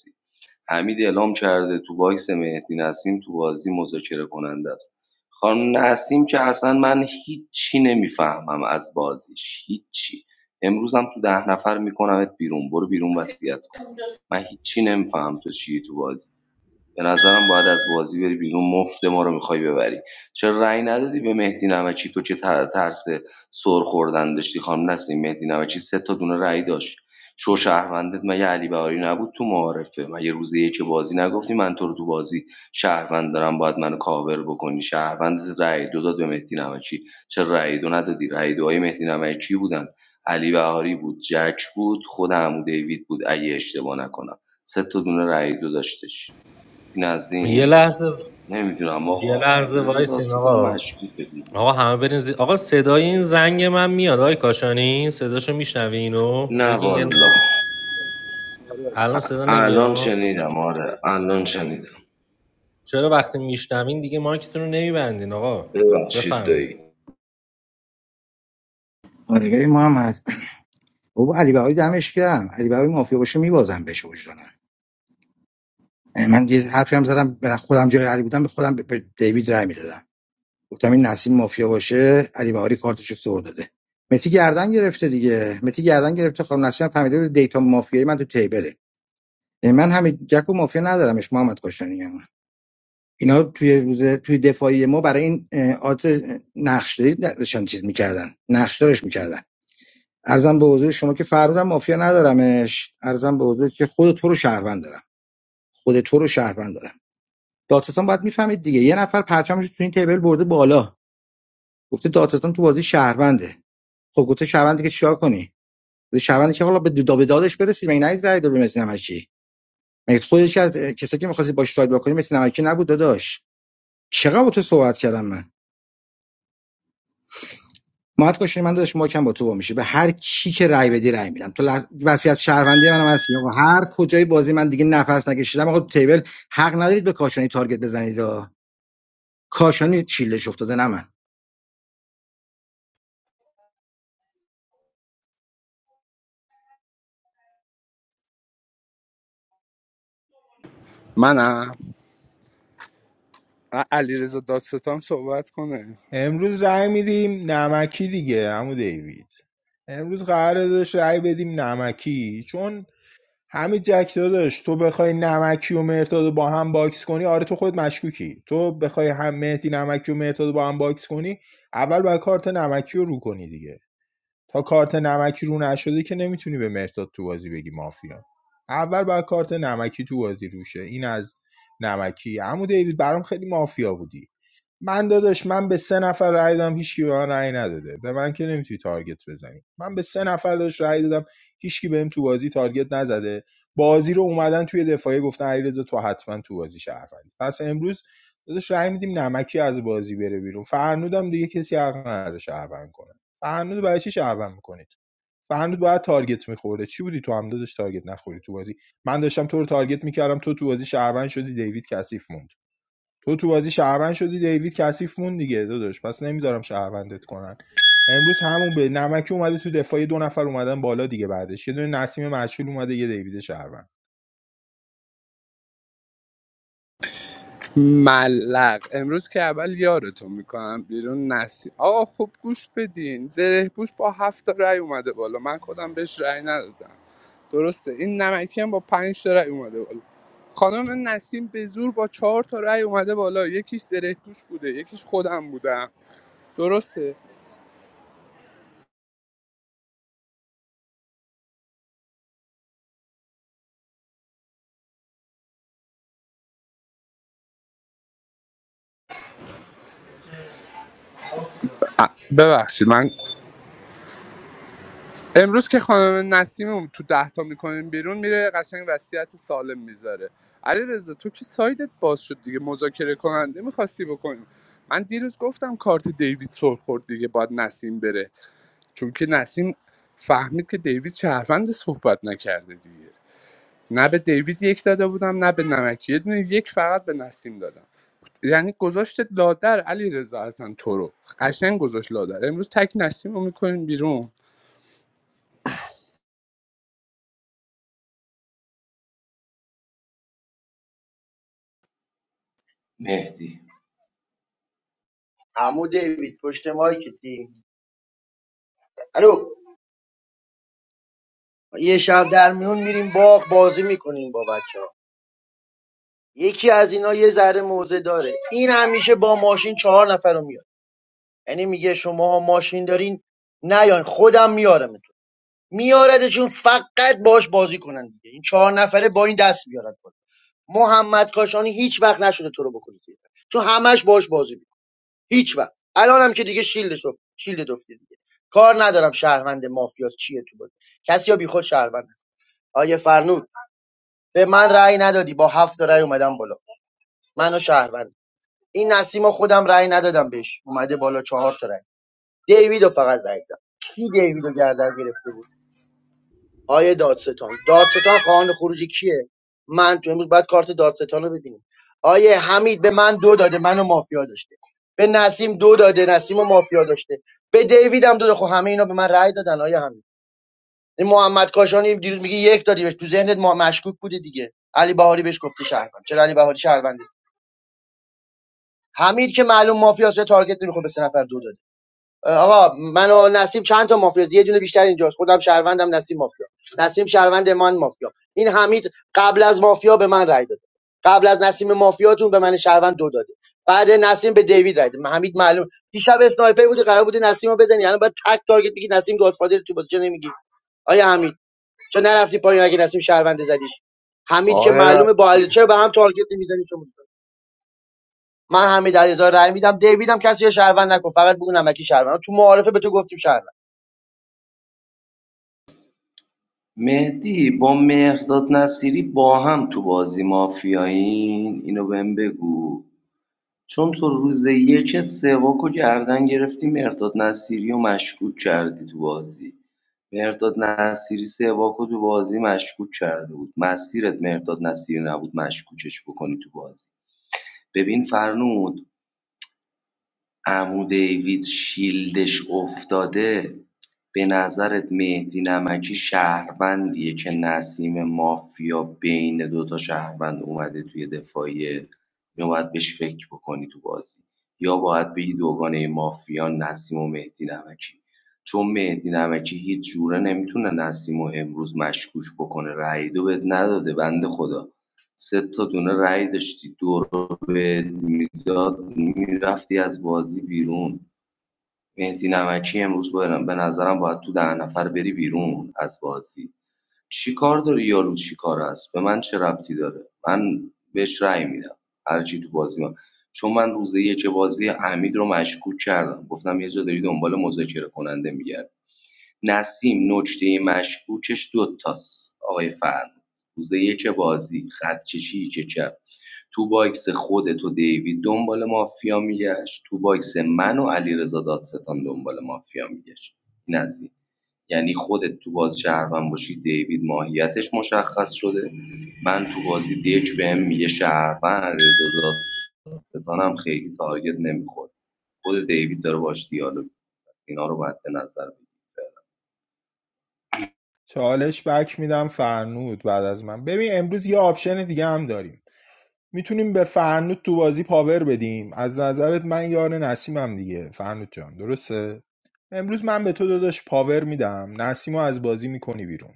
Speaker 8: حمید اعلام کرده تو باکس مهدی نسیم تو بازی مذاکره کننده است خانم نسیم که اصلا من هیچی نمیفهمم از بازیش هیچی امروزم تو ده نفر میکنمت بیرون برو بیرون وصیت کن من هیچی نمیفهم تو چی تو بازی به نظرم باید از بازی بری بیرون مفت ما رو میخوای ببری چرا رأی ندادی به مهدی نمکی تو چه تر- ترس سر خوردن داشتی خانم نسیم مهدی نمکی سه تا دونه رأی داشت شو شهروندت مگه علی بهاری نبود تو معارفه مگه روز یک بازی نگفتی من تو رو تو بازی شهروند دارم باید منو کاور بکنی شهروند رأی دو داد به مهدی نمکی چرا رأی دو ندادی رأی دوهای مهدی نمکی بودن علی بهاری بود جک بود خود عمو دیوید بود اگه اشتباه نکنم سه تا دونه رأی دو داشتش این از
Speaker 15: یه
Speaker 8: این
Speaker 15: لحظه
Speaker 8: نمیدونم
Speaker 15: یه
Speaker 8: آقا
Speaker 15: لحظه
Speaker 8: علیرضا
Speaker 15: وایسین
Speaker 8: دادستان
Speaker 15: آقا
Speaker 8: مشکوکه دیگه
Speaker 15: آقا همه برین زی... آقا صدای این زنگ من میاد آقای کاشانی صداشو میشنوینو.
Speaker 8: نه
Speaker 15: بگین یه...
Speaker 8: والا
Speaker 6: آره
Speaker 15: الان صدا
Speaker 8: الان
Speaker 15: نمیاد
Speaker 8: شنیدم آره الان شنیدم
Speaker 15: چرا وقتی میشنوین دیگه مایکتون رو نمیبندین آقا
Speaker 8: ببخشید
Speaker 15: بفرمایید
Speaker 8: دایی
Speaker 12: آره ببین محمد بابا علی بهایی دمش گرم علی بهایی مافیا باشه میبازم بهش وجدانم من یه حرفی هم زدم به خودم جای علی بودم به خودم به به دیوید رای میدادم گفتم این نسیم مافیا باشه علی بهاری کارتشو سر داده متی گردن گرفته دیگه متی گردن گرفته خانم نسیم هم فهمیده بود دیتا مافیایی من تو تیبله یعنی من همین جک و مافیا ندارمش محمد کاشانی هم. اینا توی روز توی دفاعی ما برای این آت نقشداری داشتن چیز میکردن نقشدارش میکردن ارزم به حضور شما که فرودم مافیا ندارمش ارزم به حضور که خود تو رو شهروند دارم خود تو رو شهروند دارم دادستان باید میفهمید دیگه یه نفر پرچمش رو تو این تیبل برده بالا گفته دادستان تو بازی شهرونده خب گفته شهروندی که چیکار کنی گفته شهروندی که حالا به دا دادش برسید مگه نید رای داد به متی نمکی مگه خودش از کسی که می‌خواستی باش ساید بکنی متی نمکی نبود داداش چقدر با تو صحبت کردم من مات کاشی من داداش ماکم با تو با میشه به هر کی که رای بدی رای میدم تو لح... وصیت شهروندی منم هستی آقا هر کجای بازی من دیگه نفس نکشیدم آقا تو تیبل حق ندارید به کاشانی تارگت بزنید آقا. کاشانی چیلش افتاده نه من
Speaker 1: منم علی رضا دادستان صحبت کنه
Speaker 9: امروز رای میدیم نمکی دیگه عمو دیوید امروز قرار داشت رأی بدیم نمکی چون همین جک داشت، تو بخوای نمکی و مرتاد رو با هم باکس کنی آره تو خود مشکوکی تو بخوای هم مهدی نمکی و مرتاد رو با هم باکس کنی اول باید کارت نمکی رو رو کنی دیگه تا کارت نمکی رو نشده که نمیتونی به مرتاد تو بازی بگی مافیا اول باید کارت نمکی تو بازی روشه این از نمکی عمو دیوید برام خیلی مافیا بودی من داداش من به سه نفر رأی دادم هیچکی به من رأی نداده به من که نمیتونی تارگت بزنی من به سه نفر داداش رأی دادم هیچکی بهم تو بازی تارگت نزده بازی رو اومدن توی دفاعی گفتن علیرضا تو حتما تو بازی شهروندی پس امروز داداش رأی میدیم نمکی از بازی بره بیرون فرنودم دیگه کسی حق نداره شهروند کنه فرنود برای چی شهروند میکنید فرنود باید تارگت میخورده چی بودی تو هم داداش تارگت نخوری تو بازی من داشتم تو رو تارگت میکردم تو تو بازی شهروند شدی دیوید کثیف موند تو تو بازی شهروند شدی دیوید کثیف مون دیگه داداش پس نمیذارم شهروندت کنن امروز همون به نمکی اومده تو دفاعی دو نفر اومدن بالا دیگه بعدش یه دونه نسیم مشهول اومده یه دیوید شهروند
Speaker 1: ملق امروز که اول یارتون میکنم بیرون نسی آقا خوب گوش بدین زره پوش با هفت تا رأی اومده بالا من خودم بهش رأی ندادم درسته این نمکی هم با پنج تا رأی اومده بالا خانم نسیم به زور با چهار تا رأی اومده بالا یکیش زره پوش بوده یکیش خودم بودم درسته آ، ببخشید من امروز که خانم نسیم رو تو دهتا میکنیم بیرون میره قشنگ وصیت سالم میذاره علیرضا تو که سایدت باز شد دیگه مذاکره کننده میخواستی بکنیم من دیروز گفتم کارت دیوید سر خورد دیگه باید نسیم بره چون که نسیم فهمید که دیوید شهروند صحبت نکرده دیگه نه به دیوید یک داده بودم نه به نمکی یه دونه یک فقط به نسیم دادم یعنی گذاشت لادر علیرضا رضا تو رو قشنگ گذاشت لادر امروز تک نسیم رو میکنیم بیرون
Speaker 8: مهدی
Speaker 2: عمو دیوید پشت مایک دیم الو یه شب در میون میریم باغ بازی میکنیم با بچه ها یکی از اینا یه ذره موزه داره این همیشه با ماشین چهار نفر رو میاره. یعنی میگه شماها ماشین دارین نیاین خودم میارمتون میارده چون فقط باش بازی کنن دیگه این چهار نفره با این دست میارن بالا محمد کاشانی هیچ وقت نشده تو رو بکنه زیر. چون همش باش بازی میکنه هیچ وقت الان هم که دیگه شیلدش دفت شیلد دفته دیگه کار ندارم شهروند مافیاس چیه تو بود کسی یا بیخود شهروند است. آیه فرنود به من رأی ندادی با هفت تا رأی اومدم بالا منو شهروند این نسیم خودم رأی ندادم بهش اومده بالا چهار تا رأی. دیوید رو فقط رای داد کی دیوید رو گردن گرفته بود آیه دادستان دادستان خواهان خروجی کیه من تو امروز باید کارت دادستان رو ببینیم آیه حمید به من دو داده منو مافیا داشته به نسیم دو داده نسیم و مافیا داشته به دیوید هم دو داده خب همه اینا به من رای دادن آیه حمید این محمد کاشانی دیروز میگه یک دادی بهش تو ذهنت ما مشکوک بوده دیگه علی بهاری بهش گفته شهروند چرا علی بهاری شهرونده حمید که معلوم مافیاست تارگت نمیخواد به سه نفر دو داده آقا من و نسیم چند تا مافیا یه دونه بیشتر اینجاست خودم شهروندم نسیم مافیا نسیم شهروند من مافیا این حمید قبل از مافیا به من رای داده قبل از نسیم مافیاتون به من شهروند دو داده بعد نسیم به دیوید رای داده حمید معلوم دیشب اسنایپر بودی قرار بوده نسیم رو بزنی الان باید تک تارگت بگی نسیم گادفادر تو بازی چه نمیگی آیا حمید تو نرفتی پایین اگه نسیم شهروند زدیش حمید که
Speaker 3: آقای
Speaker 2: معلومه با
Speaker 3: رسول.
Speaker 2: علی چرا به هم تارگت نمیزنی شما من حمید علیرضا رای میدم دیویدم کسی رو شهروند نکن فقط بگو نمکی شهروند تو معارفه به تو گفتیم شهروند
Speaker 8: مهدی با مهرداد نصیری با هم تو بازی مافیایین اینو بهم بگو چون تو روز یک سواک و گردن گرفتی مهرداد نصیری و مشکوک کردی تو بازی مهرداد نصیری سه باکو تو بازی مشکوک کرده بود مسیرت مهرداد نصیری نبود مشکوکش بکنی تو بازی ببین فرنود عمو دیوید شیلدش افتاده به نظرت مهدی نمکی شهروندیه که نسیم مافیا بین دوتا شهروند اومده توی دفاعیه یا باید بهش فکر بکنی تو بازی یا باید بگی دوگانه مافیا نسیم و مهدی نمکی چون مهدی نمکی هیچ جوره نمیتونه نسیم و امروز مشکوش بکنه رأی دو بهت نداده بنده خدا سه تا دونه رأی داشتی دور رو به میداد میرفتی از بازی بیرون مهدی نمکی امروز برم به نظرم باید تو ده نفر بری بیرون از بازی چی کار داری یارو چی کار است به من چه ربطی داره من بهش رای میدم هرچی تو بازی من چون من روز یک بازی حمید رو مشکوک کردم گفتم یه جا داری دنبال مذاکره کننده میگرد نسیم نکته مشکوکش دوتاست آقای فرد روز یک بازی خط کشی که کرد تو باکس خودت و دیوید دنبال مافیا میگشت تو باکس من و علیرضا دادستان دنبال مافیا میگشت این از یعنی خودت تو باز شهروند باشی دیوید ماهیتش مشخص شده من تو بازی دیک بهم میگه شهروند علیرضا دادستانم خیلی تارگت نمیخورد خود دیوید داره باش دیالوگ اینا رو مد نظر بگیر.
Speaker 9: چالش بک میدم فرنود بعد از من ببین امروز یه آپشن دیگه هم داریم میتونیم به فرنود تو بازی پاور بدیم از نظرت من یار نسیمم دیگه فرنود جان درسته امروز من به تو داداش پاور میدم نسیمو از بازی میکنی بیرون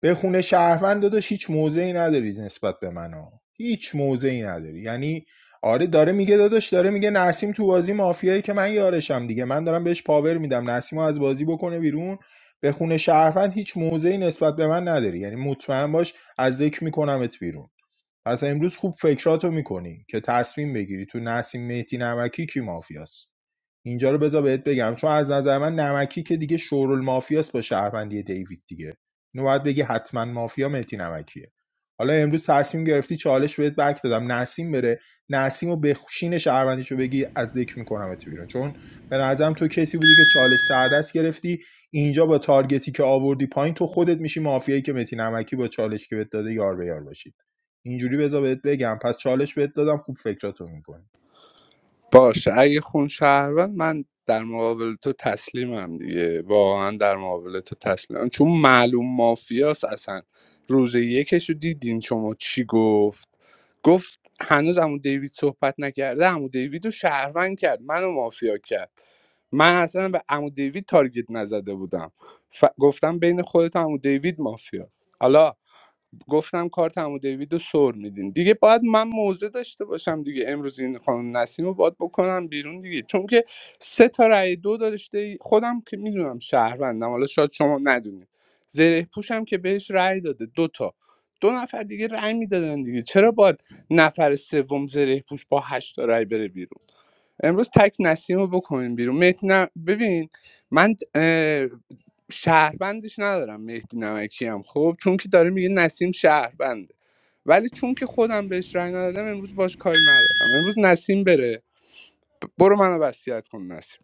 Speaker 9: به خونه شهروند داداش هیچ موضعی نداری نسبت به من ها. هیچ موضعی نداری یعنی آره داره میگه داداش داره میگه نسیم تو بازی مافیایی که من یارشم دیگه من دارم بهش پاور میدم نسیمو از بازی بکنه بیرون به خونه شهروند هیچ موضعی نسبت به من نداری یعنی مطمئن باش از ذکر میکنمت بیرون پس امروز خوب فکراتو میکنی که تصمیم بگیری تو نسیم مهدی نمکی کی مافیاست اینجا رو بذار بهت بگم چون از نظر من نمکی که دیگه شورال مافیاست با شهروندی دیوید دیگه اینو باید بگی حتما مافیا مهدی نمکیه حالا امروز تصمیم گرفتی چالش بهت بک دادم نسیم بره نسیم و بخشین شهروندیشو بگی از دک میکنم تو بیرون چون به نظرم تو کسی بودی که چالش سردست گرفتی اینجا با تارگتی که آوردی پایین تو خودت میشی مافیایی که متی نمکی با چالش که بهت داده یار به یار باشید اینجوری بذار بهت بگم پس چالش بهت دادم خوب فکراتو میکنی
Speaker 1: باشه اگه خون شهروند من در مقابل تو تسلیمم دیگه واقعا در مقابل تو تسلیمم چون معلوم مافیاس اصلا روز یکش رو دیدین شما چی گفت گفت هنوز عمو دیوید صحبت نکرده عمو دیوید رو شهروند کرد منو مافیا کرد من اصلا به عمو دیوید تارگت نزده بودم ف... گفتم بین خودت و عمو دیوید مافیاست حالا گفتم کارت عمو دیوید رو سر میدین دیگه باید من موزه داشته باشم دیگه امروز این خانم نسیم رو باید بکنم بیرون دیگه چون که سه تا رأی دو داشته خودم که میدونم شهروندم حالا شاید شما ندونید زره پوشم که بهش رأی داده دو تا دو نفر دیگه رأی میدادن دیگه چرا باید نفر سوم زره پوش با هشت تا رأی بره بیرون امروز تک نسیم رو بکنیم بیرون مهدی نم... ببین من اه، شهروندش ندارم مهدی نمکی هم خب چون که داره میگه نسیم شهربنده ولی چون که خودم بهش رأی ندادم امروز باش کاری ندارم امروز نسیم بره برو منو وصیت کن نسیم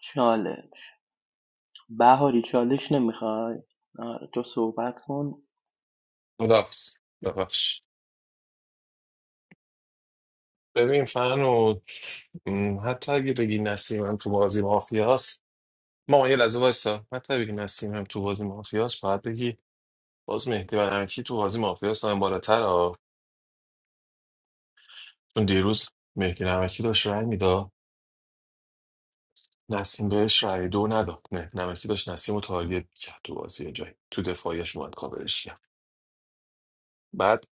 Speaker 13: چالش بهاری چالش نمیخوای آره تو صحبت کن
Speaker 4: خدافظ ببخش ببین فن و م، حتی اگه بگی نسیم هم تو بازی مافیاست ما یه لحظه وایسا حتی اگه بگی نسیم هم تو بازی مافیاست باید بگی باز مهدی و نمکی تو بازی مافیا سایم بالاتر ها چون دیروز مهدی نمکی داشت رأی میداد نسیم بهش رای دو نداد نه نمکی داشت نسیم رو تارگت کرد تو بازی یه جایی تو دفاعیش اومد کاورش کرد بعد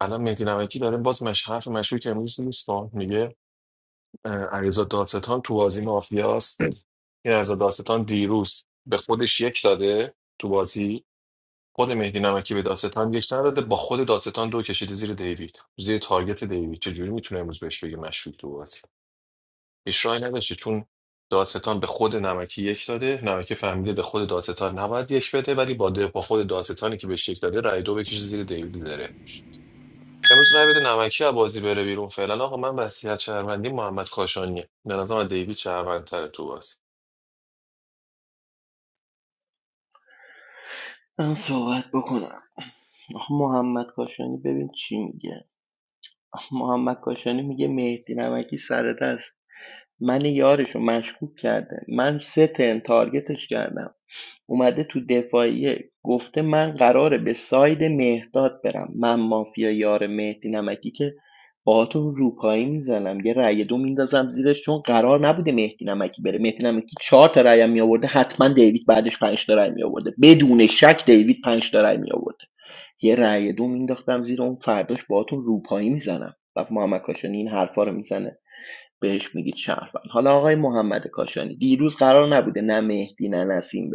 Speaker 4: الان مهدی نمکی داره باز مش حرف مشهور که امروز نیست میگه اه، علیرضا دادستان تو بازی مافیاست این علیرضا دادستان دیروز به خودش یک داده تو بازی خود مهدی نمکی به دادستان یک نداده با خود دادستان دو کشیده زیر دیوید زیر تارگت دیوید چجوری میتونه امروز بهش بگه مشکوک تو بازی هیچ راهی نداشته چون دادستان به خود نمکی یک داده نمکی فهمیده به خود دادستان نباید یک بده ولی با, ده- با خود دادستانی که بهش یک داده رای دو بکشه زیر دیویدی داره امروز رای بده نمکی از بازی بره بیرون فعلا آقا من وصیت شهروندی محمد کاشانیه به نظرم دیوید شهروندتر تو بازی
Speaker 13: من صحبت بکنم آخه محمد کاشانی ببین چی میگه آخه محمد کاشانی میگه مهدی نمکی سر دست من یارشو مشکوک کرده من سه ترن تارگتش کردم اومده تو دفاعیه گفته من قراره به ساید مهداد برم من مافیا یار مهدی نمکی که باهاتون روپایی میزنم یه رأی دو میندازم زیرش چون قرار نبوده مهدی نمکی بره مهدی نمکی چهار تا رأی هم میآورده حتما دیوید بعدش پنج تا رأی میآورده بدون شک دیوید پنج تا رأی میآورده یه رأی دو مینداختم زیر اون فرداش باهاتون روپایی میزنم و محمد کاشانی این حرفا رو میزنه بهش میگید شهروند حالا آقای محمد کاشانی دیروز قرار نبوده نه مهدی نه نسیم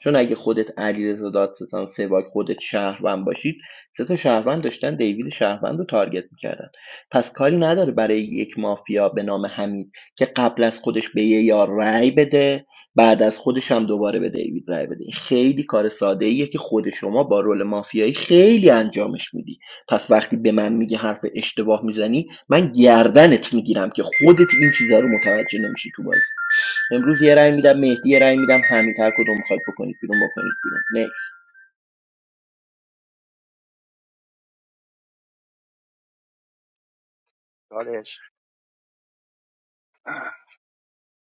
Speaker 13: چون اگه خودت علیرضا دادستان سواگ خودت شهروند باشید سه تا شهروند داشتن دیوید شهروند رو تارگت میکردن پس کاری نداره برای یک مافیا به نام حمید که قبل از خودش به یه یار رأی بده بعد از خودش هم دوباره به دیوید رای بده خیلی کار ساده ایه که خود شما با رول مافیایی خیلی انجامش میدی پس وقتی به من میگه حرف اشتباه میزنی من گردنت میگیرم که خودت این چیزا رو متوجه نمیشی تو بازی امروز یه رأی میدم مهدی یه رأی میدم همین هر کدوم میخواید بکنید بیرون بکنید بیرون نکس
Speaker 2: کارش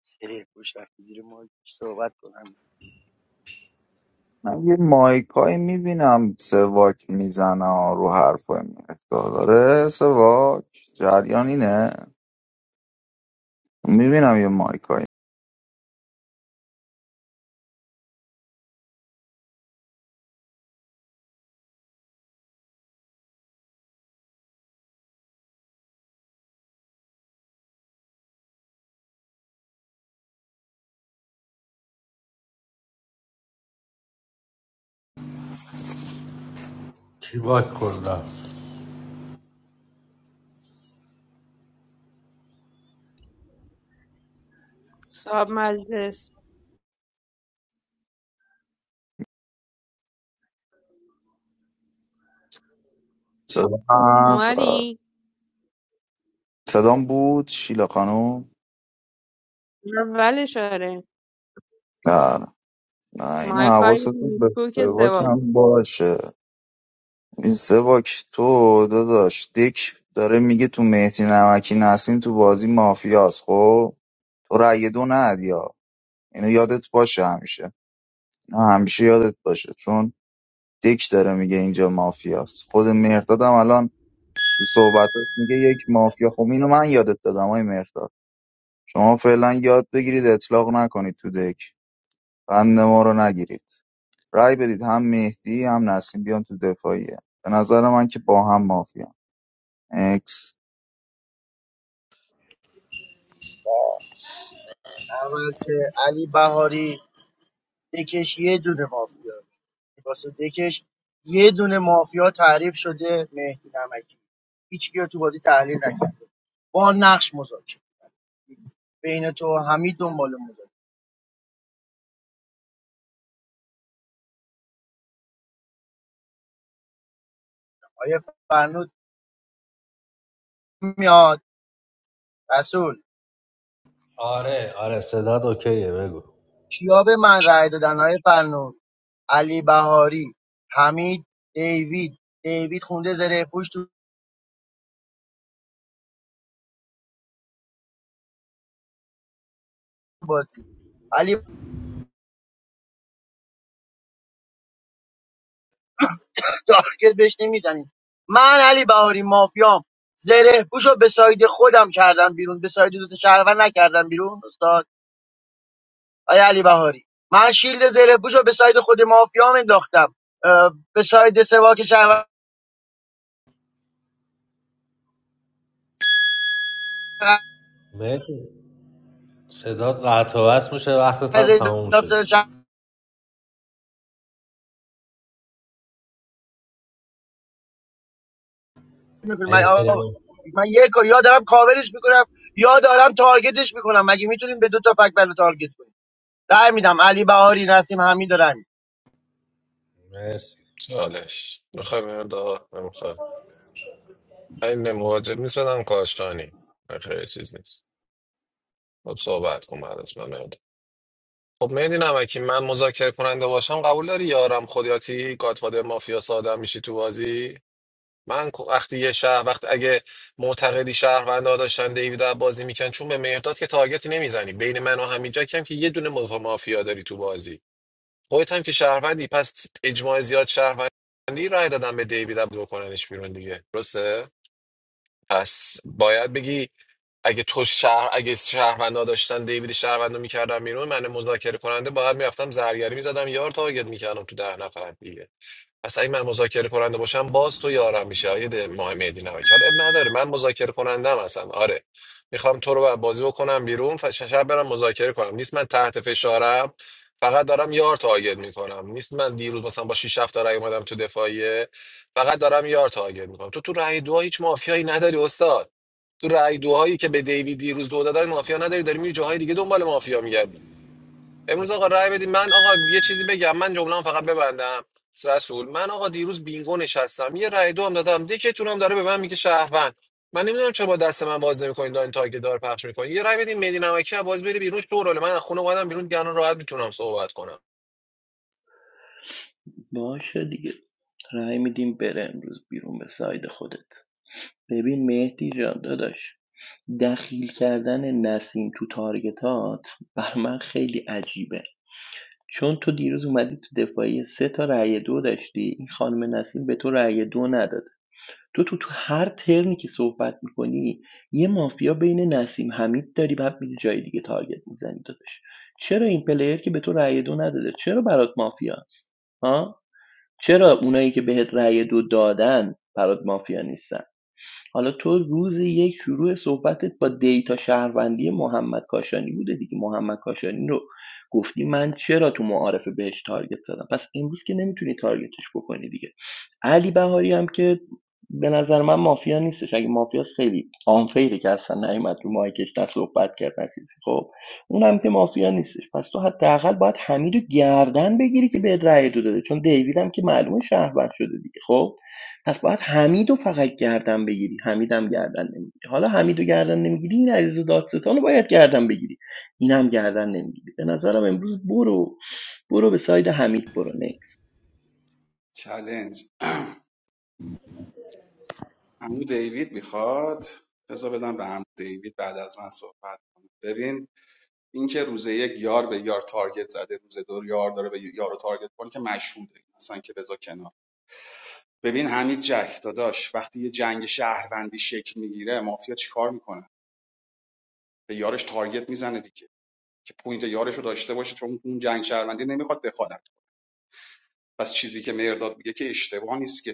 Speaker 2: سری پشت رفتی زیر مایکش صحبت کنم
Speaker 3: من یه مایکایی میبینم سواک میزنه رو حرفای مهداد داره سواک جریان اینه میبینم یه مایکایی
Speaker 14: صاحب مجلس
Speaker 3: صدا هست آه.
Speaker 14: اومدی؟
Speaker 3: صدام بود شیلا خانوم
Speaker 14: اولش آره
Speaker 3: نه نه این
Speaker 14: مایکای
Speaker 3: حواستون به
Speaker 14: میسکوک
Speaker 3: سواک
Speaker 14: سوم
Speaker 3: هم باشه این سواک تو داداش دیک داره میگه تو مهدی نمکی نسیم تو بازی مافیاست خب تو رأی دو ندی ها. اینو یادت باشه همیشه اینو همیشه یادت باشه چون دک داره میگه اینجا مافیاست خود مهردادم الان تو صحبتات میگه یک مافیا خب اینو من یادت دادم های مهرداد شما فعلا یاد بگیرید اطلاق نکنید تو دک بند ما رو نگیرید رای بدید هم مهدی هم نسیم بیان تو دفاعیه به نظر من که با هم مافیا اکس
Speaker 2: اول که علی بهاری دکش یه دونه مافیا واسه دکش یه دونه مافیا تعریف شده مهدی نمکی هیچکی رو تو بازی تحلیل نکرد با نقش مذاکره بین تو و حمید دنبال مذاکره آیه فرنود میاد رسول
Speaker 15: آره آره صدات اوکیه بگو
Speaker 2: کیا به من رأی دادن آیه فرنود علی بهاری حمید دیوید دیوید خونده زره پوش تو بازی علی تارگت بهش نمیزنیم من علی بهاری مافیام زره پوشو به ساید خودم کردم بیرون به ساید دوتا شهروند نکردم بیرون استاد آیا علی بهاری من شیلد زره پوشو به ساید خود مافیام انداختم اه، به ساید سواک شهروند
Speaker 15: مرسی صدات قطع و وصل میشه وقتت هم تموم شده
Speaker 2: میکنم من آقا،
Speaker 15: احترام
Speaker 2: من یک و یا دارم کاورش میکنم یا دارم تارگتش میکنم مگه میتونیم به دو تا فک بلو تارگت کنیم رای میدم علی بهاری نسیم حمید دارم
Speaker 15: مرسی
Speaker 4: چالش میخوای مرداد نمیخوای این مواجب نیست بدم کاشانی خیلی چیز نیست خب صحبت کن بعد از من مهرداد. خب مهدی نمکی من مذاکره کننده باشم قبول داری یارم خودیاتی گاتفادر مافیا ساده میشی تو بازی من کو- وقتی یه شهر وقت اگه معتقدی شهروندها داشتن دیوید رو بازی میکن چون به مهرداد که تارگتی نمیزنی بین من و همینجا کم که یه دونه مف- مافیا داری تو بازی خودت هم که شهروندی پس اجماع زیاد شهروندی رای دادن به دیوید رو بکننش بیرون دیگه درسته پس باید بگی اگه تو شهر اگه شهروندا داشتن دیوید شهروندا میکردن بیرون من مذاکره کننده باید میرفتم زرگری میزدم یار تارگت میکردم تو ده نفر دیگه پس اگه من مذاکره کننده باشم باز تو یارم میشه آیه ده- ماه مهدی نمکی حالا اب نداره من مذاکره کننده هستم آره میخوام تو رو بازی بکنم بیرون ف- شب برم مذاکره کنم نیست من تحت فشارم فقط دارم یار تارگت میکنم نیست من دیروز مثلا با 6 7 رای اومدم تو دفاعیه فقط دارم یار تارگت میکنم تو تو رای دو هیچ مافیایی نداری استاد تو رای دوهایی که به دیوید دیروز دو دادن مافیا نداری داری میری جاهای دیگه دنبال مافیا میگردی امروز آقا رای بدیم من آقا یه چیزی بگم من جمله فقط ببندم رسول من آقا دیروز بینگو نشستم یه رای دو هم دادم دیکتون هم داره به من میگه شهروند من نمیدونم چرا با دست من باز نمیکنین دارین تارگت دار پخش میکنین یه رای بدیم مدی نمکی باز بری بیرون تو رول من از خونه اومدم بیرون دیگه الان راحت میتونم صحبت کنم
Speaker 13: باشه دیگه رأی میدیم بره امروز بیرون به ساید خودت ببین مهدی جان داداش دخیل کردن نسیم تو تارگتات بر من خیلی عجیبه چون تو دیروز اومدی تو دفاعی سه تا رأی دو داشتی این خانم نسیم به تو رأی دو نداد تو تو تو هر ترمی که صحبت میکنی یه مافیا بین نسیم حمید داری بعد میری جای دیگه تارگت می‌زنی داداش چرا این پلیر که به تو رأی دو نداده چرا برات مافیاست ها چرا اونایی که بهت رأی دو دادن برات مافیا نیستن حالا تو روز یک شروع صحبتت با دیتا شهروندی محمد کاشانی بوده دیگه محمد کاشانی رو گفتی من چرا تو معارفه بهش تارگت زدم پس امروز که نمیتونی تارگتش بکنی دیگه علی بهاری هم که به نظر من مافیا نیستش اگه مافیاست خیلی آنفیره که اصلا نیومد رو مایکش نه صحبت کرد نه چیزی خب اونم که مافیا نیستش پس تو حداقل باید حمید رو گردن بگیری که به رأی دو داده چون دیوید هم که معلومه شهروند شده دیگه خب پس باید حمیدو فقط گردن بگیری حمیدم گردن نمیگیری حالا حمیدو گردن نمیگیری این علیرضا دادستان باید گردن بگیری اینم گردن نمیگیری به نظرم امروز برو برو به ساید حمید برو نکس
Speaker 6: چلنج عمو دیوید میخواد بذار بدم به عمو دیوید بعد از من صحبت کنه ببین اینکه روز یک یار به یار تارگت زده روز دو یار داره به یارو تارگت کنه که مشهوده اصلا که بذار کنار ببین حمید جک داداش وقتی یه جنگ شهروندی شکل میگیره مافیا چیکار میکنه به یارش تارگت میزنه دیگه که پوینت یارش رو داشته باشه چون اون جنگ شهروندی نمیخواد دخالت کنه. پس چیزی که مرداد میگه که اشتباه نیست که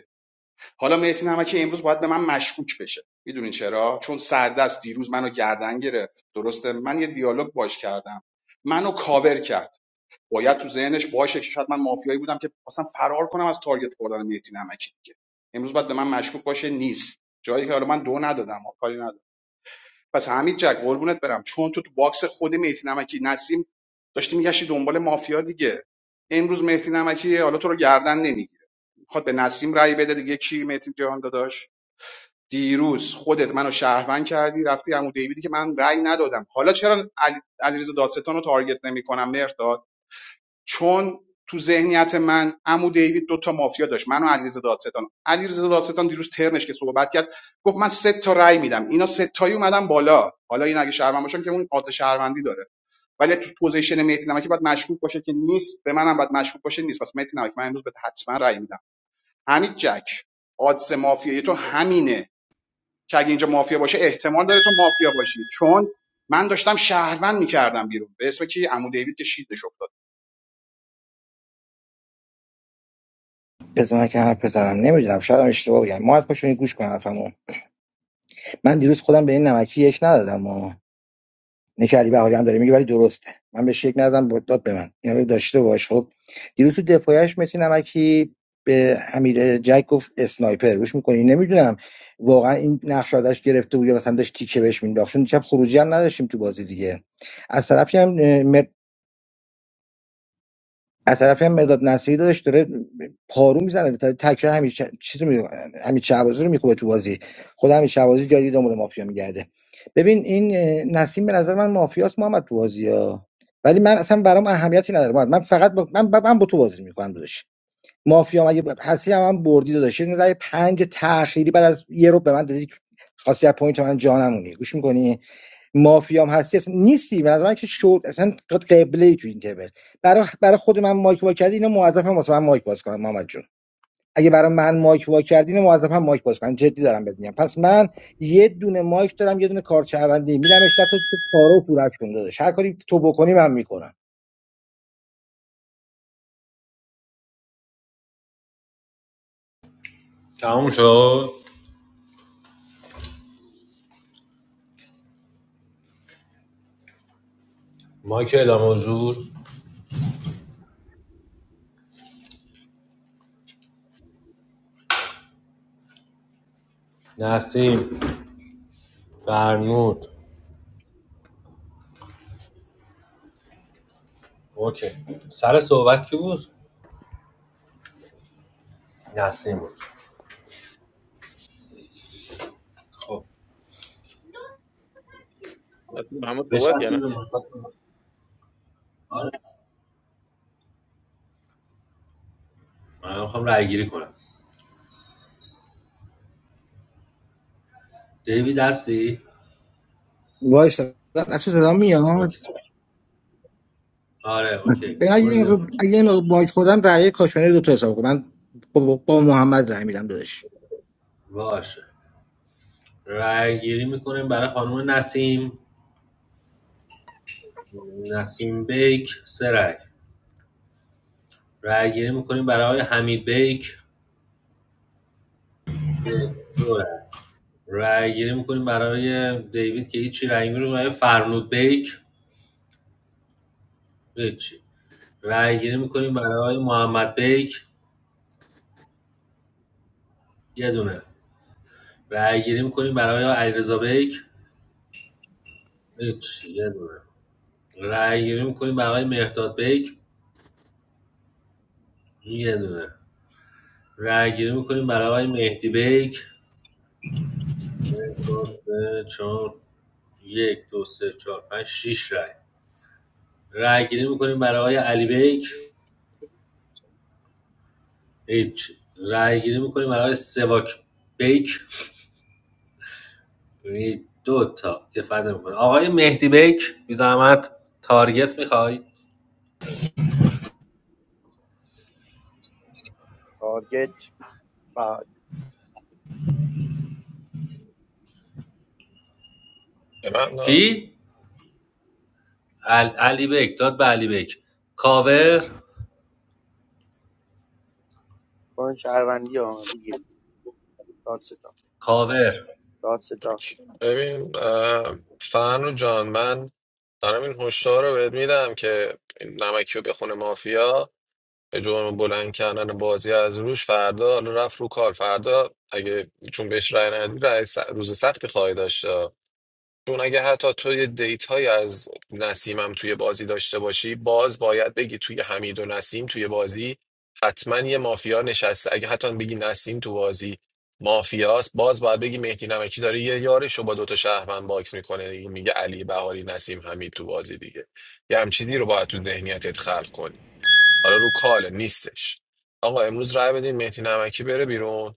Speaker 6: حالا مهدی نمکی امروز باید به من مشکوک بشه میدونین چرا چون سردست دیروز منو گردن گرفت درسته من یه دیالوگ باش کردم منو کاور کرد باید تو ذهنش باشه که شاید من مافیایی بودم که اصلا فرار کنم از تارگت خوردن مهدی نمکی دیگه امروز باید به من مشکوک باشه نیست جایی که حالا من دو ندادم کاری ندادم پس حمید جک قربونت برم چون تو تو باکس خود مهدی نمکی نسیم داشتی میگشتی دنبال مافیا دیگه امروز مهدی نمکی حالا تو رو گردن نمیگیره میخواد به نسیم رأی بده دیگه کی مهدی جهان داداش دیروز خودت منو شهروند کردی رفتی عمو دیویدی که من رأی ندادم حالا چرا علیرضا دادستان رو تارگت نمیکنم مرداد چون تو ذهنیت من عمو دیوید دو مافیا داشت منو علیرضا دادستان علیرضا دادستان دیروز ترنش که صحبت کرد گفت من سه تا رأی میدم اینا سه تایی اومدن بالا حالا این اگه شهروند باشن که اون قاطع شهروندی داره ولی تو پوزیشن مهدی نمکی باید مشکوک باشه که نیست به منم باید مشکوک باشه نیست پس مهدی نمکی من امروز به حتما رأی میدم حمید جک آدس مافیایی تو همینه که اگه اینجا مافیا باشه احتمال داره تو مافیا باشی چون من داشتم شهروند میکردم بیرون به اسم کی عمو دیوید که شیدش افتاد
Speaker 12: بذار که حرف بزنم نمیدونم شاید هم اشتباه بگم مات کاشانی گوش کن حرفمو من دیروز خودم به این نمکی یک ندادم آقا. اینه که علی بهاری هم داره میگه ولی درسته من بهش شک ندادم با- داد به من اینا رو داشته باش خب دیروز تو دفاعش متین نمکی به حمید جک گفت اسنایپر روش میکنی نمیدونم واقعا این نقش رو ازش گرفته بود یا مثلا داشت تیکه بهش مینداخت چون دیشب خروجی هم نداشتیم تو بازی دیگه از طرفی هم از طرفی هم مداد نصیری داداش داره پارو میزنه تکه همین چ- چیز می همین شعبازی رو میکوبه تو بازی خود همین شعبازی جایی دنبال مافیا میگرده ببین این اه، نسیم به نظر من مافیاست محمد تو بازی ها ولی من اصلا برام اهمیتی نداره محمد. من فقط با... من, من با تو بازی میکنم داداش مافیا مگه ب- هستی هم, هم بردی داداش این رای پنج تأخیری بعد از یه رو به من دادی خواستی از پوینت من جانمونی گوش میکنی مافیام هستی اصلا نیستی به نظر من که شد اصلا قبله ای تو این تیبل برای برای خود من مایک وا کردی اینو موظفم واسه من مایک باز کنم محمد جون اگه برای من مایک وا کردی اینو موظفم مایک باز کنم جدی دارم بهت میگم پس من یه دونه مایک دارم یه دونه کارت شهروندی میرم اشتت تو پاره و پورش کن داداش هر کاری تو بکنی من میکنم
Speaker 15: تموم شد ما که اعلام حضور نسیم فرنود اوکی سر صحبت کی بود نسیم بود خب
Speaker 11: نسیم همه صحبت یا
Speaker 15: بچسبید
Speaker 11: نه؟
Speaker 15: به مثبت من. آره من میخوام رای گیری کنم دیوید هستی
Speaker 12: وایس اصلا صدا میاد
Speaker 15: اوکی آره اوکی
Speaker 12: به اگه
Speaker 15: برو
Speaker 12: یه
Speaker 15: زیر
Speaker 12: مقدار- اگه
Speaker 15: اون.
Speaker 12: یه مقدار مایک خودم رأی کاشانه رو تو حساب کنم من با, با با محمد رأی میدم داداش
Speaker 15: باشه رای گیری میکنیم برای خانم نسیم نسیم بیک سرک رأی‌گیری می‌کنیم برای حمید بیک دو رأی رأی‌گیری می‌کنیم برای دیوید که هیچی رأی می‌کنیم برای فرنود بیک هیچی رأی‌گیری می‌کنیم برای محمد بیک یه دونه رأی‌گیری می‌کنیم برای علیرضا بیک هیچی یه دونه رأی‌گیری می‌کنیم برای مهرداد بیک یه دونه رأی‌گیری می‌کنیم برای مهدی بیک چهار یک دو سه چهار پنج شیش رای رأی‌گیری می‌کنیم برای علی بیک هیچ رأی گیری می‌کنیم برای سواک بیک یعنی دو تا دفاع نمی‌کنه آقای مهدی بیک بی زحمت تارگت میخوای
Speaker 2: تارگت بعد
Speaker 4: به من آه.
Speaker 15: کی عل... علی بیک داد به علی بیک کاور
Speaker 2: کن شهروندی ها بگیر
Speaker 15: کاور
Speaker 2: داد ستان
Speaker 4: ببین اه، فنو جان من دارم این هشدار رو بهت میدم که این نمکی رو بخونه مافیا جرم بلند کردن بازی از روش فردا حالا رفت رو کار فردا اگه چون بهش رأی ندی رای س- روز سختی خواهی داشت چون اگه حتی تو یه دیت های از نسیمم توی بازی داشته باشی باز باید بگی توی حمید و نسیم توی بازی حتما یه مافیا نشسته اگه حتی بگی نسیم تو بازی مافیاست باز باید بگی مهدی نمکی داره یه یارش رو با دوتا شهروند باکس میکنه میگه علی بهاری نسیم حمید تو بازی دیگه یه همچین چیزی رو باید تو ذهنیتت خلق کنی حالا رو کاله نیستش آقا امروز رای بدین مهدی نمکی بره بیرون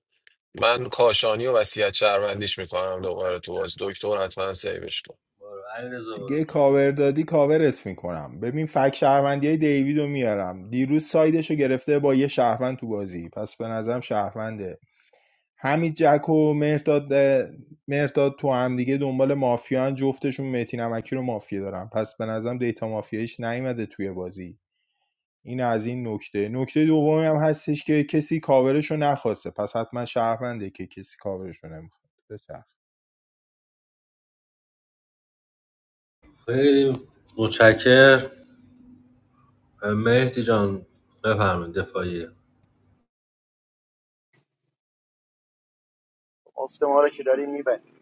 Speaker 4: من کاشانی و وصیت شهروندیش میکنم دوباره تو باز دکتر حتما سیوش کن
Speaker 15: برو علی برو
Speaker 9: دیگه کاور دادی کاورت میکنم ببین فک شهروندی های دیوید میارم دیروز سایدش رو گرفته با یه شهروند تو بازی پس به نظرم شهرونده همین جک و مرداد مرداد تو هم دیگه دنبال مافیان جفتشون متی نمکی رو مافیا دارم پس به نظرم دیتا مافیایش نیومده توی بازی این از این نکته نکته دومی هم هستش که کسی کاورش نخواسته پس حتما شهرونده که کسی کاورش رو نمیخواد بچرخ.
Speaker 15: خیلی متشکر مهدی جان بفرمایید دفاعیه
Speaker 2: افت ما رو که داریم میبریم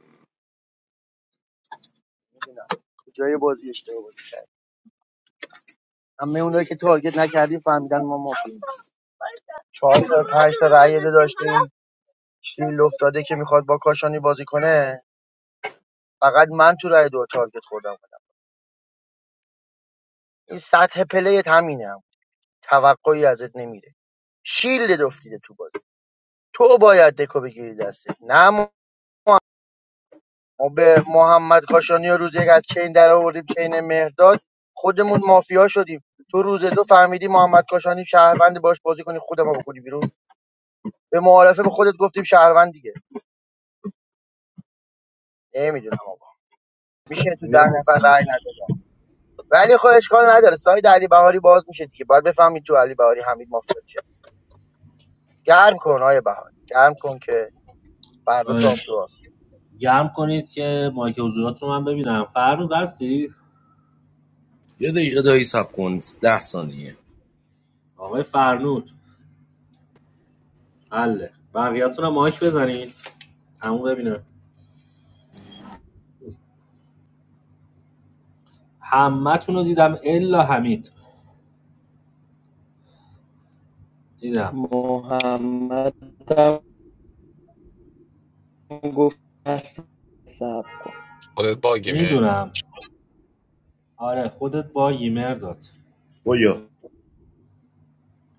Speaker 2: میدونم کجای بازی اشتباه بازی کرد همه اونایی که تارگت نکردیم فهمیدن ما مافیم چهار تا پنج تا رأی دو داشتیم این افتاده که میخواد با کاشانی بازی کنه فقط من تو رأی دو تارگت خوردم این سطح پلیت همینه هم. توقعی ازت نمیره شیلد افتیده تو بازی تو باید دکو بگیری دستت نه ما به محمد کاشانی رو روز یک از چین در آوردیم چین مهرداد خودمون مافیا شدیم تو روز دو فهمیدی محمد کاشانی شهروند باش بازی کنی خود ما بکنی بیرون به معارفه به خودت گفتیم شهروند دیگه نمیدونم آقا میشه تو ده نفر
Speaker 15: مرسی
Speaker 2: رأی نداد ولی خب اشکال نداره ساید علی بهاری باز میشه دیگه باید بفهمید تو علی بهاری حمید مافیا چیست گرم کن آیه بهاری گرم کن که فردا تو
Speaker 15: آره
Speaker 2: آسوهاست
Speaker 15: گرم کنید که مایک حضورات رو من ببینم فرنود هستی
Speaker 8: ده ثانیه
Speaker 15: آقای فرنود حله بقیه‌تون هم مایک بزنین همون ببینه همتون رو دیدم الا حمید دیدم
Speaker 13: محمد گفت سب کن
Speaker 4: خودت باگی می
Speaker 15: میدونم آره خودت با ییمر داد
Speaker 8: بیا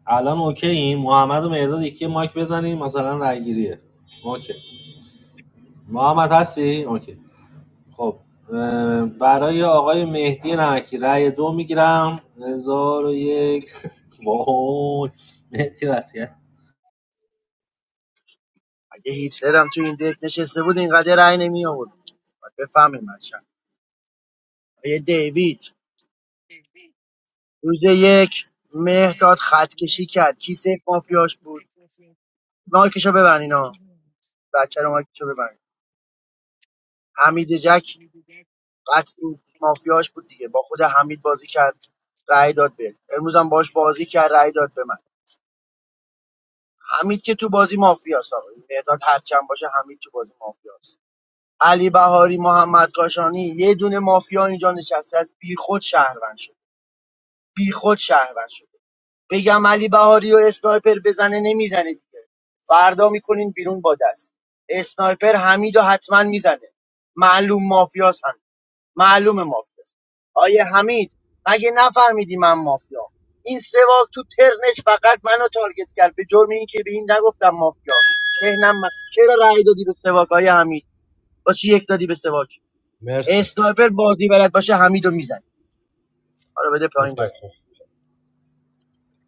Speaker 15: الان اوکی این محمد و مرداد یکی مایک بزنیم مثلا رای گیریه اوکی محمد هستی اوکی خب برای آقای مهدی نمکی رای دو میگیرم هزار و یک وای مهدی وسیعت
Speaker 2: اگه هیتلر هم تو این دک نشسته بود اینقدر رأی نمی آورد باید بفهمیم هرچند. آیه دیوید روز یک مهداد خط کشی کرد کی سیف مافیاش بود مایکشو ببن اینا بچه رو مایکشو ببن حمید جک قطعی مافیاش بود دیگه با خود حمید بازی کرد رأی داد به امروز هم باش بازی کرد رأی داد به من حمید که تو بازی مافیاست آقا مهداد هرچند باشه حمید تو بازی مافیاست علی بهاری محمد کاشانی یه دونه مافیا اینجا نشسته از بیخود شهروند شد بیخود شهروند شد بگم علی بهاری و اسنایپر بزنه نمیزنه دیگه فردا میکنین بیرون با دست اسنایپر حمید و حتما میزنه معلوم مافیاس هم معلوم مافیاس آیه حمید مگه نفهمیدی من مافیا این سوال تو ترنش فقط منو تارگت کرد به جرم اینکه به این نگفتم مافیا ذهنم من چرا رأی دادی به سواک آیه حمید با چی یک دادی به سواک
Speaker 15: مرسی
Speaker 2: اسنایپر بازی بلد باشه حمیدو میزنه حالا بده پایین بره
Speaker 15: متشکرم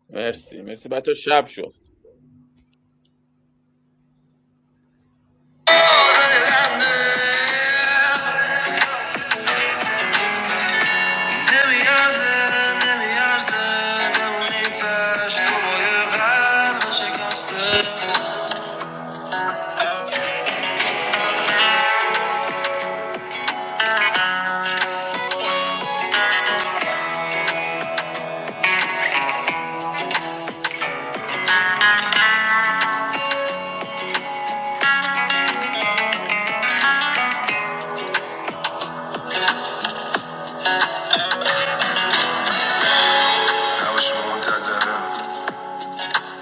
Speaker 11: مرسی مرسی بچه شب شد
Speaker 15: نمیارزه نمیارزه بمونی تش تو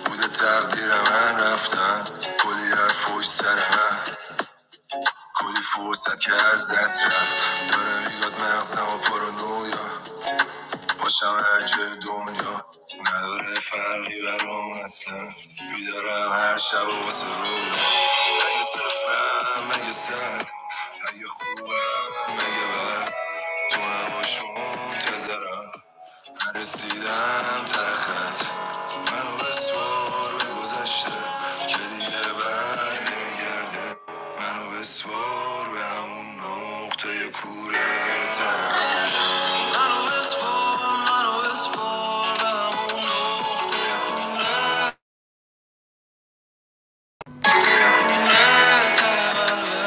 Speaker 15: بوده تقدیر من رفتن کلی هر فوش سر کلی فرصت که از دست رفت داره میگاد مغزم و پرانویا باشم هرجای دنیا نداره فرقی برام اصلا بیدارم هر شب و واسه رویا اگه صفرم اگه سر اگه خوبم اگه بد تو نباش منتظرم نرسیدم ته خط منو بسوار به گذشته که دیگه بر نمیگرده منو بسوار به همون نقطه کوره ته منو بسپر منو بسپر به همون نقطه کنه ته قلبه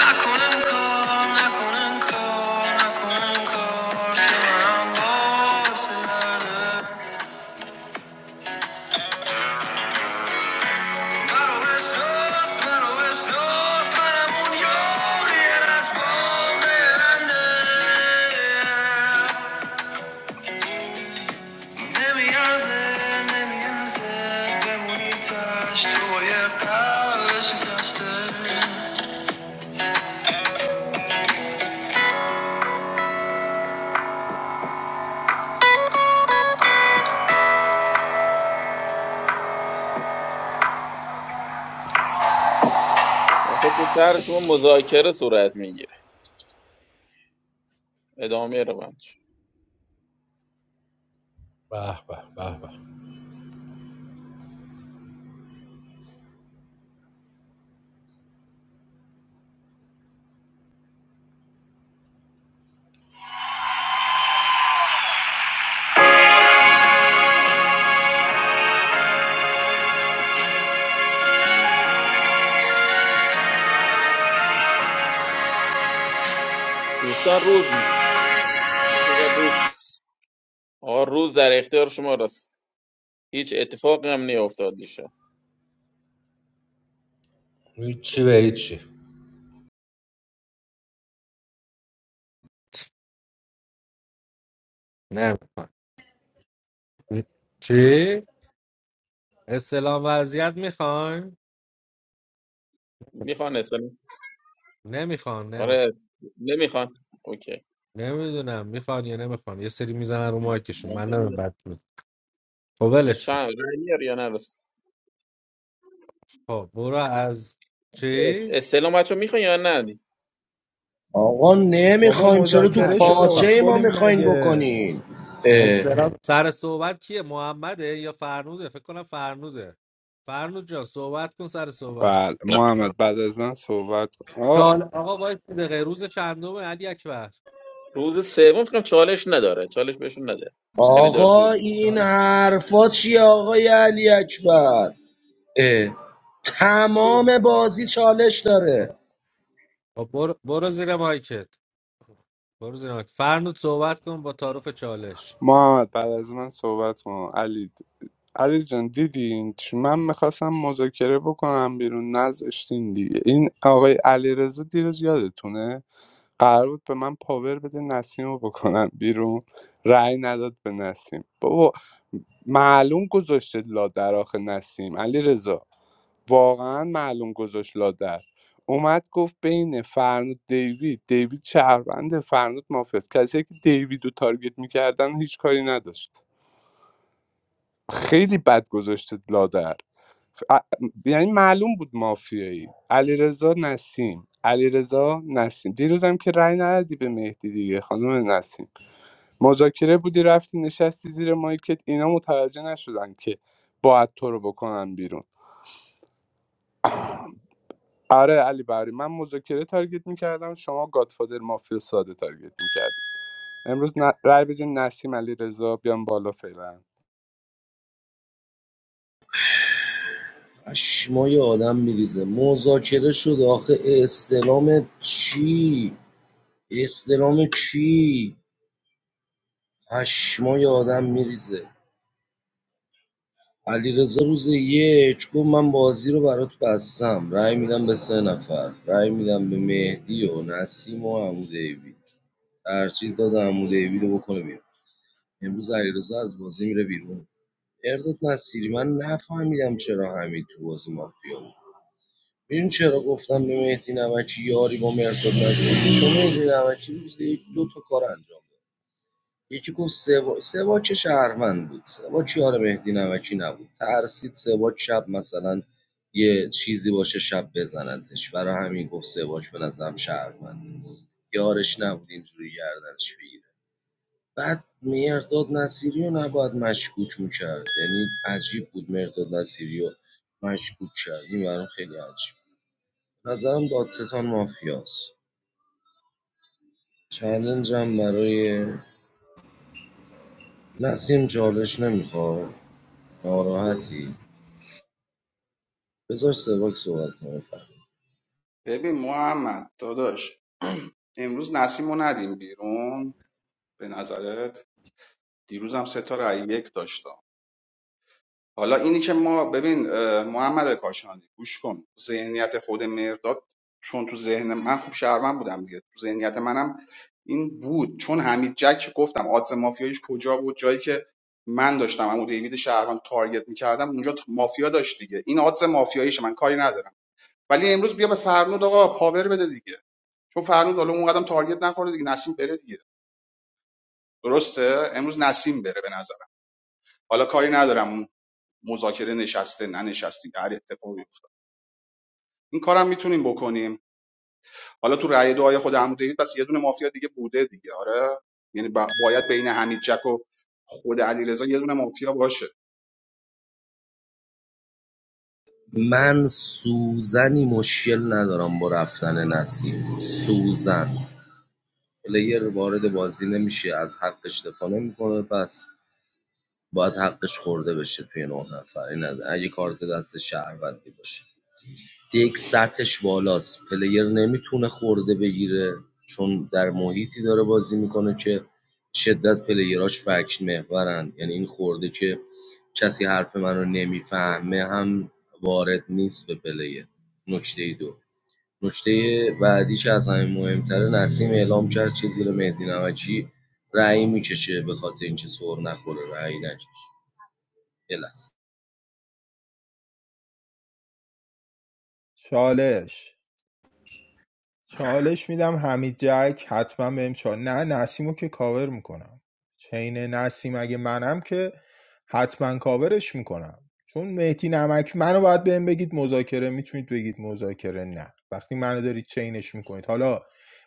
Speaker 15: نکن انکار نکن انکار نکن انکار که منم باعث درده برو بشناس برو بشناس منم اون یاری نشباز هلنده نمیارزه نمیارزه بمونی تشت تو با یه قلب شکسته
Speaker 11: بچه تو شهر شما مذاکره صورت میگیره ادامه رو بند شد
Speaker 15: به به به به
Speaker 11: دوستان روز می- آقا روز در اختیار شما رسول هیچ اتفاقی هم نیفتاد دیشب
Speaker 15: هیچی به هیچی نمیخوان چی؟ اصطلاح وضعیت میخوان؟
Speaker 11: میخوان اسلام
Speaker 15: نمیخوان نمی...
Speaker 11: آره نمیخوان اوکی
Speaker 15: نمیدونم میخوان یا نمیخوان یه سری میزنن رو مایکشون
Speaker 11: من
Speaker 15: من نمیم
Speaker 11: نمی‌دونم.
Speaker 15: بد بود خب ولش
Speaker 11: چند رای میاری یا نه رسول؟
Speaker 15: خب برو از چی؟
Speaker 11: اس- استعلام بچه میخوان یا نه
Speaker 8: آقا
Speaker 9: بابا
Speaker 8: نمیخوایم چرا تو
Speaker 15: نه
Speaker 9: مذاکره شده
Speaker 15: نمیخوان
Speaker 8: پاچه ما
Speaker 9: اسکلیم
Speaker 8: میخواین
Speaker 9: مگه
Speaker 8: بکنین اه.
Speaker 15: اصطلاح سر صحبت کیه محمده یا فرنوده فکر کنم فرنوده فرنود جان صحبت کن سر صحبت
Speaker 1: بله
Speaker 4: نه،
Speaker 1: محمد بعد از من صحبت کن آه،
Speaker 15: چال آقا وای دقیقه روز چندمه علی اکبر
Speaker 11: روز سوم فکر کنم چالش نداره چالش بهشون نده خیلی داره طول
Speaker 8: آقا
Speaker 11: میگه
Speaker 8: این
Speaker 15: چال
Speaker 8: حرفا چیه آقای علی اکبر اه. تمام بازی چالش داره
Speaker 15: خب برو, برو زیر مایکت برو زیر مایک. فرنود صحبت کن با تعارف چالش
Speaker 1: محمد بعد از من صحبت کن علی علی جان دیدین چ- من میخواستم مذاکره بکنم بیرون نذاشتین دیگه این آقای علیرضا دیروز یادتونه قرار بود به من پاور بده نسیم رو بکنم بیرون رأی نداد به نسیم بابا معلوم گذاشته لادر آخه نسیم علی رضا واقعا معلوم گذاشت لادر اومد گفت بین فرنود دیوید دیوید شهروند فرنود مافز کسی که دیوید رو تارگت میکردن هیچ کاری نداشت خیلی بد گذاشته لادر ا- یعنی معلوم بود مافیایی علیرضا نسیم علیرضا نسیم دیروزم که رأی ندادی به مهدی دیگه خانم نسیم مذاکره بودی رفتی نشستی زیر مایکت اینا متوجه نشدن که باید تو رو بکنن بیرون آره علی بری من مذاکره تارگت میکردم شما گادفادر مافیا ساده تارگت میکردی امروز ن... رأی بدین نسیم علیرضا بیام بالا فعلا
Speaker 8: پشمای آدم میریزه مذاکره شد آخه استلام چی استلام کی پشمای آدم میریزه علیرضا روز یک گفت من بازی رو برات بستم رأی میدم به سه نفر رأی میدم به مهدی و نسیم و عمو دیوید هرچی داد عمو دیوید رو بکنه بیرون امروز علیرضا از بازی میره بیرون ارداد نصیری من نفهمیدم چرا حمید تو بازی مافیا بود میدون چرا گفتم به مهدی نمکی یاری با مرداد نصیری چون مهدی نمکی روز یک دو تا کار انجام داد یکی گفت سوا سوا چه شهروند بود سوا یار مهدی نمکی نبود ترسید سوا شب مثلا یه چیزی باشه شب بزنندش برای همین گفت سواج به نظرم شهروند یارش نبود اینجوری گردنش بگیره بعد مهرداد نصیری رو نباید مشکوک میکرد یعنی عجیب بود مهرداد نصیری رو مشکوک کرد این برام خیلی عجیب بود نظرم دادستان مافیاست چلنجم برای نسیم چالش نمیخواد ناراحتی بذار سواک صحبت کنه فردا.
Speaker 6: ببین محمد داداش امروز نسیمو ندیم بیرون به نظرت دیروزم سه تا رای یک داشت حالا اینی که ما ببین اه، محمد کاشانی گوش کن ذهنیت خود مرداد چون تو ذهن من خوب شهرمن بودم دیگه تو ذهنیت منم این بود چون حمید جک گفتم آدز مافیایش کجا بود جایی که من داشتم عمو دیوید شهرمن تارگت میکردم اونجا مافیا داشت دیگه این آدز مافیاییش من کاری ندارم ولی امروز بیا به فرنود آقا پاور بده دیگه چون فرنود حالا اون قدم تارگت نخوره دیگه نسیم بره دیگه درسته امروز نسیم بره به نظرم حالا کاری ندارم اون مذاکره نشسته ننشسته هر اتفاقی این کارم میتونیم بکنیم حالا تو رأی دعای خود عمو دیوید پس یه دونه مافیا دیگه بوده دیگه آره یعنی با- باید بین حمید جک و خود علیرضا یه دونه مافیا باشه
Speaker 8: من سوزنی مشکل ندارم با رفتن نسیم سوزن پلیر وارد بازی نمیشه از حقش دفاع نمیکنه پس باید حقش خورده بشه توی نه نفر این از اگه کارت دست شهروندی باشه دک سطحش بالاست پلیر نمیتونه خورده بگیره چون در محیطی داره بازی میکنه که شدت پلیراش فکت محورن یعنی این خورده که کسی حرف من رو نمیفهمه هم وارد نیست به پلیر نکته دو نکته بعدی که از همه مهمتره نسیم اعلام کرد که زیر مهدی نمکی رأی میکشه به خاطر اینکه سر نخوره رأی نکشه یه لحظه.
Speaker 9: چالش چالش میدم حمید جک حتما بهم چال نه نسیمو که کاور میکنم چین نسیم اگه منم که حتما کاورش میکنم چون مهدی نمک منو باید بهم بگید مذاکره میتونید بگید مذاکره نه وقتی منو دارید چینش میکنید حالا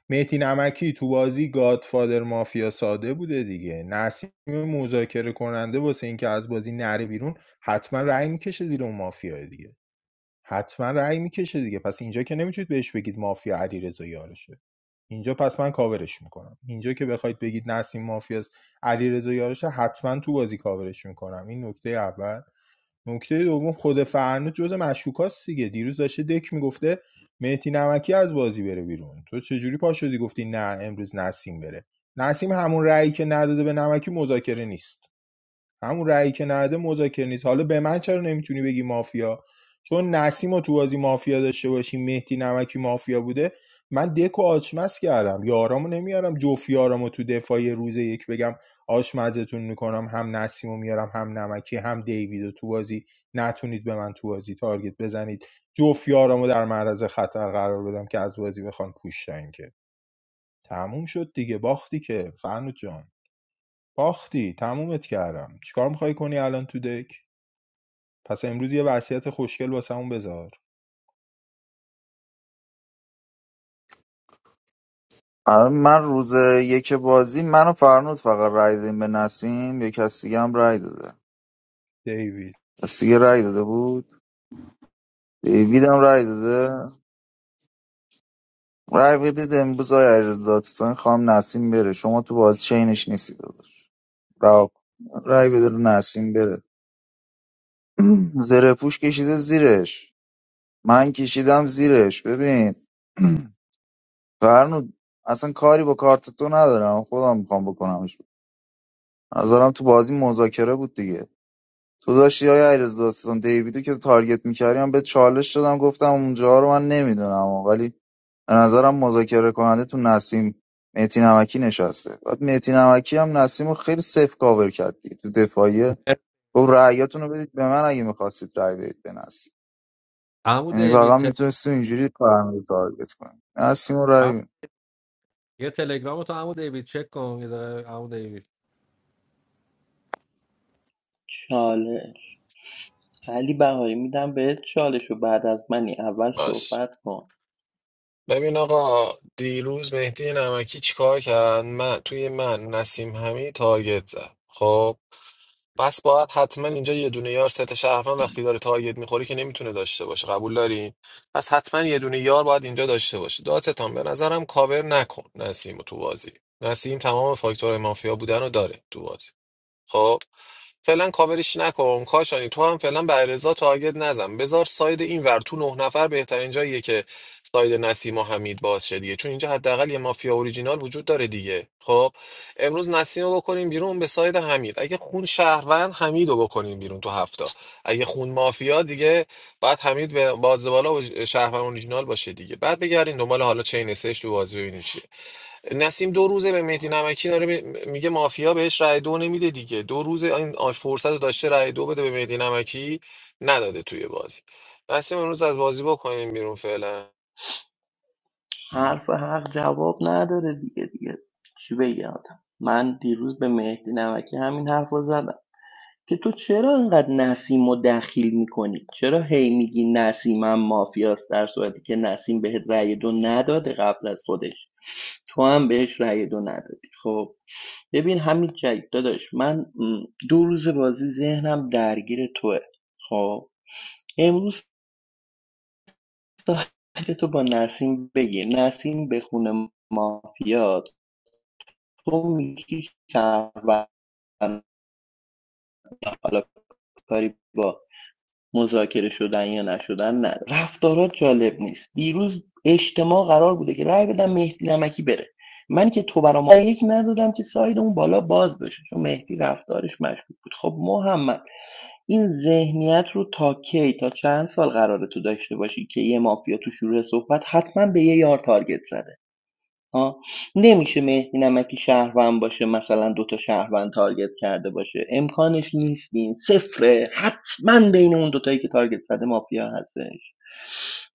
Speaker 9: مهدی نمکی تو بازی گادفادر مافیا ساده بوده دیگه نسیم مذاکره کننده واسه اینکه از بازی نره بیرون حتما رأی میکشه زیر اون مافیا دیگه حتما رأی میکشه دیگه پس اینجا که نمیتونید بهش بگید مافیا علیرضا یارشه اینجا پس من کاورش میکنم اینجا که بخواید بگید نسیم مافیاست علیرضا یارشه حتما تو بازی کاورش میکنم این نکته اول نکته دوم خود فرنود جز مشکوکاست دیگه دیروز داشته دک میگفته مهدی نمکی از بازی بره بیرون تو چجوری پا شدی گفتی نه امروز نسیم بره نسیم همون رأیی که نداده به نمکی مذاکره نیست همون رأیی که نده مذاکره نیست حالا به من چرا نمیتونی بگی مافیا چون نسیم و تو بازی مافیا داشته باشی مهدی نمکی مافیا بوده من دک و آچمز کردم یارامو نمیارم جفت یارامو تو دفاعی روز یک بگم آشمزتون میکنم هم نسیمو میارم هم نمکی هم دیویدو تو بازی نتونید به من تو بازی تارگت بزنید جفت یارامو در معرض خطر قرار بدم که از بازی بخوان پوشتن که تموم شد دیگه باختی که فرنود جان باختی تمومت کردم چیکار میخوای کنی الان تو دک پس امروز یه وصیت خوشگل واسمون بذار
Speaker 3: من روز یک بازی من و فرنود فقط رای دادیم به نسیم یه کسی دیگه هم رای داده
Speaker 9: دیوید
Speaker 3: کسی دیگه رای داده بود دیوید هم رای داده رای بدید امروز آقای علیرضا اکبرسانی خواهم نسیم بره شما تو بازی چینش نیستی داداش رها کن. رای بده رو نسیم بره زره پوش کشیده زیرش من کشیدم زیرش ببین فرنود اصلا کاری با کارت تو ندارم خودم میخوام بکنمش نظرم تو بازی مذاکره بود دیگه تو داشتی های علیرضا اکبرسانی دیویدو که تارگت میکردی من به چالش شدم گفتم اونجا رو من نمیدونم ولی به نظرم مذاکره کننده تو نسیم مهدی نمکی نشسته بعد مهدی نمکی هم نسیم رو خیلی سف کاور کرد دیگه. تو دفاعیه گفت رأیاتون رو بدید به من اگه میخواستید رأی بدید به نسیم
Speaker 15: عمو
Speaker 3: یعنی
Speaker 15: دیوید
Speaker 3: واقعا
Speaker 15: تل...
Speaker 3: میتونست اینجوری فرمی رو تارگت کنی نسیم رو رأی
Speaker 15: عمو-
Speaker 3: بید.
Speaker 15: یه تلگرام تو عمو دیوید چک کن یه دقیقه عمو دیوید
Speaker 13: چاله علی بهاری میدم بهت چالشو بعد از منی اول
Speaker 4: باش
Speaker 13: صحبت کن
Speaker 4: ببین آقا دیروز مهدی نمکی چیکار کرد من توی من نسیم همی تارگت زد خب پس باید حتما اینجا یه دونه یار ست شهروند وقتی داره تارگت میخوری که نمیتونه داشته باشه قبول داری پس حتما یه دونه یار باید اینجا داشته باشه دادستان به نظرم کاور نکن نسیم رو تو بازی نسیم تمام فاکتور مافیا بودن رو داره تو بازی خب فعلا کاورش نکن کاشانی تو هم فعلا به علیرضا تارگت نزن بذار ساید این ور تو نه نفر بهترین جاییه که ساید نسیم و حمید باز شه دیگه چون اینجا حداقل یه مافیا اوریجینال وجود داره دیگه خب امروز نسیم رو بکنیم بیرون به ساید حمید اگه خون شهروند حمید رو بکنیم بیرون تو هفته اگه خون مافیا دیگه بعد حمید به باز بالا و شهروند اوریجینال باشه دیگه بعد بگردین دنبال حالا چین سش تو بازی ببینین چیه نسیم دو روزه به مهدی نمکی داره به- میگه مافیا بهش رأی دو نمیده دیگه دو روز این آ- فرصت رو داشته رأی دو بده به مهدی نمکی نداده توی بازی نسیم امروز از بازی بکنیم بیرون فعلا
Speaker 13: حرف حق جواب نداره دیگه دیگه چی بگم آدم من دیروز به مهدی نمکی همین حرف رو زدم که تو چرا انقدر نسیم رو دخیل میکنی چرا هی میگی نسیم هم مافیاست در صورتی که نسیم بهت رأی دو نداده قبل از خودش تو هم بهش رأی دو ندادی خب ببین همین جایی داداش من دو روز بازی ذهنم درگیر توه خب امروز ساعت تو با نسیم بگیر نسیم به خونه مافیا تو میگی شهروند حالا کاری با مذاکره شدن یا نشدن نه رفتارات جالب نیست دیروز اجتماع قرار بوده که رأی بدم مهدی نمکی بره من که تو برام رأی یک ندادم که ساید اون بالا باز بشه چون مهدی رفتارش مشکوک بود خب محمد این ذهنیت رو تا کی تا چند سال قراره تو داشته باشی که یه مافیا تو شروع صحبت حتما به یه یار تارگت زده آه. نمیشه مهدی نمکی شهروند باشه مثلا دوتا شهروند تارگت کرده باشه امکانش نیست این صفره حتما بین اون دوتایی که تارگت زده مافیا هستش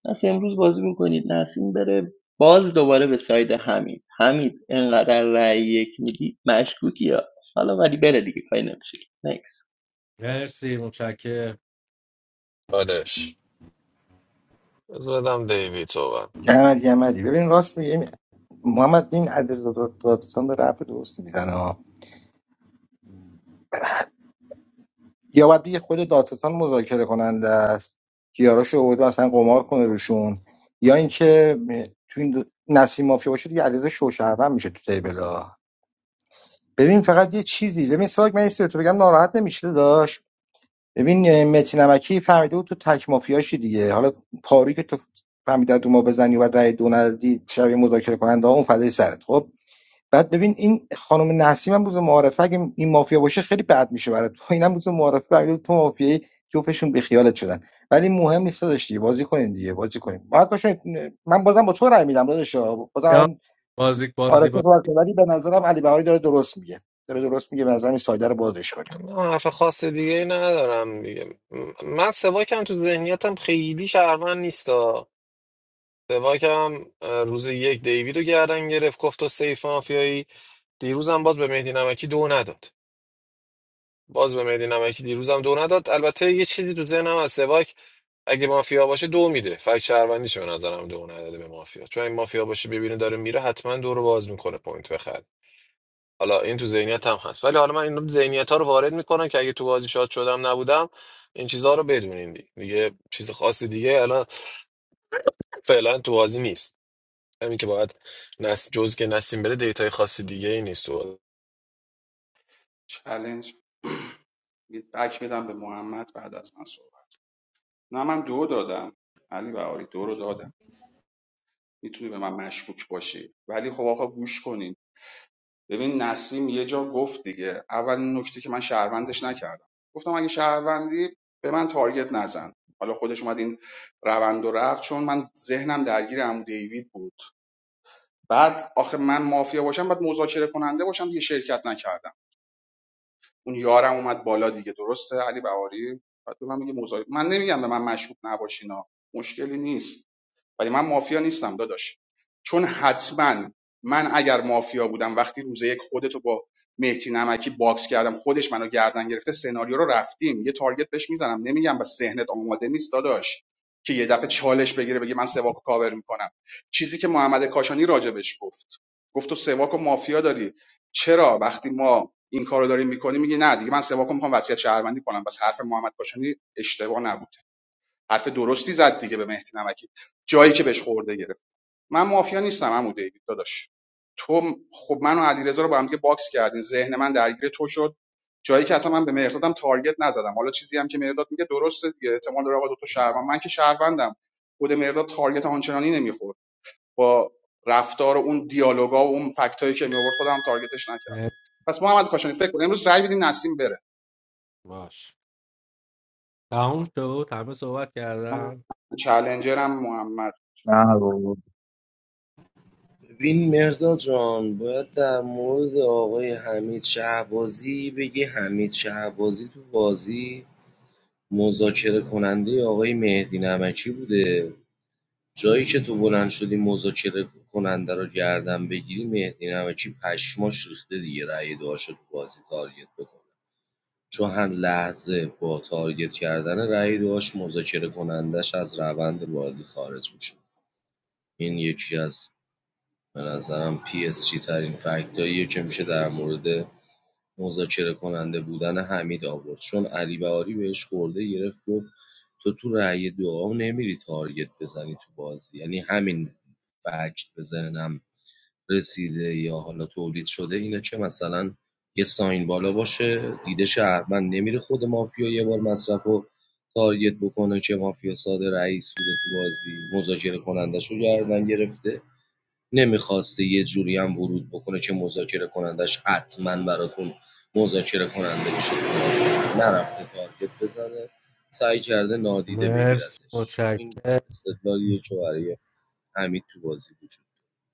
Speaker 13: پس امروز بازی میکنید نسیم بره باز دوباره به ساید حمید حمید انقدر رأی یک میدی مشکوکی ها حالا ولی بره دیگه کاری نمیشه نیکس
Speaker 15: مرسی متشکرم
Speaker 4: آدش زدم دیوید صحبت
Speaker 12: جمدی جمدی ببین راست میگه محمد این عدد دادستان داره حرف درستی میزنه ها یا باید بگه خود دادستان مذاکره کننده است که یاراشو آورده مثلا قمار کنه روشون یا اینکه تو این دو- نسیم مافیا باشه دیگه علیرضا شوشهروند میشه تو تیبل ببین فقط یه چیزی ببین ساگ من این سری تو بگم ناراحت نمیشه داشت ببین اه، متی نمکی فهمیده بود تو تک مافیاشی دیگه حالا پاری که تو فهمیده تو ما بزنی و رای دو ندی شبیه مذاکره کننده ها اون فدای سرت خب بعد ببین این خانم نسیم هم روز معارفه اگه این مافیا باشه خیلی بد میشه برای تو اینم روز معارفه اگه تو مافیایی جفتشون بی خیالت شدن ولی مهم نیست داداش دیگه بازی کنین دیگه بازی کنین باز باشین من بازم با تو رای میدم داداش بازم
Speaker 15: یا
Speaker 12: الان
Speaker 15: بازیک
Speaker 12: آره
Speaker 15: بازی
Speaker 12: تو
Speaker 15: با
Speaker 12: باز ولی به نظرم علی بهاری داره درست میگه داره درست میگه به نظرم این سایده رو بازش کنیم
Speaker 4: من حرف خاص دیگه ای ندارم دیگه م- من سواکم تو ذهنیتم خیلی شهروند نیستا سواکم اه، روز یک دیوید رو گردن گرفت گفت تو سیف مافیایی دیروزم باز به مهدی نمکی دو نداد باز به مهدی نمکی دیروزم دو نداد البته یه چیزی تو ذهنم از سواک اگه مافیا باشه دو میده فکر شهروندیش به نظرم دو نداده به مافیا چون این مافیا باشه ببینه داره میره حتما دو رو باز میکنه پوینت بخره حالا این تو ذهنیت هم هست ولی حالا من این ذهنیت ها رو وارد میکنم که اگه تو بازی شاد شدم نبودم این چیزها رو بدونین دیگه دیگه چیز خاص دیگه الان فعلا تو بازی نیست همین که باید نس جز که نسیم بره دیتای خاص دیگه ای نیست تو بازی.
Speaker 6: چالش بک میدم به محمد بعد از من صحبت نه من دو دادم علی بهاری دو رو دادم میتونی به من مشکوک باشی ولی خب آقا گوش کنین ببین نسیم یه جا گفت دیگه اول نکته که من شهروندش نکردم گفتم اگه شهروندی به من تارگت نزن حالا خودش اومد این روند و رفت چون من ذهنم درگیر عمو دیوید بود بعد آخه من مافیا باشم بعد مذاکره کننده باشم دیگه شرکت نکردم اون یارم اومد بالا دیگه درسته علی بهاری بعد به من میگه مذاکره من نمیگم به من مشکوک نباشینا مشکلی نیست ولی من مافیا نیستم داداش چون حتما من اگر مافیا بودم وقتی روز یک خودتو با مهدی نمکی باکس کردم خودش منو گردن گرفته سناریو رو رفتیم یه تارگت بهش میزنم نمیگم با ذهنت آماده نیست داداش که یه دفعه چالش بگیره بگه من سواکو کاور میکنم چیزی که محمد کاشانی راجبش گفت گفت تو سواکو مافیا داری چرا وقتی ما این کارو داریم میکنیم میگه نه دیگه من سواکو میخوام وصیت شهروندی کنم بس حرف محمد کاشانی اشتباه نبود حرف درستی زد دیگه به مهدی نمکی جایی که بهش خورده گرفت من مافیا نیستم عمو دیوید داداش تو خب من و علیرضا رو با هم دیگه باکس کردین ذهن من درگیر تو شد جایی که اصلا من به مهردادم تارگت نزدم حالا چیزی هم که مهرداد میگه درسته دیگه احتمال داره آقا دو تا شهروند من که شهروندم خود مهرداد تارگت آنچنانی نمیخورد با رفتار و اون دیالوگا و اون فکتایی که میآورد خودم تارگتش نکردم
Speaker 15: مرسی.
Speaker 6: پس محمد کاشانی فکر کن امروز رای بدین نسیم بره
Speaker 15: باش تموم شد همه صحبت
Speaker 6: من
Speaker 15: کردن
Speaker 6: چالنجرم محمد
Speaker 3: نه بابا
Speaker 8: ببین مرزا جان باید در مورد آقای حمید شهبازی بگی حمید شهبازی تو بازی مذاکره کننده آقای مهدی نمکی بوده جایی که تو بلند شدی مذاکره کننده رو گردن بگیری مهدی نمکی پشماش ریخته دیگه رأی دعاشو تو بازی تارگت بکنه چون هر لحظه با تارگت کردن رأی دعاش مذاکره کنندش از روند بازی خارج میشه این یکی از به نظرم PSG ترین فکتاییه که میشه در مورد مذاکره کننده بودن حمید آورد چون علی بهاری بهش خورده گرفت گفت تو تو رأی دعا نمیری تارگت بزنی تو بازی یعنی همین فکت به ذهنم رسیده یا حالا تولید شده اینه که مثلا یه ساین بالا باشه دیده شهروند نمیره خود مافیا یه بار مصرف و تارگت بکنه که مافیا ساده رئیس بوده تو بازی مذاکره کننده شو گردن گرفته نمی‌خواسته یه جوریم ورود بکنه که مذاکره‌کننده‌اش حتما براتون مذاکره کننده بشه تو بازی نرفته تارگت بزنه سعی کرده نادیده
Speaker 15: مرسی
Speaker 8: بگیرتش این
Speaker 15: متشکرم
Speaker 8: استدلالیه که برای حمید تو بازی وجود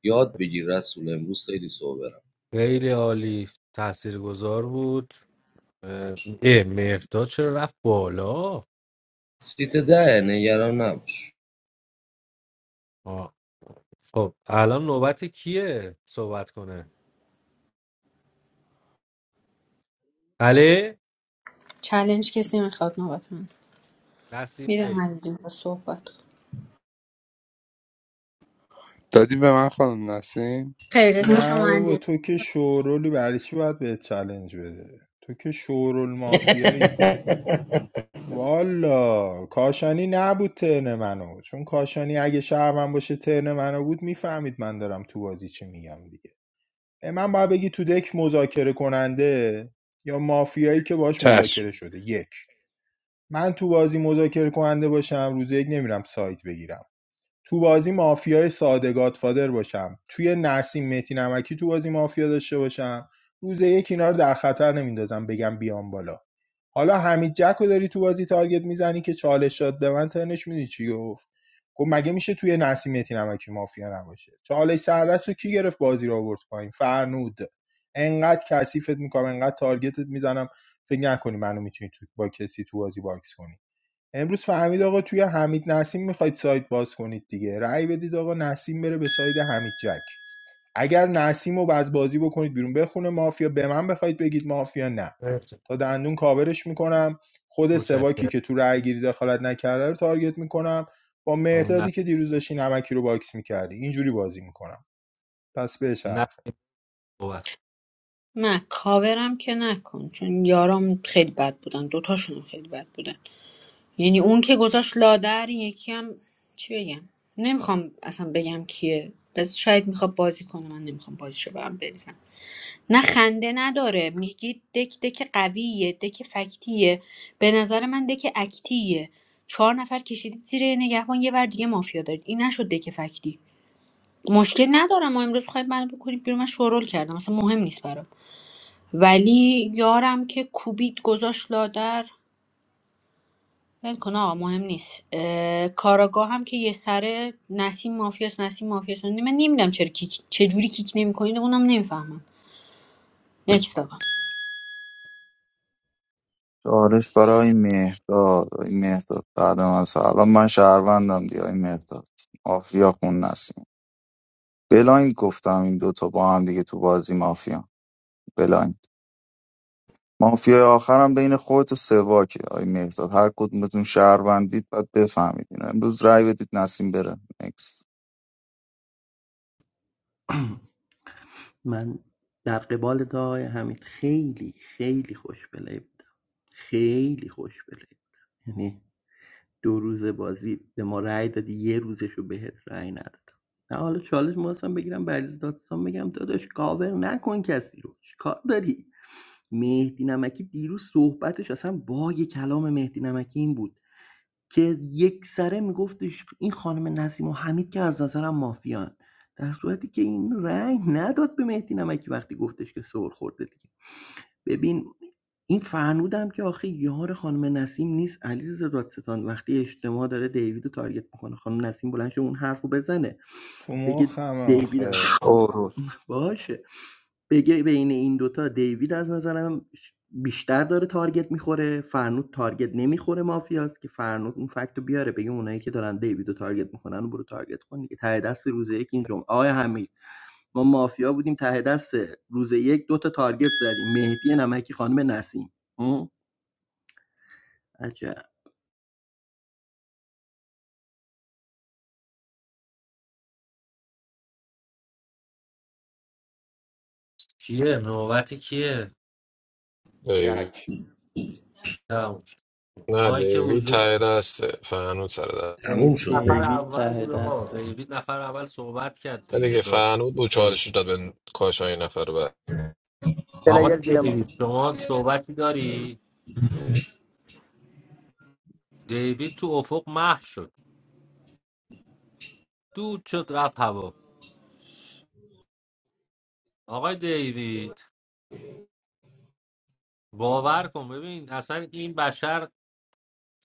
Speaker 8: یاد بگیر رسول امروز خیلی سوبرم
Speaker 15: خیلی عالی تاثیرگذار بود اه اه، مهرداد چرا رفت بالا
Speaker 8: سیت ده نگران نباش
Speaker 15: آه. خب الان نوبت کیه صحبت کنه علی
Speaker 7: چالش کسی میخواد نوبت من
Speaker 15: نسیم
Speaker 7: میدم
Speaker 15: بی
Speaker 7: علیرضا صحبت کن.
Speaker 1: دادی به من خانم نسیم
Speaker 7: خیر اسم
Speaker 9: نه
Speaker 7: شما
Speaker 9: بابا
Speaker 7: علیرضا
Speaker 9: تو که شورولی برای چی باید بهت چلنج بده تو که شورول مافیایی والا کاشانی نبود ترن منو چون کاشانی اگه شهرم باشه ترن منو بود میفهمید من دارم تو بازی چی میگم دیگه اه، من باید بگی تو دک مذاکره کننده یا مافیایی که باش
Speaker 1: چشم
Speaker 9: مذاکره شده یک من تو بازی مذاکره کننده باشم روز یک نمیرم سایت بگیرم تو بازی مافیای ساده گادفادر باشم توی نسیم متی نمکی تو بازی مافیا داشته باشم روز یک اینا رو در خطر نمیندازم بگم بیام بالا حالا حمید جک رو داری تو بازی تارگت میزنی که چالش داد به من ترنش میدی چی گفت گفت مگه میشه توی نسیم متی نمکی مافیا نباشه چالش سردست رو کی گرفت بازی رو آورد پایین فرنود انقدر کثیفت میکنم انقدر تارگتت میزنم فکر نکنی منو میتونی تو با کسی تو بازی باکس کنی امروز فهمید آقا توی حمید نسیم میخواید سایت باز کنید دیگه رأی بدید آقا نسیم بره به ساید حمید جک اگر نسیم رو باز بازی بکنید بیرون بخونه مافیا به من بخواید بگید مافیا نه
Speaker 15: مرسی
Speaker 9: تا دندون کاورش میکنم خود
Speaker 15: متشکرم
Speaker 9: سواکی که تو رأی گیری دخالت نکرده رو تارگت میکنم با
Speaker 15: نه
Speaker 9: مهدادی که دیروز داشتی نمکی رو باکس میکردی اینجوری بازی میکنم پس
Speaker 15: نه
Speaker 9: بچرخ
Speaker 15: نوبت
Speaker 7: نه کاورم که نکن چون یارام خیلی بد بودن دوتاشون خیلی بد بودن یعنی اون که گذاشت لادر این یکی هم چی بگم نمیخوام اصلا بگم کیه بس شاید میخواد بازی کنه من نمیخوام بازیشو به هم بریزم نه خنده نداره میگی دک دک قویه دک فکتیه به نظر من دک اکتیه چهار نفر کشیدید زیر نگهبان یه ور دیگه مافیا دارید این نشد دک فکتی مشکل ندارم ما امروز خواهید من بکنید بیرون من شورول کردم اصلا مهم نیست برام ولی یارم که کوبید گذاشت لادر ول کن آقا مهم نیست اه، کاراگاه هم که یه سره نسیم مافیاس نسیم مافیاس من نمیدونم چرا کیک چه جوری کیک نمیکنید اونم نمیفهمم نکست آقا
Speaker 3: چالش برای آی مهرداد آی مهرداد بعد من الان من شهروندم دیگه آی مهرداد آفریا خون نسیم بلاین گفتم این دوتا با هم دیگه تو بازی مافیا بلاین مافیای آخرم بین خودت و سواکه آی مهرداد هر کدومتون شهروندید باید بفهمید اینو امروز رأی بدید نسیم بره نکس
Speaker 13: من در قبال دای حمید خیلی خیلی خوش بله بودم خیلی خوش بله بودم. یعنی دو روز بازی به ما رأی دادی یه روزشو بهت رأی ندادم نه حالا چالش مواستم بگیرم بریز دادستان بگم داداش کاور نکن کسی رو چیکار داری مهدی نمکی دیروز صحبتش اصلا باگ کلام مهدی نمکی این بود که یک سره میگفتش این خانم نسیم و حمید که از نظرم مافیان در صورتی که این رأی نداد به مهدی نمکی وقتی گفتش که سر خورده دیگه ببین این فرنودم که آخه یار خانم نسیم نیست علیرضا دادستان وقتی اجتماع داره دیوید رو تارگت میکنه خانم نسیم بلند شه اون حرف رو بزنه
Speaker 9: تو
Speaker 13: بگه
Speaker 9: مخم
Speaker 13: دیوید از-
Speaker 9: آخه
Speaker 16: اوروز
Speaker 13: باشه بگه بین این دوتا دیوید از نظرم بیشتر داره تارگت میخوره فرنود تارگت نمیخوره مافیاست که فرنود اون فکت رو بیاره بگه اونایی که دارن دیوید رو تارگت میکنن برو تارگت کن دیگه ته دست روزه یک این جمعه آقای حمید ما مافیا بودیم ته دست روز یک دو تا تارگت زدیم مهدی نمکی خانم نسیم هم؟ عجب
Speaker 15: کیه نوبت کیه
Speaker 4: دیوید.
Speaker 6: چک
Speaker 15: تموم شد.
Speaker 4: نه
Speaker 15: مایک
Speaker 4: دیوید
Speaker 15: حضور
Speaker 4: تایید است فرنود سر دست.
Speaker 8: تموم
Speaker 15: دیوید
Speaker 8: شد
Speaker 15: نفر
Speaker 13: دیوید
Speaker 15: اول
Speaker 13: ته
Speaker 15: بود آقا
Speaker 13: دسته
Speaker 15: دیوید نفر اول صحبت کرد
Speaker 4: نه
Speaker 15: دیگه
Speaker 4: دیگه
Speaker 15: داد
Speaker 4: فرنود بود
Speaker 15: چالش
Speaker 4: چالش داد به کاشانی نفر بعد
Speaker 15: آقای دیوید شما صحبتی داری دیوید تو افق محو شد دود شد رفت هوا آقای دیوید باور کن ببین اصلا این بشر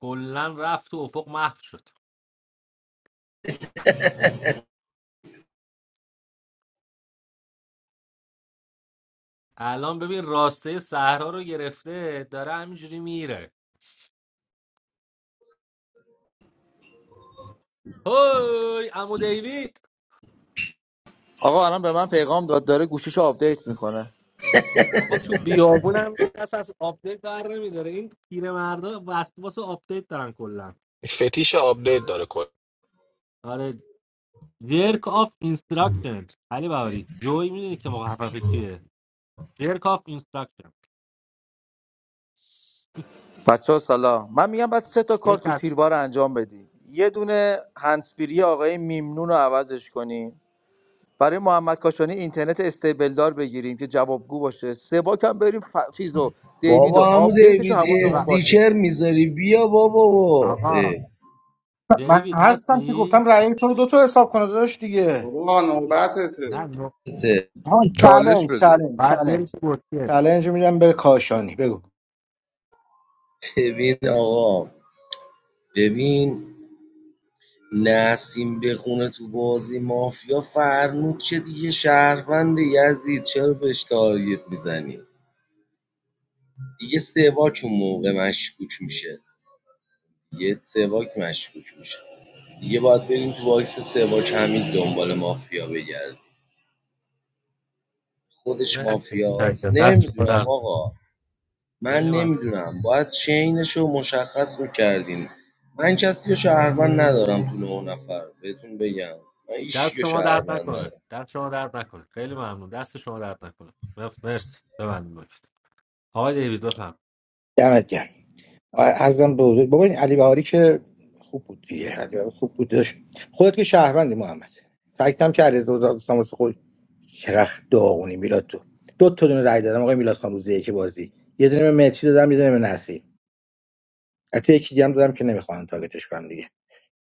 Speaker 15: کلا رفت تو افق محو شد الان ببین راسته صحرا رو گرفته داره همینجوری میره هی عمو دیوید
Speaker 16: آقا الان به من پیغام داد داره گوشیشو آپدیت میکنه
Speaker 15: آقا تو بیابون هم کس از آپدیت بر نمیداره این پیرمردا وسواس آپدیت دارن کلا
Speaker 4: فتیش آپدیت داره کل
Speaker 15: آره جرک آف اینستراکشن علی بهاری جوی میدونی که مخفف چیه جرک آف اینستراکشن
Speaker 16: بچه ها سلام من میگم بعد سه تا کار
Speaker 15: یک
Speaker 16: تو
Speaker 15: از
Speaker 16: تیربار انجام بدی یه دونه هنسفیری آقای میمنون رو عوضش کنیم برای محمد کاشانی اینترنت استیبل دار بگیریم که جوابگو باشه سواک هم بریم ف... چیز رو دیوید رو
Speaker 8: بابا عمو
Speaker 16: آپدیتش رو
Speaker 8: دیوید
Speaker 16: حواسمون
Speaker 15: ببخش.
Speaker 16: باشه
Speaker 8: استیکر میذاری بیا بابا
Speaker 15: آقا
Speaker 8: اه،
Speaker 12: من
Speaker 15: دیوید
Speaker 12: هستم که
Speaker 15: هستی
Speaker 12: گفتم رأی تو رو دو تا حساب کنه داداش دیگه
Speaker 6: بابا نوبتته
Speaker 15: نه نه
Speaker 8: ته.
Speaker 12: ها
Speaker 1: چالش
Speaker 12: چالش
Speaker 1: بده
Speaker 12: چالش
Speaker 15: بعد بری
Speaker 12: چالش
Speaker 15: تو بوتیه
Speaker 12: چالش میدم به کاشانی بگو
Speaker 8: ببین آقا ببین نسیم بخونه تو بازی مافیا فرمود چه دیگه شهروند یزید چرا بهش تارگت میزنی دیگه سواک اون موقع مشکوک میشه یه سواک مشکوک میشه دیگه باید بریم تو باکس سواک همین دنبال مافیا بگردیم خودش
Speaker 15: مرسی.
Speaker 8: مافیاست
Speaker 15: متشکرم. دست شما
Speaker 8: نمیدونم
Speaker 15: درد
Speaker 8: آقا من
Speaker 15: خیلی ممنون
Speaker 8: نمیدونم باید چینش مشخص میکردین من کسی رو شهروند ندارم تو نه نفر بهتون بگم من هیچ
Speaker 15: دست
Speaker 8: رو
Speaker 15: شما درد
Speaker 8: شهروند
Speaker 15: نکنه
Speaker 8: ندارم
Speaker 15: دست شما درد نکنه خیلی ممنون دست شما درد نکنه مف- مرسی ببندیم آقای دیوید بفرمایید
Speaker 12: دمت گرم ارزم به حضور بابا این علی بهاری که خوب بود دیگه علی بهاری خوب بود داشت خودت که شهروندی محمد فکتم که علیرضا دوستان واسه خود چرخ داغونی میلاد تو دو تا دونه رای دادم آقای میلاد خان روزه که بازی یه دونه به مهدی دادم یه دونه به نسی حتی یکی دیگه هم دادم که نمیخوام تاگتش کنم دیگه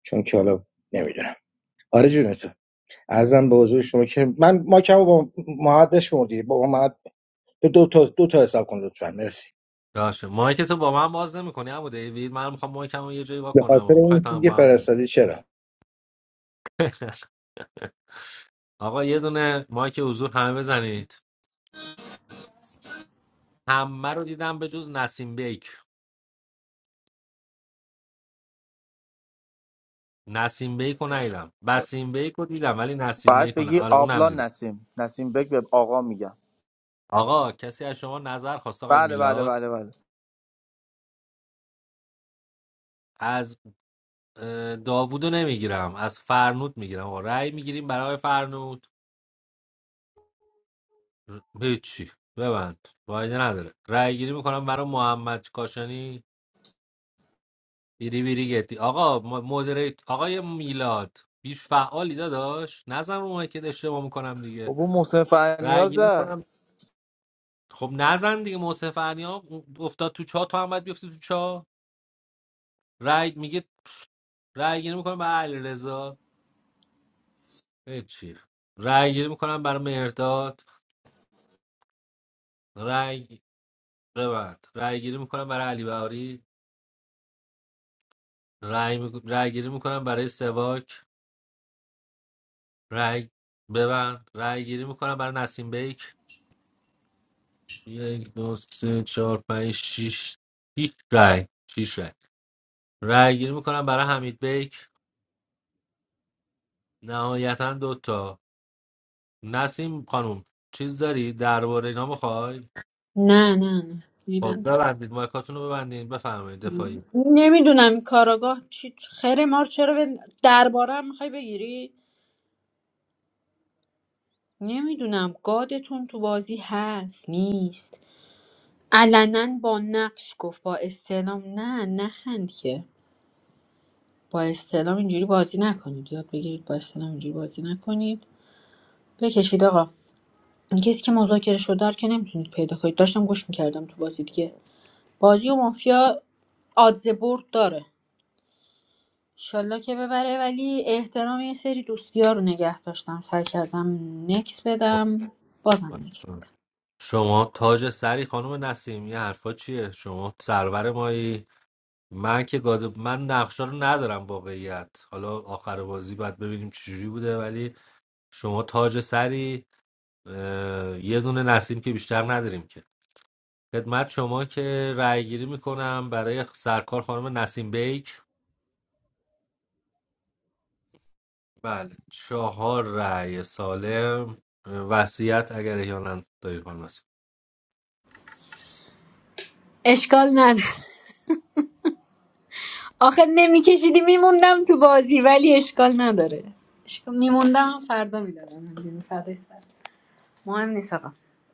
Speaker 12: چون که حالا نمیدونم آره جون تو ارزم به حضور شما که من ما که با محمد بشمردی با محمد دو تا دو تا حساب کن لطفا مرسی
Speaker 15: باشه مایک تو با من باز نمیکنی عمو دیوید من میخوام مایکمو یه جایی وا
Speaker 12: به
Speaker 15: کنم
Speaker 12: خاطر
Speaker 15: و میخوای
Speaker 12: اون
Speaker 15: تا
Speaker 12: چیزی که
Speaker 15: با هم
Speaker 12: فرستادی چرا
Speaker 15: آقا یه دونه مایک حضور همه بزنید همه رو دیدم به جز نسیم بیک نسیم بیک رو ندیدم بسیم بیک رو دیدم ولی نسیم
Speaker 16: بعد
Speaker 15: بیک رو نه
Speaker 16: بگی
Speaker 15: آره اونم
Speaker 16: آبلان
Speaker 15: دیدم
Speaker 16: نسیم نسیم بگ به آقا میگم
Speaker 15: آقا کسی از شما نظر خواست آقای
Speaker 16: بله بله
Speaker 15: میلاد
Speaker 16: بله بله
Speaker 15: از اه، داوودو نمیگیرم از فرنود میگیرم آقا رأی میگیریم برای آقای فرنود ر- هیچی ببند فایده نداره رأی گیری میکنم برای محمد کاشانی بیری بیری گتی آقا ما- مدریت آقای میلاد بیش فعالی داداش نزن رو اونایی که اشتباه میکنم دیگه
Speaker 16: بابا محسن
Speaker 15: رأی
Speaker 16: فرنیاز
Speaker 15: گیری
Speaker 16: زد
Speaker 15: میکنم خب نزن دیگه محسن فنیا افتاد تو چا تو هم باید بیفتی تو چا رای میگه رأی گیری میکنم برای علیرضا هیچی رأی گیری میکنم برای مهرداد رای ببند رأی گیری میکنم برای علی بهاری رأی می... رأی گیری میکنم برای سواک رأی ببند رأی گیری میکنم برای نسیم بیک یک دو سه چهار پنج شیش شیش رای شیش رای رای گیری میکنم برای حمید بیک نهایتا دوتا نسیم خانم چیز داری درباره اینا میخوای
Speaker 7: نه نه نه
Speaker 15: خب
Speaker 7: میبندم
Speaker 15: ببندید مایکاتون رو ببندید بفرمایید دفاعی
Speaker 7: نمیدونم کاراگاه چی خیر مار چرا به درباره هم میخوای بگیری نمیدونم گادتون تو بازی هست نیست علنا با نقش گفت با استعلام نه نخند که با استعلام اینجوری بازی نکنید یاد بگیرید با استعلام اینجوری بازی نکنید بکشید آقا این کسی که مذاکره شده رو که نمیتونید پیدا کنید داشتم گوش میکردم تو بازی دیگه بازی و مافیا آدزه برد داره انشالله که ببره ولی احترام یه سری دوستی رو نگه داشتم سعی کردم نکس بدم بازم نکس بدم
Speaker 15: شما تاج سری خانم نسیم یه حرفا چیه شما سرور مایی من که گاد من نقشه رو ندارم واقعیت حالا آخر بازی باید ببینیم چجوری بوده ولی شما تاج سری اه، یه دونه نسیم که بیشتر نداریم که خدمت شما که رأی گیری میکنم برای سرکار خانم نسیم بیک بله چهار رأی سالم وصیت اگر احیانا دارید خانم نسیم
Speaker 7: اشکال نداره آخه نمیکشیدی میموندم تو بازی ولی اشکال نداره اشکال- میموندم فردا میدادم فردا سر مهم نیست آقا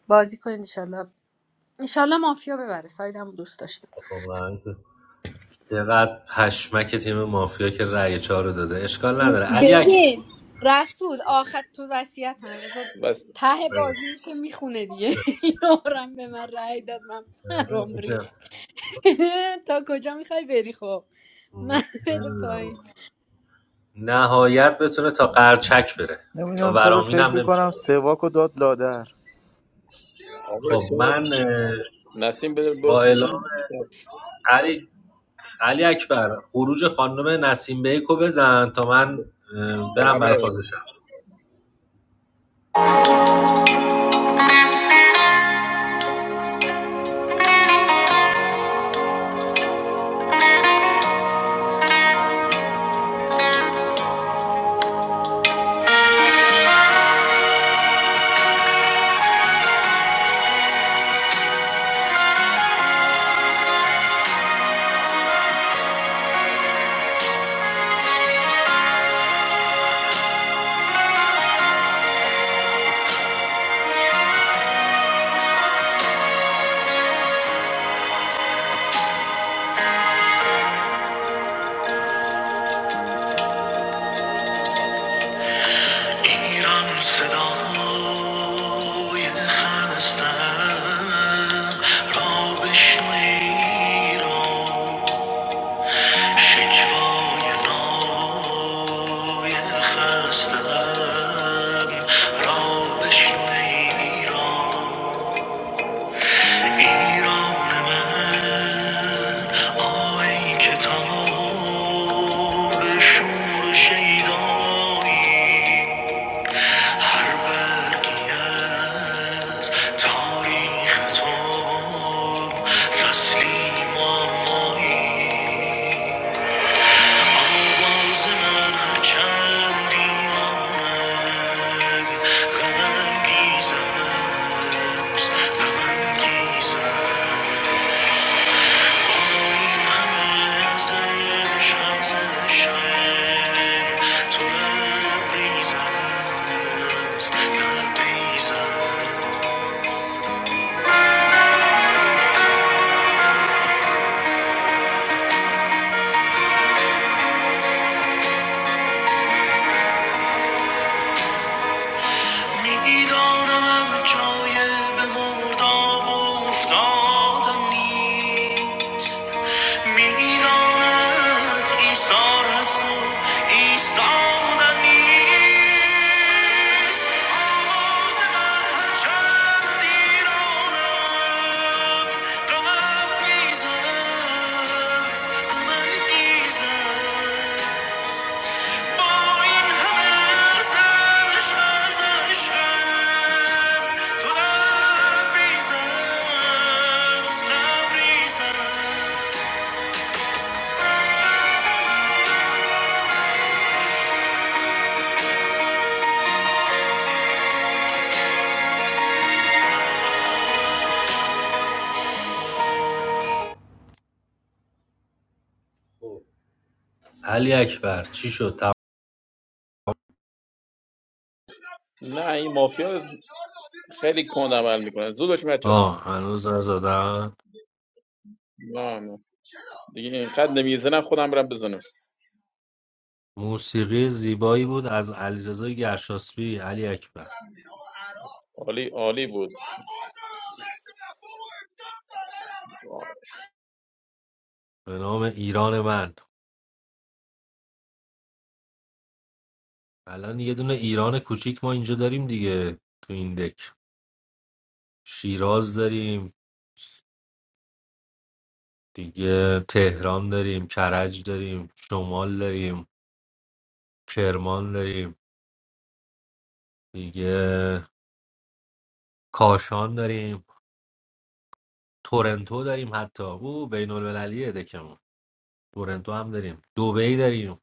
Speaker 7: بازی کنید انشالله انشالله مافیا ببره سایدم دوست داشتم
Speaker 15: واقعا که چقدر پشمک تیم مافیا که رأی چهار رو داده اشکال نداره علی اکبر
Speaker 7: ببین رسول آخر تو وصیت هم بذار
Speaker 11: بس
Speaker 7: ته بازی میشه میخونه دیگه یارم به من رأی داد من پرام ریخت تا کجا میخوای بری خب
Speaker 15: من
Speaker 7: من بده پایین
Speaker 15: نمی‌دونم. نهایت بتونه تا قرچک بره تا
Speaker 16: نمیدونم چرا
Speaker 15: ورامین هم
Speaker 16: فکر
Speaker 15: نمیتونه
Speaker 16: میکنم سواک رو داد لادر
Speaker 11: آقا
Speaker 15: خب
Speaker 11: شاید
Speaker 15: من اه،
Speaker 11: نسیم بده برو
Speaker 15: با اعلام
Speaker 11: پایین. شب.
Speaker 15: علی علی اکبر خروج خانم نسیم بیک رو بزن تا من اه، برم برای فاز
Speaker 11: بله
Speaker 15: شب. ایران صدای خستم را بشنو ایران شکوای نای خستم را بشنو ایران ایران من آی کتاب شور شیدایی هر برگی از تاریخ تو فصلی معمایی آواز من هر چند ایرانم غم انگیز است، غم انگیز است. تو لبریزم است لبریزم میدانم جای به مرداب و افتادن نیست میداند ایثار هست و ایستادن نیست آواز من هرچند ایرانم غمم میزد غمم میزد خب. علی اکبر چی شد؟ تم-
Speaker 11: نه این مافیا خیلی کند عمل میکنه زود باش بچا
Speaker 15: آه هنوز نزدن
Speaker 11: نه نه دیگه اینقدر نمیزنم خودم برم بزنم
Speaker 15: موسیقی زیبایی بود از علیرضا گرشاسبی علی اکبر
Speaker 11: عالی عالی بود
Speaker 15: به نام ایران من الان یه دونه ایران کوچیک ما اینجا داریم دیگه تو این دک شیراز داریم دیگه تهران داریم کرج داریم شمال داریم کرمان داریم دیگه کاشان داریم تورنتو داریم حتی او بین المللیه دکمون تورنتو هم داریم دوبی داریم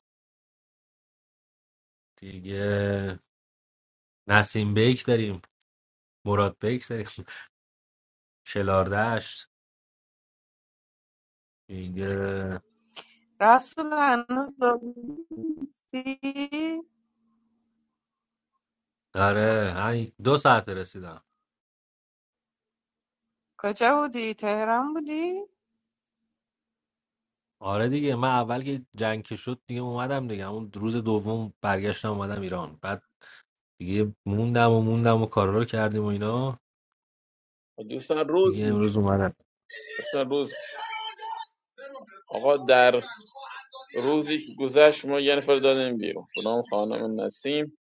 Speaker 15: دیگه نسیم بیک داریم مراد بیک داریم شلاردشت دیگه
Speaker 14: رسول هنوز بازی؟
Speaker 15: آره همین دو ساعت رسیدم
Speaker 14: کجا بودی؟ تهران بودی؟
Speaker 15: آره دیگه من اول که جنگ که شد دیگه اومدم دیگه اون روز دوم برگشتم اومدم ایران بعد دیگه موندم و موندم و کارا رو کردیم و اینا
Speaker 11: دوستان روز
Speaker 15: دیگه
Speaker 11: میشه
Speaker 15: امروز اومدم
Speaker 11: دوستان روز آقا در روزی که گذشت ما یه نفر دادیم بیرون خدام خانم نسیم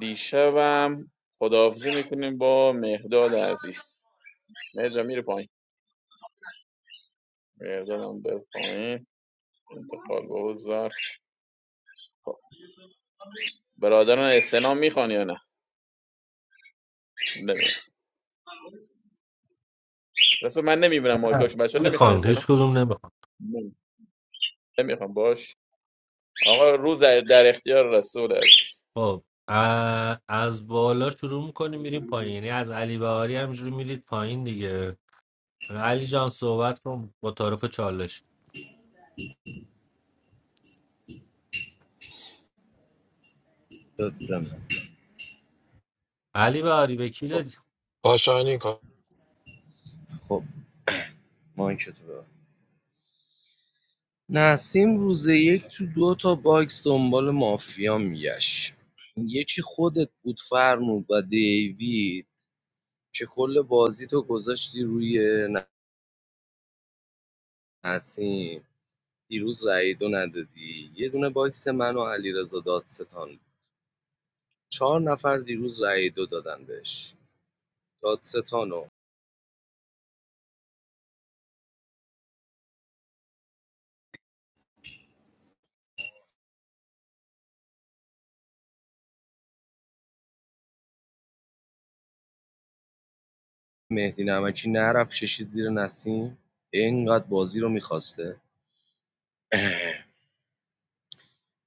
Speaker 11: دیشبم خداحافظی میکنیم با مهداد عزیز مهر جان میره پایین. مردادم به پایین انتقال به زر خب برادران استلام میخوان یا نه رسول من نمیبینم مایکاشو بچه ها نمیخوان
Speaker 15: نمیخوان هیچ
Speaker 11: استلام
Speaker 15: کدوم نمیخوان
Speaker 11: نمیخوان باش آقا روز در اختیار رسول است
Speaker 15: خب ا- از بالا شروع میکنیم میریم پایین یعنی از علی بهاری همجوری میرید پایین دیگه علی جان صحبت کن با تعارف چالش علی بهاری
Speaker 8: خب
Speaker 15: وکیل
Speaker 4: کاشانی کا-
Speaker 8: خب مایکتو ببند نسیم روز یک تو دو تا باکس دنبال مافیا میگشت یکی خودت بود فرمود و دیوید که کل بازی تو گذاشتی روی نسیم دیروز رأی دو ندادی یه دونه باکس من و علیرضا دادستان بود. چهار نفر دیروز رأی دو دادن بهش دادستان و مهدی نمکی نرفت کشید زیر نسیم اینقدر بازی رو میخواسته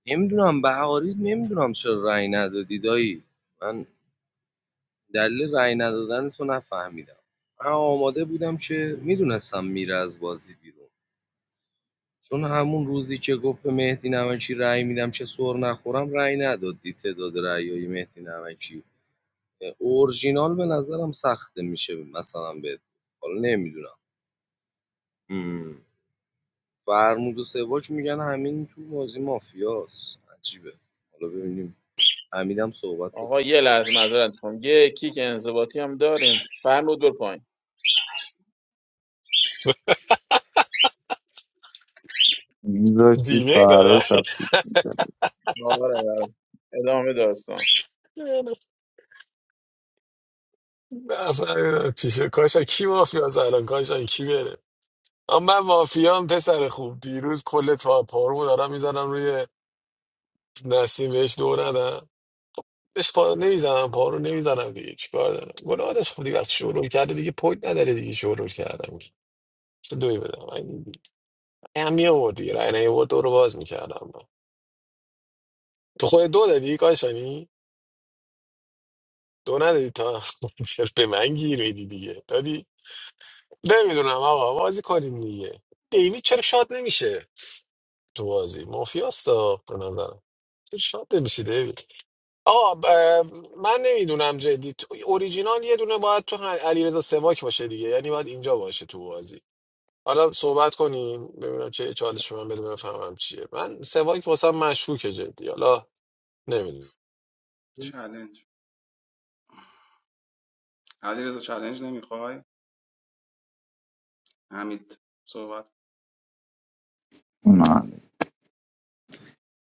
Speaker 8: نمیدونم بهاری نمیدونم چرا رأی ندادی دایی من دلیل رأی ندادن تو نفهمیدم من آماده بودم که میدونستم میره از بازی بیرون چون همون روزی که گفت به مهدی نمکی رأی میدم چه سر نخورم رأی ندادی تعداد رأیای مهدی نمکی اورجینال به نظرم سخته میشه مثلا به حالا نمیدونم مم. فرمود و سواج میگن همین تو بازی مافیاس عجیبه حالا ببینیم حمیدم صحبت
Speaker 11: آقا
Speaker 8: بکنه
Speaker 11: یه لحظه معذرت میخوام یه کیک انضباطی هم داریم فرمود بر پایین
Speaker 3: میذاشتی
Speaker 4: دیمه
Speaker 3: فردا
Speaker 4: داره
Speaker 3: شب پیک می‌زدی.
Speaker 11: آره آره. ادامه داستان
Speaker 4: نفر چیشه کاشان کی مافیا الان کاشان کی بره اما من مافیام پسر خوب دیروز کل تا پارو دارم میزنم روی نسیم بهش دو ندم بهش پا نمیزنم پارو نمیزنم دیگه چیکار دارم گناهش خودی بس شروع کرده دیگه پوید نداره دیگه شروع کردم چه دوی بدم من هم می‌آورد دیگه رای نیاورد دو رو باز میکردم تو خود دو دادی کاشانی دو ندادی تا چرا به من گیر میدی دیگه دادی نمیدونم آقا بازی کنیم دیگه دیوید چرا شاد نمیشه تو بازی مافیاستا به نظرم چرا شاد نمیشه دیوید آقا ب- من نمیدونم جدی تو- اوریجینال یه دونه باید تو هم- علیرضا سواک باشه دیگه یعنی باید اینجا باشه تو بازی حالا صحبت کنیم ببینم چه چالش من بده بفهمم چیه من سواک واسم مشکوکه جدی حالا نمیدونم
Speaker 6: چلنج علیرضا چلنج نمیخوای حمید صحبت
Speaker 3: نه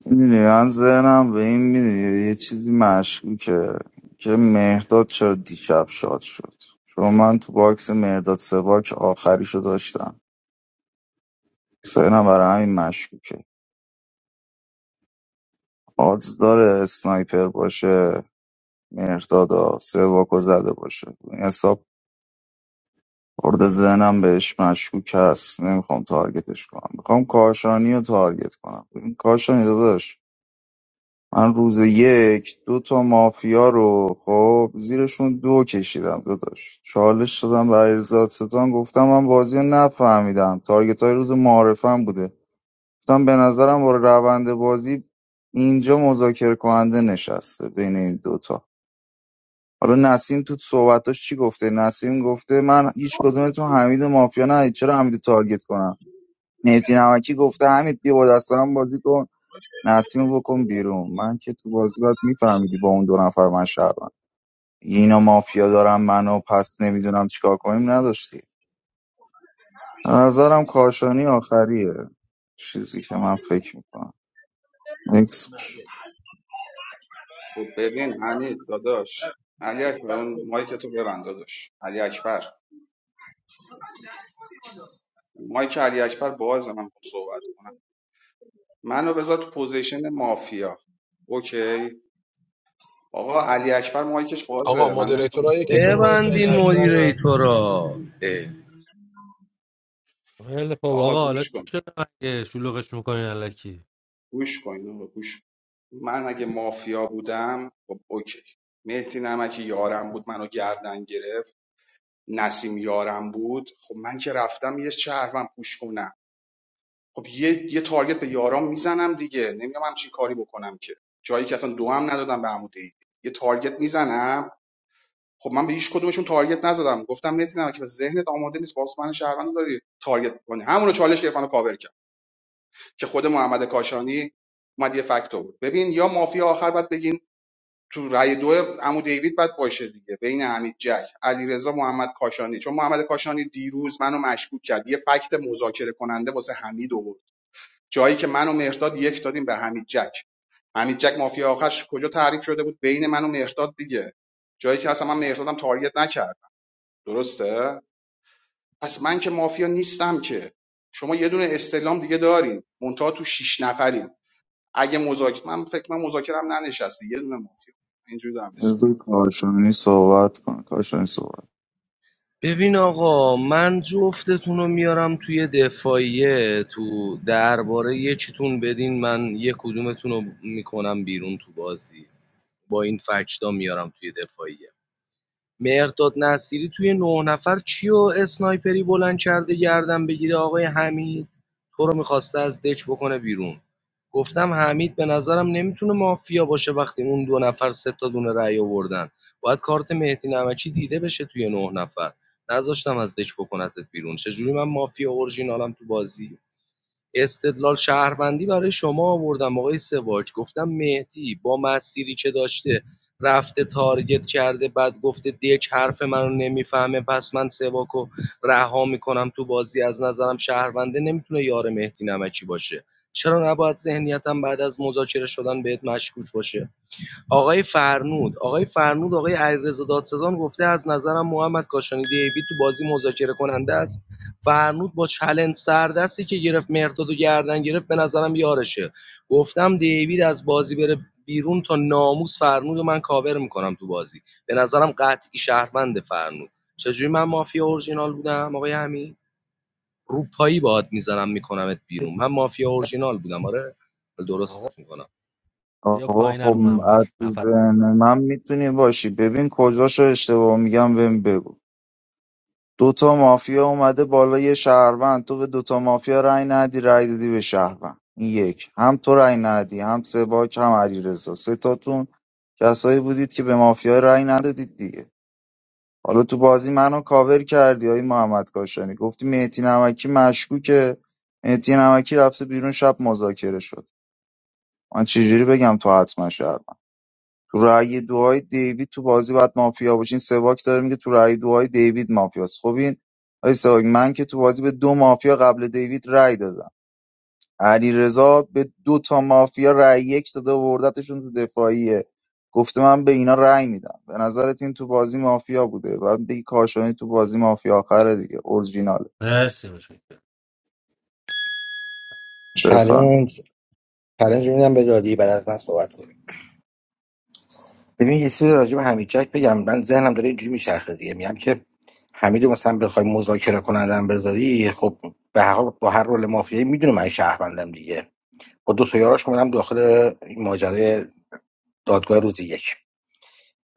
Speaker 3: میدونی من ذهنم به این میدونی یه چیزی مشکوکه که مهرداد چرا دیشب شاد شد چون من تو باکس مهرداد سواک آخریشو داشتم ذهنم برای همین مشکوکه آدز داره اسنایپر باشه مهرداد سواکو زده باشه این حساب خورده ذهنم بهش مشکوک هست نمیخوام تارگتش کنم میخوام کاشانی رو تارگت کنم ببین کاشانی داداش من روز یک دو تا مافیا رو خب زیرشون دو کشیدم داداش چالش شدم به علیرضا ستان گفتم من بازی رو نفهمیدم تارگت های روز معارفم بوده گفتم به نظرم با روند بازی اینجا مذاکره کننده نشسته بین این دوتا حالا نسیم تو صحبتاش چی گفته نسیم گفته من هیچ کدومتون حمید و مافیا ندید چرا حمید رو تارگت کنم مهدی نمکی گفته حمید بیا با دست من بازی کن نسیم رو بکن بیرون من که تو بازی باید میفهمیدی با اون دو نفر من شهروند اینا مافیا دارن منو پس نمیدونم چیکار کنیم نداشتی به نظرم کاشانی آخریه چیزی که من فکر میکنم نکس
Speaker 6: خب ببین حمید داداش علی اکبر اون مایک تو ببند داداش علی اکبر مایک علی اکبر باز من خوب صحبت کنم منو بذار تو پوزیشن مافیا اوکی آقا علی اکبر مایکش
Speaker 4: آقا
Speaker 6: بازه من نمیتونم
Speaker 4: مدیریتورایی که
Speaker 6: صحبت
Speaker 4: تو مایک علی
Speaker 8: ببندین
Speaker 4: اکبر
Speaker 8: مدیریتورا
Speaker 15: خیلی خب
Speaker 6: آقا
Speaker 15: آقا حالا
Speaker 6: گوش
Speaker 15: چی
Speaker 6: کن
Speaker 15: شده مگه شلوغش میکنین الکی
Speaker 6: گوش کن آقا گوش کن. من اگه مافیا بودم خب اوکی مهدی نمکی یارم بود منو گردن گرفت نسیم یارم بود خب من که رفتم یه شهروند پوش کنم خب یه, یه تارگت به یارام میزنم دیگه نمیدونم همچین کاری بکنم که جایی که اصلا دو هم ندادم به عمود دید یه تارگت میزنم خب من به هیچ کدومشون تارگت نزدم گفتم متینم که به ذهنت آماده نیست باز من شهروند داری تارگت کنی همونو چالش گرفتن و کاور کرد که خود محمد کاشانی اومد یه فکت بود ببین یا مافیا آخر باید بگین تو رای دو عمو دیوید باید باشه دیگه بین حمید جک علیرضا محمد کاشانی چون محمد کاشانی دیروز منو مشکوک کرد یه فکت مذاکره کننده واسه حمید آورد جایی که منو مهرداد یک دادیم به حمید جک حمید جک مافیا آخرش کجا تعریف شده بود بین منو و مهرداد دیگه جایی که اصلا من مهردادم تارگت نکرد درسته پس من که مافیا نیستم که شما یه دونه استلام دیگه دارین منتها تو شیش نفرین اگه مذاکره من فکر من مذاکرم ننشسته یه دونه مافیا اینجوری دارم
Speaker 3: بذار کاشانی صحبت کن کاشانی صحبت
Speaker 8: ببین آقا من جفتتون رو میارم توی دفاعیه تو درباره یکیتون بدین من یه کدومتون رو میکنم بیرون تو بازی با این فکتا میارم توی دفاعیه مهرداد نصیری توی نه نفر کیو اسنایپری بلند کرده گردن بگیره آقای حمید تو رو میخواسته از دچ بکنه بیرون گفتم حمید به نظرم نمیتونه مافیا باشه وقتی اون دو نفر سه تا دونه رأی آوردن باید کارت مهدی نمکی دیده بشه توی نه نفر نذاشتم از دک بکنتت بیرون چجوری من مافیا اورژینالم تو بازی استدلال شهروندی برای شما آوردم آقای سواج گفتم مهدی با مسیری که داشته رفته تارگت کرده بعد گفته دک حرف منو نمیفهمه پس من سواکو رها میکنم تو بازی از نظرم شهرونده نمیتونه یار مهدی نمکی باشه چرا نباید ذهنیتم بعد از مذاکره شدن بهت مشکوک باشه آقای فرنود آقای فرنود آقای علیرضا دادستان گفته از نظرم محمد کاشانی دیوید تو بازی مذاکره کننده است فرنود با چلنج سردستی که گرفت مرداد و گردن گرفت به نظرم یارشه گفتم دیوید از بازی بره بیرون تا ناموس فرنود رو من کاور میکنم تو بازی به نظرم قطعی شهروند فرنود چجوری من مافیا اورجینال بودم آقای همین روپایی باد میزنم میکنمت بیرون من مافیا اورجینال بودم آره
Speaker 15: آقا
Speaker 8: درستت میکنم
Speaker 15: بیا
Speaker 3: آقا
Speaker 15: پایین
Speaker 3: خب
Speaker 15: رو منبر
Speaker 3: از تو
Speaker 15: نفر
Speaker 3: ذهن من میتونی باشی ببین کجاشو اشتباه میگم بهم بگو دوتا مافیا اومده بالا یه شهروند تو به دوتا مافیا رأی ندی رأی دادی به شهروند این یک هم تو رأی ندی هم سباک هم علیرضا سه تاتون کسایی بودید که به مافیا رأی ندادید دیگه حالا تو بازی منو کاور کردی آی محمد کاشانی گفتی مهدی نمکی مشکوکه مهدی نمکی رفته بیرون شب مذاکره شد من چجوری بگم تو حتما شهروندی؟ تو رأی دعای دیوید تو بازی باید مافیا باشین سواک داره میگه تو رأی دعای دیوید مافیاست خب این آی سواک من که تو بازی به دو مافیا قبل دیوید رأی دادم علی رضا به دو تا مافیا رأی یک داده و وردتشون تو دفاعیه گفته من به اینا رأی میدم به نظرت این تو بازی مافیا بوده بعد بگی کاشانی تو بازی مافیا آخره دیگه اورجینال
Speaker 15: مرسی میشه
Speaker 3: بفهم
Speaker 12: چالش چالش میدم به دادی بعد از من صحبت کنیم ببین یه چیزی راجع به حمید جک بگم من ذهنم داره اینجوری میچرخه دیگه میگم که حمید رو مثلا بخوای مذاکره کنندم بذاری خب به هر حال با هر رول مافیایی میدونه من شهروندم دیگه با دو تا یاراش اومدم داخل این ماجرای دادگاه روز یک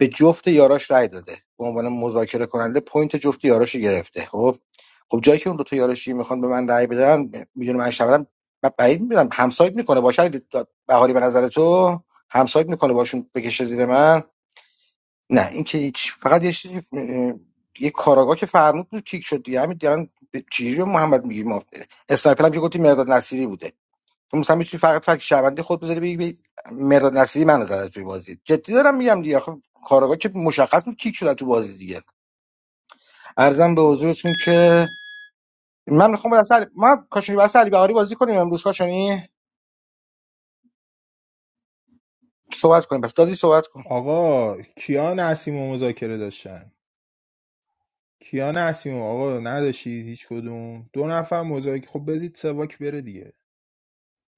Speaker 12: به جفت یاراش رای داده به عنوان مذاکره کننده پوینت جفت یاراش رو گرفته خب خب جایی که اون دو تا یارشی میخوان به من رأی بدن میدونم من شبرم من بعید میدونم همسایت میکنه باشه اگه د- بهاری به نظر تو همسایت میکنه باشون بکشه زیر من نه این که هیچ فقط یه چیزی اه، یه کاراگاه که فرمود بود کیک شد دیگه همین دیگه به چیزی رو محمد میگی ما اسنایپر هم که گفتی مرداد نصیری بوده تو مثلا میتونی فقط فقط شبنده خود بذاری بگی بگی مرداد نصیری من نظر توی بازی جدی دارم میگم دیگه آخه کاراگاه که مشخص بود کیک شده تو بازی دیگه ارزم به حضورتون که من میخوام با دست علی- ما کاشانی بس علی بهاری بازی کنیم امروز کاشانی صحبت کنیم پس دادی صحبت کن
Speaker 9: آقا کیا نسیم و مذاکره داشتن کیان اسیمو آقا نداشتید هیچ کدوم دو نفر مذاکره خب بدید سواک بره دیگه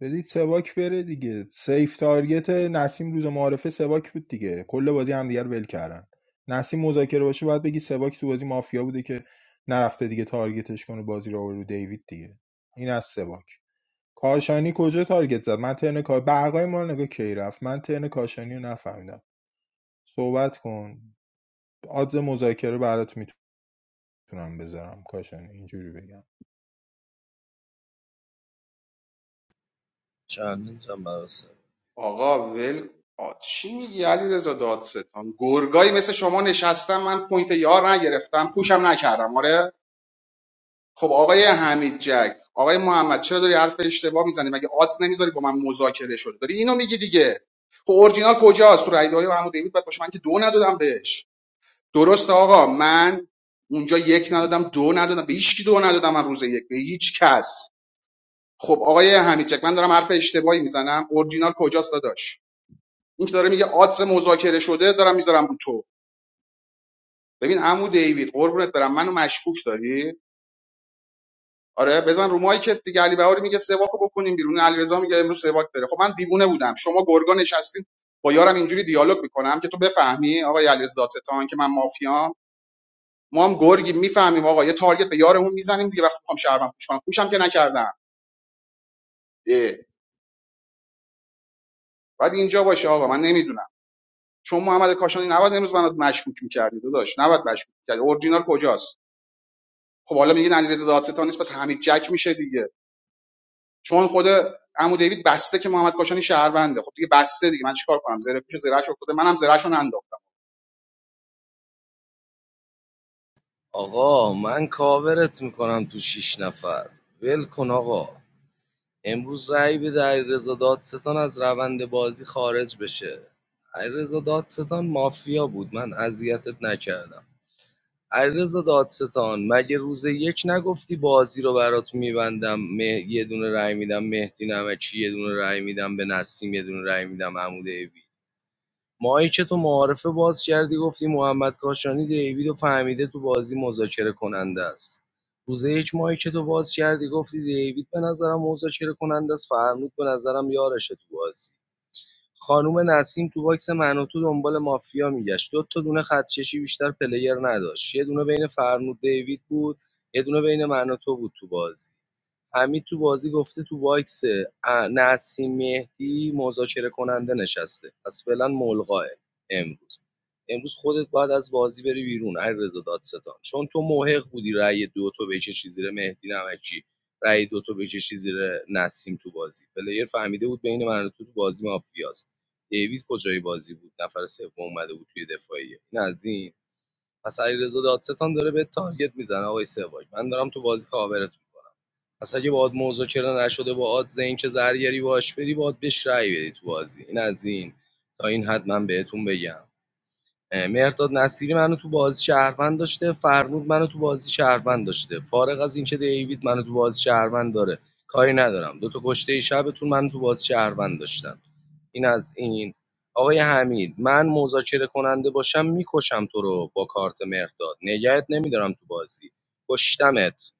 Speaker 9: بدید سواک بره دیگه سیف تارگت نسیم روز معارفه سواک بود دیگه کل بازی هم دیگر ول کردن نسیم مذاکره باشه باید بگی سواک تو بازی مافیا بوده که نرفته دیگه تارگتش کنه بازی رو آورد رو دیوید دیگه این از سواک کاشانی کجا تارگت زد من ترن کا برقای ما رو نگاه کی رفت من ترن کاشانی رو نفهمیدم صحبت کن آدز مذاکره برات میتونم بذارم کاشانی اینجوری بگم
Speaker 8: چندین براسه
Speaker 6: آقا ول آ، چی میگی علی رضا دادستان گرگایی مثل شما نشستم من پوینت یار نگرفتم پوشم نکردم آره خب آقای حمید جک آقای محمد چرا داری حرف اشتباه میزنی مگه آدز نمیذاری با من مذاکره شده داری اینو میگی دیگه خب اورجینال کجاست تو رایدهای و عمو دیوید بعد باشه من که دو ندادم بهش درسته آقا من اونجا یک ندادم دو ندادم به هیچ کی دو ندادم من روز یک به هیچ کس خب آقای حمید جک من دارم حرف اشتباهی میزنم اورجینال کجاست داداش این که داره میگه آدس مذاکره شده دارم میذارم رو تو ببین عمو دیوید قربونت برم منو مشکوک داری آره بزن رو مایکت دیگه علی بهاری میگه سواکو بکنیم بیرون علیرضا میگه امروز سواک بره خب من دیوونه بودم شما گرگا نشستین با یارم اینجوری دیالوگ میکنم که تو بفهمی آقای علیرضا دادستان که من مافیام ما هم گرگی میفهمیم آقا یه تارگت به یارمون میزنیم دیگه وقتی میخوام شهرم پوش کنم پوشم که نکردم اه. بعد اینجا باشه آقا من نمیدونم چون محمد کاشانی نباید امروز منو مشکوک می‌کردی داداش نباید مشکوک می‌کردی اورجینال کجاست خب حالا میگید علیرضا دادستان نیست پس حمید جک میشه دیگه چون خود عمو دیوید بسته که محمد کاشانی شهرونده خب دیگه بسته دیگه من چیکار کنم زره پیش زرهش افتاده منم زرهشو ننداختم
Speaker 8: آقا من کاورت میکنم تو شیش نفر ول کن آقا امروز رأی بده علیرضا دادستان از روند بازی خارج بشه علیرضا دادستان مافیا بود من اذیتت نکردم علیرضا دادستان مگه روز یک نگفتی بازی رو برات میبندم مه... یه دونه رأی میدم مهدی نمکی یه دونه رأی میدم به نسیم یه دونه رأی میدم عمود ایبی؟ مایک تو معارفه باز کردی گفتی محمد کاشانی دیوید و فهمیده تو بازی مذاکره کننده است روز یک مایک تو باز کردی گفتی دیوید به نظرم مذاکره کننده است فرمود به نظرم یارشه تو بازی خانوم نسیم تو باکس من و تو دنبال مافیا میگشت دو تا دونه خطکشی بیشتر پلیر نداشت یه دونه بین فرنود دیوید بود یه دونه بین من و تو بود تو بازی حمید تو بازی گفته تو باکس ا- نسیم مهدی مذاکره کننده نشسته پس فعلا ملغاه امروز امروز خودت باید از بازی بری بیرون علیرضا دادستان چون تو موهق بودی رأی دو تو بکشی زیر مهدی نمکی رأی دو تو بکشی زیر نسیم تو بازی پلیر فهمیده بود بین من و تو تو بازی مافیاست دیوید کجای بازی بود نفر سوم اومده بود توی دفاعیه این از این پس علیرضا دادستان داره به تارگت میزنه آقای سواج من دارم تو بازی کاورت پس اگه باهات مذاکره نشده با آدز اینکه زرگری باهاش بری باید بهش رأی بدی تو بازی این از این تا این حد من بهتون بگم مرداد نصیری منو تو بازی شهروند داشته فرنود منو تو بازی شهروند داشته فارغ از اینکه دیوید منو تو بازی شهروند داره کاری ندارم دو تا کشته شبتون منو تو بازی شهروند داشتن این از این آقای حمید من مذاکره کننده باشم میکشم تو رو با کارت مرداد نگهت نمیدارم تو بازی کشتمت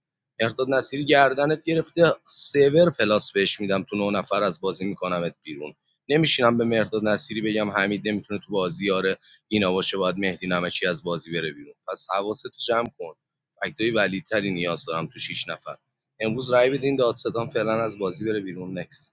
Speaker 8: مرداد نصیری گردنت گرفته سیور پلاس بهش میدم تو نه نفر از بازی میکنمت بیرون نمیشینم به مرداد نصیری بگم حمید نمیتونه تو بازی آره اینا باشه باید مهدی نمکی از بازی بره بیرون پس حواستو جمع کن فکتای ولیدتری نیاز دارم تو شیش نفر امروز رای بدین دادستان فعلا از بازی بره بیرون نکس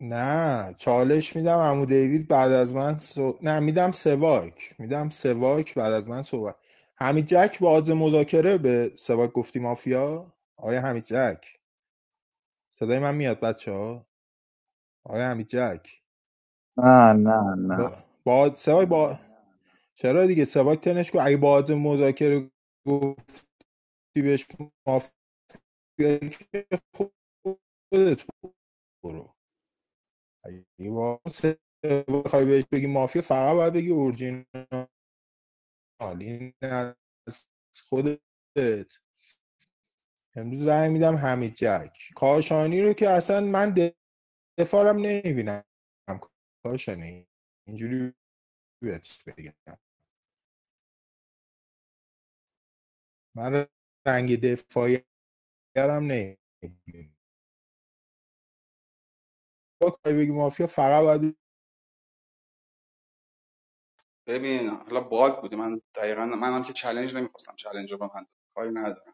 Speaker 9: نه چالش میدم عمو دیوید بعد از من سو... نه میدم سواک میدم سواک بعد از من صحبت حمید جک با عادز مذاکره به سواک گفتی مافیا آیا حمید جک صدای من میاد بچه ها آیا حمید جک
Speaker 3: نه نه
Speaker 9: با,
Speaker 3: نه
Speaker 9: با... سواک با چرا دیگه سواک تنش کو اگه با عادز مذاکره گفتی بهش مافیا خودت برو اگه با سواک بخوای بهش بگی مافیا فقط باید بگی اورجینال این از خودت امروز زنگ میدم حمید جک کاشانی رو که اصلا من دفارم نمیبینم کاشانی اینجوری بهت بگم من رنگ دفاعی هم نمیبینم با کاری بگی مافیا فقط باید
Speaker 6: ببین حالا باگ بوده من دقیقا منم که چالش نمیخواستم چالش رو به من کاری ندارم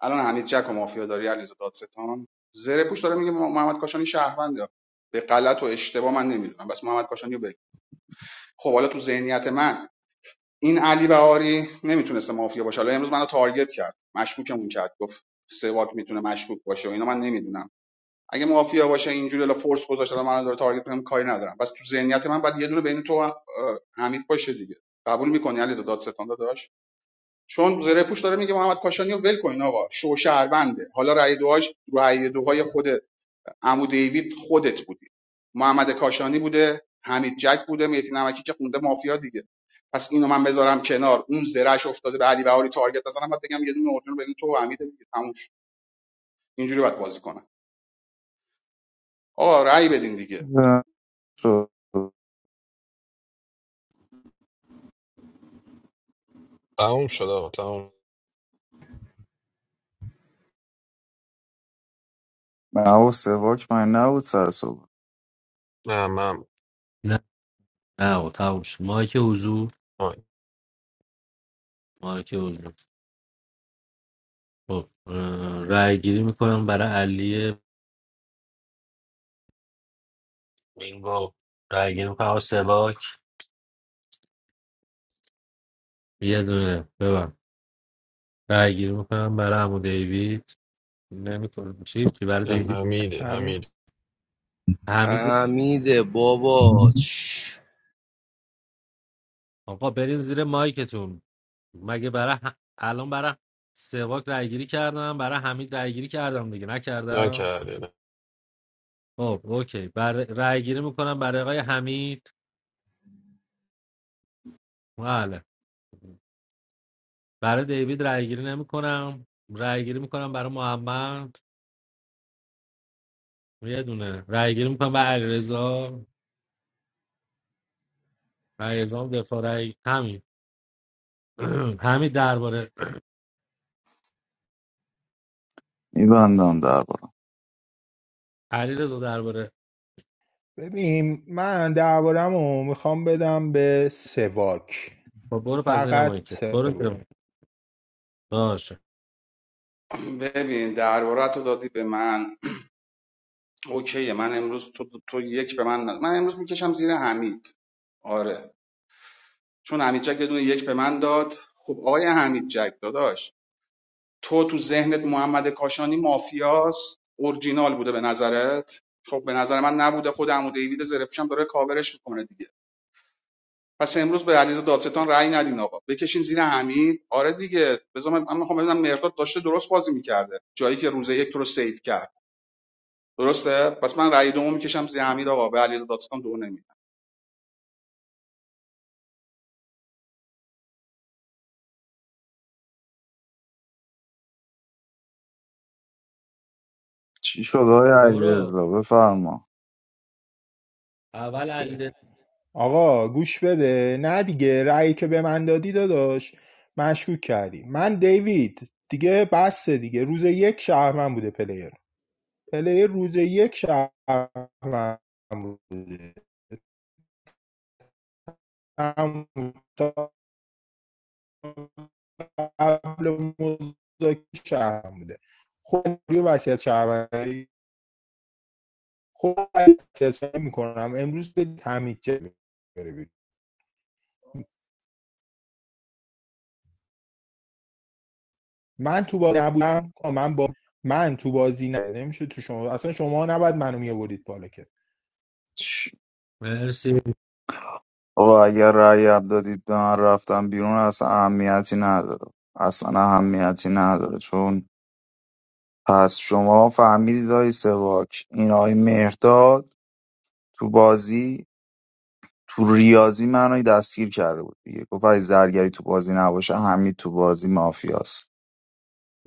Speaker 6: الان حمید جک و مافیا داری علیرضا دادستان زره پوش داره میگه محمد کاشانی شهرونده به غلط و اشتباه من نمیدونم بس محمد کاشانی رو بگیر. خب حالا تو ذهنیت من این علی بهاری نمیتونسته مافیا باشه حالا امروز منو تارگت کرد مشکوکمون کرد گفت سواک میتونه مشکوک باشه و اینا من نمیدونم اگه مافیا باشه اینجوری الا فورس گذاشته الان منو داره تارگت میکنم کاری ندارم بس تو ذهنیت من بعد یه دونه بین تو و، حمید باشه دیگه قبول میکنی علیزاده دادستان داداش چون زره پوش داره میگه محمد کاشانی رو ول کن آقا شو شهرونده حالا رأی دوهاش رأی دوهای خود عمو دیوید خودت بودی محمد کاشانی بوده حمید جک بوده مهدی نمکی که خونده مافیا دیگه پس اینو من بذارم کنار اون زرهش افتاده به علی بهاری تارگت نزنم بعد بگم یه دونه اورجینال بدین تو و حمید دیگه تموم شد. اینجوری باید بازی کنم آقا رأی بدین دیگه
Speaker 3: نه شد
Speaker 4: تموم شد آقا تموم
Speaker 3: نه و سواک من نبود سر صبح
Speaker 4: نه من
Speaker 15: نه نه آقا تموم شد مایک حضور
Speaker 4: آی.
Speaker 15: مایک حضور خب اه، رای گیری میکنم برای علی مینگو رای گیری میکنم برای سواک یه دونه ببن رای گیری میکنم برای عمو دیوید نمیکنم چی چی برای
Speaker 4: نه
Speaker 15: دیوید
Speaker 4: حمیده
Speaker 9: همین
Speaker 4: حمید
Speaker 15: حمید
Speaker 8: حمیده بابا چش.
Speaker 15: آقا برین زیر مایکتون مگه برای ه- الان برای سواک رای گیری کردم برای حمید رای گیری کردم دیگه نکردم
Speaker 4: نکرده نه
Speaker 15: خب اوکی برای رای گیری میکنم برای آقای حمید بله برای دیوید رای گیری نمیکنم رای گیری میکنم برای محمد یه دونه رای گیری میکنم به علیرضا علیرضا هم دفاع رای همین همین درباره
Speaker 3: میبندم دربارم
Speaker 15: علیرضا درباره
Speaker 9: ببین من دربارم رو میخوام بدم به سواک
Speaker 15: خب برو پس زیر مایی
Speaker 9: فقط
Speaker 15: که برو زیر
Speaker 9: سواک
Speaker 15: مایک. باشه
Speaker 6: ببین درباره تو دادی به من اوکی من امروز تو, تو یک به من نداد من امروز میکشم زیر حمید آره چون حمید جک یه دونه یک به من داد خب آقای حمید جک داداش تو تو ذهنت محمد کاشانی مافیاست اورجینال بوده به نظرت خب به نظر من نبوده خود عمو دیوید زره پوشم داره کاورش میکنه دیگه پس امروز به علیرضا دادستان رأی ندین آقا بکشین زیر حمید آره دیگه بذار من من میخوام ببینم مرداد داشته درست بازی میکرده جایی که روزه یک تو رو سیو کرد درسته پس من رأی دومو میکشم زیر حمید آقا به علیرضا دادستان دو نمیدم
Speaker 3: چی شد آقای
Speaker 15: برو
Speaker 3: علیرضا بفرما
Speaker 15: اول علیرضا
Speaker 9: آقا گوش بده نه دیگه رأیی که به من دادی داداش مشکوک کردی من دیوید دیگه بسته دیگه روز یک شهرمن بوده پلیر پلیر روز یک شهرمن بوده تموم تا قبل مذاکره شهرمن بوده خب روی وصیت شهرمندی خب وصیت میکنم امروز به تمیج بره من تو بازی نبودم من با من تو بازی نه نمیشه تو شما اصلا شما نباید منو میآورید بالا که
Speaker 3: چی؟
Speaker 15: مرسی
Speaker 3: آقا اگر رأی اب دادید به من رفتم بیرون اصلا اهمیتی نداره اصلا اهمیتی نداره چون پس شما فهمیدید آقای سواک این آقای مهرداد تو بازی تو ریاضی منو دستگیر کرده بود دیگه گفت اگه زرگری تو بازی نباشه حمید تو بازی مافیاست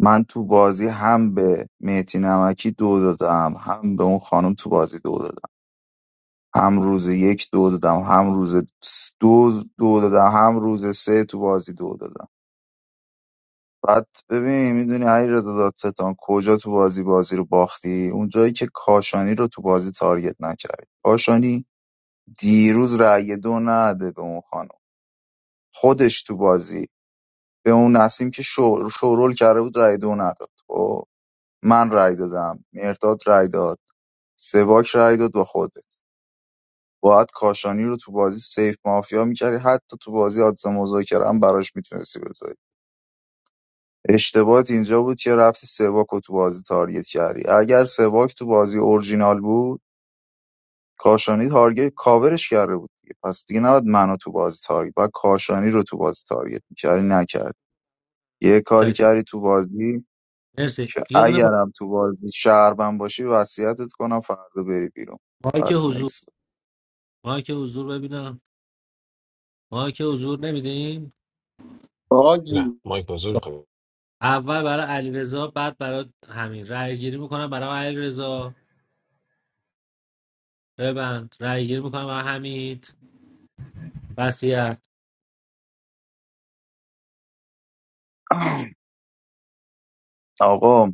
Speaker 3: من تو بازی هم به مهتی نمکی دو دادم هم به اون خانم تو بازی دو دادم هم روز یک دو دادم هم روز س- دو دو دادم هم روز سه تو بازی دو دادم بعد ببین میدونی علیرضا دادستان کجا تو بازی بازی رو باختی اون جایی که کاشانی رو تو بازی تارگت نکردی کاشانی دیروز رأی دو نده به اون خانم خودش تو بازی به اون نسیم که شور- شورول کرده بود رأی دو نداد خب من رأی دادم مرداد رأی داد سواک رأی داد با خودت باید کاشانی رو تو بازی سیف مافیا میکردی حتی تو بازی حادثه مذاکره هم براش میتونستی بذاری اشتباهت اینجا بود که رفتی سواک رو تو بازی تارگت کردی اگر سواک تو بازی اورجینال بود کاشانی تارگت کاورش کرده بود دیگه پس دیگه نباید منو تو بازی تارگت باید کاشانی رو تو بازی تارگت میکردی نکرد یه کاری
Speaker 15: چکر
Speaker 3: کردی تو بازی
Speaker 15: مرسی
Speaker 3: که
Speaker 15: یه دونه ما-
Speaker 3: اگرم تو بازی شهربن باشی وصیتت کنم فردا بری بیرون
Speaker 15: مایک
Speaker 3: پس
Speaker 15: حضور
Speaker 3: نکس
Speaker 15: مایک حضور ببینم مایک حضور نمیدیم
Speaker 4: نه
Speaker 12: آجی
Speaker 4: مایک بازور میخوای
Speaker 15: اول برای علیرضا بعد برای همین رای گیری میکنم برای علیرضا ببند رای گیری میکنم برای حمید وصیت
Speaker 3: آقا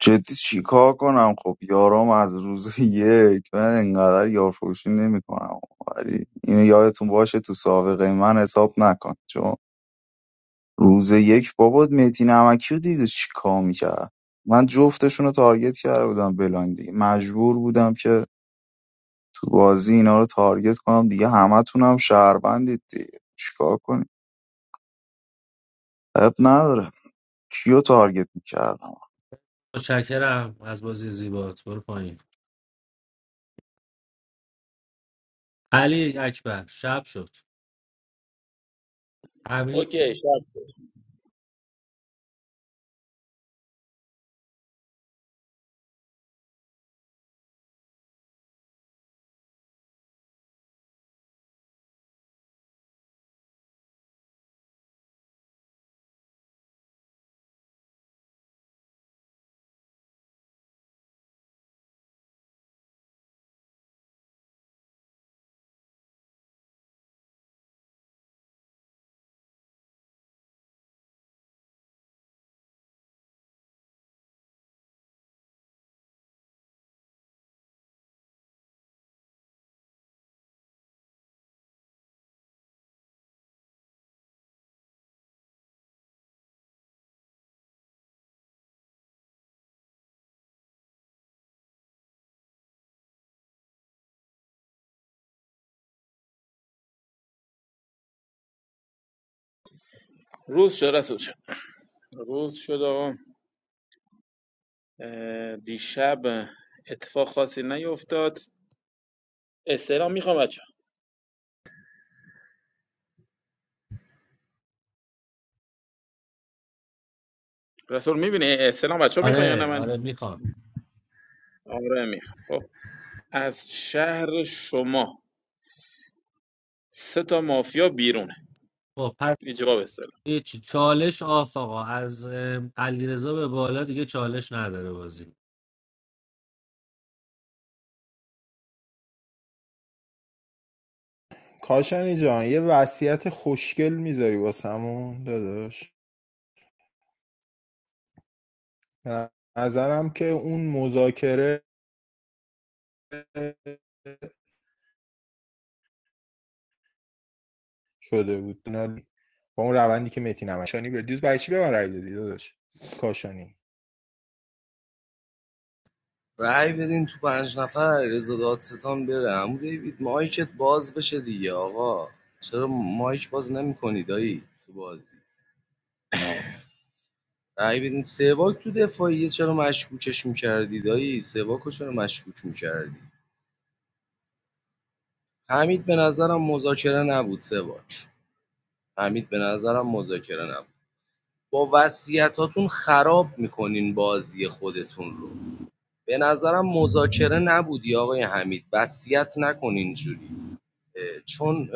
Speaker 3: جدی چیکار کنم خب یارام از روز یک من انقدر یارفروشی نمیکنم ولی اینو یادتون باشه تو سابقه من حساب نکن چون روز یک بابات مهدی نمکی رو دید و چیکار میکرد من جفتشون رو تارگت کرده بودم بلایندی مجبور بودم که تو بازی اینا رو تارگت کنم دیگه همه همتونم شهروندید دیگه چیکار کنیم اب نداره کیو تارگت میکردم
Speaker 15: متشکرم از بازی زیبات برو پایین علی اکبر شب شد حمید
Speaker 11: اوکی شب شد. روز شد رسول شد روز شد آقا اه، دیشب اتفاق خاصی نیفتاد استلام میخوام بچه. رسول میبینی سلام بچه ها میخوان یا نه
Speaker 15: آره
Speaker 11: من
Speaker 15: آره میخوام
Speaker 11: آره میخوام خب از شهر شما سه تا مافیا بیرونه
Speaker 15: خب پس
Speaker 11: این جواب است
Speaker 15: هیچی چالش آقا از علی رضا به بالا دیگه چالش نداره بازی
Speaker 9: کاشانی جان یه وصیت خوشگل میذاری واسمون داداش به نظرم که اون مذاکره شده بود با اون روندی که متی نمایشانی به دیروز برای چی به من رای دادی داداش کاشانی
Speaker 8: رای بدین تو پنج نفر رضا دادستان بره عمو دیوید مایکت باز بشه دیگه آقا چرا مایک باز نمی‌کنی دایی تو بازی رای بدین سواک تو دفاعیه چرا مشکوکش می‌کردی دایی سواکو چرا مشکوک می‌کردی حمید به نظرم مذاکره نبود سواج حمید به نظرم مذاکره نبود با وصیتاتون خراب میکنین بازی خودتون رو به نظرم مذاکره نبودی آقای حمید وصیت نکن اینجوری چون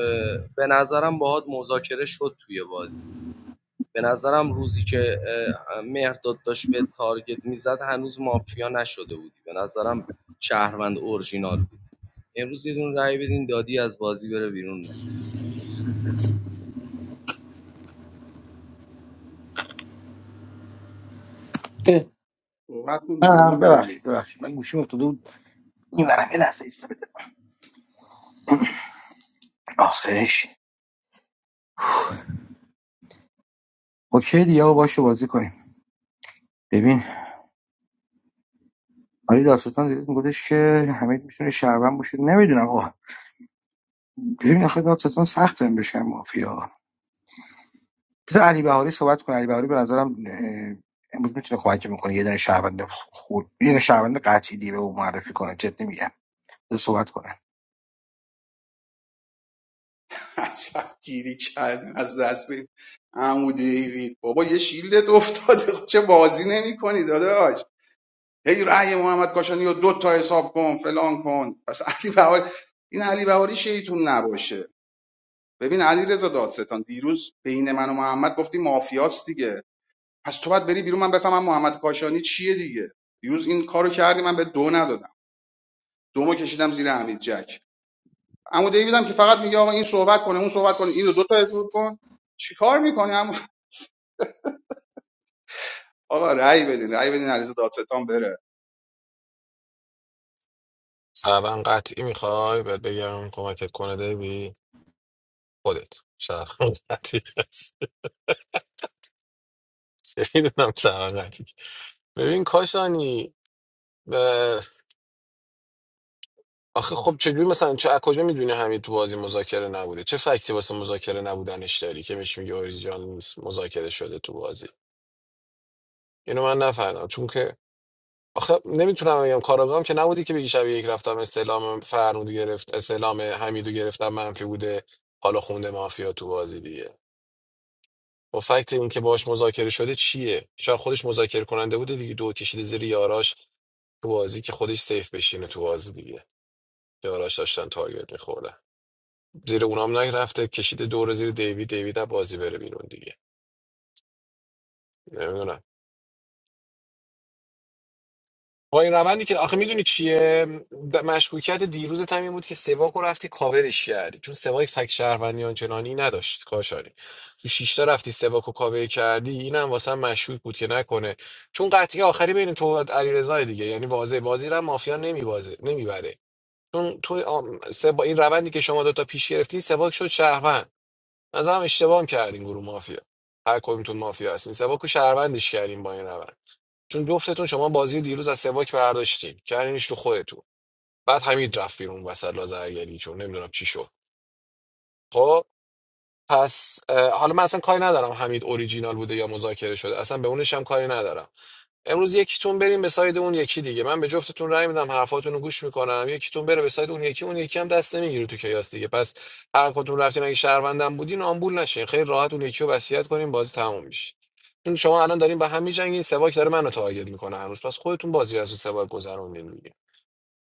Speaker 8: به نظرم باهات مذاکره شد توی بازی به نظرم روزی که اه، مهرداد داشت به تارگت میزد هنوز مافیا نشده بودی به نظرم شهروند اورجینال بود امروز یه دون رأی بدین دادی از بازی بره بیرون نکس
Speaker 6: صحبت کن
Speaker 12: اه،
Speaker 6: دیگه عمو
Speaker 12: منم ببخشید
Speaker 6: دیوید
Speaker 12: ببخشید من گوشیم افتاده بود این برم یه لحظه ایست بده آخرش اوکی دیگه آقا باشه بازی کنیم ببین علی داستان دیروز میگفتش که همه میتونه شربن باشه نمیدونم آقا ببین آخه داستان سخت هم بشه مافیا بذار علی بهاری صحبت کنه علی بهاری به نظرم اه، امروز میتونه کمک میکنه یه دونه شهروند خوب یه دونه شهروند قطعی دی به او معرفی کنه جدی میگم بذار صحبت کنه
Speaker 6: عجب گیری کردین از دستین عمو دیوید بابا یه شیلدت افتاده چه بازی نمیکنی داداش هی رأی محمد کاشانی رو دو تا حساب کن فلان کن پس علی بهاری این علی بهاری شیطون نباشه ببین علی رضا دادستان دیروز بین من و محمد گفتی مافیاست دیگه پس تو باید بری بیرون من بفهمم محمد کاشانی چیه دیگه دیروز این کارو کردی من به دو ندادم دومو کشیدم زیر حمید جک عمو دیویدم که فقط میگه آقا این صحبت کنه اون صحبت کنه اینو دو تا حساب کن چیکار میکنی عمو آقا رأی بدین رأی بدین علیرضا دادستان بره
Speaker 4: سرون قطعی میخوای بهت بگم کمکت کنه دیوی خودت سرون قطعی هست چه میدونم سرون قطعی ببین کاشانی به آخه خب چجوری مثلا چه از کجا میدونی همین تو بازی مذاکره نبوده چه فکتی واسه مذاکره نبودنش داری که بهش میگه اوریجینال نیست مذاکره شده تو بازی اینو من نفهمیدم چون که آخه نمیتونم بگم کاراگاهم که نبودی که بگی شب یک رفتم استعلام فرنود گرفت استعلام حمیدو گرفتم منفی بوده حالا خونده مافیا تو بازی دیگه با فکت این که باهاش مذاکره شده چیه شاید خودش مذاکره کننده بوده دیگه دو کشیده زیر یاراش تو بازی که خودش سیف بشینه تو بازی دیگه یاراش داشتن تارگت میخوردن زیر اونام نرفته کشیده دور زیر دیوید دیوید از بازی بره بیرون دیگه نمیدونم با این روندی که آخه میدونی چیه د- مشکوکیت دیروزت هم این بود که سواک رو رفتی کاورش کردی چون سواک فک شهروندی آنچنانی نداشت کاشانی تو شیشتا رفتی سواک رو کاور کردی این هم واسه هم مشکوک بود که نکنه چون قطعی آخری بین تو و علیرضا دیگه یعنی واضح بازی رو هم مافیا نمیبازه نمیبره چون تو آم، سه- با این روندی که شما دوتا پیش گرفتی سواک شد شهروند نظرم اشتباه هم کردین گروه مافیا هر کدومتون مافیا هستین سواک رو شهروندش کردین با این روند چون جفتتون شما بازی دیروز از سواک برداشتین کردینش تو خودتون بعد حمید رفت بیرون وسط لازرگری چون نمیدونم چی شد خب پس اه، حالا من اصلا کاری ندارم حمید اوریجینال بوده یا مذاکره شده اصلا به اونش هم کاری ندارم امروز یکیتون بریم به ساید اون یکی دیگه من به جفتتون رأی میدم حرفاتون رو گوش میکنم یکیتون بره به ساید اون یکی اون یکی هم دست نمیگیره تو کیاس دیگه پس هر کدوم رفتین اگه شهروندم بودین آمبول نشین خیلی راحت اون یکی رو وصیت کنیم بازی تموم میشه چون شما الان دارین به هم میجنگین سواک داره منو تارگت میکنه هنوز پس خودتون بازی رو از اون سواک گذروندین دیگه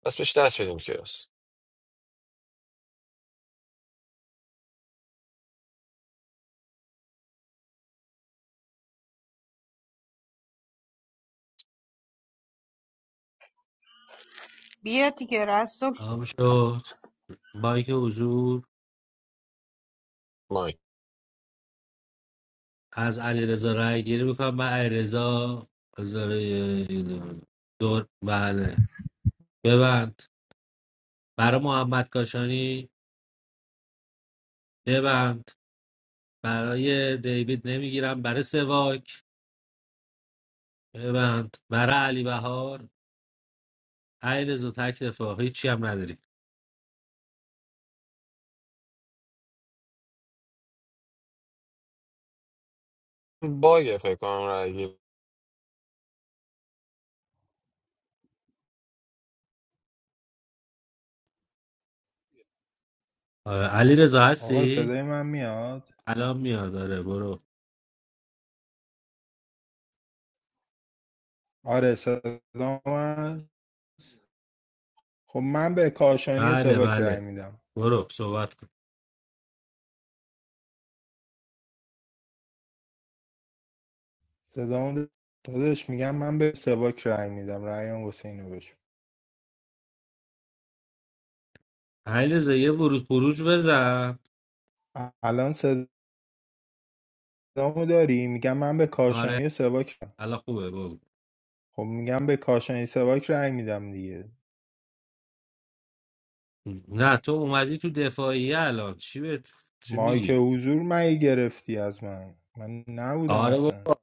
Speaker 4: پس بهش دست بدیم کیاس
Speaker 14: بیا دیگه رسول
Speaker 15: تمام شد بانک حضور
Speaker 4: مایک
Speaker 15: از علی رضا رای گیری میکنم من علی رضا دور بله ببند برای محمد کاشانی ببند برای دیوید نمیگیرم برای سواک ببند برای علی بهار علی رضا تک رفاقی چی هم نداری
Speaker 4: باگه فکر کنم رأی گیری.
Speaker 15: علی رضا
Speaker 9: آقا
Speaker 15: هستی؟
Speaker 9: صدای من میاد
Speaker 15: الان میاد داره برو
Speaker 9: آره صدا من خب من به کاشانی و
Speaker 15: بله
Speaker 9: سواک رای
Speaker 15: بله
Speaker 9: میدم
Speaker 15: برو صحبت کن
Speaker 9: صدام داداش میگم من به سواک رأی میدم رأیم حسین بشم
Speaker 15: علی رضا یه ورود خروج بزن
Speaker 9: الان صدامو داری میگم من به
Speaker 15: آره
Speaker 9: کاشانی و سواک رأی-
Speaker 15: الان خوبه بگو
Speaker 9: خب میگم به کاشانی سواک رأی میدم دیگه
Speaker 15: نه تو اومدی تو دفاعیه الان چی به چی
Speaker 9: مایک
Speaker 15: میگی
Speaker 9: حضور مگه گرفتی از من من نبودم
Speaker 15: آره
Speaker 9: اصلا
Speaker 15: بابا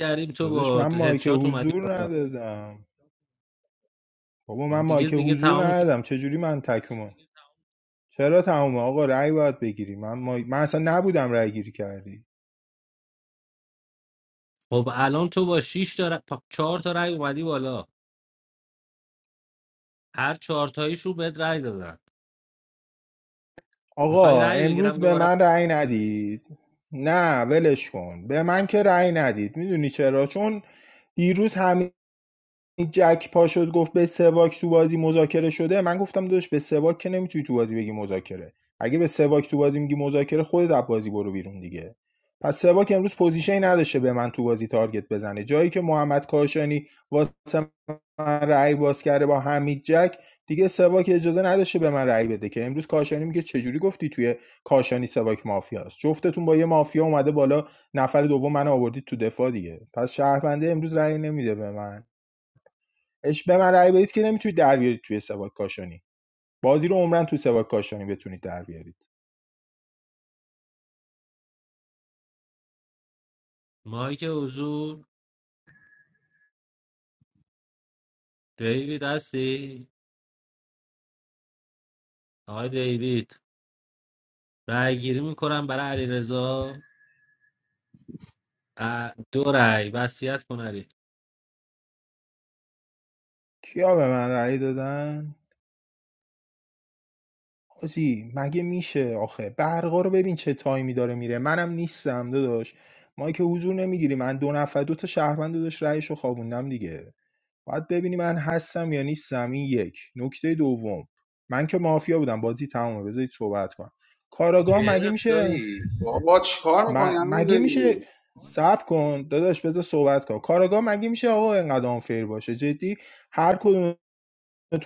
Speaker 15: کردیم تو
Speaker 9: داداش
Speaker 15: با
Speaker 9: من مایک
Speaker 15: هدشات اومدی
Speaker 9: حضور ندادم بابا
Speaker 15: بالا
Speaker 9: من
Speaker 15: دیگه
Speaker 9: مایک
Speaker 15: دیگه
Speaker 9: حضور
Speaker 15: تمام شد
Speaker 9: ندادم چجوری من تکومم چرا تمومه آقا رأی باید بگیری من, ما من اصلا نبودم رأی گیری کردی
Speaker 15: خب الان تو با 6 تا ر- پا- چهار تا رای اومدی بالا هر چهار تاییش رو بهت رای دادن میخوای
Speaker 9: آقا
Speaker 15: رای
Speaker 9: امروز
Speaker 15: بگیرم
Speaker 9: به
Speaker 15: دوباره
Speaker 9: من رأی ندید نه ولش کن به من که رأی ندید میدونی چرا چون دیروز همه جک پا شد گفت به سواک تو بازی مذاکره شده من گفتم داداش به سواک که نمیتونی تو بازی بگی مذاکره اگه به سواک تو بازی میگی مذاکره خودت از بازی برو بیرون دیگه پس سواک امروز پوزیشنی نداشته به من تو بازی تارگت بزنه جایی که محمد کاشانی واسه من رأی باز کرده با حمید جک دیگه سواک اجازه نداشته به من رأی بده که امروز کاشانی میگه چجوری گفتی توی کاشانی سواک مافیاست جفتتون با یه مافیا اومده بالا نفر دوم من آوردید تو دفاع دیگه پس شهرونده امروز رأی نمیده به من اش به من رأی بدید که نمیتونید در بیارید توی سواد کاشانی بازی رو عمرن توی سواد کاشانی بتونید در بیارید
Speaker 15: مایک حضور دیوید هستی آقای دیوید رأی گیری میکنم برای علیرضا ا- دو رأی وصیت کن علی
Speaker 9: کیا به من رأی دادن آجی مگه میشه آخه برقا رو ببین چه تایمی داره میره منم نیستم داداش ما که حضور نمیگیری من دو نفر دو تا شهروند داداش رأیشو خوابوندم دیگه باید ببینی من هستم یا نیستم این یک نکته دوم من که مافیا بودم بازی تمومه بذارید صحبت کنم کاراگاه مگه
Speaker 8: گرفت
Speaker 9: میشه
Speaker 8: دایی
Speaker 6: بابا چیکار
Speaker 9: م-
Speaker 6: میکنی عمو
Speaker 9: مگه
Speaker 6: دیوید
Speaker 9: میشه صبر کن داداش بذار صحبت کن کاراگاه مگه میشه آقا اینقدر آنفیر باشه جدی هر کدومتون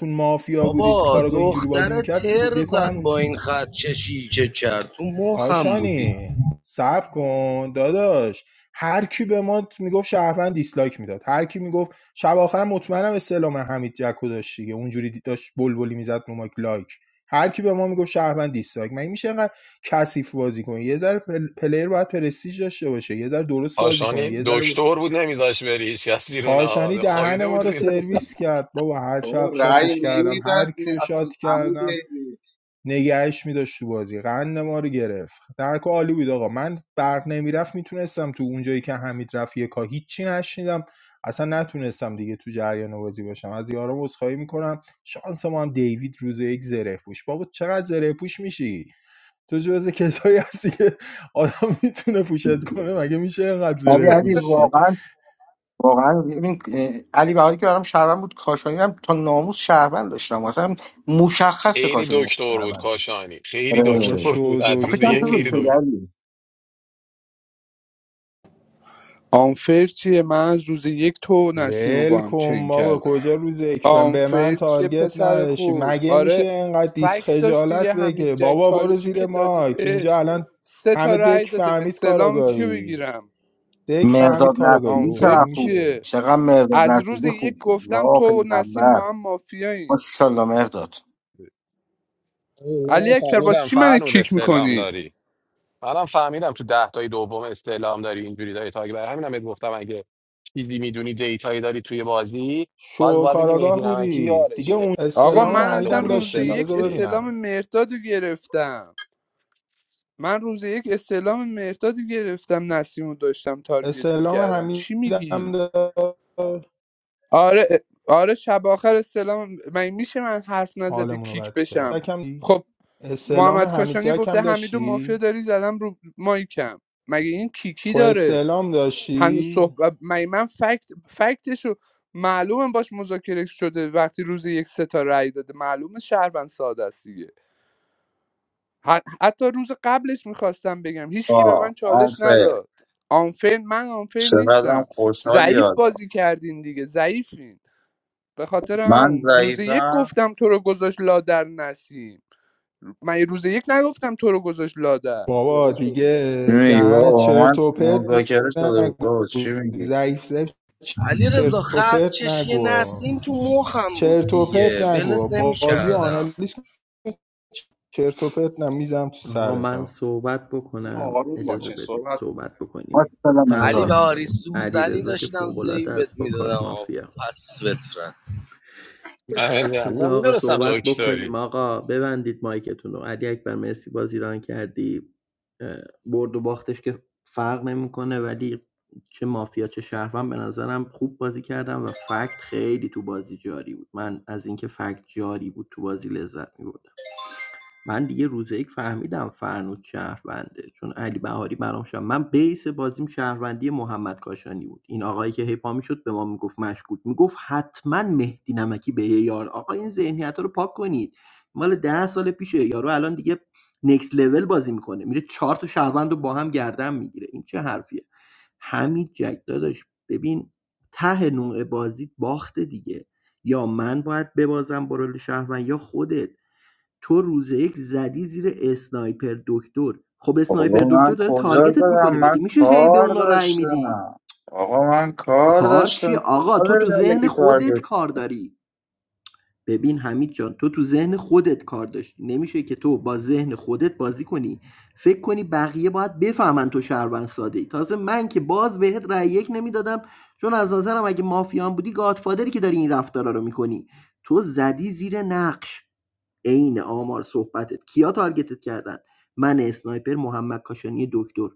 Speaker 9: مافیا بودید
Speaker 8: بابا
Speaker 9: کاراگاه اینجوری بازی
Speaker 8: دختر
Speaker 9: میکرد
Speaker 8: تر
Speaker 9: دکو
Speaker 8: زد
Speaker 9: همونجوری
Speaker 8: با این خط کشی که کرد تو مخم بودی
Speaker 9: کاشانی صبر کن داداش هر کی به ما میگفت شهروند دیسلایک میداد هر کی میگفت شب آخرم مطمئنم استعلام حمید جکو داشت دیگه اونجوری دی- داشت بلبلی میزد رو مایک لایک هر کی به ما میگفت شهروند دیسلایک مگه میشه انقدر کثیف بازی کنه یه ذره پل... پلیر باید پرستیژ داشته باشه یه ذره درست بازی کنه
Speaker 4: کاشانی
Speaker 9: یه ذره
Speaker 4: دکتر بود نمیذاش بری هیچ کس بیرون
Speaker 9: کاشانی
Speaker 4: آباد
Speaker 9: دهن
Speaker 4: خوابیده
Speaker 9: ما
Speaker 4: بود
Speaker 9: رو
Speaker 4: روی نون.
Speaker 9: سرویس کرد بابا هر
Speaker 6: بابا
Speaker 9: شب
Speaker 6: رأی
Speaker 9: شاتش کردم
Speaker 6: نمیداد
Speaker 9: هر کیو
Speaker 6: اصلا
Speaker 9: شات
Speaker 6: عمود
Speaker 9: کردم نگهش میداشت تو بازی قند ما رو گرفت درک عالی بود آقا من برق نمیرفت میتونستم تو اونجایی که حمید رفت یکا هیچی نشنیدم اصلا نتونستم دیگه تو جریان بازی باشم از یارم عذرخواهی میکنم شانس ما هم دیوید روز یک زره پوش بابا چقدر زره پوش میشی تو جز کسایی هستی که آدم میتونه پوشت کنه مگه میشه اینقدر
Speaker 12: ولی
Speaker 9: زره
Speaker 12: علی
Speaker 9: پوشی
Speaker 12: واقعا واقعا ببین اه، علی بهاری که برام شهروند بود کاشانی هم تا ناموس شهروند داشتم اصلا مشخص
Speaker 4: خیلی
Speaker 12: کاشانی مفت
Speaker 4: دکتر بود
Speaker 12: شهروند بود.
Speaker 4: کاشانی خیلی
Speaker 12: آره
Speaker 9: بابا
Speaker 4: دکتر بود
Speaker 9: شو
Speaker 4: از
Speaker 12: من
Speaker 4: روز
Speaker 12: فکر کنم
Speaker 4: یک
Speaker 9: دکتر
Speaker 12: تو درست
Speaker 4: خیلی
Speaker 12: شدی
Speaker 9: بود
Speaker 4: دکتر
Speaker 12: علی
Speaker 1: آنفر چیه من از روز یک تو و نسیم رو با
Speaker 9: ول
Speaker 1: هم
Speaker 9: کن
Speaker 1: چنگ
Speaker 9: ما به
Speaker 1: کردم
Speaker 9: کجا روز اکبن به
Speaker 1: آنفر
Speaker 9: من
Speaker 1: چیه
Speaker 9: تارگت
Speaker 1: پسر
Speaker 9: نداشی
Speaker 1: خوب
Speaker 9: مگه میشه
Speaker 1: آره
Speaker 9: اینقدر دیس
Speaker 1: فکت داشت دیگه
Speaker 9: خجالت
Speaker 1: حمید
Speaker 9: بگه
Speaker 1: جک
Speaker 9: بابا برو
Speaker 1: چالشی که
Speaker 9: زیر
Speaker 1: دادی
Speaker 9: ماک اینجا
Speaker 1: بهش
Speaker 9: الان
Speaker 1: سه تا
Speaker 9: همه
Speaker 1: رأی
Speaker 9: دک
Speaker 1: داده به
Speaker 9: فهمید
Speaker 1: سلام کیو
Speaker 9: کاراگاهی
Speaker 1: بگیرم
Speaker 9: دک فهمید
Speaker 12: مرداد
Speaker 9: کاراگاهی
Speaker 12: نصیری
Speaker 9: بابا من
Speaker 1: آنفر
Speaker 12: چقدر
Speaker 9: این
Speaker 12: خوب بود
Speaker 9: میشه
Speaker 1: چیه
Speaker 12: چقدر مرداد
Speaker 1: از روز
Speaker 12: نصیری
Speaker 1: یک
Speaker 12: خوب بود
Speaker 1: گفتم
Speaker 12: یا
Speaker 1: تو و نسیم
Speaker 12: پیغمبر
Speaker 1: با هم مافیاییم
Speaker 12: ماشاءالله مرداد
Speaker 1: علی
Speaker 4: منم
Speaker 1: اکبر واسه
Speaker 4: فهمیدم
Speaker 1: چی منو
Speaker 4: فرنود
Speaker 1: کیک
Speaker 4: استعلام
Speaker 1: میکنی
Speaker 4: داری منم فهمیدم تو ده تای دوم استعلام داری اینجوری داری تاگ برای همینم بهت گفتم اگه چیزی میدونی دیتایی داری توی بازی باز
Speaker 9: شو
Speaker 4: باید بگی
Speaker 9: کاراگاه
Speaker 4: مهدی نمکی
Speaker 9: بودی دیگه
Speaker 4: یارشه
Speaker 9: اون
Speaker 1: آقا
Speaker 4: خیلی
Speaker 9: استلام
Speaker 1: من
Speaker 4: معلوم
Speaker 1: اصلا
Speaker 9: حمیدم
Speaker 4: بود
Speaker 1: روز
Speaker 9: داشتی
Speaker 4: استعلام
Speaker 1: یک
Speaker 9: بذار
Speaker 4: داری
Speaker 1: استلام
Speaker 9: ببینم
Speaker 1: مهرداد رو گرفتم من روز یک استعلام مرتادی گرفتم نسیم رو داشتم تارگت
Speaker 9: استلام
Speaker 1: میکردم چی
Speaker 9: حمیدم
Speaker 1: میگین
Speaker 9: داشت
Speaker 1: آره آره شب آخر استعلام من میشه من حرف نزدی
Speaker 9: حالمونو
Speaker 1: کیک
Speaker 9: بد کرد
Speaker 1: بشم
Speaker 9: یکم
Speaker 1: خب
Speaker 9: استلام
Speaker 1: محمد
Speaker 9: حمید
Speaker 1: کاشانی
Speaker 9: جک
Speaker 1: گفته
Speaker 9: هم
Speaker 1: حمیدو مافیا
Speaker 9: داشتی
Speaker 1: داری زدم رو مایکم مگه این کیکی
Speaker 9: خب
Speaker 1: داره
Speaker 9: استعلام
Speaker 1: هنوز
Speaker 9: داشتی
Speaker 1: صحبت مگه من فکت فکتشو معلومه باش مذاکره شده وقتی روز یک ستا رأی داده معلومه شهروند ساده است دیگه ح- حتی روز قبلش میخواستم بگم هیچکی به من
Speaker 3: آه
Speaker 1: چالش
Speaker 3: آنفه
Speaker 1: نداد آنفر من آنفر
Speaker 3: چقدرم
Speaker 1: نیستم
Speaker 3: خوشحالی
Speaker 1: ضعیف
Speaker 3: حالا
Speaker 1: بازی کردین دیگه ضعیفین به خاطر
Speaker 3: من
Speaker 1: همون روز یک
Speaker 3: ضعیفم
Speaker 1: گفتم تو رو گذاشت لادر نسیم من روز یک نگفتم تو رو گذاشت لادر
Speaker 9: بابا
Speaker 6: گره شده
Speaker 9: دیگه
Speaker 3: می‌دونی،
Speaker 9: دهن
Speaker 3: بابا
Speaker 9: چرت
Speaker 3: من
Speaker 9: و پرت
Speaker 3: مذاکره شده بود
Speaker 9: نگو
Speaker 3: بابا چی میگی
Speaker 9: ضعیف ضعیف
Speaker 8: علی رضا
Speaker 9: چرت و
Speaker 8: خط
Speaker 9: پرت
Speaker 8: کشی
Speaker 9: نگو
Speaker 8: نسیم تو مخم بود
Speaker 9: چرت و پرت
Speaker 8: دیگه
Speaker 9: نگو
Speaker 8: ولت نمی
Speaker 9: بازی و
Speaker 8: کردم
Speaker 9: آنالیز کن. چرت و پرت نمیزم تو
Speaker 13: آقا
Speaker 9: سرت
Speaker 13: من
Speaker 9: ها
Speaker 13: صحبت
Speaker 6: آقا
Speaker 13: بکنم
Speaker 6: آروم
Speaker 13: اجازه
Speaker 6: باشین
Speaker 13: بدید
Speaker 6: صحبت کن
Speaker 13: صحبت بکنیم
Speaker 12: ماشاءالله
Speaker 8: علی و
Speaker 12: مرداد
Speaker 13: تمومش کنیم
Speaker 8: آریس
Speaker 13: علیرضا
Speaker 8: لوزنی
Speaker 13: که
Speaker 8: داشتم
Speaker 13: فوق العاده
Speaker 8: سیبت
Speaker 13: است با کارت
Speaker 8: میدادم
Speaker 13: مافیا
Speaker 8: پس فطرت
Speaker 4: من میگم من
Speaker 13: بذار آقا
Speaker 4: میدونستم
Speaker 13: صحبت بکنیم
Speaker 4: دکتری
Speaker 13: آقا ببندید مایکتون رو علی اکبر مرسی بازی ران کردی اه، برد و باختش که فرق نمیکنه ولی چه مافیا چه شهروند به نظرم خوب بازی کردم و فکت خیلی تو بازی جاری بود من از اینکه فکت جاری بود تو بازی لذت می‌بردم من دیگه روز یک فهمیدم فرنود شهرونده چون علی بهاری برام شد من بیس بازیم شهروندی محمد کاشانی بود این آقایی که هیپا میشد به ما میگفت مشکوک میگفت حتما مهدی نمکی به یه یار آقا این ذهنیت رو پاک کنید مال ده سال پیشه یارو الان دیگه نکس لول بازی میکنه میره چهار تا شهروند رو با هم گردن میگیره این چه حرفیه حمید جک داداش ببین ته نوع بازی باخته دیگه یا من باید ببازم برول شهروند یا خودت تو روز یک زدی زیر اسنایپر دکتر خب اسنایپر
Speaker 3: بابا
Speaker 13: دکتر
Speaker 3: من
Speaker 13: داره
Speaker 3: کجا
Speaker 13: تارگتت میکنه
Speaker 3: دارم
Speaker 13: مگه
Speaker 3: من
Speaker 13: میشه هی به
Speaker 3: کار
Speaker 13: اونا رأی میدی
Speaker 3: داشتم آقا من کار
Speaker 13: کار چی
Speaker 3: داشتم
Speaker 13: آقا
Speaker 3: شما
Speaker 13: تو
Speaker 3: داری
Speaker 13: تو
Speaker 3: در
Speaker 13: ذهن
Speaker 3: که
Speaker 13: خودت
Speaker 3: تارگت
Speaker 13: کار داری ببین حمید جان تو تو ذهن خودت کار داشتی نمیشه که تو با ذهن خودت بازی کنی فکر کنی بقیه باید بفهمن تو شهروند ساده ای تازه من که باز بهت رأی یک نمیدادم چون از نظرم اگه مافیان بودی گادفادری که داری این رفتارا رو میکنی تو زدی زیر نقش عین آمار صحبتت کیا تارگتت کردن من اسنایپر محمد کاشانی دکتر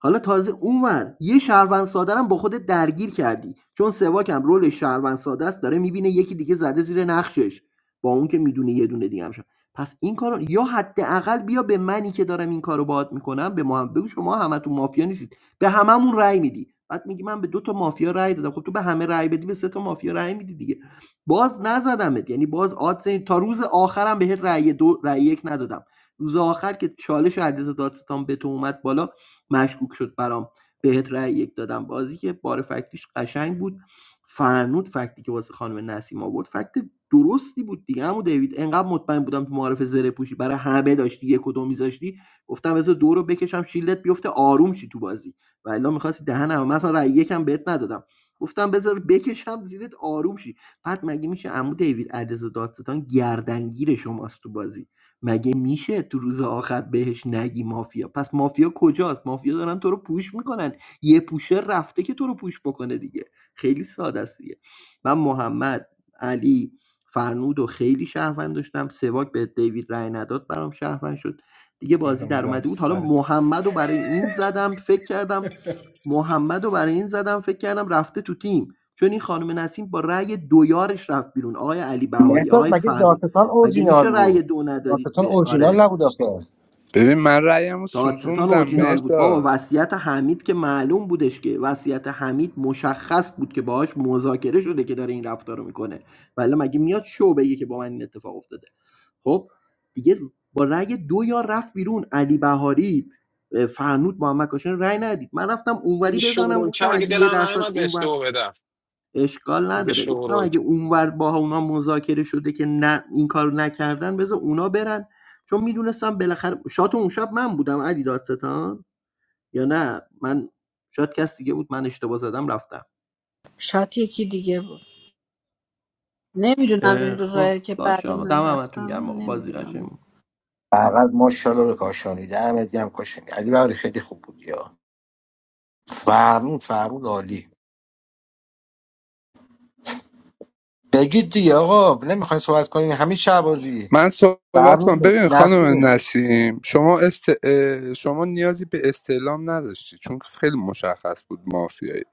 Speaker 13: حالا تازه اونور یه شهروند ساده هم با خودت درگیر کردی چون سواکم رول شهروند ساده است داره میبینه یکی دیگه زده زیر نقشش با اون که میدونه یه دونه دیگه هم شد. پس این کارو یا حداقل بیا به منی که دارم این کارو باهات میکنم به ما هم بگو شما همتون مافیا نیستید به هممون رأی میدی بعد میگی من به دو تا مافیا رأی دادم خب تو به همه رأی بدی به سه تا مافیا رأی میدی دیگه باز نزدمت یعنی باز آدز این- تا روز آخرم بهت رأی دو رأی یک ندادم روز آخر که چالش علیرضا دادستان به تو اومد بالا مشکوک شد برام بهت رأی یک دادم بازی که بار فکتیش قشنگ بود فرنود فکتی که واسه خانم نسیم آورد فکت درستی بود دیگه همون دیوید انقدر مطمئن بودم تو معارف زره پوشی برای همه داشتی یک و دو میذاشتی گفتم بذار دو رو بکشم شیلت بیفته آروم شی تو بازی و الا میخواستی دهن هم مثلا رأی یکم بهت ندادم گفتم بذار بکشم زیرت آروم شی بعد مگه میشه عمو دیوید علیرضا دادستان گردنگیر شماست تو بازی مگه میشه تو روز آخر بهش نگی مافیا پس مافیا کجاست مافیا دارن تو رو پوش میکنن یه پوشه رفته که تو رو پوش بکنه دیگه خیلی ساده است دیگه من محمد علی فرنود و خیلی شهروند داشتم سواک به دیوید رای نداد برام شهروند شد دیگه بازی
Speaker 9: نمیزم
Speaker 13: در
Speaker 9: تو
Speaker 13: اومده بود حالا
Speaker 9: سرت
Speaker 13: محمد رو برای این زدم فکر کردم محمد رو برای این زدم فکر کردم رفته تو تیم چون این خانم نسیم با رأی دو یارش رفت بیرون آقای علی بهاری
Speaker 12: مرداد
Speaker 13: آقای
Speaker 12: مگه
Speaker 13: فرنود
Speaker 12: داستان
Speaker 13: مگه
Speaker 12: اورجینال
Speaker 13: میشه رأی
Speaker 12: بود
Speaker 13: دو ندادید
Speaker 12: داستان
Speaker 13: به آره
Speaker 12: اورجینال نبود آخه
Speaker 1: ببین من رأیمو
Speaker 13: دادستان
Speaker 1: سوزوندم
Speaker 13: اورجینال بود بابا
Speaker 1: مرداد
Speaker 13: وصیت حمید که معلوم بودش که وصیت حمید مشخص بود که باهاش مذاکره شده که داره این رفتار رو میکنه ولی مگه میاد شو بگه که با من این اتفاق افتاده خب دیگه با رأی دو یا رفت بیرون علی بهاری فرنود محمد کاشان رأی ندید من رفتم اونوری
Speaker 4: دیگه
Speaker 13: بزنم
Speaker 4: شورول
Speaker 13: گفتم
Speaker 4: کرد که
Speaker 13: اگه یه
Speaker 4: دلم
Speaker 13: درصد
Speaker 4: نمیاد بهش
Speaker 13: اونور
Speaker 4: دو بدم
Speaker 13: اشکال نداره گفتم
Speaker 4: دیگه
Speaker 13: اگه اونور با اونا مذاکره شده که نه این کار نکردن بذار اونا برن چون میدونستم بالاخره شات اون شب من بودم علی دادستان یا نه من شات کس دیگه بود من اشتباه زدم رفتم
Speaker 7: شاید یکی دیگه بود نمیدونم این
Speaker 13: خب
Speaker 7: روزایی که
Speaker 13: باشه
Speaker 7: بعد
Speaker 13: آقا
Speaker 7: من
Speaker 13: دم همتون
Speaker 7: رفتم
Speaker 13: گرم آقا بازی
Speaker 7: نمیدونم
Speaker 13: قشنگه
Speaker 12: فقط ماشاءالله به کاشانی دمت گرم کاشانی علی بهاری خیلی خوب بود یا فرمود فرمود عالی بگید دیگه آقا نمیخواین صحبت کنین همین شعبازی
Speaker 1: من صحبت کنم
Speaker 12: فرمین
Speaker 1: ببین خانم
Speaker 12: نسیم
Speaker 1: نسیم شما است... اه، شما نیازی به استعلام نداشتی چون خیلی مشخص بود مافیایی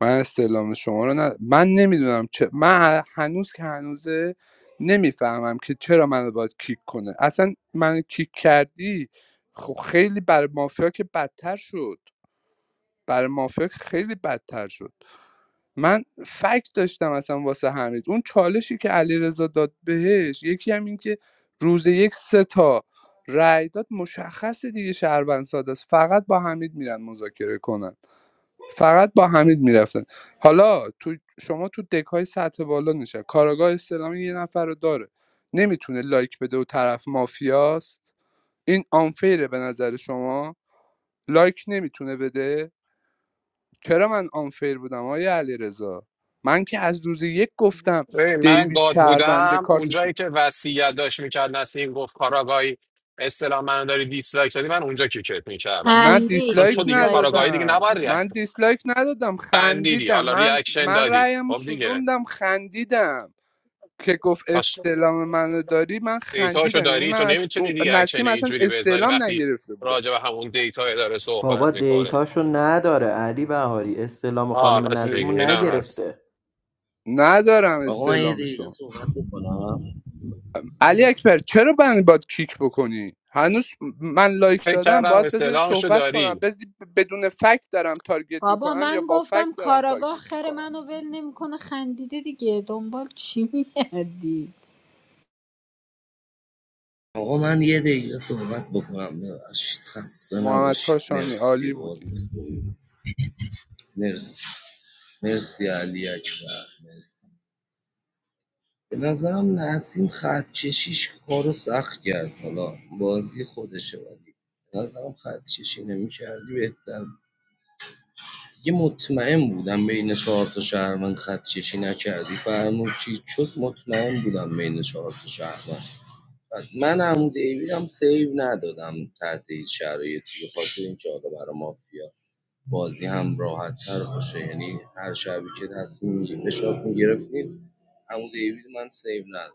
Speaker 1: من استعلام شما رو ند... من نمیدونم چه من هنوز که هنوزه نمیفهمم که چرا منو باید کیک کنه اصلا منو کیک کردی خب خیلی بر مافیا که بدتر شد برای مافیا خیلی بدتر شد من فکت داشتم اصلا واسه حمید اون چالشی که علیرضا داد بهش یکی هم این که روز یک سه تا رای داد مشخص دیگه شهروند ساده است فقط با حمید میرن مذاکره کنن فقط با حمید میرفتن حالا تو شما تو دکای سطح بالا نشن کاراگاه اسلامی یه نفر رو داره نمیتونه لایک بده و طرف مافیاست این آنفیره به نظر شما لایک نمیتونه بده چرا من آنفیر بودم آیا علیرضا من که از روز یک گفتم
Speaker 4: ببین من
Speaker 1: دیوید
Speaker 4: گاد
Speaker 1: شهربنده
Speaker 4: بودم
Speaker 1: کارتش رو-
Speaker 4: اونجایی که وصیت داشت میکرد نسیم گفت کاراگاهی اصطلاح منو داری دیسلایک دادی من اونجا کیکت میکردم
Speaker 1: نه
Speaker 7: خندید
Speaker 4: چون
Speaker 1: دیسلایک
Speaker 4: تو دیگه
Speaker 7: دیسلایک نه
Speaker 4: کاراگاهی دیگه
Speaker 1: ندادم
Speaker 4: نباید
Speaker 1: من
Speaker 4: ریاکت
Speaker 1: دیسلایک ندادم
Speaker 4: خندیدی
Speaker 1: خندیدم
Speaker 4: حالا
Speaker 1: من
Speaker 4: ریاکشن
Speaker 1: من
Speaker 4: دادی
Speaker 1: رأیم رو
Speaker 4: خب دیگه
Speaker 1: سوزوندم خندیدم که گفت
Speaker 4: باش
Speaker 1: استعلام منو داری من
Speaker 4: دیتاشو
Speaker 1: خندیدم یعنی
Speaker 4: داری تو
Speaker 1: من از... اون-
Speaker 4: نمیتونی ریاکشن
Speaker 1: نسیم اصلا
Speaker 4: اینجوری بذاری
Speaker 1: استعلام
Speaker 4: وقتی
Speaker 1: نگرفته بودم
Speaker 4: راجع به همون دیتا داره
Speaker 13: بابا
Speaker 4: صحبت میکنه
Speaker 13: دیتاشو نداره علی بهاری استلام
Speaker 4: آه
Speaker 13: خانم
Speaker 4: راست
Speaker 1: اه.
Speaker 4: میگی
Speaker 13: نسیمو
Speaker 4: اینم هست
Speaker 13: نگرفته
Speaker 1: ندارم
Speaker 8: آقا من یه
Speaker 1: استعلامشو
Speaker 8: دقیقه صحبت بکنم
Speaker 1: علی اکبر چرا من باید کیک بکنی هنوز من لایک
Speaker 4: فکر
Speaker 1: دادم
Speaker 4: کردم
Speaker 1: باید بذاری
Speaker 4: استعلامشو
Speaker 1: صحبت کنم
Speaker 4: داری
Speaker 1: بذاری بدون فکت دارم تارگت
Speaker 7: بابا
Speaker 1: میکنم یا
Speaker 7: من
Speaker 1: با فکت
Speaker 7: گفتم
Speaker 1: دارم
Speaker 7: کاراگاه
Speaker 1: تارگت
Speaker 7: خر
Speaker 1: میکنم
Speaker 7: منو ول نمیکنه خندیده دیگه دنبال چی میه
Speaker 8: آقا من یه دقیقه صحبت بکنم ببخشید خسته
Speaker 1: محمد
Speaker 8: نباشید
Speaker 1: کاشانی
Speaker 8: مرسی
Speaker 1: عالی
Speaker 8: باز
Speaker 1: بودی
Speaker 8: خوبی. مرسی مرسی علی اکبر مرسی به نظرم نسیم خط کشیش کارو سخت کرد حالا بازی خودشه ولی به نظرم خط کشی نمی کردی بهتر بود. دیگه مطمئن بودم بین چهار تا شهروند خط کشی نکردی فرمود چی شد مطمئن بودم بین چهار تا شهروند بعد من عمود دیوید هم سیو ندادم تحت هیچ شرایطی به خاطر اینکه حالا برا مافیا بازی هم راحت‌تر باشه یعنی هر شبی که تصمیم می‌گیم به شات می‌گرفتیم عمو دیوید من سیو ندادم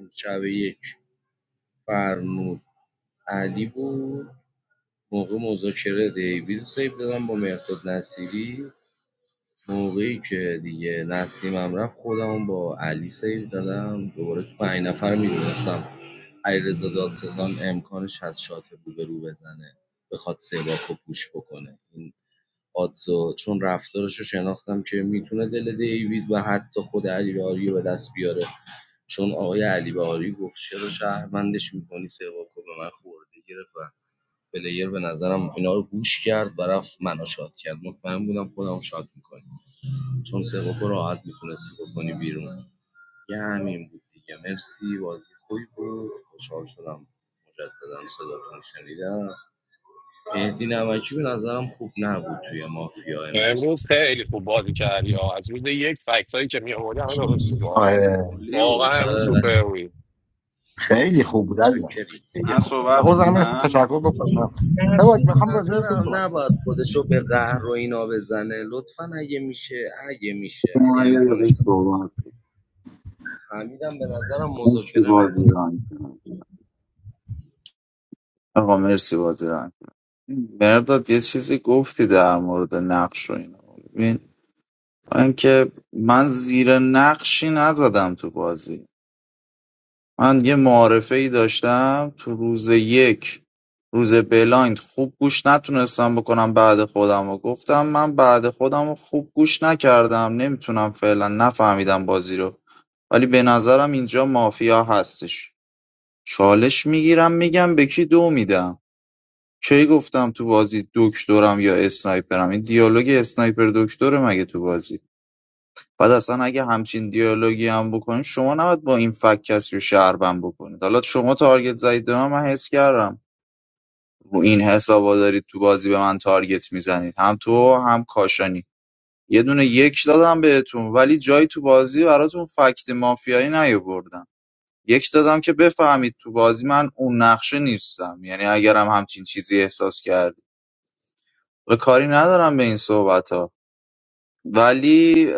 Speaker 8: من شب یک فرنود علی بود موقع مذاکره دیوید رو سیو دادم با مرداد نصیری موقعی که دیگه نسیمم رفت خودم با علی سیو دادم دوباره تو پنج نفر میدونستم علیرضا دادستان امکانش از شات رو به رو بزنه بخواد سه باکو پوش بکنه این آدزو چون رفتارش رو شناختم که میتونه دل دیوید و حتی خود علی بهاری رو به دست بیاره چون آقای علی بهاری گفت چرا شهروندش میکنی سواکو به من خورده گرفت و پلیر به نظرم اینا رو گوش کرد و رفت منو شاد کرد مطمئن بودم خودم شات میکنی چون سواکو راحت میتونستی بکنی بیرون یه همین بود دیگه مرسی بازی خوبی بود خوشحال شدم مجددا صداتون رو شنیدم مهدی نمکی به نظرم خوب نبود توی مافیا امروز
Speaker 4: امروز
Speaker 8: هم
Speaker 4: خیلی خوب بازی کردی آه. از روز یک فکتایی که می آوردی همه درست بود
Speaker 12: آره
Speaker 6: عالی
Speaker 4: واقعا
Speaker 6: بود
Speaker 4: امروز
Speaker 8: آره قشنگ
Speaker 4: سوپر بود
Speaker 12: خیلی خوب بود علی بابا.
Speaker 8: چاکری
Speaker 12: خیلی
Speaker 6: من
Speaker 12: خوب
Speaker 6: صحبت
Speaker 12: آقا زمین خود
Speaker 6: کنم
Speaker 12: تشکر بکنم سواج
Speaker 8: نسیم به
Speaker 12: میخوام راجع به تو
Speaker 8: نظرم
Speaker 12: صحبت
Speaker 8: نباید خودشو به قهر و اینا بزنه لطفا اگه میشه اگه میشه
Speaker 3: شما
Speaker 8: اگه
Speaker 3: یه
Speaker 8: امکانش
Speaker 3: دقیقه
Speaker 8: هست
Speaker 3: صحبت
Speaker 8: حمیدم به نظرم
Speaker 3: مرسی
Speaker 8: مذاکره نبود
Speaker 3: بازی ران کردی. آقا مرسی بازی ران کردی. مرداد یه چیزی گفتی در مورد نقش و اینا ببین من که من زیر نقشی نزدم تو بازی من یه معارفه ای داشتم تو روز یک روز بلایند خوب گوش نتونستم بکنم بعد خودم و گفتم من بعد خودم رو خوب گوش نکردم نمیتونم فعلا نفهمیدم بازی رو ولی به نظرم اینجا مافیا هستش چالش میگیرم میگم به کی دو میدم کی گفتم تو بازی دکترم یا اسنایپرم این دیالوگ اسنایپر دکتره مگه تو بازی بعد اصلا اگه همچین دیالوگی هم بکنیم شما نباید با این فک کسی رو شهروند بکنید حالا شما تارگت زدید به من من حس کردم رو این حسابا دارید تو بازی به من تارگت میزنید هم تو هم کاشانی یه دونه یک دادم بهتون ولی جایی تو بازی براتون فکت مافیایی نیاوردم یک دادم که بفهمید تو بازی من اون نقشه نیستم یعنی اگرم همچین چیزی احساس کردید و کاری ندارم به این صحبت ها ولی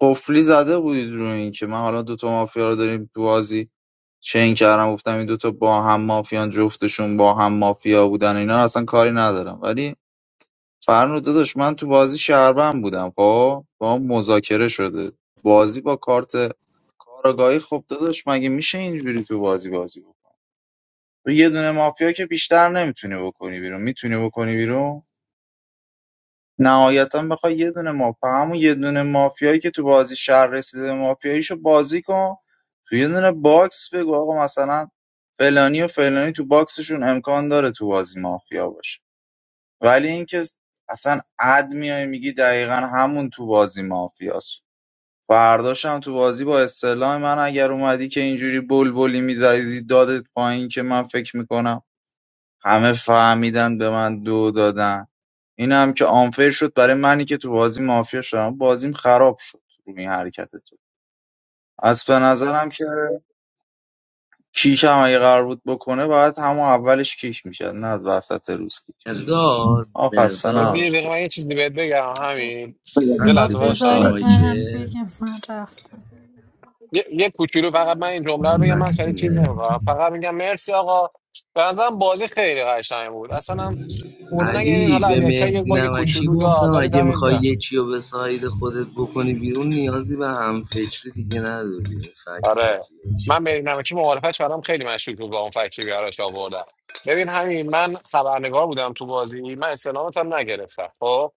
Speaker 3: قفلی زده بودید روی این که من حالا دوتا مافیا رو داریم تو بازی چین کردم گفتم این دوتا با هم مافیان جفتشون با هم مافیا بودن اینا رو اصلا کاری ندارم ولی فرنود داداش من تو بازی شهروند بودم خب با هم مذاکره شده بازی با کارت کارگاهی خب داداش مگه میشه اینجوری تو بازی بازی بکنی تو یه دونه مافیا که بیشتر نمیتونی بکنی بیرون میتونی بکنی بیرون نهایتا بخوای یه دونه مافیا همون یه دونه مافیایی که تو بازی شهر رسیده مافیاییشو بازی کن تو یه دونه باکس بگو آقا مثلا فلانی و فلانی تو باکسشون امکان داره تو بازی مافیا باشه ولی اینکه اصلا اد میای میگی دقیقا همون تو بازی مافیاست فرداشم تو بازی با اصطلاح من اگر اومدی که اینجوری بلبلی میزدی دادت پایین که من فکر میکنم همه فهمیدن به من دو دادن این هم که آنفیر شد برای منی که تو بازی مافیا شدم بازیم خراب شد روی این حرکت تو از به نظرم که کیک هم اگه قرار بود بکنه باید همون اولش کیک میشد نه وسط روز کیک میشد
Speaker 8: مرداد
Speaker 3: آه خسته
Speaker 4: یه
Speaker 8: مرداد
Speaker 3: نباشید
Speaker 4: دقیقه من یه چیزی بهت بگم همین
Speaker 12: بگم
Speaker 4: یه
Speaker 7: با
Speaker 8: هستی
Speaker 4: لحظه
Speaker 8: پشت
Speaker 4: وایسا
Speaker 7: بذارید
Speaker 12: بله.
Speaker 7: منم
Speaker 8: مایکه
Speaker 7: بگم من رفتم
Speaker 4: یه, یه کوچولو فقط من این جمله رو
Speaker 8: آن
Speaker 4: بگم من شاید چیز
Speaker 8: نسیمه
Speaker 4: نمی‌کنم فقط میگم مرسی آقا به نظرم بازی خیلی قشنگ بود اصلا هم بردن اگه این
Speaker 8: علی
Speaker 4: حالا
Speaker 8: به
Speaker 4: علی اکبر یه
Speaker 8: مهدی
Speaker 4: باگ
Speaker 8: نمکی
Speaker 4: کوچولو
Speaker 8: گفتم
Speaker 4: داد ولی
Speaker 8: اگه
Speaker 4: دمت
Speaker 8: میخوای
Speaker 4: گرم
Speaker 8: یکی رو به ساید خودت بکنی بیرون نیازی به همفکری دیگه نداری این فکر
Speaker 4: آره
Speaker 8: مافیاش
Speaker 4: من به نمکی معارفش برام خیلی مشکوک بود با اون فکتی که براش آوردم ببین همین من خبرنگار بودم تو بازی من استلامت هم نگرفتم خب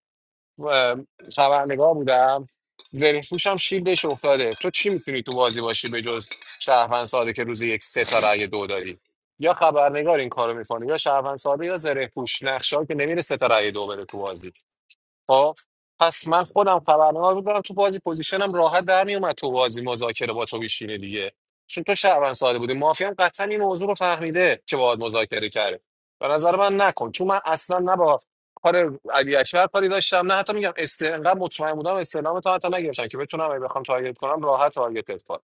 Speaker 4: اه، خبرنگار بودم زره پوشم شیلدش افتاده تو چی میتونی تو بازی باشی به جز شهروند ساده که روز یک سه تا رأی دو داری یا خبرنگار این کارو میکنه یا شهروند ساده یا زره پوش نقشه که نمیره سه تا رأی دو بره تو بازی خب پس من خودم خبرنگار بودم تو بازی پوزیشنم راحت در میومد تو بازی مذاکره با تو بشینه دیگه چون تو شهروند ساده بودی مافیا هم قطعا این موضوع رو فهمیده که باهات مذاکره کرده به نظر من نکن چون من اصلا نه با کار علی اکبر کاری داشتم نه حتی میگم است انقدر مطمئن بودم استعلام تا حتی نگرفتم که بتونم اگه بخوام تارگت کنم راحت تارگتت کنم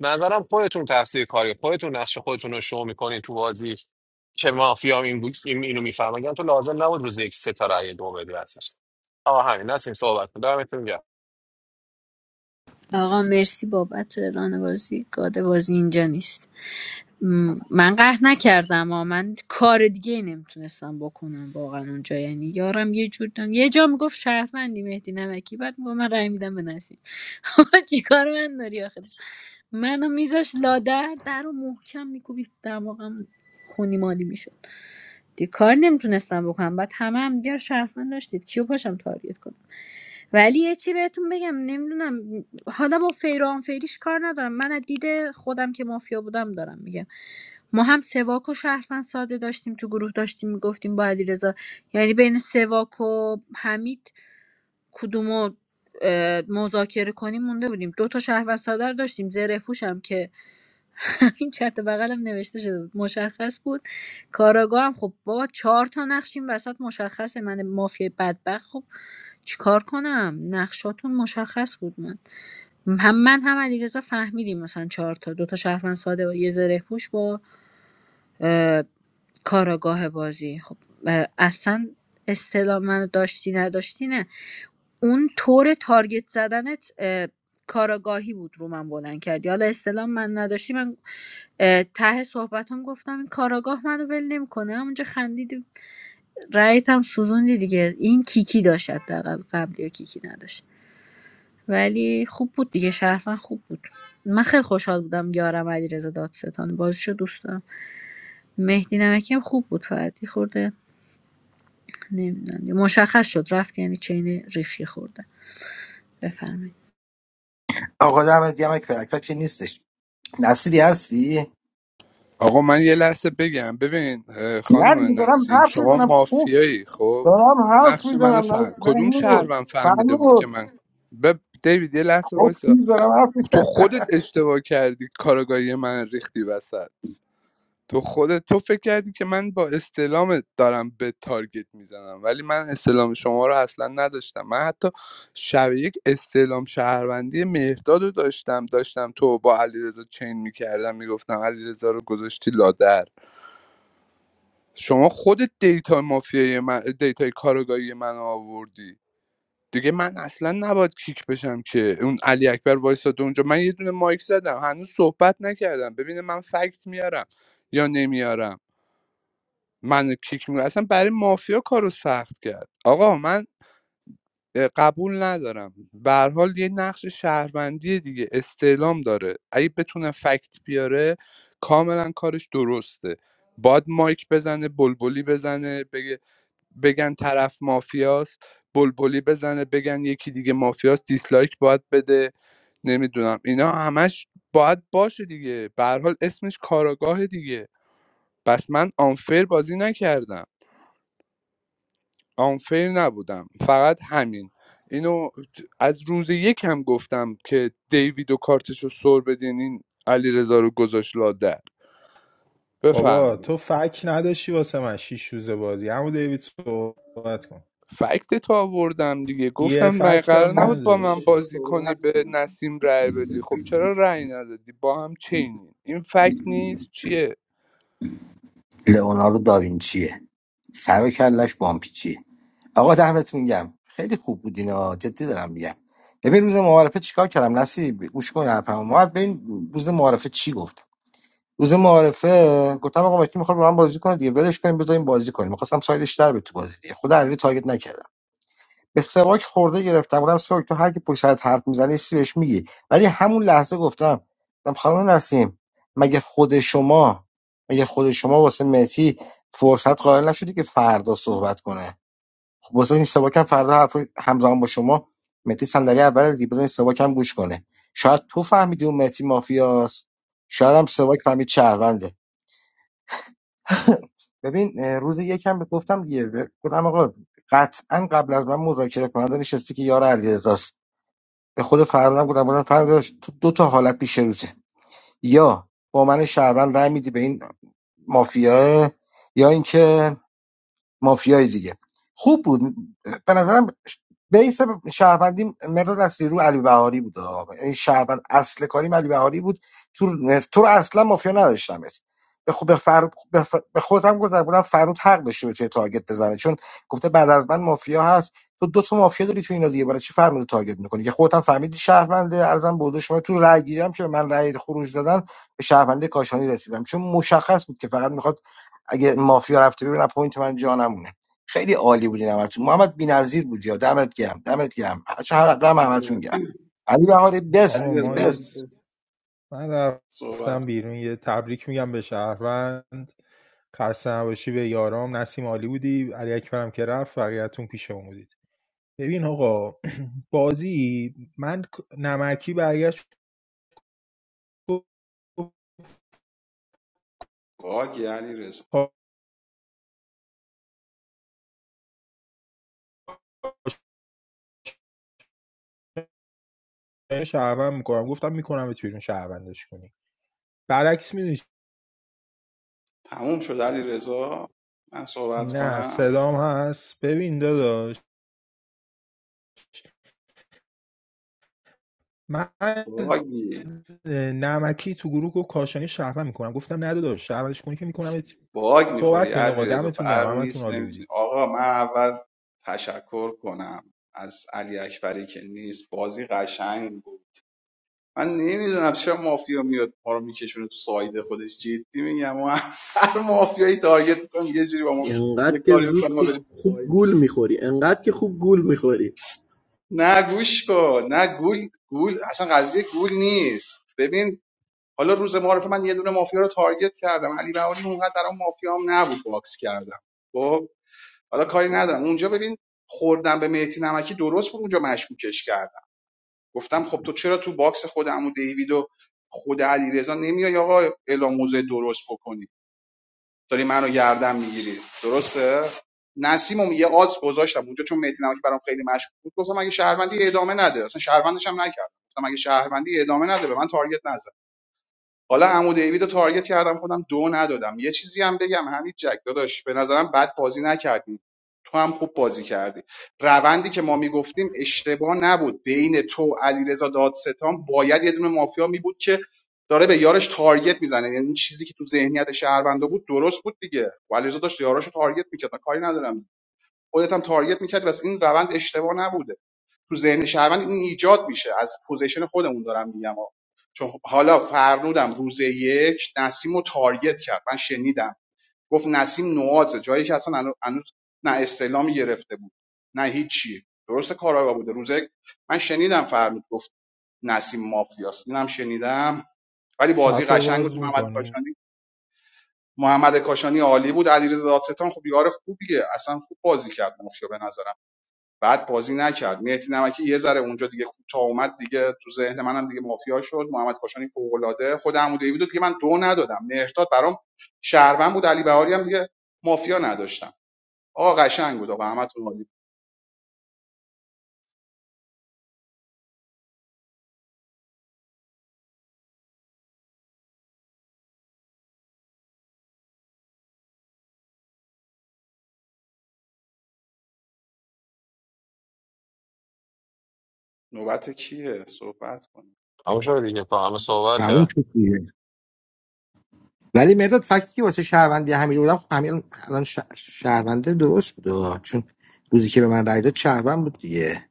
Speaker 4: به نظرم خودتون تفسیر کاری خودتون نقش خودتون رو شو میکنین تو بازی که مافیا این بود این اینو میفهمه اگه تو لازم نبود روز یک سه تا رأی دو بدی اصلا آه همین نسیم صحبت کن دمتون گرم
Speaker 7: آقا مرسی بابت ران بازی گاد بازی اینجا نیست م،
Speaker 6: هست
Speaker 7: من قهر نکردم ها من کار دیگه نمیتونستم بکنم واقعا اونجا یعنی یارم یه جور دن... یه جا میگفت شهروندی مهدی نمکی بعد میگفت من رای میدم به نسیم چیکار من داری آخه منو میذاش لادر در رو محکم میکوبید دماغم خونی مالی میشد دیگه کار نمیتونستم بکنم بعد همه هم دیگر شهروند داشتید کیو پاشم تارگت کنم ولی یه چی بهتون بگم نمیدونم حالا با فیر و آنفیریش کار ندارم من از دید خودم که مافیا بودم دارم میگم ما هم سواک و شهروند ساده داشتیم تو گروه داشتیم میگفتیم با علیرضا یعنی بین سواک و حمید کدومو اه، مذاکره کنیم مونده بودیم دو تا شهروند ساده رو داشتیم زره پوش هم که این چرت و بغلم نوشته شده بود مشخص بود کاراگاه هم خب بابا چهار تا نقش این وسط مشخصه من مافیای بدبخت خب چیکار کنم نقشاتون مشخص بود من هم من هم علیرضا فهمیدیم مثلا چهار تا دو تا شهروند ساده و یه زره پوش با اه، کاراگاه بازی خب اصلا اصطلاح منو داشتی نداشتی نه اون طور تارگت زدنت اه، کاراگاهی بود رو من بلند کردی حالا اصطلاح من نداشتی من اه، ته صحبتام گفتم این کاراگاه منو ول نمیکنه همونجا خندیدی رأیت هم سوزوندی دیگه این کیکی داشت حداقل قبلی یا کیکی نداشت ولی خوب بود دیگه شرفن خوب بود من خیلی خوشحال بودم یارم علیرضا دادستان بازیشو دوست دارم مهدی نمکی هم خوب بود فقط یه خورده نمی‌دونم مشخص شد رفت یعنی چین ریخی خورده بفرمایید
Speaker 12: آقا دمت گرم کرک که نیستش نصیری هستی
Speaker 1: آقا من یه لحظه بگم ببین اه،
Speaker 12: نه دیگه
Speaker 1: خانم
Speaker 12: دارم
Speaker 1: نسیم
Speaker 12: حرف
Speaker 1: شما
Speaker 12: میزنم خوب
Speaker 1: مافیایی خب
Speaker 12: دارم حرف
Speaker 1: نقش منو
Speaker 12: میزنم نه
Speaker 1: فهم کدوم
Speaker 12: بهنود
Speaker 1: شهروند فهمیده بود که
Speaker 12: فرمود
Speaker 1: من به دیوید یه لحظه
Speaker 12: خوب
Speaker 1: وایسا
Speaker 12: دارم حرف
Speaker 1: تو
Speaker 12: میزنم
Speaker 1: خودت اشتباه کردی کارگاهی من ریختی وسط تو خودت تو فکر کردی که من با استلام دارم به تارگت میزنم ولی من استلام شما رو اصلا نداشتم من حتی شب یک استعلام شهروندی مهرداد رو داشتم داشتم تو با علیرضا چین میکردم میگفتم علیرضا رو گذاشتی لادر شما خودت دیتا مافیای من دیتای کارگاهی من رو آوردی دیگه من اصلا نباید کیک بشم که اون علی اکبر وایساده اونجا من یه دونه مایک زدم هنوز صحبت نکردم ببینه من فکت میارم یا نمیارم منو کیک میکنه اصلا برای مافیا کارو سخت کرد آقا من قبول ندارم به هر حال یه نقش شهروندی دیگه استعلام داره اگه بتونه فکت بیاره کاملا کارش درسته باید مایک بزنه بلبلی بزنه بگه بگن طرف مافیاست بلبلی بزنه بگن یکی دیگه مافیاست دیسلایک باید بده نمیدونم اینا همش باید باشه دیگه به هر حال اسمش کاراگاه دیگه بس من آنفر بازی نکردم آنفیر نبودم فقط همین اینو از روز یک هم گفتم که دیوید و کارتش رو سر بدین این علی رو گذاشت لادر
Speaker 9: بابا
Speaker 1: بفرمایید
Speaker 9: تو فک نداشتی واسه من شیش روز بازی همون دیوید صحبت کن
Speaker 1: فکت تو آوردم دیگه
Speaker 9: یه
Speaker 1: گفتم من
Speaker 9: فکت
Speaker 1: قرار
Speaker 9: هم
Speaker 1: نبود با
Speaker 6: حالا
Speaker 1: من
Speaker 6: بذار
Speaker 9: نداشتی
Speaker 1: بازی کنی
Speaker 6: صحبت
Speaker 1: به
Speaker 6: کنم
Speaker 1: نسیم رأی بدی خب چرا رأی ندادی با هم چینی این فکت نیست چیه
Speaker 12: لئوناردو داوینچیه سر و کلش بامپیچیه آقا دمتون گم خیلی خوب بودین اینا جدی دارم میگم ببین روز معارفه چیکار کردم نسی گوش کن حرفمو ما ببین روز معارفه چی گفت روز معارفه گفتم آقا مکی میخواد با من بازی کنه دیگه ولش کنیم بذاریم بازی کنیم میخواستم سایدش در به تو بازی دیگه خود علی تارگت نکردم به سواک خورده گرفتم گفتم سواک تو هر کی پشت سرت حرف میزنه سی بهش میگی ولی همون لحظه گفتم گفتم خانم نسیم مگه خود شما مگه خود شما واسه مسی فرصت قائل نشدی که فردا صحبت کنه خب بازم این سواکم فردا حرف همزمان با شما مهدی صندلی اول دیگه بزن سواکم گوش کنه شاید تو فهمیدی اون مهدی مافیاست شاید هم سواک فهمید شهرونده ببین اه، روز یکم به گفتم دیگه به- گفتم آقا قطعا قبل از من مذاکره کننده نشستی که یار علیرضاست به خود فردا هم گفتم بودم فردا داداش، تو دو تا حالت پیش روزه یا با من شهروند رای میدی به این مافیا یا اینکه مافیای دیگه خوب بود به نظرم بیس شهروندی مداد از رو علی بهاری بود آقا. یعنی شهروند اصل کاری علی بهاری بود تو تو رو اصلا مافیا نداشتم به خود به, فر... به, ف... به خودم گفتم بودم فرود حق داشته به توی تارگت بزنه چون گفته بعد از من مافیا هست تو دو تا مافیا داری تو اینا دیگه برای چی فرمود تارگت میکنی که خودت هم فهمیدی شهرونده ارزم بوده شما تو رأی گیرم که به من رأی خروج دادن به شهرونده کاشانی رسیدم چون مشخص بود که فقط میخواد اگه مافیا رفته ببینم پوینت من جا نمونه خیلی عالی بودین همتون محمد بی‌نظیر بودی یا دمت گرم دمت گرم چه هر دم همتون
Speaker 6: آره
Speaker 12: گرم علی بهاری بست
Speaker 9: آقا
Speaker 6: علی
Speaker 12: بودی
Speaker 9: ما
Speaker 6: رضا
Speaker 9: یه
Speaker 12: بست
Speaker 9: من
Speaker 6: صحبت
Speaker 9: رفتم
Speaker 6: کن.
Speaker 9: بیرون یه تبریک میگم به شهروند خسته نباشی به یارام نسیم عالی بودی علی اکبرم که رفت بقیه‌تون پیش اون بودید ببین آقا بازی من نمکی برگشت
Speaker 6: باگی علی رضا
Speaker 9: گفت شهروند میکنم گفتم میکنم بیرون شهروندش کنی برعکس میدونی
Speaker 6: تموم شد علی رضا من صحبت
Speaker 9: نه
Speaker 6: کنم
Speaker 9: صدام هست ببین داداش من
Speaker 6: باگی
Speaker 9: نمکی تو گروه گفت کاشانی شهروند میکنم گفتم نه داداش شهروندش کنی که میکنم
Speaker 6: باگ میخوری
Speaker 9: صحبت کنید
Speaker 6: علی
Speaker 9: آقا
Speaker 6: رضا
Speaker 9: دمتون گرم
Speaker 6: برق
Speaker 9: همتون
Speaker 6: نیست
Speaker 9: عالی
Speaker 6: نمیتونی
Speaker 9: بودید
Speaker 6: آقا من اول تشکر کنم از علی اکبری که نیست بازی قشنگ بود من نمیدونم چرا مافیا میاد ما رو میکشونه تو سایده خودش جدی میگم ما هر مافیایی تارگت میکنیم یه جوری با ما
Speaker 13: انقدر
Speaker 6: یه
Speaker 13: که
Speaker 6: کاری
Speaker 13: زود
Speaker 6: میکنیم ما
Speaker 13: خوب
Speaker 6: بریم تو
Speaker 13: خوب
Speaker 6: سایده
Speaker 13: گول میخوری انقدر که خوب گول میخوری
Speaker 6: نه گوش کن نه گول گول اصلا قضیه گول نیست ببین حالا روز معارف من یه دونه مافیا رو تارگت کردم علی بهاری اونقدر در اون مافیا هم نبود باکس کردم خب حالا کاری ندارم اونجا ببین خوردم به مهدی نمکی درست بود اونجا مشکوکش کرد گفتم خب تو چرا تو باکس خود عمو دیوید و خود علیرضا نمیای آقا اعلام موضع درست بکنی داری منو گردن میگیری درسته نسیمم یه آز گذاشتم اونجا چون مهدی نمکی برام خیلی مشکوک بود گفتم اگه شهروندی ادامه نده اصلا شهروندش هم نکردم گفتم اگه شهروندی ادامه نده به من تارگت نزن حالا عمو دیوید رو تارگت کردم خودم دو ندادم یه چیزی هم بگم همین جک داداش به نظرم بد بازی نکردی تو هم خوب بازی کردی روندی که ما میگفتیم اشتباه نبود بین تو علیرضا دادستان باید یه دونه مافیا می بود که داره به یارش تارگت میزنه یعنی این چیزی که تو ذهنیت شهروندا بود درست بود دیگه و علیرضا داشت یاراشو تارگت میکرد من کاری ندارم خودت هم تارگت میکرد بس این روند اشتباه نبوده تو ذهن شهروند این ایجاد میشه از پوزیشن خودمون دارم میگم ها. چون حالا فرنودم روز یک نسیم رو تارگت کرد من شنیدم گفت نسیم نوازه جایی که اصلا هنو- هنوز نه استعلامی گرفته بود نه هیچی درست کاراگاه بوده روز یک من شنیدم فرمود گفت نسیم مافیاست اینم شنیدم ولی بازی
Speaker 9: چت رو
Speaker 6: قشنگ بود
Speaker 9: باز
Speaker 6: محمد
Speaker 9: میکنی
Speaker 6: کاشانی محمد کاشانی عالی بود علیرضا دادستان خب یار خوبیه اصلا خوب بازی کرد مافیا به نظرم بعد بازی نکرد مهدی نمکی یه ذره اونجا دیگه کوتاه اومد دیگه تو ذهن منم دیگه مافیا شد محمد کاشانی فوق العاده خود عمو دیوید رو دیگه من دو ندادم مهرداد برام شهروند بود علی بهاری هم دیگه مافیا نداشتم آقا قشنگ بود آقا احمد نوری نوبت کیه صحبت کن
Speaker 4: همون شد دیگه تا همه صحبت
Speaker 12: تموم
Speaker 4: کرد
Speaker 12: شد دیگه ولی مداد فکتی که واسه شهروندی همین بودم خب همین الان شه- شهرونده درست بود آه. چون روزی که به من رای داد شهروند بود دیگه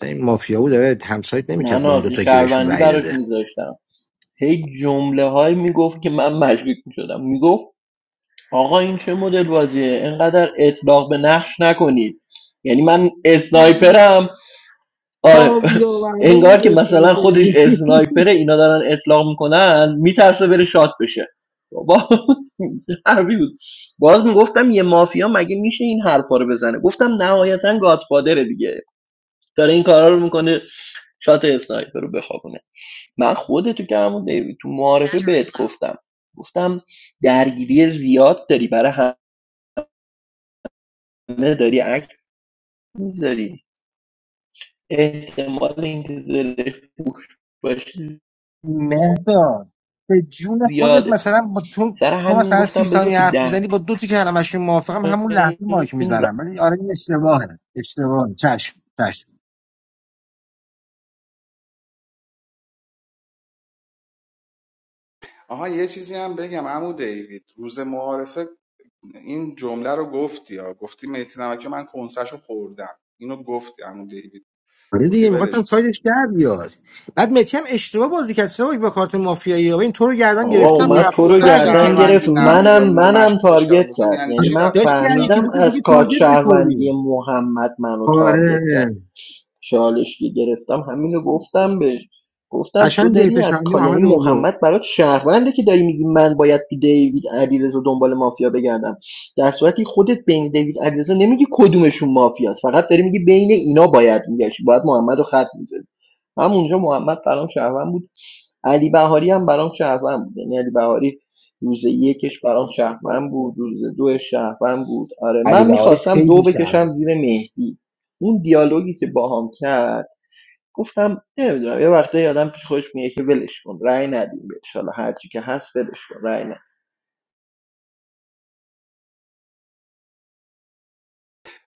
Speaker 12: تا این مافیا بود داره همسایت نمیکرد
Speaker 13: من
Speaker 12: با اون
Speaker 13: آتیش
Speaker 12: دوتا که بهشون
Speaker 13: شهروندی
Speaker 12: رای
Speaker 13: براش
Speaker 12: داده
Speaker 13: میذاشتم هی جمله هایی میگفت که من مشکوک میشدم میگفت آقا این چه مدل بازیه انقدر اطلاق به نقش نکنید یعنی من اسنایپرم آره
Speaker 12: پابلو معلوم
Speaker 13: انگار که مثلا
Speaker 12: بود
Speaker 13: خودش اسنایپره اینا دارن اطلاق میکنن میترسه بره شات بشه بابا حرفی بود باز میگفتم یه مافیا مگه میشه این حرفا رو بزنه گفتم نهایتا گاتفادره دیگه داره این کارا رو میکنه شات اسنایپر رو بخوابونه من خودتو که همون تو معارفه بهت دقیقا گفتم گفتم درگیری زیاد داری برای همه داری عکس میذاری احتمال اینکه زرشک باشی
Speaker 12: مهداد به جون خودت
Speaker 13: زیاده
Speaker 12: مثلا با تو
Speaker 13: سر
Speaker 12: تو
Speaker 13: همین
Speaker 12: مثلا سی
Speaker 13: گفتم بذار
Speaker 12: ثانیه
Speaker 13: تو
Speaker 12: حرف
Speaker 13: ده
Speaker 12: میزنی با دو تا کلمش موافقم همون لحظه مایک میزنم ولی آره این اشتباهه اشتباهه چشم چشم
Speaker 6: آها یه چیزی هم بگم عمو دیوید روز معارفه این جمله رو گفتی یا گفتی مهدی نمکی رو من کنسرشو خوردم اینو گفتی عمو دیوید
Speaker 12: آره
Speaker 6: گفتی
Speaker 12: دیگه میخواستم
Speaker 6: ولش کن
Speaker 12: سایدش در بیاد بعد متی هم اشتباه بازی کرد سه با کارت مافیایی و این تو رو گردن
Speaker 13: آقا
Speaker 12: گرفته
Speaker 6: گفتم
Speaker 12: بود
Speaker 13: اومد تو رو
Speaker 12: تو
Speaker 6: رفتارت
Speaker 12: از یکی
Speaker 13: گردن
Speaker 12: دوش
Speaker 6: شهروندی
Speaker 13: گرفت
Speaker 12: دوش
Speaker 6: نبوده
Speaker 13: منم
Speaker 6: اونجا
Speaker 13: منم
Speaker 6: مشکوکش
Speaker 13: تارگت
Speaker 6: کردم گفتم
Speaker 13: کرد
Speaker 6: یعنی
Speaker 13: یعنی
Speaker 12: آره
Speaker 6: چی
Speaker 13: من
Speaker 6: رفتی
Speaker 12: داشتی
Speaker 6: تو
Speaker 12: از یکی
Speaker 13: فهمیدم
Speaker 6: شهروند
Speaker 12: دوش
Speaker 13: از
Speaker 12: دیگه
Speaker 13: کار
Speaker 12: تارگت
Speaker 13: شهروندی
Speaker 12: میخوردی
Speaker 13: محمد منو
Speaker 12: آره
Speaker 13: تارگت کرد چالش که گرفتم همینو گفتم بهش گفتم تو
Speaker 12: قشنگ دیتا
Speaker 13: داری از
Speaker 12: شنی
Speaker 13: کار
Speaker 12: محمد
Speaker 13: یعنی
Speaker 12: بابا
Speaker 13: محمد برات شهرونده که داری میگی من باید تو دیوید علیرضا دنبال مافیا بگردم در صورتی خودت بین دیوید علیرضا نمیگی کدومشون مافیاست فقط داری میگی بین اینا باید میگشی باید محمد رو خط میزد همونجا محمد برام شهروند بود علی بهاری هم برام شهروند بود یعنی علی بهاری روز یکش برام شهروند بود روز دوش شهروند بود آره
Speaker 12: علی
Speaker 13: من
Speaker 12: بهاری
Speaker 13: میخواستم دو
Speaker 12: خیلی شهر
Speaker 13: بکشم
Speaker 12: بود.
Speaker 13: زیر مهدی اون دیالوگی که باهام کرد گفتم نمیدونم یه وقته آدم پیش خودش میگه که ولش کن رأی ندیم بهش حالا هرچی که هست ولش کن رأی ندیم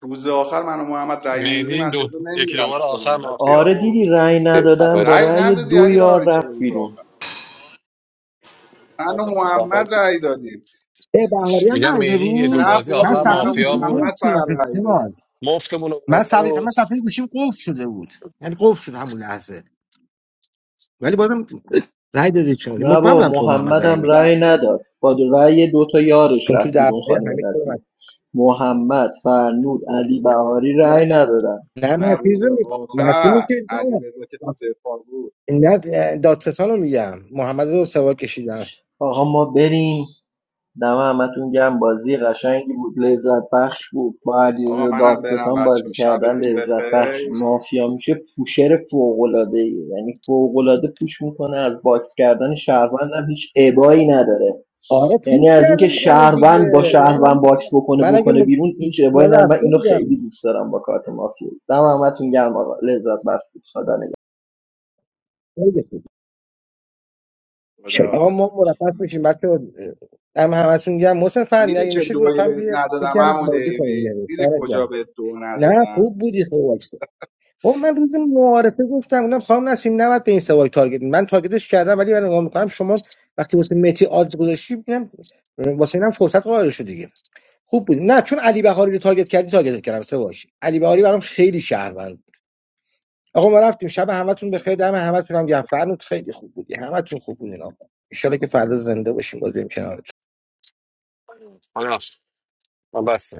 Speaker 6: روز آخر من و محمد رأی
Speaker 4: میری
Speaker 6: نمیدادیم
Speaker 4: این دو
Speaker 6: علیرضا
Speaker 4: یکی دوباره آخر
Speaker 6: نمیرفتم ولی چی
Speaker 4: مافیا
Speaker 13: آره
Speaker 4: بود
Speaker 13: دیدی رأی ندادم با
Speaker 4: بس
Speaker 6: رأی
Speaker 13: رأی
Speaker 6: ندادی
Speaker 13: دو
Speaker 6: علی
Speaker 13: یار
Speaker 6: بهاری چرا
Speaker 13: رفت
Speaker 6: بود تو
Speaker 13: بیرون
Speaker 6: آخر من و محمد رأی دادیم
Speaker 12: ای بهاری هم
Speaker 4: میگم
Speaker 12: نرده
Speaker 4: میری یه دو
Speaker 12: بود
Speaker 6: نه
Speaker 4: بازی
Speaker 12: من
Speaker 6: بابا
Speaker 4: آخر
Speaker 6: من
Speaker 12: صفحه
Speaker 6: و
Speaker 4: مافیا
Speaker 12: گوشیم قفل
Speaker 4: بود
Speaker 6: محمد فقط
Speaker 12: شده
Speaker 6: رأی دادیم
Speaker 12: استواد
Speaker 4: مفتمون رو
Speaker 12: من
Speaker 4: برده
Speaker 12: صفحه من
Speaker 4: بود
Speaker 12: صفحه گوشیم قفل شده بود یعنی قفل شد همون لحظه ولی بازم رای دادی چون
Speaker 13: نه
Speaker 12: مطمئن بودم
Speaker 13: با
Speaker 12: تو و محمد رای
Speaker 13: محمدم
Speaker 12: میدی
Speaker 13: رأی نداد با رأی دو تا یارش
Speaker 12: چون
Speaker 13: رفت
Speaker 12: تو
Speaker 13: بیرون
Speaker 12: درباره
Speaker 13: خانم
Speaker 12: حمید تو
Speaker 13: نسیم
Speaker 12: اومد.
Speaker 13: محمد فرنود علی بهاری رأی ندادن
Speaker 12: نه
Speaker 6: نه
Speaker 12: نه چیز
Speaker 6: روز
Speaker 12: نسیمی
Speaker 6: آخر
Speaker 12: که نه
Speaker 6: علیرضا که تو دفاع بود
Speaker 12: نه دادستان رو میگم محمد رو سوال کشیدن
Speaker 13: آقا ما بریم دم همتون گم بازی قشنگی بود لذت بخش بود با
Speaker 6: آقا
Speaker 13: علیرضا
Speaker 6: منم برم
Speaker 13: دادستان
Speaker 6: بچه
Speaker 13: بازی کردن
Speaker 6: شبتون
Speaker 13: لذت بخش
Speaker 6: بخیر
Speaker 13: مافیا میشه پوشر فوق یعنی فوق‌العاده پوش میکنه از باکس کردن شهروند هم هیچ ابایی نداره
Speaker 12: آره تو
Speaker 13: یعنی از
Speaker 12: کرده
Speaker 13: اینکه
Speaker 12: بود منو
Speaker 13: شهروند
Speaker 12: دیگه
Speaker 13: با
Speaker 12: من
Speaker 13: شهروند
Speaker 12: اگه
Speaker 13: باکس بکنه
Speaker 12: من اگه
Speaker 13: بکنه
Speaker 12: م...
Speaker 13: بیرون هیچ ابایی نداره من
Speaker 12: رفته
Speaker 13: اینو خیلی
Speaker 12: بودم
Speaker 13: دوست دارم با کارت مافیا دم همتون گرم آقا لذت بخش بود خدا نگهدار.
Speaker 12: چرا آقا
Speaker 6: خداحافظ
Speaker 12: ما
Speaker 6: بچه
Speaker 12: مرخص میشیم بچه هم همتون گم محسن فن
Speaker 6: میری
Speaker 12: اگه
Speaker 6: چه
Speaker 12: میشه
Speaker 6: دوی
Speaker 12: لطفا
Speaker 6: بهت
Speaker 12: بیا
Speaker 6: ندادم
Speaker 12: یکم
Speaker 6: عمو
Speaker 12: بازی کنیم
Speaker 6: دیوید
Speaker 12: بیارید
Speaker 6: دیدی
Speaker 12: دمت
Speaker 6: کجا
Speaker 12: گرم.
Speaker 6: بهت دو
Speaker 12: نه
Speaker 6: ندادم
Speaker 12: خوب بودی خوب واکس بابا من روز معارفه گفتم گفتم خانم نسیم نباید به این سوال تارگت من تارگتش کردم ولی من نگاه میکنم شما وقتی واسه متی آدز گذاشتی میگم واسه اینم فرصت قرار شد دیگه خوب بود نه چون علی بهاری رو تارگت کردی تارگت کردم سواش علی بهاری برام خیلی شهروند بود. آقا ما رفتیم شب همتون بخیر دم همتون هم گرم فرنود خیلی خوب بودی همتون خوب بودین آقا ان که فردا زنده باشیم باز بریم کنارتون
Speaker 4: آه، نه، من بسه